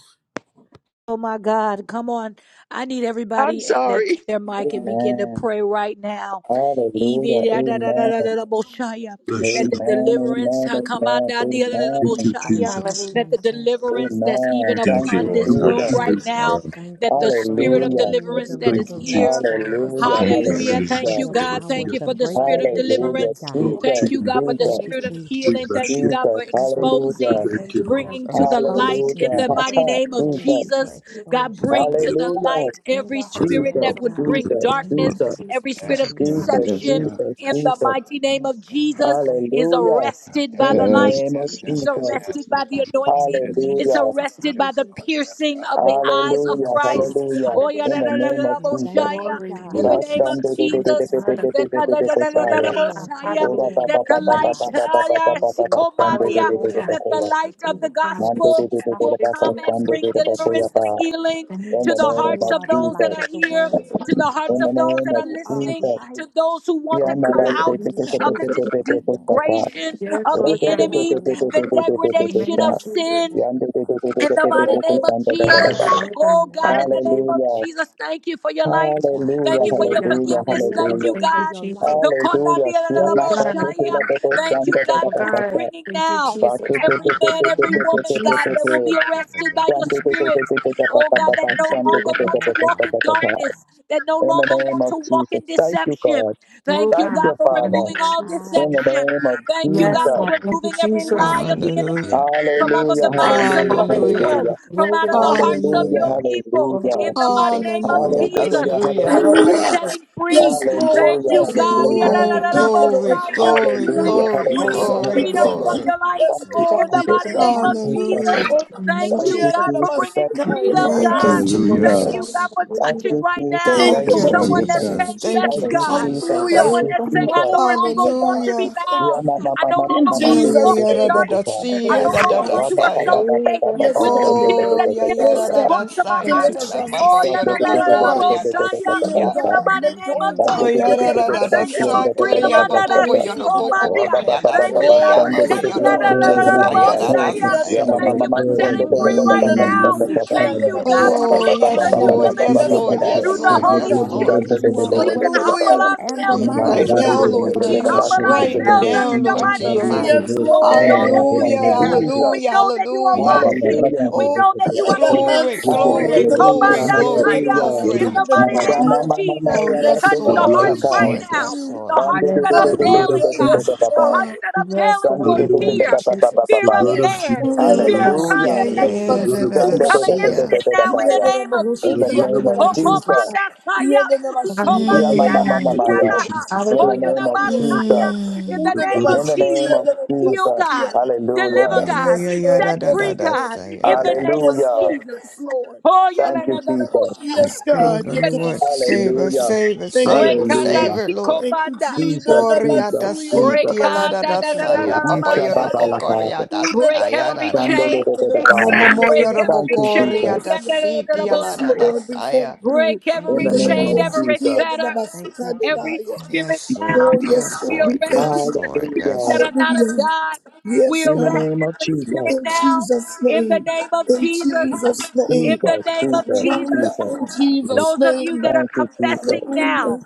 [SPEAKER 1] Oh my God, come on. I need
[SPEAKER 6] I'm
[SPEAKER 1] everybody eh, that
[SPEAKER 6] sorry.
[SPEAKER 1] can their mic and begin to
[SPEAKER 6] Amen.
[SPEAKER 1] pray right now.
[SPEAKER 6] Hallelujah.
[SPEAKER 1] Even da- da- da- da-
[SPEAKER 6] Amen.
[SPEAKER 1] da- da- da- Boshaya,
[SPEAKER 11] Bless
[SPEAKER 1] that
[SPEAKER 11] you.
[SPEAKER 1] the
[SPEAKER 6] Amen.
[SPEAKER 1] deliverance
[SPEAKER 6] Amen.
[SPEAKER 1] uh, come on
[SPEAKER 6] Amen.
[SPEAKER 1] down the other little
[SPEAKER 11] Thank
[SPEAKER 6] Amen.
[SPEAKER 11] you,
[SPEAKER 4] Thank
[SPEAKER 1] Boshaya,
[SPEAKER 4] you,
[SPEAKER 11] Jesus.
[SPEAKER 1] that the
[SPEAKER 2] Hallelujah.
[SPEAKER 4] Jesus.
[SPEAKER 1] deliverance that's even
[SPEAKER 6] Amen.
[SPEAKER 12] Thank
[SPEAKER 6] Thank
[SPEAKER 12] you,
[SPEAKER 6] you,
[SPEAKER 1] upon
[SPEAKER 4] Thank
[SPEAKER 12] Lord
[SPEAKER 1] this
[SPEAKER 11] Do
[SPEAKER 12] God,
[SPEAKER 11] what
[SPEAKER 4] you,
[SPEAKER 12] your
[SPEAKER 1] room
[SPEAKER 6] Jesus.
[SPEAKER 11] you
[SPEAKER 1] right
[SPEAKER 11] do,
[SPEAKER 12] faithful
[SPEAKER 11] Father.
[SPEAKER 1] now,
[SPEAKER 4] Jesus.
[SPEAKER 12] God.
[SPEAKER 4] Thank
[SPEAKER 1] that the
[SPEAKER 4] you for
[SPEAKER 1] spirit of
[SPEAKER 6] Hallelujah.
[SPEAKER 4] healing and
[SPEAKER 1] deliverance that is
[SPEAKER 11] Thank you,
[SPEAKER 4] deliverance,
[SPEAKER 11] Jesus.
[SPEAKER 1] here.
[SPEAKER 4] God.
[SPEAKER 6] Hallelujah,
[SPEAKER 12] Thank you,
[SPEAKER 11] Hallelujah.
[SPEAKER 4] Thank
[SPEAKER 1] Hallelujah.
[SPEAKER 4] you for
[SPEAKER 1] Thank
[SPEAKER 12] Jesus.
[SPEAKER 6] hallelujah,
[SPEAKER 1] you,
[SPEAKER 4] your
[SPEAKER 11] Glory
[SPEAKER 1] God.
[SPEAKER 11] to
[SPEAKER 4] power
[SPEAKER 1] Thank
[SPEAKER 11] your
[SPEAKER 1] you
[SPEAKER 4] to
[SPEAKER 1] for
[SPEAKER 11] name.
[SPEAKER 1] the
[SPEAKER 4] break
[SPEAKER 1] spirit of
[SPEAKER 4] every
[SPEAKER 6] hallelujah,
[SPEAKER 4] chain,
[SPEAKER 1] deliverance.
[SPEAKER 4] God.
[SPEAKER 11] Glory to
[SPEAKER 6] Jesus,
[SPEAKER 1] Thank you,
[SPEAKER 11] your
[SPEAKER 1] God,
[SPEAKER 11] name.
[SPEAKER 1] for the
[SPEAKER 4] Thank
[SPEAKER 6] Jesus,
[SPEAKER 4] you,
[SPEAKER 1] spirit of
[SPEAKER 11] We
[SPEAKER 1] healing.
[SPEAKER 4] Jesus.
[SPEAKER 1] Thank
[SPEAKER 11] bless
[SPEAKER 1] you,
[SPEAKER 11] you.
[SPEAKER 1] God,
[SPEAKER 6] Jesus,
[SPEAKER 1] for
[SPEAKER 2] Yes,
[SPEAKER 4] Thank you,
[SPEAKER 2] Lord.
[SPEAKER 11] We
[SPEAKER 6] hallelujah,
[SPEAKER 1] exposing,
[SPEAKER 11] thank
[SPEAKER 4] Jesus,
[SPEAKER 11] you,
[SPEAKER 4] for
[SPEAKER 2] Hallelujah.
[SPEAKER 11] Father.
[SPEAKER 1] bringing to the light in
[SPEAKER 11] In the
[SPEAKER 6] hallelujah,
[SPEAKER 4] exposing.
[SPEAKER 11] name
[SPEAKER 1] the
[SPEAKER 11] of
[SPEAKER 6] ha,
[SPEAKER 11] Jesus.
[SPEAKER 1] mighty
[SPEAKER 6] ha,
[SPEAKER 2] Lord,
[SPEAKER 1] name
[SPEAKER 2] and
[SPEAKER 1] of
[SPEAKER 2] I
[SPEAKER 4] Thank
[SPEAKER 6] Jesus,
[SPEAKER 4] you
[SPEAKER 2] see
[SPEAKER 1] Jesus
[SPEAKER 4] for
[SPEAKER 2] this, Lord,
[SPEAKER 1] God,
[SPEAKER 2] Lord
[SPEAKER 4] exposure,
[SPEAKER 2] God.
[SPEAKER 1] bring to
[SPEAKER 4] God.
[SPEAKER 11] Hallelujah.
[SPEAKER 1] the
[SPEAKER 6] hallelujah,
[SPEAKER 1] light
[SPEAKER 2] Bring the
[SPEAKER 1] every
[SPEAKER 2] hearts
[SPEAKER 11] Hallelujah.
[SPEAKER 2] and
[SPEAKER 1] spirit
[SPEAKER 4] Yes,
[SPEAKER 6] Jesus,
[SPEAKER 2] minds
[SPEAKER 1] that
[SPEAKER 2] of
[SPEAKER 1] would
[SPEAKER 4] God.
[SPEAKER 2] God.
[SPEAKER 1] bring
[SPEAKER 6] Jesus,
[SPEAKER 4] Yes,
[SPEAKER 2] In the
[SPEAKER 11] Glory,
[SPEAKER 1] darkness,
[SPEAKER 2] name
[SPEAKER 6] Jesus,
[SPEAKER 2] of
[SPEAKER 4] God.
[SPEAKER 1] every
[SPEAKER 2] Jesus.
[SPEAKER 4] In
[SPEAKER 1] spirit
[SPEAKER 4] the
[SPEAKER 8] Yes,
[SPEAKER 1] of
[SPEAKER 4] name
[SPEAKER 8] God.
[SPEAKER 4] of
[SPEAKER 6] Jesus,
[SPEAKER 8] Yes,
[SPEAKER 2] Hallelujah.
[SPEAKER 1] deception
[SPEAKER 8] God.
[SPEAKER 4] Jesus.
[SPEAKER 6] Jesus,
[SPEAKER 2] Thank you,
[SPEAKER 1] in the
[SPEAKER 2] Jesus.
[SPEAKER 6] Jesus,
[SPEAKER 1] mighty name of
[SPEAKER 4] Yes, God.
[SPEAKER 1] Jesus
[SPEAKER 4] Every
[SPEAKER 1] is
[SPEAKER 6] hallelujah,
[SPEAKER 4] spirit
[SPEAKER 8] Yes,
[SPEAKER 4] of
[SPEAKER 8] God.
[SPEAKER 1] arrested
[SPEAKER 8] Yes,
[SPEAKER 6] in
[SPEAKER 1] by
[SPEAKER 11] glory,
[SPEAKER 1] the
[SPEAKER 6] the
[SPEAKER 4] deception,
[SPEAKER 2] People
[SPEAKER 8] yes,
[SPEAKER 4] Lord.
[SPEAKER 1] light.
[SPEAKER 6] name of
[SPEAKER 1] It's
[SPEAKER 8] yes, yes,
[SPEAKER 6] Jesus,
[SPEAKER 2] just
[SPEAKER 11] glory,
[SPEAKER 1] arrested
[SPEAKER 8] yes,
[SPEAKER 1] by
[SPEAKER 2] go
[SPEAKER 1] the
[SPEAKER 2] back to the
[SPEAKER 4] Thank
[SPEAKER 1] anointing.
[SPEAKER 8] yes,
[SPEAKER 4] you,
[SPEAKER 2] name of
[SPEAKER 1] It's
[SPEAKER 6] hallelujah,
[SPEAKER 2] Jesus.
[SPEAKER 4] Jesus.
[SPEAKER 1] arrested by
[SPEAKER 8] yes,
[SPEAKER 1] the
[SPEAKER 2] Hallelujah.
[SPEAKER 8] God. Yes,
[SPEAKER 1] piercing
[SPEAKER 8] God.
[SPEAKER 1] of the
[SPEAKER 2] Oh, Lord,
[SPEAKER 1] eyes of
[SPEAKER 2] thank
[SPEAKER 6] hallelujah,
[SPEAKER 2] you,
[SPEAKER 4] Yes,
[SPEAKER 11] glory,
[SPEAKER 1] Christ.
[SPEAKER 4] God.
[SPEAKER 2] Jesus.
[SPEAKER 6] hallelujah,
[SPEAKER 1] Oh, yeah,
[SPEAKER 6] in
[SPEAKER 1] da,
[SPEAKER 2] Hallelujah.
[SPEAKER 6] the
[SPEAKER 1] da, da, da,
[SPEAKER 6] name of
[SPEAKER 1] da,
[SPEAKER 4] We thank
[SPEAKER 1] Mosiah.
[SPEAKER 4] you,
[SPEAKER 2] Glory. in the
[SPEAKER 4] God.
[SPEAKER 1] In
[SPEAKER 2] Name
[SPEAKER 1] the
[SPEAKER 2] of
[SPEAKER 11] glory to
[SPEAKER 4] For,
[SPEAKER 1] name
[SPEAKER 11] your
[SPEAKER 1] of
[SPEAKER 2] Jesus. Thank you,
[SPEAKER 1] Jesus,
[SPEAKER 2] Father.
[SPEAKER 4] thank
[SPEAKER 1] that
[SPEAKER 4] you
[SPEAKER 1] da, da,
[SPEAKER 4] for
[SPEAKER 1] da, da, da, da,
[SPEAKER 6] Jesus,
[SPEAKER 1] da,
[SPEAKER 4] exposure
[SPEAKER 2] Hallelujah.
[SPEAKER 4] and
[SPEAKER 1] Mosiah,
[SPEAKER 6] Ora pa
[SPEAKER 2] Hallelujah.
[SPEAKER 6] pa
[SPEAKER 1] that
[SPEAKER 6] pa
[SPEAKER 1] the
[SPEAKER 4] transparency,
[SPEAKER 11] name.
[SPEAKER 6] pa
[SPEAKER 2] Thank
[SPEAKER 11] Glory.
[SPEAKER 2] you,
[SPEAKER 6] pa
[SPEAKER 1] light,
[SPEAKER 6] pa
[SPEAKER 4] God.
[SPEAKER 6] pa pa
[SPEAKER 1] ah,
[SPEAKER 2] Jesus.
[SPEAKER 6] pa
[SPEAKER 1] yeah,
[SPEAKER 6] pa
[SPEAKER 4] Thank
[SPEAKER 6] pa pa pa
[SPEAKER 4] you that
[SPEAKER 6] Sando
[SPEAKER 4] for
[SPEAKER 6] de
[SPEAKER 1] Sikomandia,
[SPEAKER 6] de de de
[SPEAKER 4] setting
[SPEAKER 2] Hallelujah.
[SPEAKER 6] de
[SPEAKER 4] the
[SPEAKER 1] that the
[SPEAKER 6] koya.
[SPEAKER 4] captive
[SPEAKER 1] light of the
[SPEAKER 4] free.
[SPEAKER 2] overcome and
[SPEAKER 6] Mando
[SPEAKER 2] she
[SPEAKER 1] gospel
[SPEAKER 6] de de
[SPEAKER 2] is
[SPEAKER 6] de
[SPEAKER 2] not
[SPEAKER 6] de de
[SPEAKER 1] will
[SPEAKER 6] pa pa
[SPEAKER 1] come
[SPEAKER 2] victory
[SPEAKER 1] and
[SPEAKER 6] sando
[SPEAKER 4] Thank
[SPEAKER 1] bring
[SPEAKER 6] de de
[SPEAKER 4] you,
[SPEAKER 6] pa koya
[SPEAKER 1] deliverance
[SPEAKER 2] Jesus.
[SPEAKER 4] God.
[SPEAKER 1] and
[SPEAKER 6] pa.
[SPEAKER 3] Thank
[SPEAKER 1] healing
[SPEAKER 3] you.
[SPEAKER 2] Thank
[SPEAKER 6] In
[SPEAKER 2] you,
[SPEAKER 4] Thank
[SPEAKER 1] to
[SPEAKER 6] the
[SPEAKER 1] the
[SPEAKER 4] you.
[SPEAKER 6] name
[SPEAKER 4] You
[SPEAKER 1] hearts
[SPEAKER 6] of
[SPEAKER 1] of
[SPEAKER 4] are the
[SPEAKER 1] those that
[SPEAKER 4] light
[SPEAKER 6] Jesus.
[SPEAKER 1] are
[SPEAKER 4] of the
[SPEAKER 3] Oh,
[SPEAKER 1] here,
[SPEAKER 2] Jesus.
[SPEAKER 4] world.
[SPEAKER 1] to the hearts
[SPEAKER 6] In the
[SPEAKER 1] of those
[SPEAKER 4] Jesus,
[SPEAKER 6] name
[SPEAKER 1] that
[SPEAKER 6] of
[SPEAKER 1] are
[SPEAKER 4] you are
[SPEAKER 1] listening,
[SPEAKER 6] Jesus.
[SPEAKER 4] light.
[SPEAKER 1] to those who want
[SPEAKER 2] Oh
[SPEAKER 6] Ya
[SPEAKER 1] to
[SPEAKER 6] na
[SPEAKER 1] come
[SPEAKER 6] ba
[SPEAKER 2] God,
[SPEAKER 6] se
[SPEAKER 1] out
[SPEAKER 6] se
[SPEAKER 2] thank you,
[SPEAKER 6] se
[SPEAKER 4] You
[SPEAKER 6] se
[SPEAKER 4] are
[SPEAKER 6] se
[SPEAKER 1] of
[SPEAKER 4] the
[SPEAKER 2] Jesus.
[SPEAKER 6] se
[SPEAKER 1] the
[SPEAKER 6] se
[SPEAKER 4] light
[SPEAKER 6] se
[SPEAKER 4] of
[SPEAKER 6] se
[SPEAKER 4] the
[SPEAKER 1] de-
[SPEAKER 6] se se
[SPEAKER 4] world.
[SPEAKER 6] pa.
[SPEAKER 1] degradation
[SPEAKER 2] Yes,
[SPEAKER 1] of
[SPEAKER 6] Ora
[SPEAKER 2] Lord
[SPEAKER 6] de
[SPEAKER 1] the
[SPEAKER 6] de
[SPEAKER 4] You
[SPEAKER 2] God,
[SPEAKER 6] de
[SPEAKER 4] are
[SPEAKER 1] enemy,
[SPEAKER 6] de
[SPEAKER 4] the
[SPEAKER 6] de de
[SPEAKER 4] light of
[SPEAKER 1] the
[SPEAKER 6] de de
[SPEAKER 4] the
[SPEAKER 6] de de de
[SPEAKER 2] in
[SPEAKER 4] world.
[SPEAKER 2] the
[SPEAKER 6] de
[SPEAKER 1] degradation
[SPEAKER 2] name
[SPEAKER 6] sa.
[SPEAKER 2] of
[SPEAKER 1] of
[SPEAKER 2] Jesus.
[SPEAKER 1] sin.
[SPEAKER 4] Thank
[SPEAKER 6] Yando
[SPEAKER 4] you,
[SPEAKER 6] de de de
[SPEAKER 4] Father
[SPEAKER 6] de
[SPEAKER 1] In
[SPEAKER 6] de
[SPEAKER 1] the
[SPEAKER 6] de
[SPEAKER 4] God.
[SPEAKER 6] de
[SPEAKER 1] mighty
[SPEAKER 6] de ko
[SPEAKER 1] name of
[SPEAKER 6] sando da da da
[SPEAKER 1] Jesus,
[SPEAKER 2] Yes,
[SPEAKER 6] pa.
[SPEAKER 2] Lord
[SPEAKER 1] oh
[SPEAKER 2] God,
[SPEAKER 4] Thank
[SPEAKER 1] God, in
[SPEAKER 4] you,
[SPEAKER 1] the name
[SPEAKER 4] Jesus.
[SPEAKER 2] hallelujah,
[SPEAKER 1] of
[SPEAKER 6] Hallelujah.
[SPEAKER 1] Jesus, thank you for your
[SPEAKER 4] Thank you,
[SPEAKER 1] light.
[SPEAKER 4] God,
[SPEAKER 1] Thank
[SPEAKER 6] Hallelujah.
[SPEAKER 1] you
[SPEAKER 4] that
[SPEAKER 1] for
[SPEAKER 4] you
[SPEAKER 1] your
[SPEAKER 4] are
[SPEAKER 2] hallelujah,
[SPEAKER 6] Hallelujah.
[SPEAKER 4] breaking.
[SPEAKER 1] forgiveness.
[SPEAKER 4] Thank
[SPEAKER 2] hallelujah.
[SPEAKER 1] Thank you,
[SPEAKER 6] Hallelujah.
[SPEAKER 4] you
[SPEAKER 2] Thank
[SPEAKER 4] for
[SPEAKER 2] you,
[SPEAKER 1] God.
[SPEAKER 4] your
[SPEAKER 2] Jesus.
[SPEAKER 4] light,
[SPEAKER 1] Thank
[SPEAKER 6] Hallelujah.
[SPEAKER 4] God.
[SPEAKER 6] Shia
[SPEAKER 2] Oh
[SPEAKER 6] ma kwa
[SPEAKER 2] God,
[SPEAKER 6] se se la
[SPEAKER 4] Thank
[SPEAKER 6] pa pa
[SPEAKER 4] you.
[SPEAKER 6] sando
[SPEAKER 1] you,
[SPEAKER 6] da
[SPEAKER 1] God,
[SPEAKER 6] da
[SPEAKER 2] oh
[SPEAKER 1] that
[SPEAKER 6] da pa
[SPEAKER 1] it's
[SPEAKER 2] God,
[SPEAKER 6] sa.
[SPEAKER 1] bringing
[SPEAKER 2] thank you,
[SPEAKER 1] now
[SPEAKER 6] In
[SPEAKER 4] You are
[SPEAKER 2] Jesus.
[SPEAKER 4] the
[SPEAKER 6] the
[SPEAKER 1] every
[SPEAKER 4] light of the
[SPEAKER 1] man, every
[SPEAKER 2] Thank
[SPEAKER 4] world.
[SPEAKER 2] you,
[SPEAKER 1] woman, God, that
[SPEAKER 2] Jesus.
[SPEAKER 1] will be
[SPEAKER 4] Thank you for
[SPEAKER 1] arrested
[SPEAKER 4] your
[SPEAKER 1] by your spirit.
[SPEAKER 4] sunshine.
[SPEAKER 1] Oh God, that no longer
[SPEAKER 2] Hallelujah.
[SPEAKER 1] want to
[SPEAKER 4] Yes,
[SPEAKER 1] walk
[SPEAKER 4] God,
[SPEAKER 1] in
[SPEAKER 4] Father
[SPEAKER 1] darkness,
[SPEAKER 4] God.
[SPEAKER 1] that no longer
[SPEAKER 6] name
[SPEAKER 1] want
[SPEAKER 6] of
[SPEAKER 1] to walk
[SPEAKER 6] Jesus.
[SPEAKER 1] in
[SPEAKER 6] Thank you,
[SPEAKER 1] deception.
[SPEAKER 6] God.
[SPEAKER 2] Oh
[SPEAKER 1] Thank you,
[SPEAKER 6] Thank
[SPEAKER 2] God,
[SPEAKER 1] God,
[SPEAKER 6] you,
[SPEAKER 1] for
[SPEAKER 2] thank
[SPEAKER 6] Father.
[SPEAKER 2] you,
[SPEAKER 1] removing
[SPEAKER 4] Open
[SPEAKER 1] all
[SPEAKER 2] Jesus.
[SPEAKER 6] In the
[SPEAKER 4] eyes.
[SPEAKER 1] deception.
[SPEAKER 6] name of
[SPEAKER 1] Thank you, God,
[SPEAKER 2] Yes,
[SPEAKER 1] for
[SPEAKER 6] Jesus.
[SPEAKER 2] Lord,
[SPEAKER 4] Mm,
[SPEAKER 2] thank you,
[SPEAKER 1] removing every
[SPEAKER 2] Jesus.
[SPEAKER 1] lie of the
[SPEAKER 4] mm.
[SPEAKER 1] enemy
[SPEAKER 7] Hallelujah,
[SPEAKER 1] from
[SPEAKER 4] Thank
[SPEAKER 1] over
[SPEAKER 6] Hallelujah,
[SPEAKER 1] the
[SPEAKER 4] you,
[SPEAKER 1] minds
[SPEAKER 2] Jesus.
[SPEAKER 1] of
[SPEAKER 4] Jesus.
[SPEAKER 6] hallelujah,
[SPEAKER 1] your
[SPEAKER 7] hallelujah,
[SPEAKER 2] Hallelujah.
[SPEAKER 1] people,
[SPEAKER 6] hallelujah.
[SPEAKER 1] from
[SPEAKER 2] Glory
[SPEAKER 1] out of
[SPEAKER 4] Thank
[SPEAKER 1] the
[SPEAKER 4] you,
[SPEAKER 2] to
[SPEAKER 1] hearts of
[SPEAKER 2] the
[SPEAKER 4] Jesus.
[SPEAKER 6] Hallelujah,
[SPEAKER 1] your
[SPEAKER 7] hallelujah.
[SPEAKER 1] people.
[SPEAKER 2] Lord
[SPEAKER 6] hallelujah.
[SPEAKER 1] In the
[SPEAKER 4] Thank
[SPEAKER 1] mighty
[SPEAKER 2] Jesus.
[SPEAKER 4] you,
[SPEAKER 1] name of
[SPEAKER 7] Hallelujah,
[SPEAKER 2] Thank
[SPEAKER 4] Jesus.
[SPEAKER 2] you,
[SPEAKER 1] Jesus,
[SPEAKER 6] Hallelujah,
[SPEAKER 2] Jesus.
[SPEAKER 7] hallelujah.
[SPEAKER 1] thank you for
[SPEAKER 6] hallelujah.
[SPEAKER 5] Hallelujah.
[SPEAKER 2] Hallelujah.
[SPEAKER 1] setting free.
[SPEAKER 5] Yes,
[SPEAKER 4] Thank you,
[SPEAKER 5] Lord.
[SPEAKER 1] Thank
[SPEAKER 6] Hallelujah,
[SPEAKER 1] you,
[SPEAKER 4] Jesus.
[SPEAKER 5] Yes,
[SPEAKER 1] God.
[SPEAKER 2] Jesus.
[SPEAKER 5] Lord.
[SPEAKER 6] hallelujah.
[SPEAKER 7] Oh,
[SPEAKER 2] Hallelujah.
[SPEAKER 5] Thank
[SPEAKER 4] Thank
[SPEAKER 5] you,
[SPEAKER 4] you,
[SPEAKER 5] Lord.
[SPEAKER 7] glory,
[SPEAKER 5] Thank
[SPEAKER 4] Jesus.
[SPEAKER 7] glory,
[SPEAKER 1] Thank
[SPEAKER 6] Hallelujah,
[SPEAKER 5] you.
[SPEAKER 1] you for
[SPEAKER 7] glory,
[SPEAKER 2] God, I
[SPEAKER 1] bringing
[SPEAKER 5] Yes,
[SPEAKER 6] hallelujah,
[SPEAKER 5] Lord.
[SPEAKER 2] love
[SPEAKER 7] glory,
[SPEAKER 5] We
[SPEAKER 4] Thank
[SPEAKER 2] you,
[SPEAKER 1] freedom
[SPEAKER 4] you,
[SPEAKER 2] Son.
[SPEAKER 5] thank
[SPEAKER 1] from
[SPEAKER 6] hallelujah.
[SPEAKER 7] glory.
[SPEAKER 5] you.
[SPEAKER 1] your life.
[SPEAKER 4] Jesus.
[SPEAKER 6] Thank
[SPEAKER 5] Yes,
[SPEAKER 4] Thank
[SPEAKER 6] you,
[SPEAKER 2] With that,
[SPEAKER 1] In
[SPEAKER 4] you,
[SPEAKER 2] I'm
[SPEAKER 5] Lord.
[SPEAKER 1] the
[SPEAKER 5] We
[SPEAKER 6] Jesus.
[SPEAKER 1] mighty
[SPEAKER 2] in
[SPEAKER 5] thank
[SPEAKER 2] the
[SPEAKER 6] Thank
[SPEAKER 1] name
[SPEAKER 4] Jesus.
[SPEAKER 6] you,
[SPEAKER 1] of
[SPEAKER 2] humble
[SPEAKER 6] Jesus.
[SPEAKER 2] people,
[SPEAKER 1] Jesus,
[SPEAKER 2] Jesus.
[SPEAKER 7] Hallelujah.
[SPEAKER 2] In the
[SPEAKER 4] Thank
[SPEAKER 2] name
[SPEAKER 1] thank
[SPEAKER 2] of
[SPEAKER 4] you,
[SPEAKER 6] Thank
[SPEAKER 1] you,
[SPEAKER 6] you,
[SPEAKER 2] Jesus.
[SPEAKER 1] God,
[SPEAKER 4] Jesus.
[SPEAKER 6] Jesus.
[SPEAKER 2] Thank
[SPEAKER 1] for bringing
[SPEAKER 6] Thank you,
[SPEAKER 2] you,
[SPEAKER 6] Jesus.
[SPEAKER 1] freedom,
[SPEAKER 2] Father.
[SPEAKER 7] Thank you,
[SPEAKER 6] Thank
[SPEAKER 1] God.
[SPEAKER 5] Yes,
[SPEAKER 6] you,
[SPEAKER 2] Glory
[SPEAKER 6] Jesus.
[SPEAKER 2] to
[SPEAKER 8] Hallelujah.
[SPEAKER 1] Thank you,
[SPEAKER 2] God.
[SPEAKER 1] God,
[SPEAKER 7] Jesus.
[SPEAKER 1] for
[SPEAKER 4] Thank you,
[SPEAKER 6] Thank
[SPEAKER 1] touching
[SPEAKER 2] Hallelujah.
[SPEAKER 6] you,
[SPEAKER 1] right
[SPEAKER 4] Jesus.
[SPEAKER 8] Yes,
[SPEAKER 6] Jesus.
[SPEAKER 1] now.
[SPEAKER 5] thank
[SPEAKER 8] God.
[SPEAKER 6] Thank
[SPEAKER 5] you,
[SPEAKER 7] Thank
[SPEAKER 8] Yes,
[SPEAKER 6] you,
[SPEAKER 7] you,
[SPEAKER 8] God.
[SPEAKER 5] Lord.
[SPEAKER 1] Someone
[SPEAKER 2] Hallelujah.
[SPEAKER 6] Jesus.
[SPEAKER 8] Yes,
[SPEAKER 4] Thank
[SPEAKER 1] that's
[SPEAKER 2] Thank
[SPEAKER 8] God.
[SPEAKER 4] you,
[SPEAKER 2] you,
[SPEAKER 7] Jesus.
[SPEAKER 1] saying,
[SPEAKER 4] Jesus.
[SPEAKER 7] Thank
[SPEAKER 6] Thank
[SPEAKER 1] Yes,
[SPEAKER 7] you,
[SPEAKER 6] you,
[SPEAKER 2] Jesus.
[SPEAKER 1] God.
[SPEAKER 6] Jesus. Thank
[SPEAKER 5] Hallelujah.
[SPEAKER 7] Jesus.
[SPEAKER 1] Someone
[SPEAKER 2] Glory to
[SPEAKER 6] you,
[SPEAKER 1] that's saying,
[SPEAKER 2] God.
[SPEAKER 1] I
[SPEAKER 6] Jesus.
[SPEAKER 1] no
[SPEAKER 5] Glory be
[SPEAKER 4] Thank
[SPEAKER 5] to
[SPEAKER 1] longer
[SPEAKER 4] you,
[SPEAKER 1] want to
[SPEAKER 5] God.
[SPEAKER 1] be
[SPEAKER 5] We
[SPEAKER 7] Hallelujah.
[SPEAKER 4] Jesus.
[SPEAKER 5] thank
[SPEAKER 6] We are
[SPEAKER 1] bound.
[SPEAKER 5] you.
[SPEAKER 6] mama,
[SPEAKER 1] I
[SPEAKER 6] mama,
[SPEAKER 1] no
[SPEAKER 6] mama,
[SPEAKER 5] In
[SPEAKER 1] longer
[SPEAKER 6] mama,
[SPEAKER 1] want
[SPEAKER 7] Yeah,
[SPEAKER 6] they
[SPEAKER 1] to
[SPEAKER 7] yeah,
[SPEAKER 6] say,
[SPEAKER 1] walk
[SPEAKER 5] Jesus'
[SPEAKER 6] they
[SPEAKER 1] in
[SPEAKER 7] yeah, da,
[SPEAKER 6] say, they
[SPEAKER 5] name.
[SPEAKER 7] da,
[SPEAKER 6] go,
[SPEAKER 7] da,
[SPEAKER 1] darkness.
[SPEAKER 4] Thank
[SPEAKER 7] see,
[SPEAKER 4] you,
[SPEAKER 1] I
[SPEAKER 7] ya,
[SPEAKER 4] Jesus.
[SPEAKER 1] no
[SPEAKER 5] Yes,
[SPEAKER 7] da,
[SPEAKER 2] Hallelujah.
[SPEAKER 7] da,
[SPEAKER 1] longer
[SPEAKER 5] God.
[SPEAKER 7] da,
[SPEAKER 1] want to
[SPEAKER 6] Wapa,
[SPEAKER 7] say, ya.
[SPEAKER 6] papa,
[SPEAKER 2] Glory to
[SPEAKER 1] associate
[SPEAKER 4] Thank
[SPEAKER 2] God.
[SPEAKER 5] Yes,
[SPEAKER 4] you,
[SPEAKER 1] with the
[SPEAKER 4] Jesus.
[SPEAKER 5] God.
[SPEAKER 1] things
[SPEAKER 2] Hallelujah.
[SPEAKER 7] Oh,
[SPEAKER 1] that the
[SPEAKER 7] yeah, yeah,
[SPEAKER 1] enemy
[SPEAKER 7] da,
[SPEAKER 5] Yes,
[SPEAKER 1] has
[SPEAKER 7] da, da,
[SPEAKER 5] God.
[SPEAKER 1] brought to my
[SPEAKER 7] say,
[SPEAKER 2] Thank
[SPEAKER 7] ya,
[SPEAKER 2] you,
[SPEAKER 4] Thank
[SPEAKER 1] life.
[SPEAKER 7] da,
[SPEAKER 5] Deliver
[SPEAKER 7] da,
[SPEAKER 4] you,
[SPEAKER 7] ba,
[SPEAKER 5] God.
[SPEAKER 1] Oh,
[SPEAKER 7] ba,
[SPEAKER 1] yeah,
[SPEAKER 7] ya,
[SPEAKER 2] Jesus.
[SPEAKER 1] la,
[SPEAKER 7] da,
[SPEAKER 1] la,
[SPEAKER 5] Deliver
[SPEAKER 7] ko,
[SPEAKER 1] la,
[SPEAKER 4] Jesus.
[SPEAKER 1] la, la,
[SPEAKER 7] ko, ri, ya,
[SPEAKER 5] God.
[SPEAKER 7] da, see,
[SPEAKER 1] Mosiah,
[SPEAKER 5] Heal
[SPEAKER 7] ya.
[SPEAKER 2] Thank
[SPEAKER 1] in the
[SPEAKER 5] God.
[SPEAKER 6] papa,
[SPEAKER 1] mighty
[SPEAKER 5] Make
[SPEAKER 4] You
[SPEAKER 1] name of
[SPEAKER 5] whole
[SPEAKER 4] came to
[SPEAKER 7] Mm.
[SPEAKER 6] Sunday,
[SPEAKER 5] God.
[SPEAKER 1] Jesus.
[SPEAKER 4] set
[SPEAKER 5] Get
[SPEAKER 4] the
[SPEAKER 5] the
[SPEAKER 1] I
[SPEAKER 5] out
[SPEAKER 6] papa,
[SPEAKER 4] captive
[SPEAKER 1] thank you
[SPEAKER 5] here.
[SPEAKER 6] Sunday,
[SPEAKER 1] for
[SPEAKER 4] free.
[SPEAKER 6] papa,
[SPEAKER 4] Thank
[SPEAKER 1] freedom.
[SPEAKER 5] Get
[SPEAKER 1] ah,
[SPEAKER 6] Sunday,
[SPEAKER 4] you.
[SPEAKER 1] da,
[SPEAKER 5] the
[SPEAKER 1] da,
[SPEAKER 4] Whom
[SPEAKER 1] siko,
[SPEAKER 4] the
[SPEAKER 5] out here.
[SPEAKER 4] Son
[SPEAKER 1] mandia.
[SPEAKER 4] sets
[SPEAKER 1] Thank
[SPEAKER 4] free
[SPEAKER 1] you,
[SPEAKER 4] is
[SPEAKER 6] papa, papa, papa, Wapa,
[SPEAKER 1] God,
[SPEAKER 6] papa, papa, papa,
[SPEAKER 5] Oh,
[SPEAKER 1] for
[SPEAKER 4] free
[SPEAKER 6] Sunday, papa,
[SPEAKER 5] yes,
[SPEAKER 1] setting.
[SPEAKER 6] papa,
[SPEAKER 1] la, la,
[SPEAKER 5] Lord.
[SPEAKER 4] indeed.
[SPEAKER 1] la,
[SPEAKER 6] Sunday,
[SPEAKER 1] la,
[SPEAKER 5] Get
[SPEAKER 1] la, la,
[SPEAKER 6] papa,
[SPEAKER 2] you,
[SPEAKER 3] Rabba,
[SPEAKER 6] papa,
[SPEAKER 4] Thank you
[SPEAKER 3] Poeta,
[SPEAKER 2] Lord.
[SPEAKER 1] Mosiah.
[SPEAKER 5] the
[SPEAKER 4] for
[SPEAKER 6] Ya
[SPEAKER 4] freedom.
[SPEAKER 6] mama,
[SPEAKER 5] out
[SPEAKER 1] Thank
[SPEAKER 3] Savio,
[SPEAKER 1] you
[SPEAKER 4] Thank you
[SPEAKER 6] mama,
[SPEAKER 1] for
[SPEAKER 4] for
[SPEAKER 3] Poeta,
[SPEAKER 5] here.
[SPEAKER 6] Sunday,
[SPEAKER 1] setting
[SPEAKER 4] truth
[SPEAKER 6] papa,
[SPEAKER 1] free
[SPEAKER 3] Bravi,
[SPEAKER 6] papa,
[SPEAKER 1] right
[SPEAKER 4] that
[SPEAKER 3] Vela,
[SPEAKER 5] Yes,
[SPEAKER 6] papa,
[SPEAKER 1] now.
[SPEAKER 3] Nina,
[SPEAKER 6] papa,
[SPEAKER 4] the
[SPEAKER 6] papa,
[SPEAKER 1] Thank
[SPEAKER 3] Shkada,
[SPEAKER 4] truth
[SPEAKER 1] you,
[SPEAKER 4] that
[SPEAKER 2] Thank you,
[SPEAKER 1] God, for
[SPEAKER 4] makes
[SPEAKER 6] Wapa,
[SPEAKER 7] Oh,
[SPEAKER 4] us
[SPEAKER 6] papa,
[SPEAKER 2] Jesus.
[SPEAKER 1] bringing
[SPEAKER 2] In the
[SPEAKER 1] the
[SPEAKER 7] yes,
[SPEAKER 6] papa,
[SPEAKER 4] free.
[SPEAKER 2] name of
[SPEAKER 3] Bara,
[SPEAKER 6] papa,
[SPEAKER 7] Lord,
[SPEAKER 2] Jesus.
[SPEAKER 6] papa,
[SPEAKER 7] yes,
[SPEAKER 3] Tito,
[SPEAKER 4] Thank
[SPEAKER 1] humility
[SPEAKER 6] papa,
[SPEAKER 7] Lord,
[SPEAKER 4] you for
[SPEAKER 3] Beku,
[SPEAKER 5] God,
[SPEAKER 6] papa,
[SPEAKER 7] yes,
[SPEAKER 1] through
[SPEAKER 4] your
[SPEAKER 1] the
[SPEAKER 7] Lord,
[SPEAKER 5] deliver
[SPEAKER 4] truth.
[SPEAKER 3] Sozo,
[SPEAKER 1] Holy
[SPEAKER 7] yes,
[SPEAKER 3] Gleba,
[SPEAKER 5] God.
[SPEAKER 7] Lord,
[SPEAKER 6] Sunday,
[SPEAKER 3] Rede,
[SPEAKER 1] Spirit.
[SPEAKER 4] Jesus, you
[SPEAKER 3] Bede,
[SPEAKER 6] papa,
[SPEAKER 7] yes,
[SPEAKER 4] are the
[SPEAKER 1] We
[SPEAKER 6] papa,
[SPEAKER 7] Lord.
[SPEAKER 1] can
[SPEAKER 4] way, the
[SPEAKER 6] papa,
[SPEAKER 5] Hallelujah.
[SPEAKER 1] humble
[SPEAKER 6] papa,
[SPEAKER 4] truth,
[SPEAKER 5] We
[SPEAKER 4] and
[SPEAKER 5] thank
[SPEAKER 4] the
[SPEAKER 7] Pray
[SPEAKER 1] ourselves
[SPEAKER 2] you,
[SPEAKER 1] to
[SPEAKER 3] Mamba,
[SPEAKER 6] Monday,
[SPEAKER 5] you.
[SPEAKER 2] God,
[SPEAKER 7] Right
[SPEAKER 4] light.
[SPEAKER 1] you,
[SPEAKER 2] for
[SPEAKER 3] Bari,
[SPEAKER 7] now,
[SPEAKER 6] papa,
[SPEAKER 3] De,
[SPEAKER 1] God.
[SPEAKER 2] freedom,
[SPEAKER 3] Bede,
[SPEAKER 7] Lord
[SPEAKER 1] We
[SPEAKER 6] papa,
[SPEAKER 2] Father.
[SPEAKER 4] You
[SPEAKER 3] Beku,
[SPEAKER 6] papa,
[SPEAKER 4] are
[SPEAKER 7] Jesus,
[SPEAKER 1] humble
[SPEAKER 4] the
[SPEAKER 3] Sozo,
[SPEAKER 6] papa,
[SPEAKER 4] way,
[SPEAKER 7] right
[SPEAKER 3] Vela,
[SPEAKER 4] the
[SPEAKER 6] papa,
[SPEAKER 1] ourselves
[SPEAKER 7] now,
[SPEAKER 1] under
[SPEAKER 4] truth,
[SPEAKER 3] Badi,
[SPEAKER 1] your
[SPEAKER 7] Lord
[SPEAKER 4] and
[SPEAKER 1] mighty
[SPEAKER 4] the
[SPEAKER 3] Chababi,
[SPEAKER 2] Glory to
[SPEAKER 1] hand.
[SPEAKER 7] Jesus.
[SPEAKER 2] God.
[SPEAKER 5] Yes,
[SPEAKER 4] light.
[SPEAKER 3] Bede,
[SPEAKER 1] For we
[SPEAKER 6] In the
[SPEAKER 3] Shkada,
[SPEAKER 1] know
[SPEAKER 5] Lord.
[SPEAKER 1] that
[SPEAKER 6] name
[SPEAKER 3] Bade,
[SPEAKER 1] you
[SPEAKER 6] of
[SPEAKER 7] Hallelujah,
[SPEAKER 3] Bede,
[SPEAKER 1] care.
[SPEAKER 4] Thank
[SPEAKER 3] Beku,
[SPEAKER 4] you,
[SPEAKER 6] Jesus.
[SPEAKER 1] We
[SPEAKER 7] hallelujah,
[SPEAKER 1] know
[SPEAKER 4] Jesus.
[SPEAKER 1] that you are
[SPEAKER 7] hallelujah.
[SPEAKER 3] Maba,
[SPEAKER 1] washing.
[SPEAKER 3] Barati,
[SPEAKER 6] Hallelujah.
[SPEAKER 3] De,
[SPEAKER 1] We
[SPEAKER 7] Oh,
[SPEAKER 1] know
[SPEAKER 3] Bede,
[SPEAKER 1] that you
[SPEAKER 5] Yes,
[SPEAKER 1] are
[SPEAKER 5] God.
[SPEAKER 3] Beku,
[SPEAKER 5] I'm
[SPEAKER 7] glory,
[SPEAKER 1] cleansing.
[SPEAKER 3] Bede,
[SPEAKER 5] free
[SPEAKER 7] glory,
[SPEAKER 1] He
[SPEAKER 5] at the
[SPEAKER 3] Bede,
[SPEAKER 1] command
[SPEAKER 7] glory,
[SPEAKER 6] Hallelujah.
[SPEAKER 3] Bede,
[SPEAKER 1] us
[SPEAKER 3] Bede,
[SPEAKER 5] Bashia, the
[SPEAKER 7] glory,
[SPEAKER 1] higher
[SPEAKER 6] Hallelujah.
[SPEAKER 11] The blood
[SPEAKER 1] in
[SPEAKER 7] glory.
[SPEAKER 1] the
[SPEAKER 11] of
[SPEAKER 5] Bashakanda, the
[SPEAKER 1] mighty
[SPEAKER 11] Jesus.
[SPEAKER 1] name of
[SPEAKER 6] Rama
[SPEAKER 3] Yeah,
[SPEAKER 5] Bahaya.
[SPEAKER 6] mama
[SPEAKER 1] Jesus.
[SPEAKER 7] Oh,
[SPEAKER 6] maya
[SPEAKER 5] Yes,
[SPEAKER 7] yes,
[SPEAKER 6] bando
[SPEAKER 1] Touch
[SPEAKER 11] The
[SPEAKER 1] the
[SPEAKER 6] papa
[SPEAKER 7] Lord,
[SPEAKER 5] Lord.
[SPEAKER 11] blood
[SPEAKER 5] We
[SPEAKER 1] hearts
[SPEAKER 11] of
[SPEAKER 7] yes,
[SPEAKER 1] right
[SPEAKER 6] palakai.
[SPEAKER 5] thank
[SPEAKER 7] Lord,
[SPEAKER 1] now.
[SPEAKER 11] Jesus.
[SPEAKER 7] yes,
[SPEAKER 5] you.
[SPEAKER 1] The
[SPEAKER 7] Lord.
[SPEAKER 6] Bando
[SPEAKER 1] hearts
[SPEAKER 6] do
[SPEAKER 2] Yes,
[SPEAKER 1] that
[SPEAKER 6] do
[SPEAKER 1] are
[SPEAKER 6] do
[SPEAKER 2] Father.
[SPEAKER 11] The
[SPEAKER 6] do do
[SPEAKER 11] blood
[SPEAKER 6] do
[SPEAKER 1] failing,
[SPEAKER 11] of
[SPEAKER 6] do
[SPEAKER 5] Hallelujah.
[SPEAKER 6] do
[SPEAKER 1] God.
[SPEAKER 6] do
[SPEAKER 5] Yes,
[SPEAKER 6] do
[SPEAKER 11] Jesus.
[SPEAKER 1] The
[SPEAKER 6] papa.
[SPEAKER 1] hearts
[SPEAKER 5] Lord.
[SPEAKER 1] that are
[SPEAKER 2] Yes,
[SPEAKER 1] failing
[SPEAKER 2] Father.
[SPEAKER 6] Bando
[SPEAKER 1] for
[SPEAKER 6] do do do
[SPEAKER 11] Hallelujah.
[SPEAKER 6] do
[SPEAKER 2] Thank you,
[SPEAKER 1] fear.
[SPEAKER 6] papa papa
[SPEAKER 2] Jesus.
[SPEAKER 1] Fear
[SPEAKER 11] The
[SPEAKER 6] papa
[SPEAKER 1] of
[SPEAKER 6] ya.
[SPEAKER 11] blood of
[SPEAKER 5] Yes,
[SPEAKER 1] man.
[SPEAKER 11] Jesus.
[SPEAKER 5] Yanda
[SPEAKER 2] Glory to
[SPEAKER 1] Fear of
[SPEAKER 7] Oh,
[SPEAKER 2] God.
[SPEAKER 5] Mahasiki
[SPEAKER 7] yeah,
[SPEAKER 6] Hallelujah.
[SPEAKER 7] yeah,
[SPEAKER 5] Yanda
[SPEAKER 2] Hallelujah.
[SPEAKER 11] The
[SPEAKER 7] yeah,
[SPEAKER 2] In
[SPEAKER 1] condemnation.
[SPEAKER 11] blood
[SPEAKER 7] da,
[SPEAKER 5] Mahansu
[SPEAKER 11] of
[SPEAKER 7] da,
[SPEAKER 1] We
[SPEAKER 5] Yanda
[SPEAKER 7] da,
[SPEAKER 6] Bando
[SPEAKER 1] come
[SPEAKER 6] do do
[SPEAKER 7] see
[SPEAKER 6] do
[SPEAKER 5] Mahaya.
[SPEAKER 1] against
[SPEAKER 6] do
[SPEAKER 7] ya.
[SPEAKER 6] do
[SPEAKER 1] it
[SPEAKER 6] do
[SPEAKER 1] now in
[SPEAKER 6] papa
[SPEAKER 1] the
[SPEAKER 6] ya.
[SPEAKER 5] Yanda
[SPEAKER 1] name of
[SPEAKER 6] In
[SPEAKER 11] the
[SPEAKER 6] the
[SPEAKER 5] Mahosiki
[SPEAKER 11] blood
[SPEAKER 1] Jesus.
[SPEAKER 2] the
[SPEAKER 5] Yanda
[SPEAKER 11] of
[SPEAKER 6] name of
[SPEAKER 2] name
[SPEAKER 1] Oh,
[SPEAKER 11] Jesus.
[SPEAKER 5] Mahasiki
[SPEAKER 1] command
[SPEAKER 6] Jesus.
[SPEAKER 2] Jesus.
[SPEAKER 1] us
[SPEAKER 5] Yanda
[SPEAKER 1] higher. He
[SPEAKER 5] Mahasiki
[SPEAKER 2] Hallelujah.
[SPEAKER 1] command
[SPEAKER 6] Ya
[SPEAKER 5] Yanda
[SPEAKER 1] the
[SPEAKER 6] mama
[SPEAKER 5] Mahaya
[SPEAKER 1] other,
[SPEAKER 6] mama
[SPEAKER 11] The
[SPEAKER 7] Mm,
[SPEAKER 1] the
[SPEAKER 11] blood
[SPEAKER 6] maya.
[SPEAKER 11] of
[SPEAKER 1] other.
[SPEAKER 11] Jesus.
[SPEAKER 6] In
[SPEAKER 1] Oh,
[SPEAKER 6] the
[SPEAKER 5] Yanda Mahosiki Yanda
[SPEAKER 1] yeah,
[SPEAKER 2] Hallelujah.
[SPEAKER 6] name
[SPEAKER 1] the
[SPEAKER 6] of
[SPEAKER 1] Messiah,
[SPEAKER 5] Mahasiki
[SPEAKER 6] Jesus.
[SPEAKER 1] In
[SPEAKER 7] mm.
[SPEAKER 1] the
[SPEAKER 11] The
[SPEAKER 5] Uda the
[SPEAKER 1] name
[SPEAKER 11] blood
[SPEAKER 1] of
[SPEAKER 11] of
[SPEAKER 6] In the
[SPEAKER 11] Jesus.
[SPEAKER 5] Mahasiki
[SPEAKER 6] name
[SPEAKER 1] Jesus.
[SPEAKER 6] of
[SPEAKER 5] Yanda
[SPEAKER 1] Heal,
[SPEAKER 6] Jesus.
[SPEAKER 1] God.
[SPEAKER 5] Mahasiki Oh
[SPEAKER 6] Hallelujah.
[SPEAKER 1] Deliver,
[SPEAKER 5] God,
[SPEAKER 7] Yeah,
[SPEAKER 1] God.
[SPEAKER 5] yes
[SPEAKER 7] yeah, yeah,
[SPEAKER 1] Set
[SPEAKER 7] da,
[SPEAKER 5] Lord,
[SPEAKER 7] da,
[SPEAKER 5] yes
[SPEAKER 7] da,
[SPEAKER 1] free,
[SPEAKER 7] da,
[SPEAKER 5] Lord.
[SPEAKER 1] God.
[SPEAKER 7] say, yeah,
[SPEAKER 1] In
[SPEAKER 7] da,
[SPEAKER 1] the
[SPEAKER 7] da,
[SPEAKER 1] name
[SPEAKER 7] da.
[SPEAKER 1] of
[SPEAKER 5] Yes
[SPEAKER 6] Hallelujah.
[SPEAKER 5] Lord, yes
[SPEAKER 1] Jesus.
[SPEAKER 5] Lord.
[SPEAKER 1] Oh, yeah, la,
[SPEAKER 6] Thank you,
[SPEAKER 1] la, da, da,
[SPEAKER 5] Hallelujah.
[SPEAKER 1] mo,
[SPEAKER 6] Jesus.
[SPEAKER 1] sha,
[SPEAKER 11] Thank
[SPEAKER 5] Yes
[SPEAKER 11] you.
[SPEAKER 1] ya.
[SPEAKER 7] Save
[SPEAKER 5] God,
[SPEAKER 1] In
[SPEAKER 7] her,
[SPEAKER 1] the
[SPEAKER 5] Yanda
[SPEAKER 1] name
[SPEAKER 7] Lord.
[SPEAKER 1] of
[SPEAKER 5] Mahasiki
[SPEAKER 7] Save
[SPEAKER 5] Yanda
[SPEAKER 7] her,
[SPEAKER 1] Jesus.
[SPEAKER 6] Hallelujah.
[SPEAKER 5] Mahaya.
[SPEAKER 7] save her,
[SPEAKER 5] Thank you,
[SPEAKER 7] save
[SPEAKER 1] Break
[SPEAKER 7] her,
[SPEAKER 5] Lord.
[SPEAKER 6] Hallelujah.
[SPEAKER 7] save
[SPEAKER 1] under
[SPEAKER 7] her,
[SPEAKER 5] Thank
[SPEAKER 7] Lord.
[SPEAKER 5] you,
[SPEAKER 1] Sikomanda.
[SPEAKER 5] Jesus.
[SPEAKER 6] Jesus,
[SPEAKER 5] The
[SPEAKER 7] Gloria
[SPEAKER 6] Jesus,
[SPEAKER 7] da
[SPEAKER 5] Matsuya,
[SPEAKER 1] Break
[SPEAKER 5] the
[SPEAKER 6] Jesus.
[SPEAKER 7] sitia la
[SPEAKER 1] under
[SPEAKER 7] da
[SPEAKER 4] Thank
[SPEAKER 1] da,
[SPEAKER 4] you,
[SPEAKER 7] da
[SPEAKER 1] da,
[SPEAKER 5] Masukia,
[SPEAKER 1] da,
[SPEAKER 5] the
[SPEAKER 1] da,
[SPEAKER 4] Jesus.
[SPEAKER 11] Glory
[SPEAKER 7] saya,
[SPEAKER 11] to
[SPEAKER 1] da,
[SPEAKER 11] God.
[SPEAKER 1] ma,
[SPEAKER 5] Maya
[SPEAKER 1] sha,
[SPEAKER 7] papoyoro yoro
[SPEAKER 1] ya.
[SPEAKER 5] Daya,
[SPEAKER 6] Ishababalakaba.
[SPEAKER 7] kokoria da
[SPEAKER 5] Una
[SPEAKER 1] Break
[SPEAKER 5] the
[SPEAKER 7] saya
[SPEAKER 1] every
[SPEAKER 7] da da.
[SPEAKER 5] Maniosia,
[SPEAKER 1] chain.
[SPEAKER 5] the
[SPEAKER 6] Shandadadadadaba.
[SPEAKER 4] Thank
[SPEAKER 7] Momo
[SPEAKER 4] you,
[SPEAKER 7] mo
[SPEAKER 5] Masikia, the
[SPEAKER 1] Break
[SPEAKER 4] Jesus.
[SPEAKER 7] yoro
[SPEAKER 6] Thank
[SPEAKER 1] every
[SPEAKER 6] you,
[SPEAKER 5] Mahaya, the
[SPEAKER 1] chain.
[SPEAKER 7] kokoria
[SPEAKER 6] Jesus.
[SPEAKER 7] da
[SPEAKER 1] Yeah, da,
[SPEAKER 5] Mahosia.
[SPEAKER 1] da, da, da, da,
[SPEAKER 4] Thank
[SPEAKER 7] sitia
[SPEAKER 1] mo,
[SPEAKER 7] la
[SPEAKER 4] you,
[SPEAKER 5] Yes,
[SPEAKER 1] sha,
[SPEAKER 7] da da
[SPEAKER 4] Jesus.
[SPEAKER 1] ya.
[SPEAKER 5] Lord, we thank
[SPEAKER 7] saya.
[SPEAKER 5] you.
[SPEAKER 1] Break
[SPEAKER 4] Thank
[SPEAKER 6] In
[SPEAKER 5] You
[SPEAKER 1] every
[SPEAKER 6] the
[SPEAKER 4] you,
[SPEAKER 5] did the
[SPEAKER 6] name of
[SPEAKER 1] chain,
[SPEAKER 7] Mm.
[SPEAKER 4] Jesus.
[SPEAKER 1] every
[SPEAKER 6] Jesus.
[SPEAKER 5] Mahosikia,
[SPEAKER 1] fetter.
[SPEAKER 5] the
[SPEAKER 4] Thank
[SPEAKER 5] Masika,
[SPEAKER 4] you,
[SPEAKER 5] the
[SPEAKER 4] Jesus.
[SPEAKER 1] Every
[SPEAKER 5] Daya.
[SPEAKER 1] spirit
[SPEAKER 7] Yes,
[SPEAKER 1] now,
[SPEAKER 7] Lord.
[SPEAKER 5] Oh, yes,
[SPEAKER 7] Yes,
[SPEAKER 1] we
[SPEAKER 5] God, we
[SPEAKER 7] Lord.
[SPEAKER 5] thank
[SPEAKER 1] arrest in
[SPEAKER 7] Yes,
[SPEAKER 5] you.
[SPEAKER 1] the
[SPEAKER 7] Lord.
[SPEAKER 1] spirits
[SPEAKER 6] Hallelujah.
[SPEAKER 1] that
[SPEAKER 7] Yes, Lord.
[SPEAKER 1] are not of
[SPEAKER 5] Hallelujah.
[SPEAKER 1] God. We
[SPEAKER 5] Yes,
[SPEAKER 6] In the
[SPEAKER 5] God.
[SPEAKER 1] arrest
[SPEAKER 6] name
[SPEAKER 1] in
[SPEAKER 6] of
[SPEAKER 1] the
[SPEAKER 11] Glory to God.
[SPEAKER 6] Jesus.
[SPEAKER 1] spirit
[SPEAKER 5] In
[SPEAKER 1] now
[SPEAKER 5] Jesus'
[SPEAKER 1] in the
[SPEAKER 5] name.
[SPEAKER 1] name of
[SPEAKER 5] In
[SPEAKER 1] Jesus.
[SPEAKER 5] Jesus'
[SPEAKER 1] In
[SPEAKER 5] name.
[SPEAKER 1] the
[SPEAKER 6] Jesus,
[SPEAKER 1] name of
[SPEAKER 6] Jesus,
[SPEAKER 5] Hallelujah.
[SPEAKER 6] Jesus.
[SPEAKER 1] Jesus.
[SPEAKER 5] In
[SPEAKER 11] Glory.
[SPEAKER 5] Jesus'
[SPEAKER 1] Those of you
[SPEAKER 5] name.
[SPEAKER 1] that are
[SPEAKER 6] Thank you, Jesus.
[SPEAKER 1] confessing now
[SPEAKER 5] Hallelujah.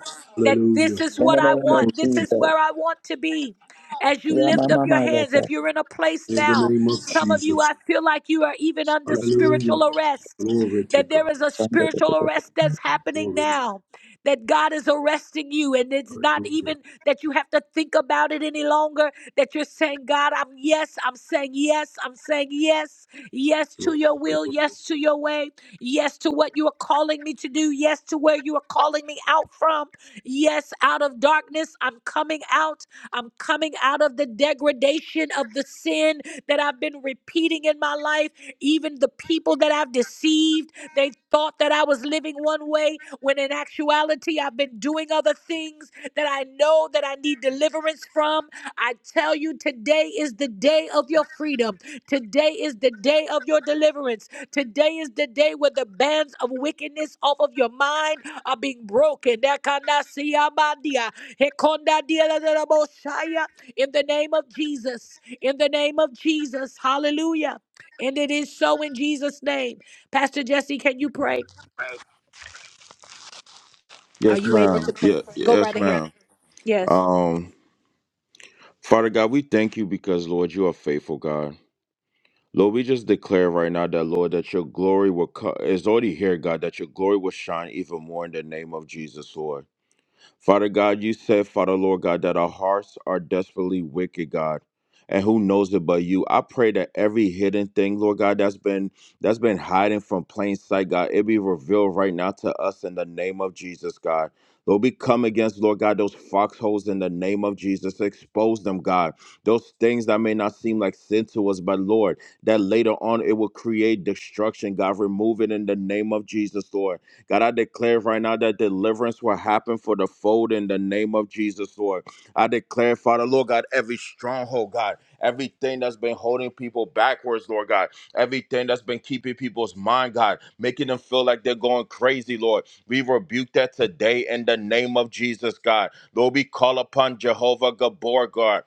[SPEAKER 1] that
[SPEAKER 11] Hallelujah.
[SPEAKER 1] this is
[SPEAKER 6] In the
[SPEAKER 1] what I
[SPEAKER 6] name of
[SPEAKER 11] Glory
[SPEAKER 1] want, this
[SPEAKER 11] to God.
[SPEAKER 1] is
[SPEAKER 6] Jesus.
[SPEAKER 1] where I want to be. As you lift up your hands,
[SPEAKER 6] Yamamamayaka.
[SPEAKER 1] if you're in a place
[SPEAKER 11] in the
[SPEAKER 1] now,
[SPEAKER 11] name of
[SPEAKER 1] some of you,
[SPEAKER 11] Jesus.
[SPEAKER 1] I feel like you are even under
[SPEAKER 11] Hallelujah.
[SPEAKER 1] spiritual arrest,
[SPEAKER 11] Glory to
[SPEAKER 1] that there
[SPEAKER 11] God.
[SPEAKER 1] is a spiritual
[SPEAKER 6] Shandadadadada.
[SPEAKER 1] arrest that's happening
[SPEAKER 11] Glory to
[SPEAKER 1] now, that God is arresting you, and it's
[SPEAKER 11] God.
[SPEAKER 1] not
[SPEAKER 11] Hallelujah.
[SPEAKER 1] even that you have to think about it any longer, that you're saying, God, I'm yes, I'm saying yes, I'm saying yes, yes to
[SPEAKER 11] Glory,
[SPEAKER 1] your will,
[SPEAKER 11] glory.
[SPEAKER 1] yes to your way. Yes to what you are calling me to do. Yes to where you are calling me out from. Yes, out of darkness, I'm coming out. I'm coming out of the degradation of the sin that I've been repeating in my life. Even the people that I've deceived, they thought that I was living one way when in actuality, I've been doing other things that I know that I need deliverance from. I tell you, today is the day of your freedom. Today is the day of your deliverance. Today is the day where the bands of wickedness off of your mind are being broken. Dakandasiamandia, hekondadieleleboshaya. In the name of Jesus. In the name of Jesus. Hallelujah. And it is so in Jesus' name. Pastor Jesse, can you pray? Are
[SPEAKER 12] Yes,
[SPEAKER 1] you able
[SPEAKER 12] ma'am.
[SPEAKER 1] to pray?
[SPEAKER 12] Yeah,
[SPEAKER 1] Go right
[SPEAKER 12] yes,
[SPEAKER 1] ahead.
[SPEAKER 12] ma'am.
[SPEAKER 1] Yes.
[SPEAKER 12] Um, Father God, we thank you because, Lord, you are faithful, God. Lord, we just declare right now that, Lord, that your glory will co- is already here, God, that your glory will shine even more in the name of Jesus, Lord. Father God, you said, Father Lord God, that our hearts are desperately wicked, God. And who knows it but you? I pray that every hidden thing, Lord God, that's been that's been hiding from plain sight, God, it be revealed right now to us in the name of Jesus, God. Lord, we come against, Lord God, those foxholes in the name of Jesus. Expose them, God. Those things that may not seem like sin to us, but Lord, that later on it will create destruction, God. Remove it in the name of Jesus, Lord. God, I declare right now that deliverance will happen for the fold in the name of Jesus, Lord. I declare, Father, Lord God, every stronghold, God, everything that's been holding people backwards, Lord God, everything that's been keeping people's mind, God, making them feel like they're going crazy, Lord. We rebuke that today in the name of Jesus, God. Lord, we call upon Jehovah Gabor, God.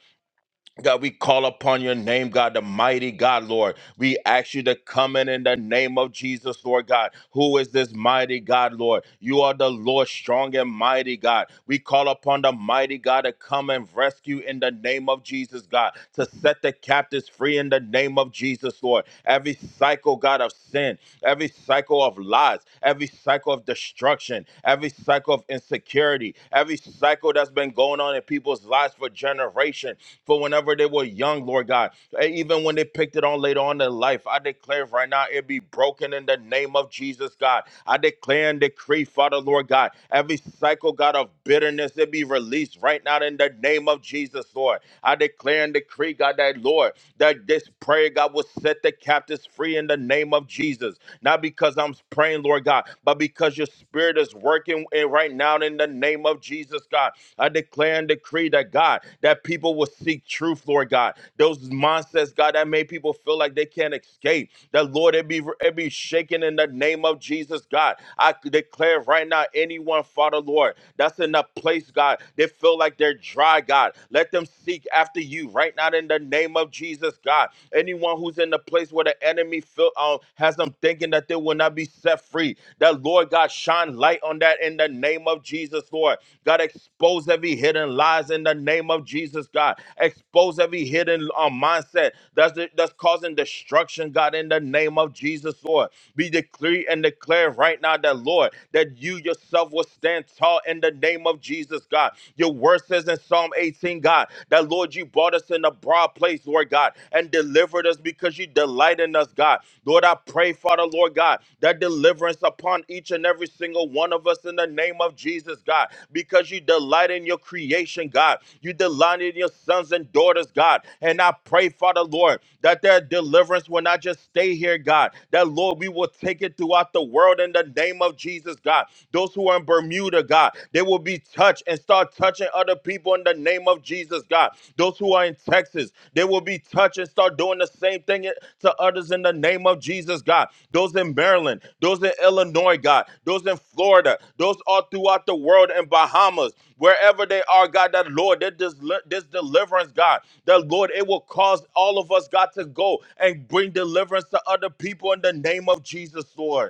[SPEAKER 12] God, we call upon your name, God, the mighty God, Lord. We ask you to come in in the name of Jesus, Lord God. Who is this mighty God, Lord? You are the Lord, strong and mighty God. We call upon the mighty God to come and rescue in the name of Jesus, God, to set the captives free in the name of Jesus, Lord. Every cycle, God, of sin, every cycle of lies, every cycle of destruction, every cycle of insecurity, every cycle that's been going on in people's lives for generations for whenever they were young, Lord God. eh, even when they picked it on later on in life, I declare right now it be broken in the name of Jesus, God. I declare and decree, Father, Lord God, every cycle, God, of bitterness, it be released right now in the name of Jesus, Lord. I declare and decree, God, that, Lord, that this prayer, God, will set the captives free in the name of Jesus. Not because I'm praying, Lord God, but because your spirit is working in right now in the name of Jesus, God. I declare and decree that God, that people will seek truth, Lord God. Those mindsets, God, that made people feel like they can't escape. That Lord, it be it be shaken in the name of Jesus, God. I declare right now, anyone, Father Lord, that's in a place, God, they feel like they're dry, God. Let them seek after you right now in the name of Jesus, God. Anyone who's in the place where the enemy feel um, has them thinking that they will not be set set free. That Lord God shine light on that in the name of Jesus, Lord. God expose every hidden lies in the name of Jesus, God. Expose every hidden uh, mindset that's that's causing destruction, God, in the name of Jesus, Lord. Be decree and declare right now that Lord, that you yourself will stand tall in the name of Jesus, God. Your word says in Psalm 18, God, that Lord, you brought us in a broad place, Lord God and delivered us because you delight in us, God. Lord, I pray, Father, Lord God, that deliverance upon each and every single one of us in the name of Jesus, God, because you delight in your creation, God. You delight in your sons and daughters, God. And I pray, Father, Lord, that their deliverance will not just stay here, God. That, Lord, we will take it throughout the world in the name of Jesus, God. Those who are in Bermuda, God, they will be touched and start touching other people in the name of Jesus, God. Those who are in Texas, they will be touched and start doing the same thing to others in the name of Jesus, God. Those in Maryland, those in Illinois, God, those in Florida, those all throughout the world in Bahamas, wherever they are, God, that Lord, that this, this deliverance, God, that Lord, it will cause all of us, God, to go and bring deliverance to other people in the name of Jesus, Lord.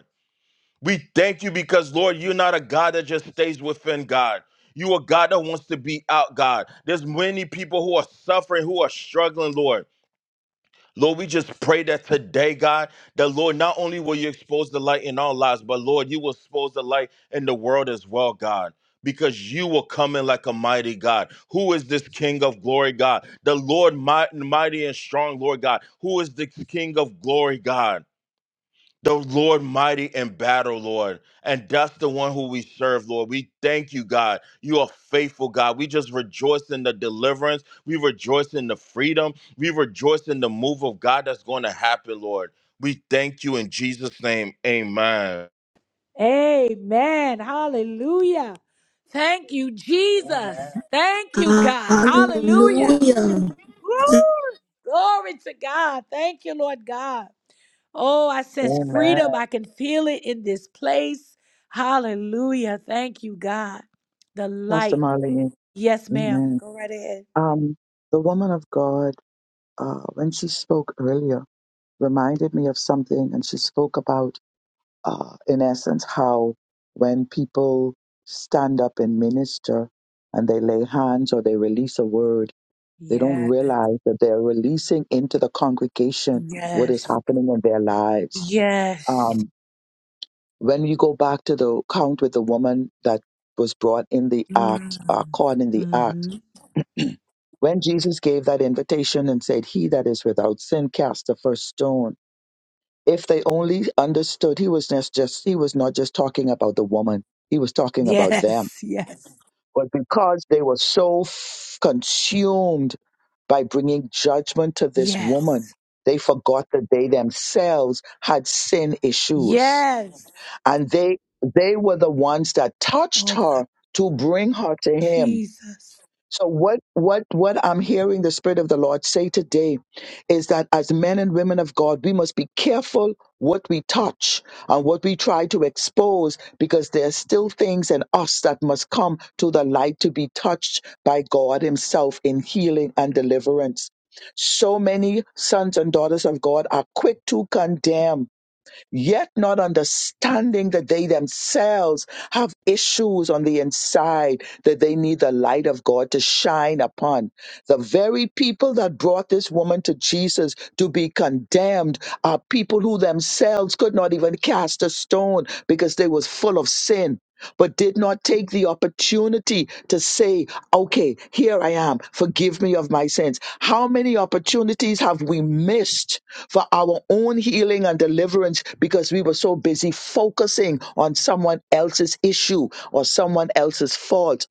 [SPEAKER 12] We thank you because, Lord, you're not a God that just stays within God. You a God that wants to be out, God. There's many people who are suffering, who are struggling, Lord. Lord, we just pray that today, God, that Lord, not only will you expose the light in our lives, but Lord, you will expose the light in the world as well, God. Because you will come in like a mighty God. Who is this King of glory, God? The Lord mi- mighty and strong, Lord God. Who is the King of glory, God? the Lord mighty in battle, Lord. And that's the one who we serve, Lord. We thank you, God. You are faithful, God. We just rejoice in the deliverance. We rejoice in the freedom. We rejoice in the move of God that's going to happen, Lord. We thank you in Jesus' name. Amen.
[SPEAKER 1] Amen. Hallelujah. Thank you, Jesus. Amen. Thank you, God. Hallelujah.
[SPEAKER 5] Hallelujah.
[SPEAKER 1] Glory, glory to God. Thank you, Lord God. Oh, I sense freedom. I can feel it in this place. Hallelujah. Thank you, God. The
[SPEAKER 6] Pastor
[SPEAKER 1] light.
[SPEAKER 6] Marlene.
[SPEAKER 1] Yes, ma'am.
[SPEAKER 6] Amen. Um, the woman of God, uh, when she spoke earlier, reminded me of something, and she spoke about uh, in essence, how when people stand up and minister and they lay hands or they release a word, they don't
[SPEAKER 1] Yes,
[SPEAKER 6] realize that they're releasing into the congregation what is
[SPEAKER 1] yes,
[SPEAKER 6] happening in their lives.
[SPEAKER 1] yes.
[SPEAKER 6] Um, when you go back to the count with the woman that was brought in the act, uh, caught in the act,
[SPEAKER 1] Mm-hmm.
[SPEAKER 6] when Jesus gave that invitation and said, He that is without sin cast the first stone, If they only understood he was not just he was not just talking about the woman, he was talking about them.
[SPEAKER 1] Yes, yes,
[SPEAKER 6] But because they were so f- consumed by bringing judgment to this
[SPEAKER 1] yes,
[SPEAKER 6] woman, they forgot that they themselves had sin issues,
[SPEAKER 1] yes.
[SPEAKER 6] and they they were the ones that touched
[SPEAKER 1] Oh, God.
[SPEAKER 6] her to bring her to him so what what what I'm hearing the spirit of the Lord say today is that as men and women of God, we must be careful what we touch and what we try to expose because there are still things in us that must come to the light to be touched by God himself in healing and deliverance. So many sons and daughters of God are quick to condemn yet not understanding that they themselves have issues on the inside that they need the light of God to shine upon. The very people that brought this woman to Jesus to be condemned are people who themselves could not even cast a stone because they was full of sin. But did not take the opportunity to say, okay, here I am, forgive me of my sins. How many opportunities have we missed for our own healing and deliverance because we were so busy focusing on someone else's issue or someone else's fault.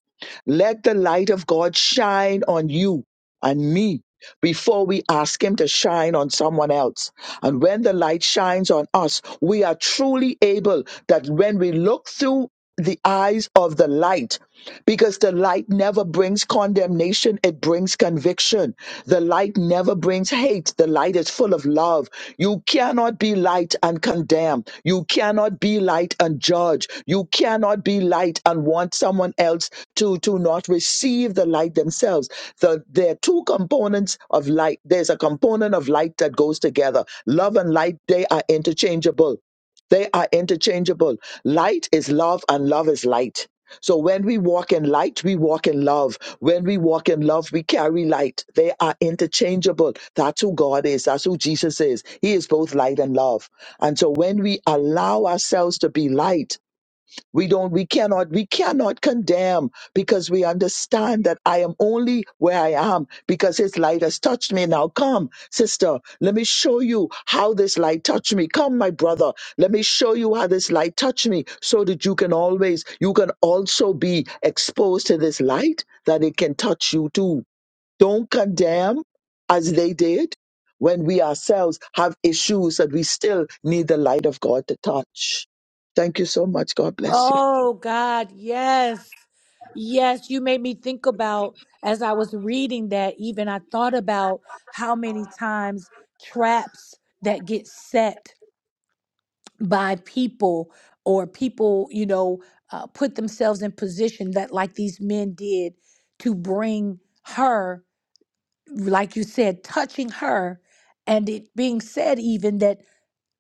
[SPEAKER 6] Let the light of God shine on you and me before we ask Him to shine on someone else. And when the light shines on us, we are truly able that when we look through the eyes of the light, because the light never brings condemnation, it brings conviction. The light never Whoever brings hate, the light is full of love. You cannot be light and condemn. You cannot be light and judge. You cannot be light and want someone else to, to not receive the light themselves. The, there are two components of light. There's a component of light that goes together. Love and light, they are interchangeable. They are interchangeable. Light is love and love is light. So when we walk in light, we walk in love. When we walk in love, we carry light. They are interchangeable. That's who God is. That's who Jesus is. He is both light and love. And so when we allow ourselves to be light, we don't, we cannot, we cannot condemn because we understand that I am only where I am because his light has touched me. Now come, sister, let me show you how this light touched me. Come, my brother, let me show you how this light touched me so that you can always, you can also be exposed to this light that it can touch you too. Don't condemn as they did when we ourselves have issues that we still need the light of God to touch. Thank you so much. God bless you.
[SPEAKER 1] Oh, God. Yes. Yes, you made me think about as I was reading that, even I thought about how many times traps that get set by people or people, you know, uh, put themselves in position that, like these men did, to bring her, like you said, touching her. And it being said, even that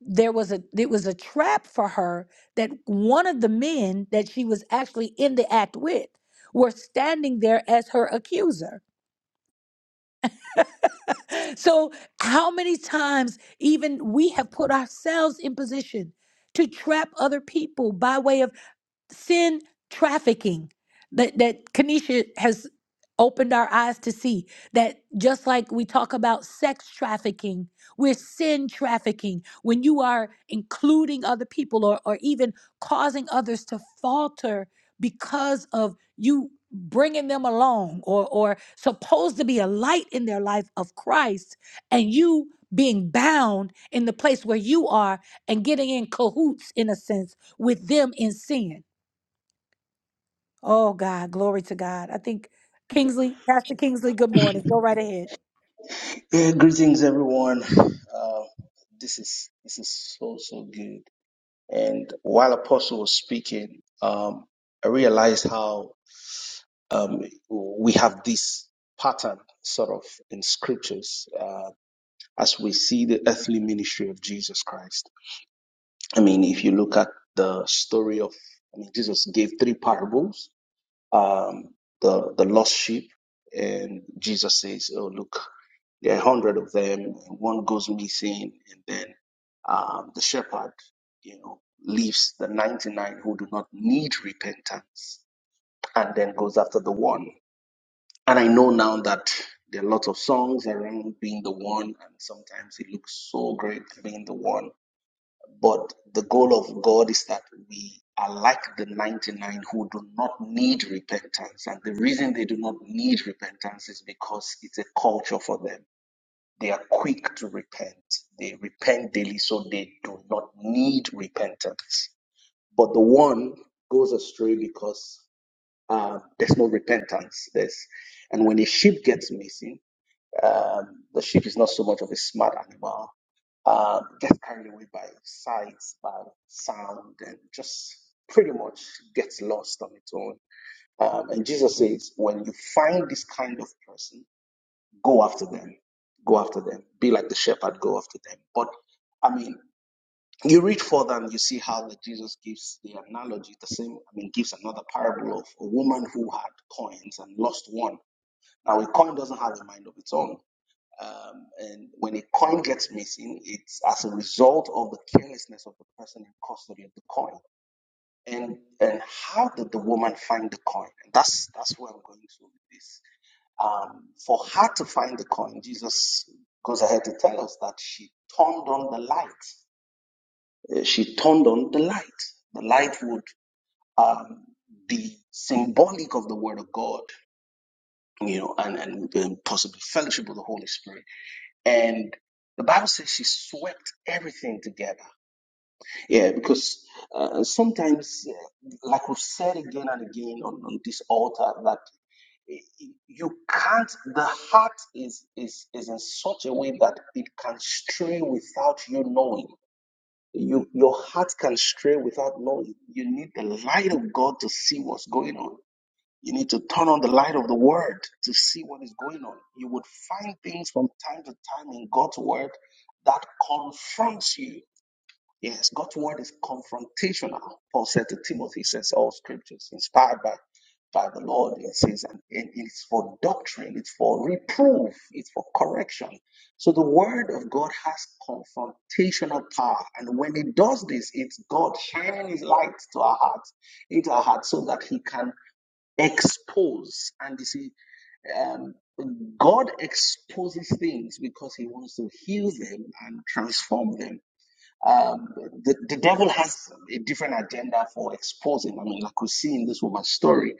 [SPEAKER 1] there was a it was a trap for her that one of the men that she was actually in the act with were standing there as her accuser. So how many times even we have put ourselves in position to trap other people by way of sin trafficking that that Kanisha has opened our eyes to see that just like we talk about sex trafficking, we're sin trafficking when you are including other people or, or even causing others to falter because of you bringing them along or or supposed to be a light in their life of Christ and you being bound in the place where you are and getting in cahoots in a sense with them in sin Oh God, glory to God. I think Kingsley, Pastor Kingsley, good morning. Go right ahead.
[SPEAKER 3] greetings everyone. Uh, this is this is so so good. And while Apostle was speaking, um, I realized how um, we have this pattern sort of in scriptures uh, as we see the earthly ministry of Jesus Christ. I mean, if you look at the story of, I mean, Jesus gave three parables: um, the the lost sheep, and Jesus says, "Oh, look." There are a hundred of them, and one goes missing, and then um, the shepherd, you know, leaves the 99 who do not need repentance and then goes after the one. And I know now that there are lots of songs around being the one, and sometimes it looks so great being the one. But the goal of God is that we are like the 99 who do not need repentance. And the reason they do not need repentance is because it's a culture for them they are quick to repent. They repent daily, so they do not need repentance. But the one goes astray because uh, there's no repentance. There's, and when a sheep gets missing, um, the sheep is not so much of a smart animal. Uh, gets carried away by sights, by sound, and just pretty much gets lost on its own. Um, and Jesus says, when you find this kind of person, Go after them. Go after them. Be like the shepherd, go after them. But I mean, you read further and you see how that Jesus gives the analogy, the same, I mean, gives another parable of a woman who had coins and lost one. Now, a coin doesn't have a mind of its own. Um, and when a coin gets missing, it's as a result of the carelessness of the person in custody of the coin and and how did the woman find the coin? And that's that's where I'm going to with this. Um, for her to find the coin, Jesus goes ahead to tell us that she turned on the light. Uh, She turned on the light. The light would um, be symbolic of the Word of God, you know, and, and, and possibly fellowship with the Holy Spirit. And the Bible says she swept everything together. Yeah, because uh, sometimes, uh, like we've said again and again on, on this altar, that you can't the heart is is is in such a way that it can stray without you knowing you your heart can stray without knowing you need the light of god to see what's going on you need to turn on the light of the word to see what is going on you would find things from time to time in god's word that confronts you Yes, God's word is confrontational. Paul said to Timothy, he says, all scriptures inspired by, by the Lord. It says, and it- it's for doctrine, it's for reproof, it's for correction. So the word of God has confrontational power. And when it does this, it's God shining his light to our hearts, into our hearts, so that he can expose. And you see, um, God exposes things because he wants to heal them and transform them. Um, the, the devil has a different agenda for exposing. I mean, like we see in this woman's story,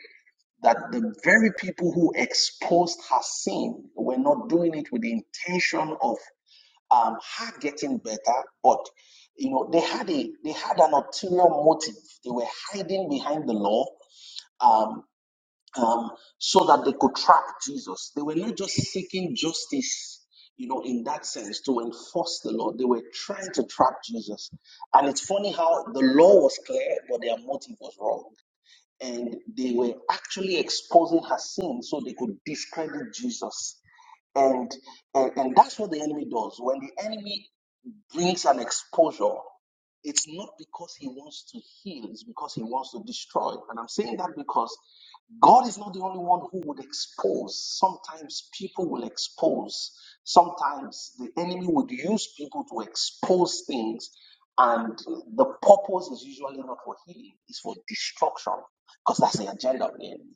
[SPEAKER 3] that the very people who exposed her sin were not doing it with the intention of um, her getting better, but you know, they had a they had an ulterior motive. They were hiding behind the law. Um, um, so that they could trap Jesus. They were not just seeking justice, you know, in that sense to enforce the law. They were trying to trap Jesus. And it's funny how the law was clear, but their motive was wrong. And they were actually exposing her sin so they could discredit Jesus. And, and, and that's what the enemy does. When the enemy brings an exposure it's not because he wants to heal, it's because he wants to destroy. And I'm saying that because God is not the only one who would expose. Sometimes people will expose. Sometimes the enemy would use people to expose things. And the purpose is usually not for healing, it's for destruction. Because that's the agenda of the enemy.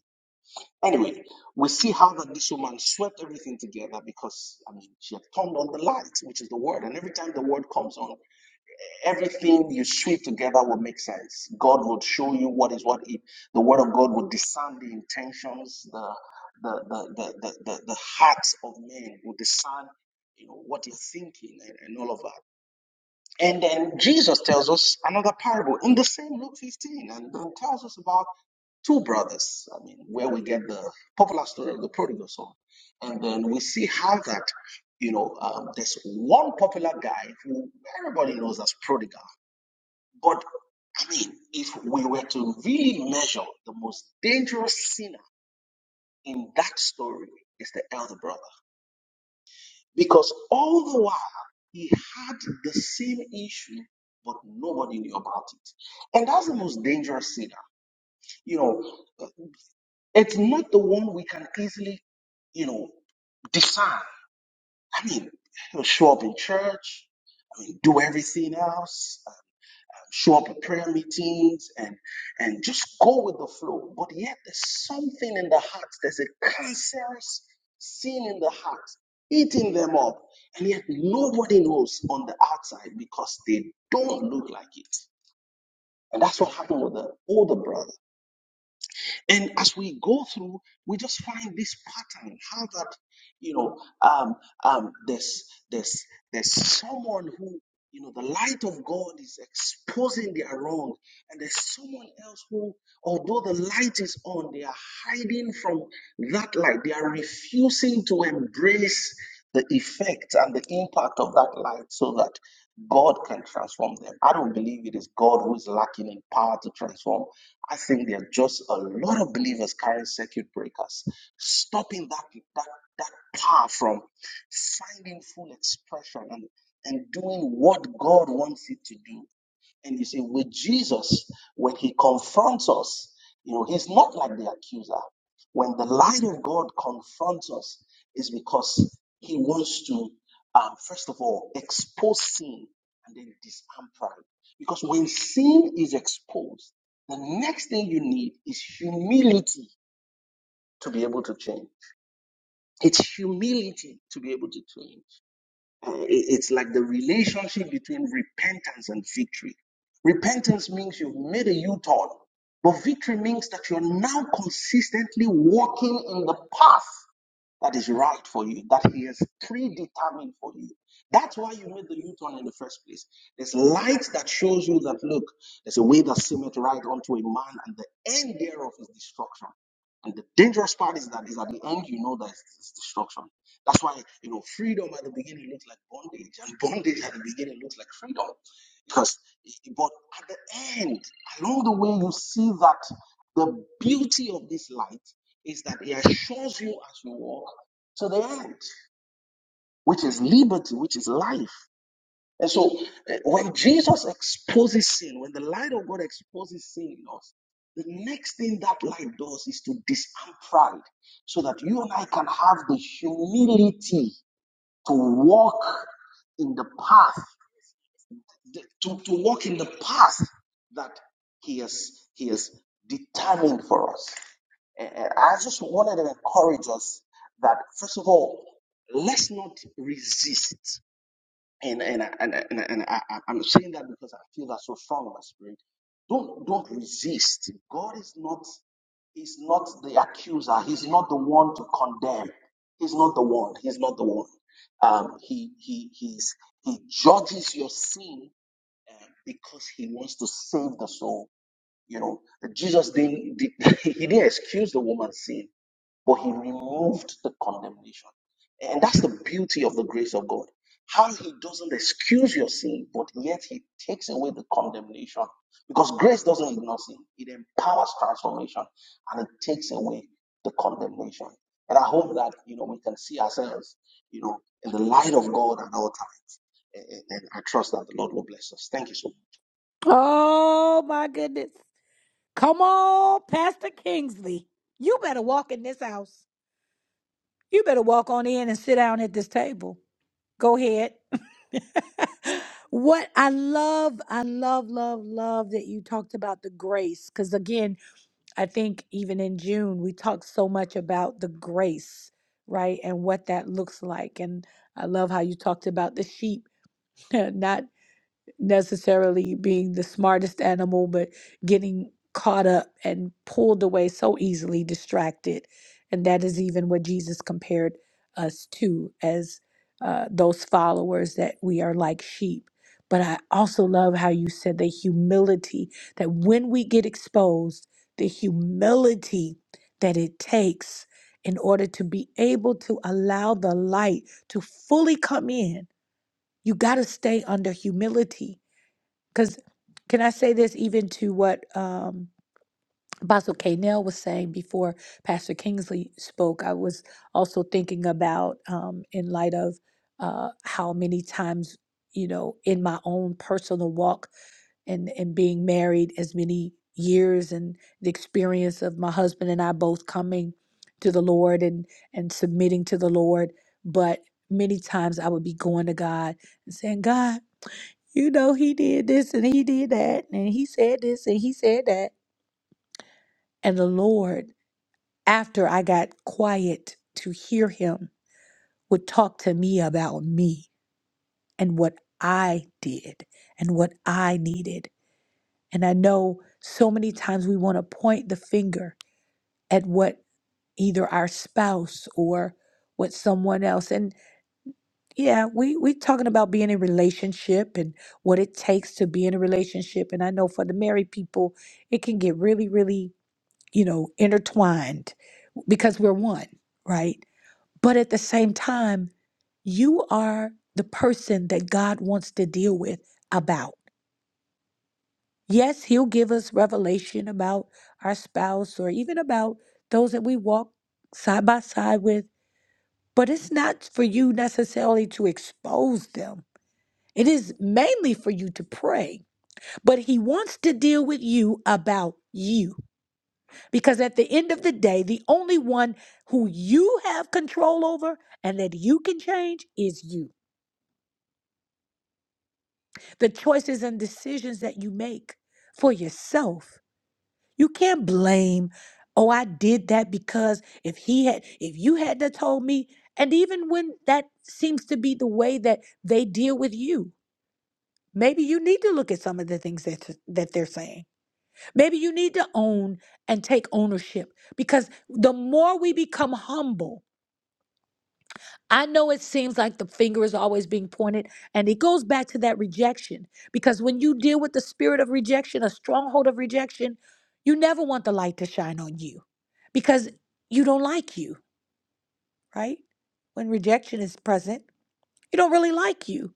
[SPEAKER 3] Anyway, we see how that this woman swept everything together because I mean, she had turned on the light, which is the word. And every time the word comes on, everything you sweep together will make sense. God will show you what is what. It, the Word of God will discern the intentions, the the the the the, the, the hearts of men will discern, you know, what you're thinking and, and all of that. And then Jesus tells us another parable in the same Luke 15, and then tells us about two brothers. I mean, where we get the popular story of the prodigal son, and then we see how that. You know, um, there's one popular guy who everybody knows as prodigal but I mean, if we were to really measure the most dangerous sinner in that story is the elder brother. Because all the while he had the same issue, but nobody knew about it. And that's the most dangerous sinner. You know, uh, it's not the one we can easily, you know, discern. I mean, he'll show up in church, I mean, do everything else. show up at prayer meetings and and just go with the flow but yet there's something in the heart there's a cancerous sin in the heart eating them up and yet nobody knows on the outside because they don't look like it and that's what happened with the older brother and as we go through, we just find this pattern how that, you know, um, um, there's, there's, there's someone who, you know, the light of God is exposing their wrong. And there's someone else who, although the light is on, they are hiding from that light. They are refusing to embrace the effect and the impact of that light so that God can transform them. I don't believe it is God who is lacking in power to transform. I think there are just a lot of believers carrying circuit breakers, stopping that that that power from finding full expression and, and doing what God wants it to do. And you see, with Jesus, when he confronts us, you know, he's not like the accuser. When the light of God confronts us, it's because he wants to, um, first of all, expose sin and then disarm pride. Because when sin is exposed, the next thing you need is humility to be able to change. It's humility to be able to change. Uh, it- It's like the relationship between repentance and victory. Repentance means you've made a U turn, but victory means that you're now consistently walking in the path that is right for you, that He has predetermined for you. That's why you made the U turn in the first place. There's light that shows you that, look, there's a way that seemeth right unto a man, and the end thereof is destruction. And the dangerous part is that is at the end you know that it's it's destruction. That's why you know freedom at the beginning looks like bondage, and bondage at the beginning looks like freedom. Because but at the end, along the way, you see that the beauty of this light is that He assures you as you walk to the end, which is liberty, which is life. And so, eh, when Jesus exposes sin, when the light of God exposes sin in us, the next thing that light does is to disarm pride so that you and I can have the humility to walk in the path, to, to walk in the path that He has, he has determined for us. And I just wanted to encourage us that, first of all, let's not resist. And, and, I- and, I- and, I- and I, I- I'm saying that because I feel that so strong in my spirit. Don't, don't resist. God is not, is not the accuser. He's not the one to condemn. He's not the one. He's not the one. Um, he, he, he's, he judges your sin uh, because he wants to save the soul. You know, Jesus didn't, did, he didn't excuse the woman's sin but he removed the condemnation. And that's the beauty of the grace of God. How he doesn't excuse your sin, but yet he takes away the condemnation. Because grace doesn't ignore sin, it empowers transformation and it takes away the condemnation. And I hope that you know we can see ourselves, you know, in the light of God at all time. and and I trust that the Lord will bless us. Thank you so much.
[SPEAKER 1] Oh my goodness. Come on, Pastor Kingsley. You better walk in this house. You better walk on in and sit down at this table. Go ahead. what I love, I love, love, love that you talked about the grace. Because again, I think even in June, we talked so much about the grace, right? And what that looks like. And I love how you talked about the sheep, not necessarily being the smartest animal, but getting caught up and pulled away so easily, distracted. And that is even what Jesus compared us to as uh, those followers that we are like sheep. But I also love how you said the humility that when we get exposed, the humility that it takes in order to be able to allow the light to fully come in, you got to stay under humility because can I say this even to what um, Apostle K. Nell was saying before Pastor Kingsley spoke? I was also thinking about um, in light of uh, how many times, you know, in my own personal walk and, and being married as many years and the experience of my husband and I both coming to the Lord and, and submitting to the Lord. But many times I would be going to God and saying, God, you know, he did this and he did that, and he said this and he said that. And the Lord, after I got quiet to hear him, would talk to me about me and what I did and what I needed. And I know so many times we want to point the finger at what either our spouse or what someone else. Yeah, we we talking about being in relationship and what it takes to be in a relationship. And I know for the married people, it can get really, really, you know, intertwined because we're one, right? But at the same time, you are the person that God wants to deal with about. Yes, he'll give us revelation about our spouse or even about those that we walk side by side with, but it's not for you necessarily to expose them It is mainly for you to pray, but he wants to deal with you about you. Because at the end of the day, the only one who you have control over and that you can change is you. The choices and decisions that you make for yourself. You can't blame, oh, I did that because if he had, if you had to told me, and even when that seems to be the way that they deal with you, maybe you need to look at some of the things that, that they're saying Maybe you need to own and take ownership because the more we become humble, I know it seems like the finger is always being pointed, and it goes back to that rejection. Because when you deal with the spirit of rejection, a stronghold of rejection, you never want the light to shine on you because you don't like you, right? When rejection is present, you don't really like you.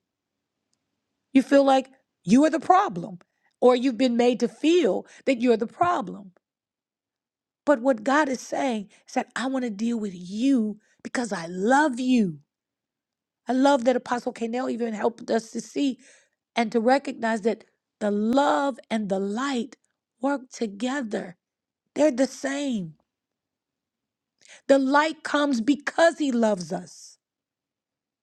[SPEAKER 1] You feel like you are the problem, or you've been made to feel that you're the problem. But what God is saying is that I want to deal with you because I love you. I love that Apostle Canel even helped us to see and to recognize that the love and the light work together. They're the same. The light comes because he loves us.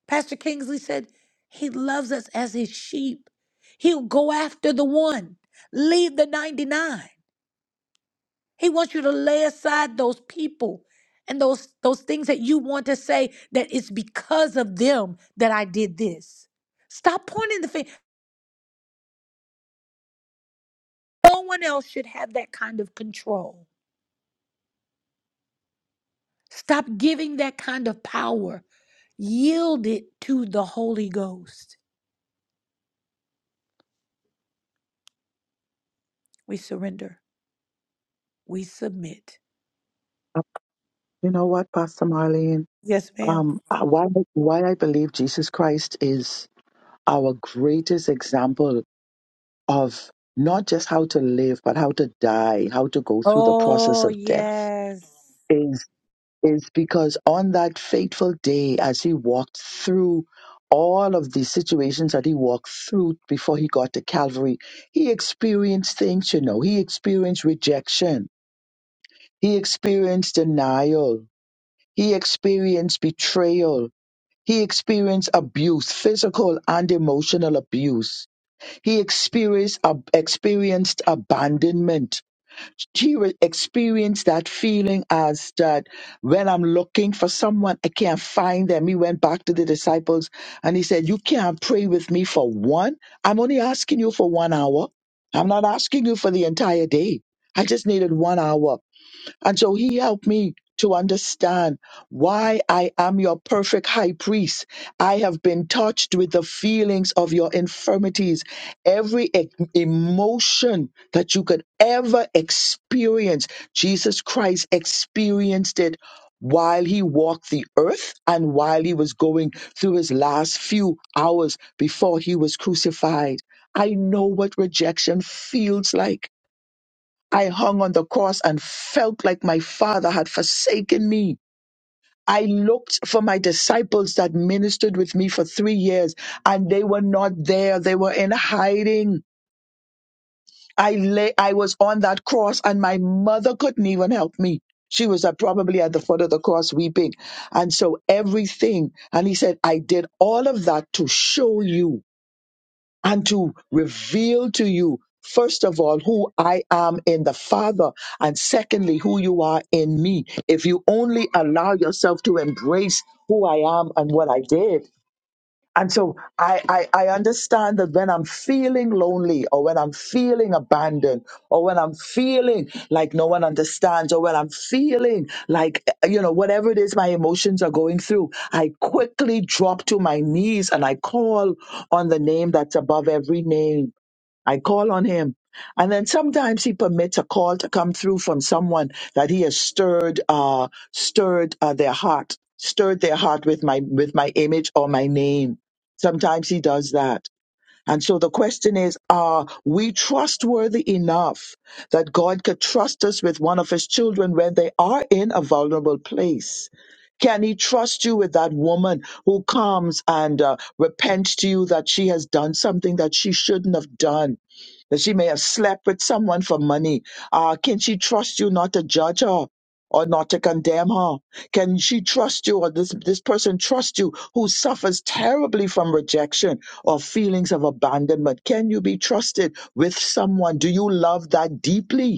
[SPEAKER 1] Pastor Kingsley said, He loves us as his sheep. He'll go after the one, leave the 99 He wants you to lay aside those people and those those things that you want to say that it's because of them that I did this. Stop pointing the finger. No one else should have that kind of control. Stop giving that kind of power. Yield it to the Holy Ghost. We surrender. We submit.
[SPEAKER 6] Uh, You know what, Pastor Marlene?
[SPEAKER 1] Yes, ma'am.
[SPEAKER 6] Um, uh, why, why I believe Jesus Christ is our greatest example of not just how to live, but how to die, how to go through the process of death is, is because on that fateful day, as he walked through all of the situations that he walked through before he got to Calvary, he experienced things, you know, he experienced rejection. He experienced denial. He experienced betrayal He experienced abuse, physical and emotional abuse. He experienced, ab- experienced abandonment. He re- experienced that feeling as that when I'm looking for someone, I can't find them. He went back to the disciples and he said, You can't pray with me for one. I'm only asking you for one hour. I'm not asking you for the entire day. I just needed one hour. And so he helped me to understand why I am your perfect high priest. I have been touched with the feelings of your infirmities, every e- emotion that you could ever experience. Jesus Christ experienced it while he walked the earth and while he was going through his last few hours before he was crucified. I know what rejection feels like. I hung on the cross and felt like my father had forsaken me. I looked for my disciples that ministered with me for three years and they were not there. They were in hiding. I lay, I was on that cross and my mother couldn't even help me. She was at, probably at the foot of the cross weeping. And so everything, and he said, I did all of that to show you and to reveal to you, first of all, who I am in the Father, and secondly, who you are in me. If you only allow yourself to embrace who I am and what I did, and so I, I, I understand that when I'm feeling lonely or when I'm feeling abandoned or when I'm feeling like no one understands or when I'm feeling like, eh, you know, whatever it is my emotions are going through, I quickly drop to my knees and I call on the name that's above every name. I call on him. And then sometimes he permits a call to come through from someone that he has stirred, uh, stirred uh, their heart, stirred their heart with my, with my image or my name Sometimes he does that. And so the question is, are we trustworthy enough that God could trust us with one of his children when they are in a vulnerable place? Can he trust you with that woman who comes and uh, repents to you that she has done something that she shouldn't have done? that she may have slept with someone for money. Uh, can she trust you not to judge her? Or not to condemn her? Can she trust you, or this this person trust you, who suffers terribly from rejection or feelings of abandonment? Can you be trusted with someone? Do you love that deeply?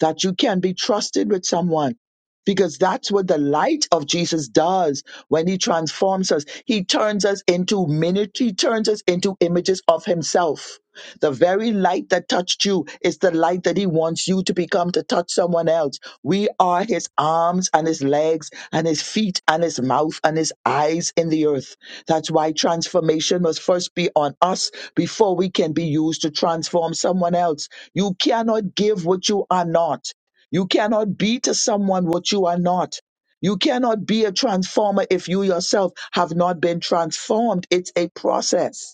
[SPEAKER 6] that you can be trusted with someone because that's what the light of Jesus does when he transforms us. He turns us into miniature, he turns us into images of himself. The very light that touched you is the light that he wants you to become to touch someone else. We are his arms and his legs and his feet and his mouth and his eyes in the earth. That's why transformation must first be on us before we can be used to transform someone else. You cannot give what you are not. You cannot be to someone what you are not. You cannot be a transformer if you yourself have not been transformed. It's a process.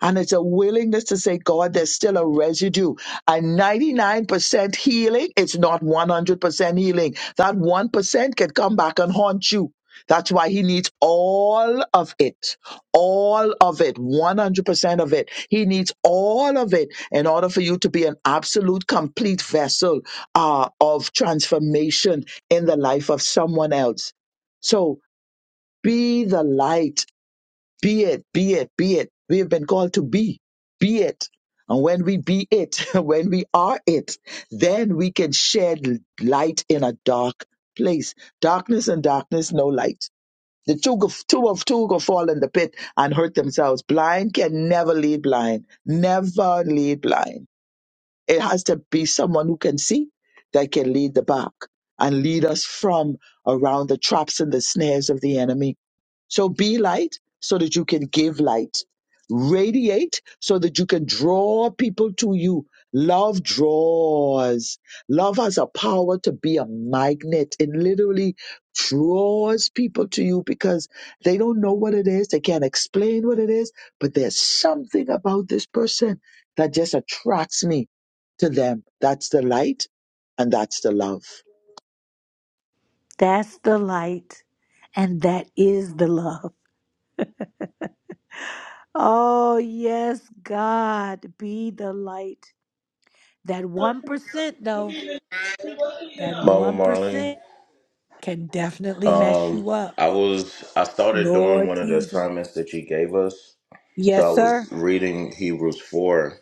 [SPEAKER 6] And it's a willingness to say, God, there's still a residue. And 99% healing, it's not 100% healing. That 1% can come back and haunt you. That's why he needs all of it. All of it. 100% of it. He needs all of it in order for you to be an absolute, complete vessel uh, of transformation in the life of someone else. So be the light be it, be it, be it. We have been called to be. Be it. And when we be it, when we are it, then we can shed light in a dark place. Darkness and darkness, no light. The two, go- two of two go fall in the pit and hurt themselves. Blind can never lead blind. Never lead blind. It has to be someone who can see that can lead the pack and lead us from around the traps and the snares of the enemy so be light so that you can give light. Radiate so that you can draw people to you. Love draws. Love has a power to be a magnet. It literally draws people to you because they don't know what it is. They can't explain what it is, but there's something about this person that just attracts me to them. That's the light and that's the love.
[SPEAKER 1] That's the light, and that is the love. Oh, yes, God, be the light. That 1%, though. That
[SPEAKER 12] Mama Marlene,
[SPEAKER 1] 1% can definitely mess
[SPEAKER 12] um,
[SPEAKER 1] you up.
[SPEAKER 12] I was I started doing
[SPEAKER 1] Lord
[SPEAKER 12] one of the
[SPEAKER 1] Jesus.
[SPEAKER 12] assignments that you gave us. So
[SPEAKER 1] Yes,
[SPEAKER 12] I
[SPEAKER 1] sir.
[SPEAKER 12] was reading Hebrews four,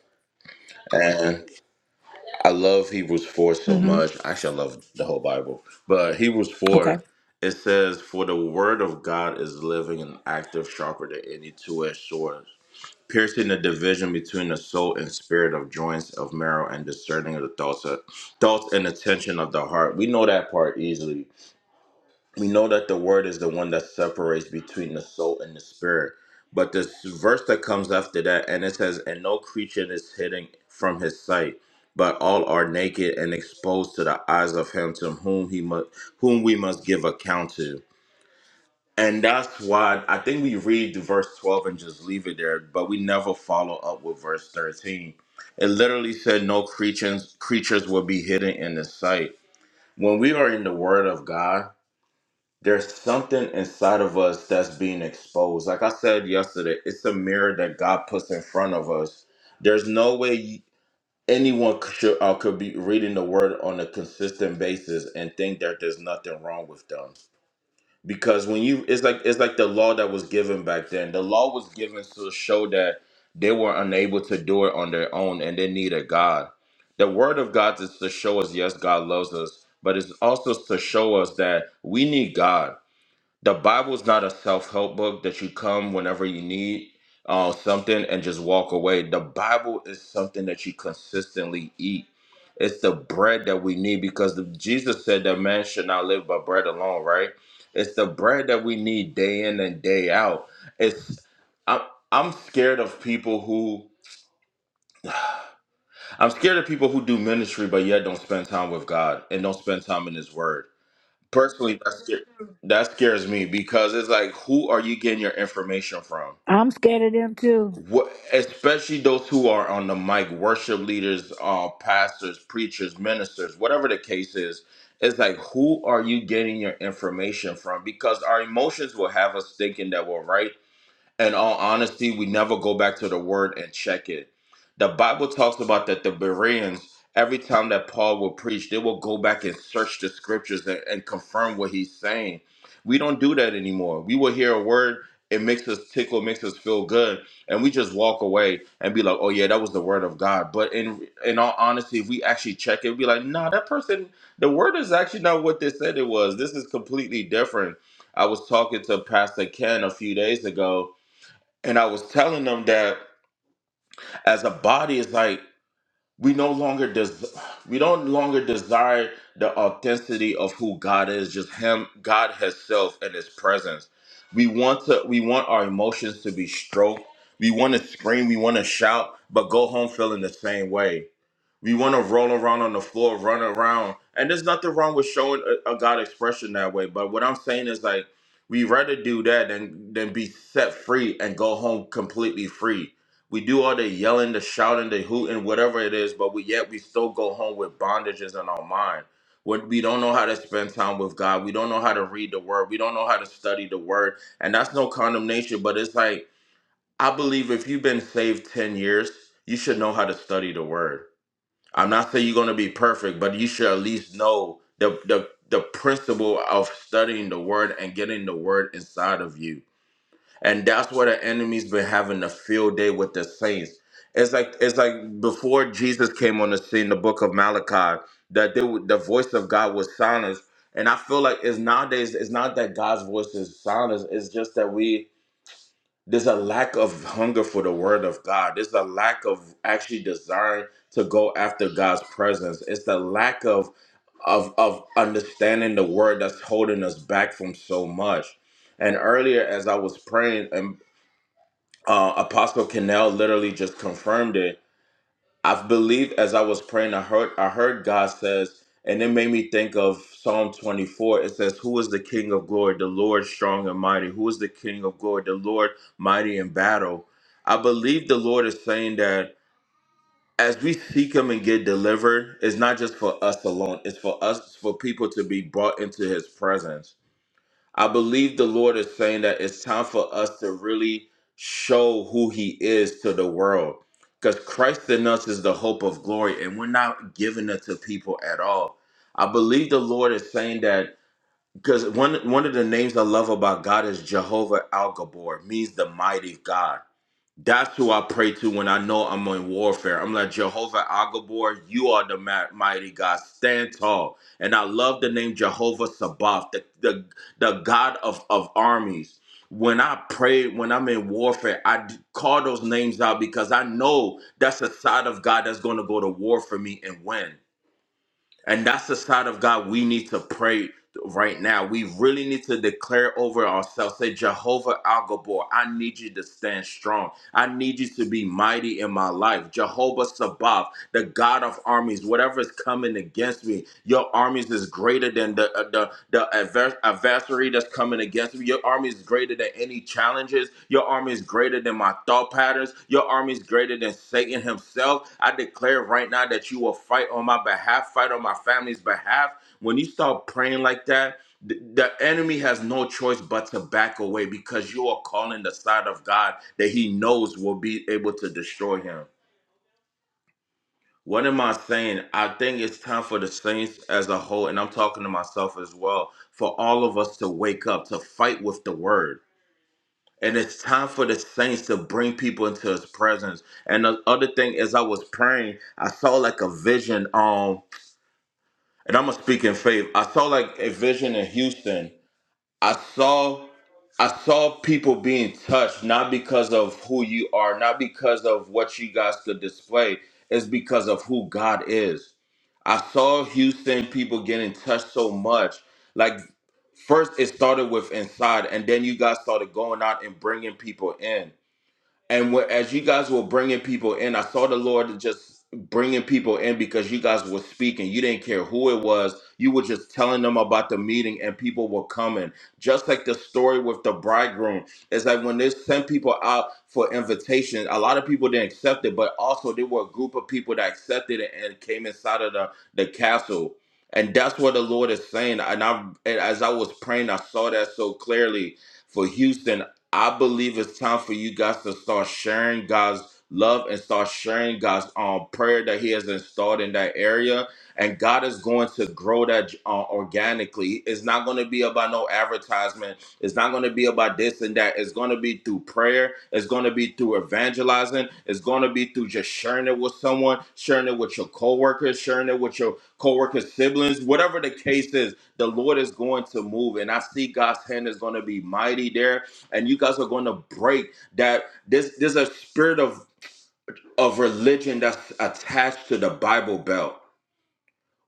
[SPEAKER 12] I love Hebrews 4 so
[SPEAKER 1] hmm
[SPEAKER 12] much. Actually, I love the whole Bible. But Hebrews
[SPEAKER 1] Okay.
[SPEAKER 12] 4, it says, For the word of God is living and active, sharper than any two edged sword, piercing the division between the soul and spirit of joints of marrow and discerning of the thoughts, of, thoughts and attention of the heart. We know that part easily we know that the word is the one that separates between the soul and the spirit. But this verse that comes after that, and it says, And no creature is hidden from his sight, but all are naked and exposed to the eyes of him to whom he must whom we must give account to. And that's why I think we read the verse 12 and just leave it there, but we never follow up with verse 13. It literally said no creatures creatures will be hidden in his sight. When we are in the word of God, there's something inside of us that's being exposed. Like I said yesterday, it's a mirror that God puts in front of us. There's no way anyone could, should- uh, could be reading the word on a consistent basis and think that there's nothing wrong with them. Because when you, it's like it's like the law that was given back then. The law was given to show that they were unable to do it on their own and they needed God. The word of God is to show us, yes, God loves us, but it's also to show us that we need God the Bible is not a self help book that you come whenever you need uh, something and just walk away. The Bible is something that you consistently eat. It's the bread that we need because the, Jesus said that man should not live by bread alone, right? It's the bread that we need day in and day out. It's I'm I'm scared of people who I'm scared of people who do ministry but yet don't spend time with God and don't spend time in His Word personally that, scar- that scares me because it's like who are you getting your information from
[SPEAKER 1] I'm scared of them too.
[SPEAKER 12] what especially those who are on the mic worship leaders uh pastors preachers ministers whatever the case is it's like who are you getting your information from because our emotions will have us thinking that we're right in all honesty, we never go back to the word and check it. The Bible talks about that the Bereans, every time that Paul will preach, they will go back and search the scriptures and, and confirm what he's saying. We don't do that anymore. We will hear a word, it makes us tickle, it makes us feel good, and we just walk away and be like, "Oh yeah, that was the word of God." But in in all honesty, if we actually check it, we be like, "Nah, that person, the word is actually not what they said it was. This is completely different." I was talking to Pastor Ken a few days ago, and I was telling them that as a body, it's like we no longer des- we don't longer desire the authenticity of who God is, just Him, God Himself, and His presence. We want to we want our emotions to be stroked. We want to scream, we want to shout, but go home feeling the same way we want to roll around on the floor, run around, and there's nothing wrong with showing a, a God expression that way. But what I'm saying is like we rather do that than than be set free and go home completely free. We do all the yelling, the shouting, the hooting, whatever it is, but we yet we still go home with bondages in our mind. When we don't know how to spend time with God, we don't know how to read the Word, we don't know how to study the Word, and that's no condemnation. But it's like I believe if you've been saved ten years, you should know how to study the Word I'm not saying you're gonna be perfect, but you should at least know the the the principle of studying the word and getting the word inside of you. And that's where the enemy's been having a field day with the saints. It's like it's like before Jesus came on the scene, the book of Malachi, that they, would- the voice of God was silenced. And I feel like it's nowadays it's not that God's voice is silenced. It's just that we there's a lack of hunger for the word of God. There's a lack of actually desiring to go after God's presence. It's the lack of of of understanding the word that's holding us back from so much. And earlier, as I was praying, and uh, Apostle Cannell literally just confirmed it I've believed as I was praying, I heard I heard God says, and it made me think of Psalm 24. It says, Who is the King of glory? The Lord strong and mighty. Who is the King of glory? The Lord mighty in battle. I believe the Lord is saying that as we seek him and get delivered, it's not just for us alone. It's for us, for people to be brought into his presence. I believe the Lord is saying that it's time for us to really show who He is to the world. Because Christ in us is the hope of glory, and we're not giving it to people at all. I believe the Lord is saying that because one one of the names I love about God is Jehovah Al Gabor, means the mighty God. That's who I pray to when I know I'm in warfare. I'm like, Jehovah Agabor, you are the ma- mighty God. Stand tall. And I love the name Jehovah Sabaoth, the, the, the God of, of armies. When I pray, when I'm in warfare, I d- call those names out because I know that's the side of God that's going to go to war for me and win. And that's the side of God we need to pray right now. We really need to declare over ourselves. Say, Jehovah Al Gabor, I need you to stand strong. I need you to be mighty in my life. Jehovah Sabaoth, the God of armies, whatever is coming against me, your armies is greater than the uh, the the advers- adversary that's coming against me. Your army is greater than any challenges. Your army is greater than my thought patterns. Your army is greater than Satan himself. I declare right now that you will fight on my behalf, fight on my family's behalf. When you start praying like that, the the enemy has no choice but to back away because you are calling the side of God that he knows will be able to destroy him. What am I saying? I think it's time for the Saints as a whole, and I'm talking to myself as well, for all of us to wake up, to fight with the word. And it's time for the Saints to bring people into his presence. And the other thing is I was praying, I saw like a vision, um, and I'm gonna speak in faith. I saw like a vision in Houston. I saw I saw people being touched not because of who you are, not because of what you guys could display, it's because of who God is I saw Houston people get in touch so much. Like first, it started with inside, and then you guys started going out and bringing people in. And when, as you guys were bringing people in, I saw the Lord just bringing people in because you guys were speaking. You didn't care who it was. You were just telling them about the meeting, and people were coming. Just like the story with the bridegroom, it's like when they sent people out for invitation, a lot of people didn't accept it, but also there were a group of people that accepted it and came inside of the, the castle. And that's what the Lord is saying. And I, and as I was praying, I saw that so clearly for Houston. I believe it's time for you guys to start sharing God's love and start sharing God's um, prayer that He has installed in that area. And God is going to grow that uh, organically. It's not going to be about no advertisement. It's not going to be about this and that. It's going to be through prayer. It's going to be through evangelizing. It's going to be through just sharing it with someone, sharing it with your coworkers, sharing it with your coworkers' siblings, whatever the case is. The Lord is going to move, and I see God's hand is going to be mighty there and you guys are going to break that. There's there's a spirit of of religion that's attached to the Bible Belt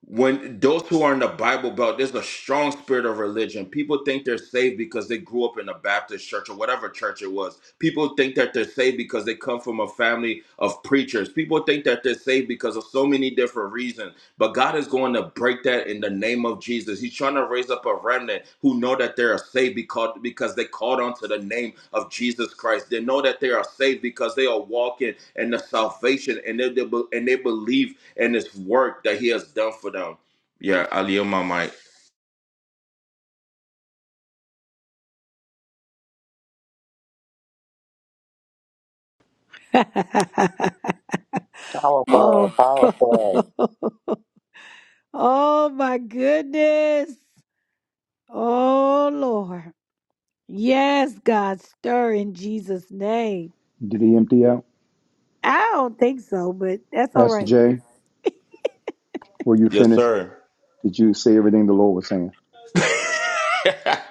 [SPEAKER 12] when those who are in the Bible Belt, there's a strong spirit of religion. People think they're saved because they grew up in a Baptist church or whatever church it was. People think that they're saved because they come from a family of preachers. People think that they're saved because of so many different reasons. But God is going to break that in the name of Jesus. He's trying to raise up a remnant who know that they are saved because, because they called onto the name of Jesus Christ. They know that they are saved because they are walking in the salvation and they, they be- and they believe and this work that he has done for them. Yeah, I yield my mic.
[SPEAKER 6] Powerful,
[SPEAKER 1] oh.
[SPEAKER 6] powerful.
[SPEAKER 1] oh, my goodness. Oh, Lord. Yes, God, stir in Jesus' name.
[SPEAKER 8] Did he empty out?
[SPEAKER 1] I don't think so, but that's all
[SPEAKER 8] Pastor
[SPEAKER 1] right.
[SPEAKER 8] Jay, were you
[SPEAKER 12] Yes,
[SPEAKER 8] finished?
[SPEAKER 12] sir.
[SPEAKER 8] Did you say everything the Lord was saying?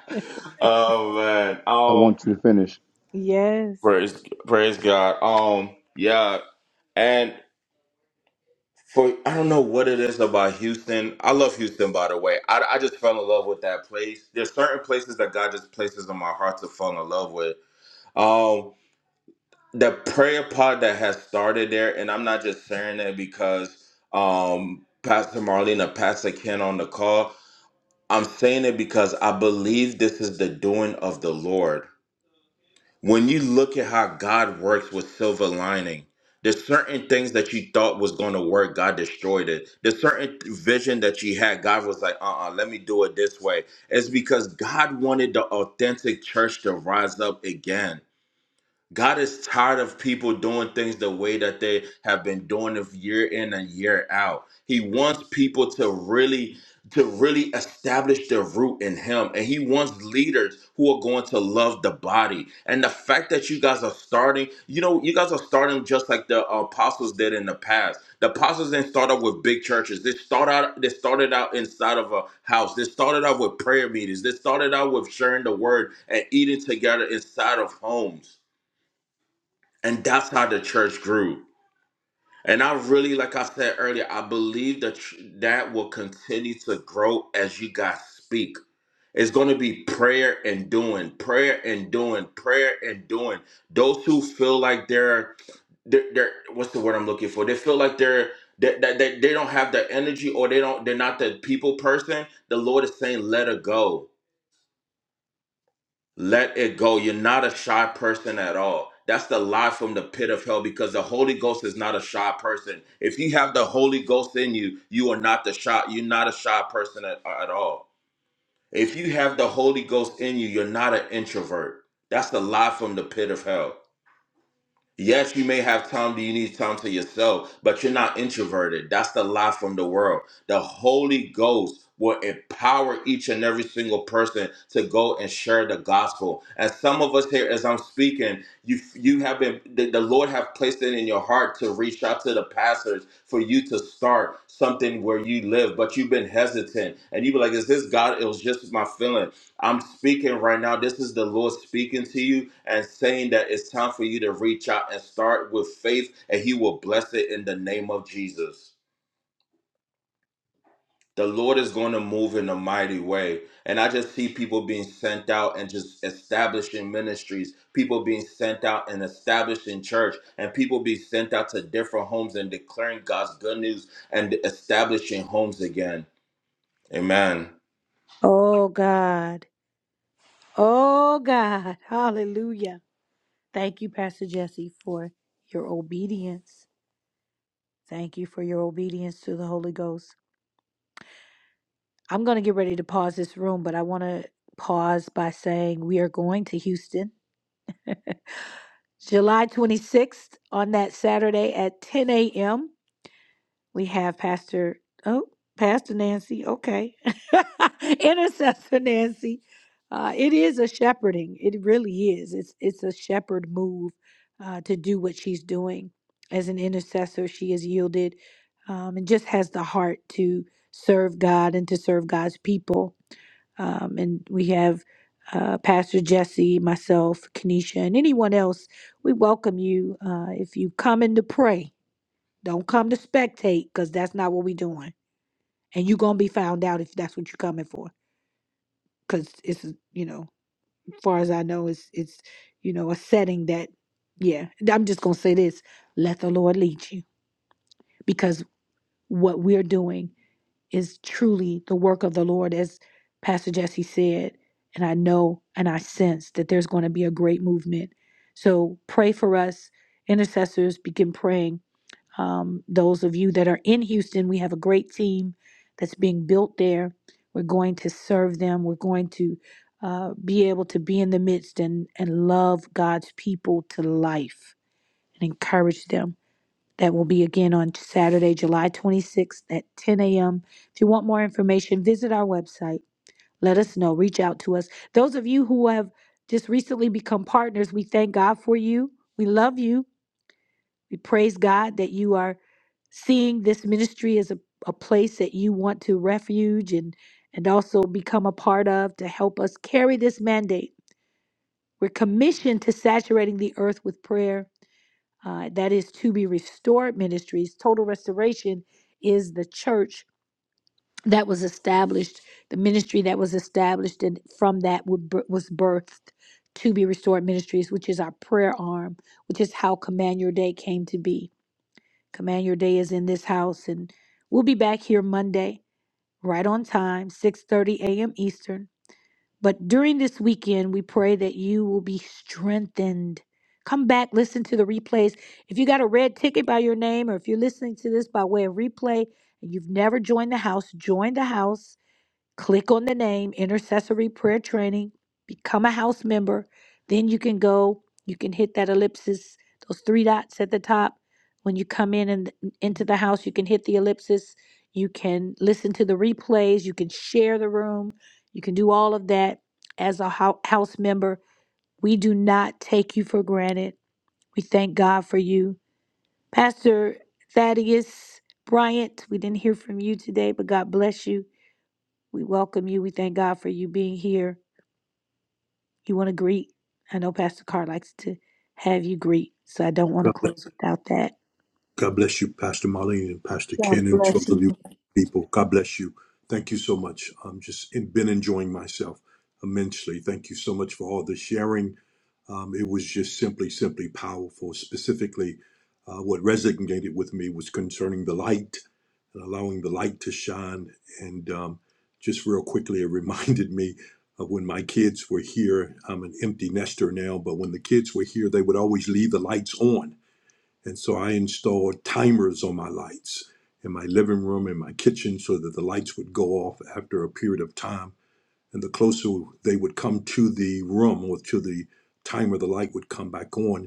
[SPEAKER 12] oh man.
[SPEAKER 8] I
[SPEAKER 12] Um
[SPEAKER 8] want you to finish.
[SPEAKER 1] Yes.
[SPEAKER 12] praise praise God. Um yeah. And for I don't know what it is about Houston. I love Houston by the way. I, I just fell in love with that place. There's certain places that God just places in my heart to fall in love with. Um the prayer pod that has started there, and I'm not just saying that because um Pastor Marlene or Pastor Ken on the call I'm saying it because I believe this is the doing of the Lord. When you look at how God works with silver lining, there's certain things that you thought was going to work, God destroyed it. There's certain vision that you had, God was like, uh uh let me do it this way. It's because God wanted the authentic church to rise up again. God is tired of people doing things the way that they have been doing it year in and year out. He wants people to really to really establish their root in him and he wants leaders who are going to love the body and the fact that you guys are starting you know you guys are starting just like the apostles did in the past the apostles didn't start out with big churches they start out they started out inside of a house they started out with prayer meetings they started out with sharing the word and eating together inside of homes and that's how the church grew and i really like i said earlier i believe that tr- that will continue to grow as you guys speak it's going to be prayer and doing prayer and doing prayer and doing those who feel like they're they're, they're what's the word i'm looking for they feel like they're that they, they, they don't have the energy or they don't they're not the people person the lord is saying let her go Let it go. You're not a shy person at all. That's the lie from the pit of hell because the Holy Ghost is not a shy person. If you have the Holy Ghost in you, you are not the shy. You're not a shy person at, at all. If you have the Holy Ghost in you, you're not an introvert. That's the lie from the pit of hell. Yes, you may have time Do you need time to yourself, but you're not introverted. That's the lie from the world. The Holy Ghost will empower each and every single person to go and share the gospel. And some of us here, as I'm speaking, you you have been the, the Lord have placed it in your heart to reach out to the pastors for you to start something where you live, but you've been hesitant and you be like, "Is this God? It was just my feeling." I'm speaking right now. This is the Lord speaking to you and saying that it's time for you to reach out and start with faith, and He will bless it in the name of Jesus. The Lord is going to move in a mighty way. And I just see people being sent out and just establishing ministries, people being sent out and establishing church, and people being sent out to different homes and declaring God's good news and establishing homes again. Amen.
[SPEAKER 1] Oh, God. Oh, God. Hallelujah. Thank you, Pastor Jesse, for your obedience. Thank you for your obedience to the Holy Ghost. I'm going to get ready to pause this room, but I want to pause by saying we are going to Houston July 26th on that Saturday at 10 a.m. We have Pastor, oh, Pastor Nancy, okay. Intercessor Nancy. Uh, it is a shepherding. It really is. It's it's a shepherd move uh, to do what she's doing as an intercessor. She has yielded um, and just has the heart to serve God and to serve God's people. Um, and we have uh, Pastor Jesse, myself, Kenesha, and anyone else. We welcome you uh, if you come in to pray don't come to spectate because that's not what we doing. And you're gonna be found out if that's what you're coming for. Cause it's a- you know, as far as I know, it's it's you know, a setting that yeah, I'm just gonna say this. Let the Lord lead you. Because what we're doing is truly the work of the Lord, as Pastor Jesse said. And I know and I sense that there's going to be a great movement. So pray for us, intercessors, begin praying Um, those of you that are in Houston, we have a great team that's being built there. We're going to serve them. We're going to uh, be able to be in the midst and, and love God's people to life and encourage them. That will be again on Saturday, July 26th at 10 a.m. If you want more information, visit our website. Let us know. Reach out to us. Those of you who have just recently become partners, we thank God for you. We love you we praise God that you are seeing this ministry as a, a place that you want to refuge and and also become a part of to help us carry this mandate. We're commissioned to saturating the earth with prayer. Uh, that is to be restored ministries. Total restoration is the church that was established, the ministry that was established, and from that would bir- was birthed to be restored ministries, which is our prayer arm, which is how Command Your Day came to be Command Your Day is in this house, and we'll be back here Monday, right on time, 6:30 a.m. Eastern. But during this weekend, we pray that you will be strengthened. Come back, listen to the replays. If you got a red ticket by your name, or if you're listening to this by way of replay and you've never joined the house, join the house click on the name intercessory prayer training become a house member then you can go you can hit that ellipsis those three dots at the top when you come in and into the house you can hit the ellipsis you can listen to the replays you can share the room you can do all of that as a hou- house member we do not take you for granted we thank god for you pastor thaddeus bryant we didn't hear from you today but god bless you we welcome you. We thank God for you being here. You want to greet? I know Pastor Carr likes to have you greet, so I don't want to
[SPEAKER 11] God bless,
[SPEAKER 1] close without that.
[SPEAKER 11] God bless you, Pastor Marlene and Pastor
[SPEAKER 1] God
[SPEAKER 11] Ken, and to
[SPEAKER 1] bless
[SPEAKER 11] all of
[SPEAKER 1] you.
[SPEAKER 11] you people. God bless you. Thank you so much. I'm just in, been enjoying myself immensely. Thank you so much for all the sharing. Um, it was just simply, simply powerful. Specifically, uh, what resonated with me was concerning the light and allowing the light to shine. And um, just real quickly, it reminded me of when my kids were here. I'm an empty nester now, but when the kids were here, they would always leave the lights on. And so I installed timers on my lights in my living room and my kitchen so that the lights would go off after a period of time. And the closer they would come to the room or to the timer, the light would come back on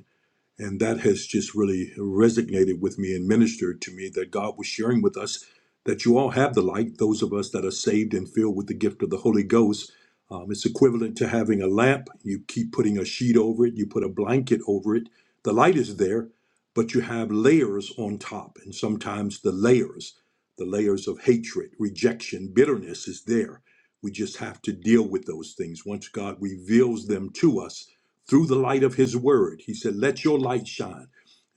[SPEAKER 11] and that has just really resonated with me and ministered to me that God was sharing with us that you all have the light, those of us that are saved and filled with the gift of the Holy Ghost. Um, it's equivalent to having a lamp. You keep putting a sheet over it, you put a blanket over it. The light is there, but you have layers on top. And sometimes the layers, the layers of hatred, rejection, bitterness is there. We just have to deal with those things. Once God reveals them to us, through his word. He said, Let your light shine.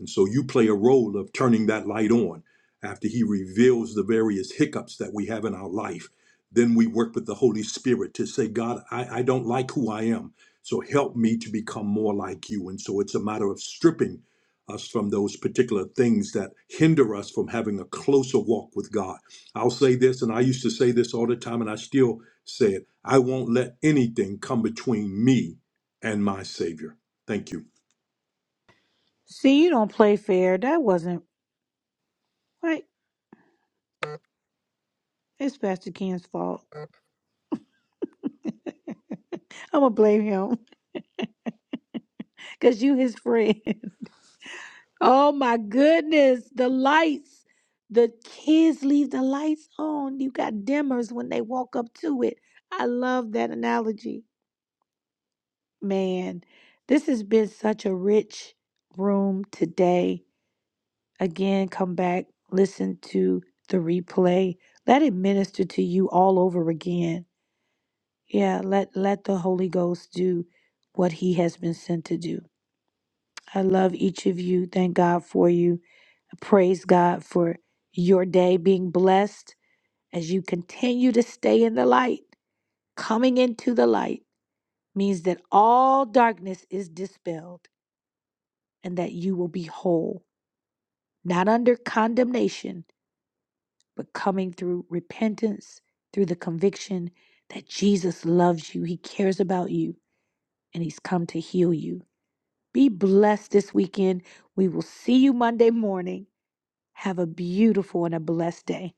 [SPEAKER 11] And so you play a role of turning that light on after he reveals the various hiccups that we have in our life. Then we work with the Holy Spirit to say, God, I, I don't like who I am. So help me to become more like you. And so it's a matter of stripping us from those particular things that hinder us from having a closer walk with God. I'll say this, and I used to say this all the time, and I still say it I won't let anything come between me and my Savior. Thank you.
[SPEAKER 1] See, you don't play fair. That wasn't right. It's Pastor Ken's fault. I'm gonna blame him because you his friend. oh my goodness, the lights. The kids leave the lights on. You got dimmers when they walk up to it. I love that analogy. Man, this has been such a rich room today. Again, come back, listen to the replay. Let it minister to you all over again. Yeah, let let the Holy Ghost do what he has been sent to do. I love each of you. Thank God for you. Praise God for your day being blessed as you continue to stay in the light. Coming into the light means that all darkness is dispelled and that you will be whole, not under condemnation, but coming through repentance, through the conviction that Jesus loves you, He cares about you, and He's come to heal you. Be blessed this weekend. We will see you Monday morning. Have a beautiful and a blessed day.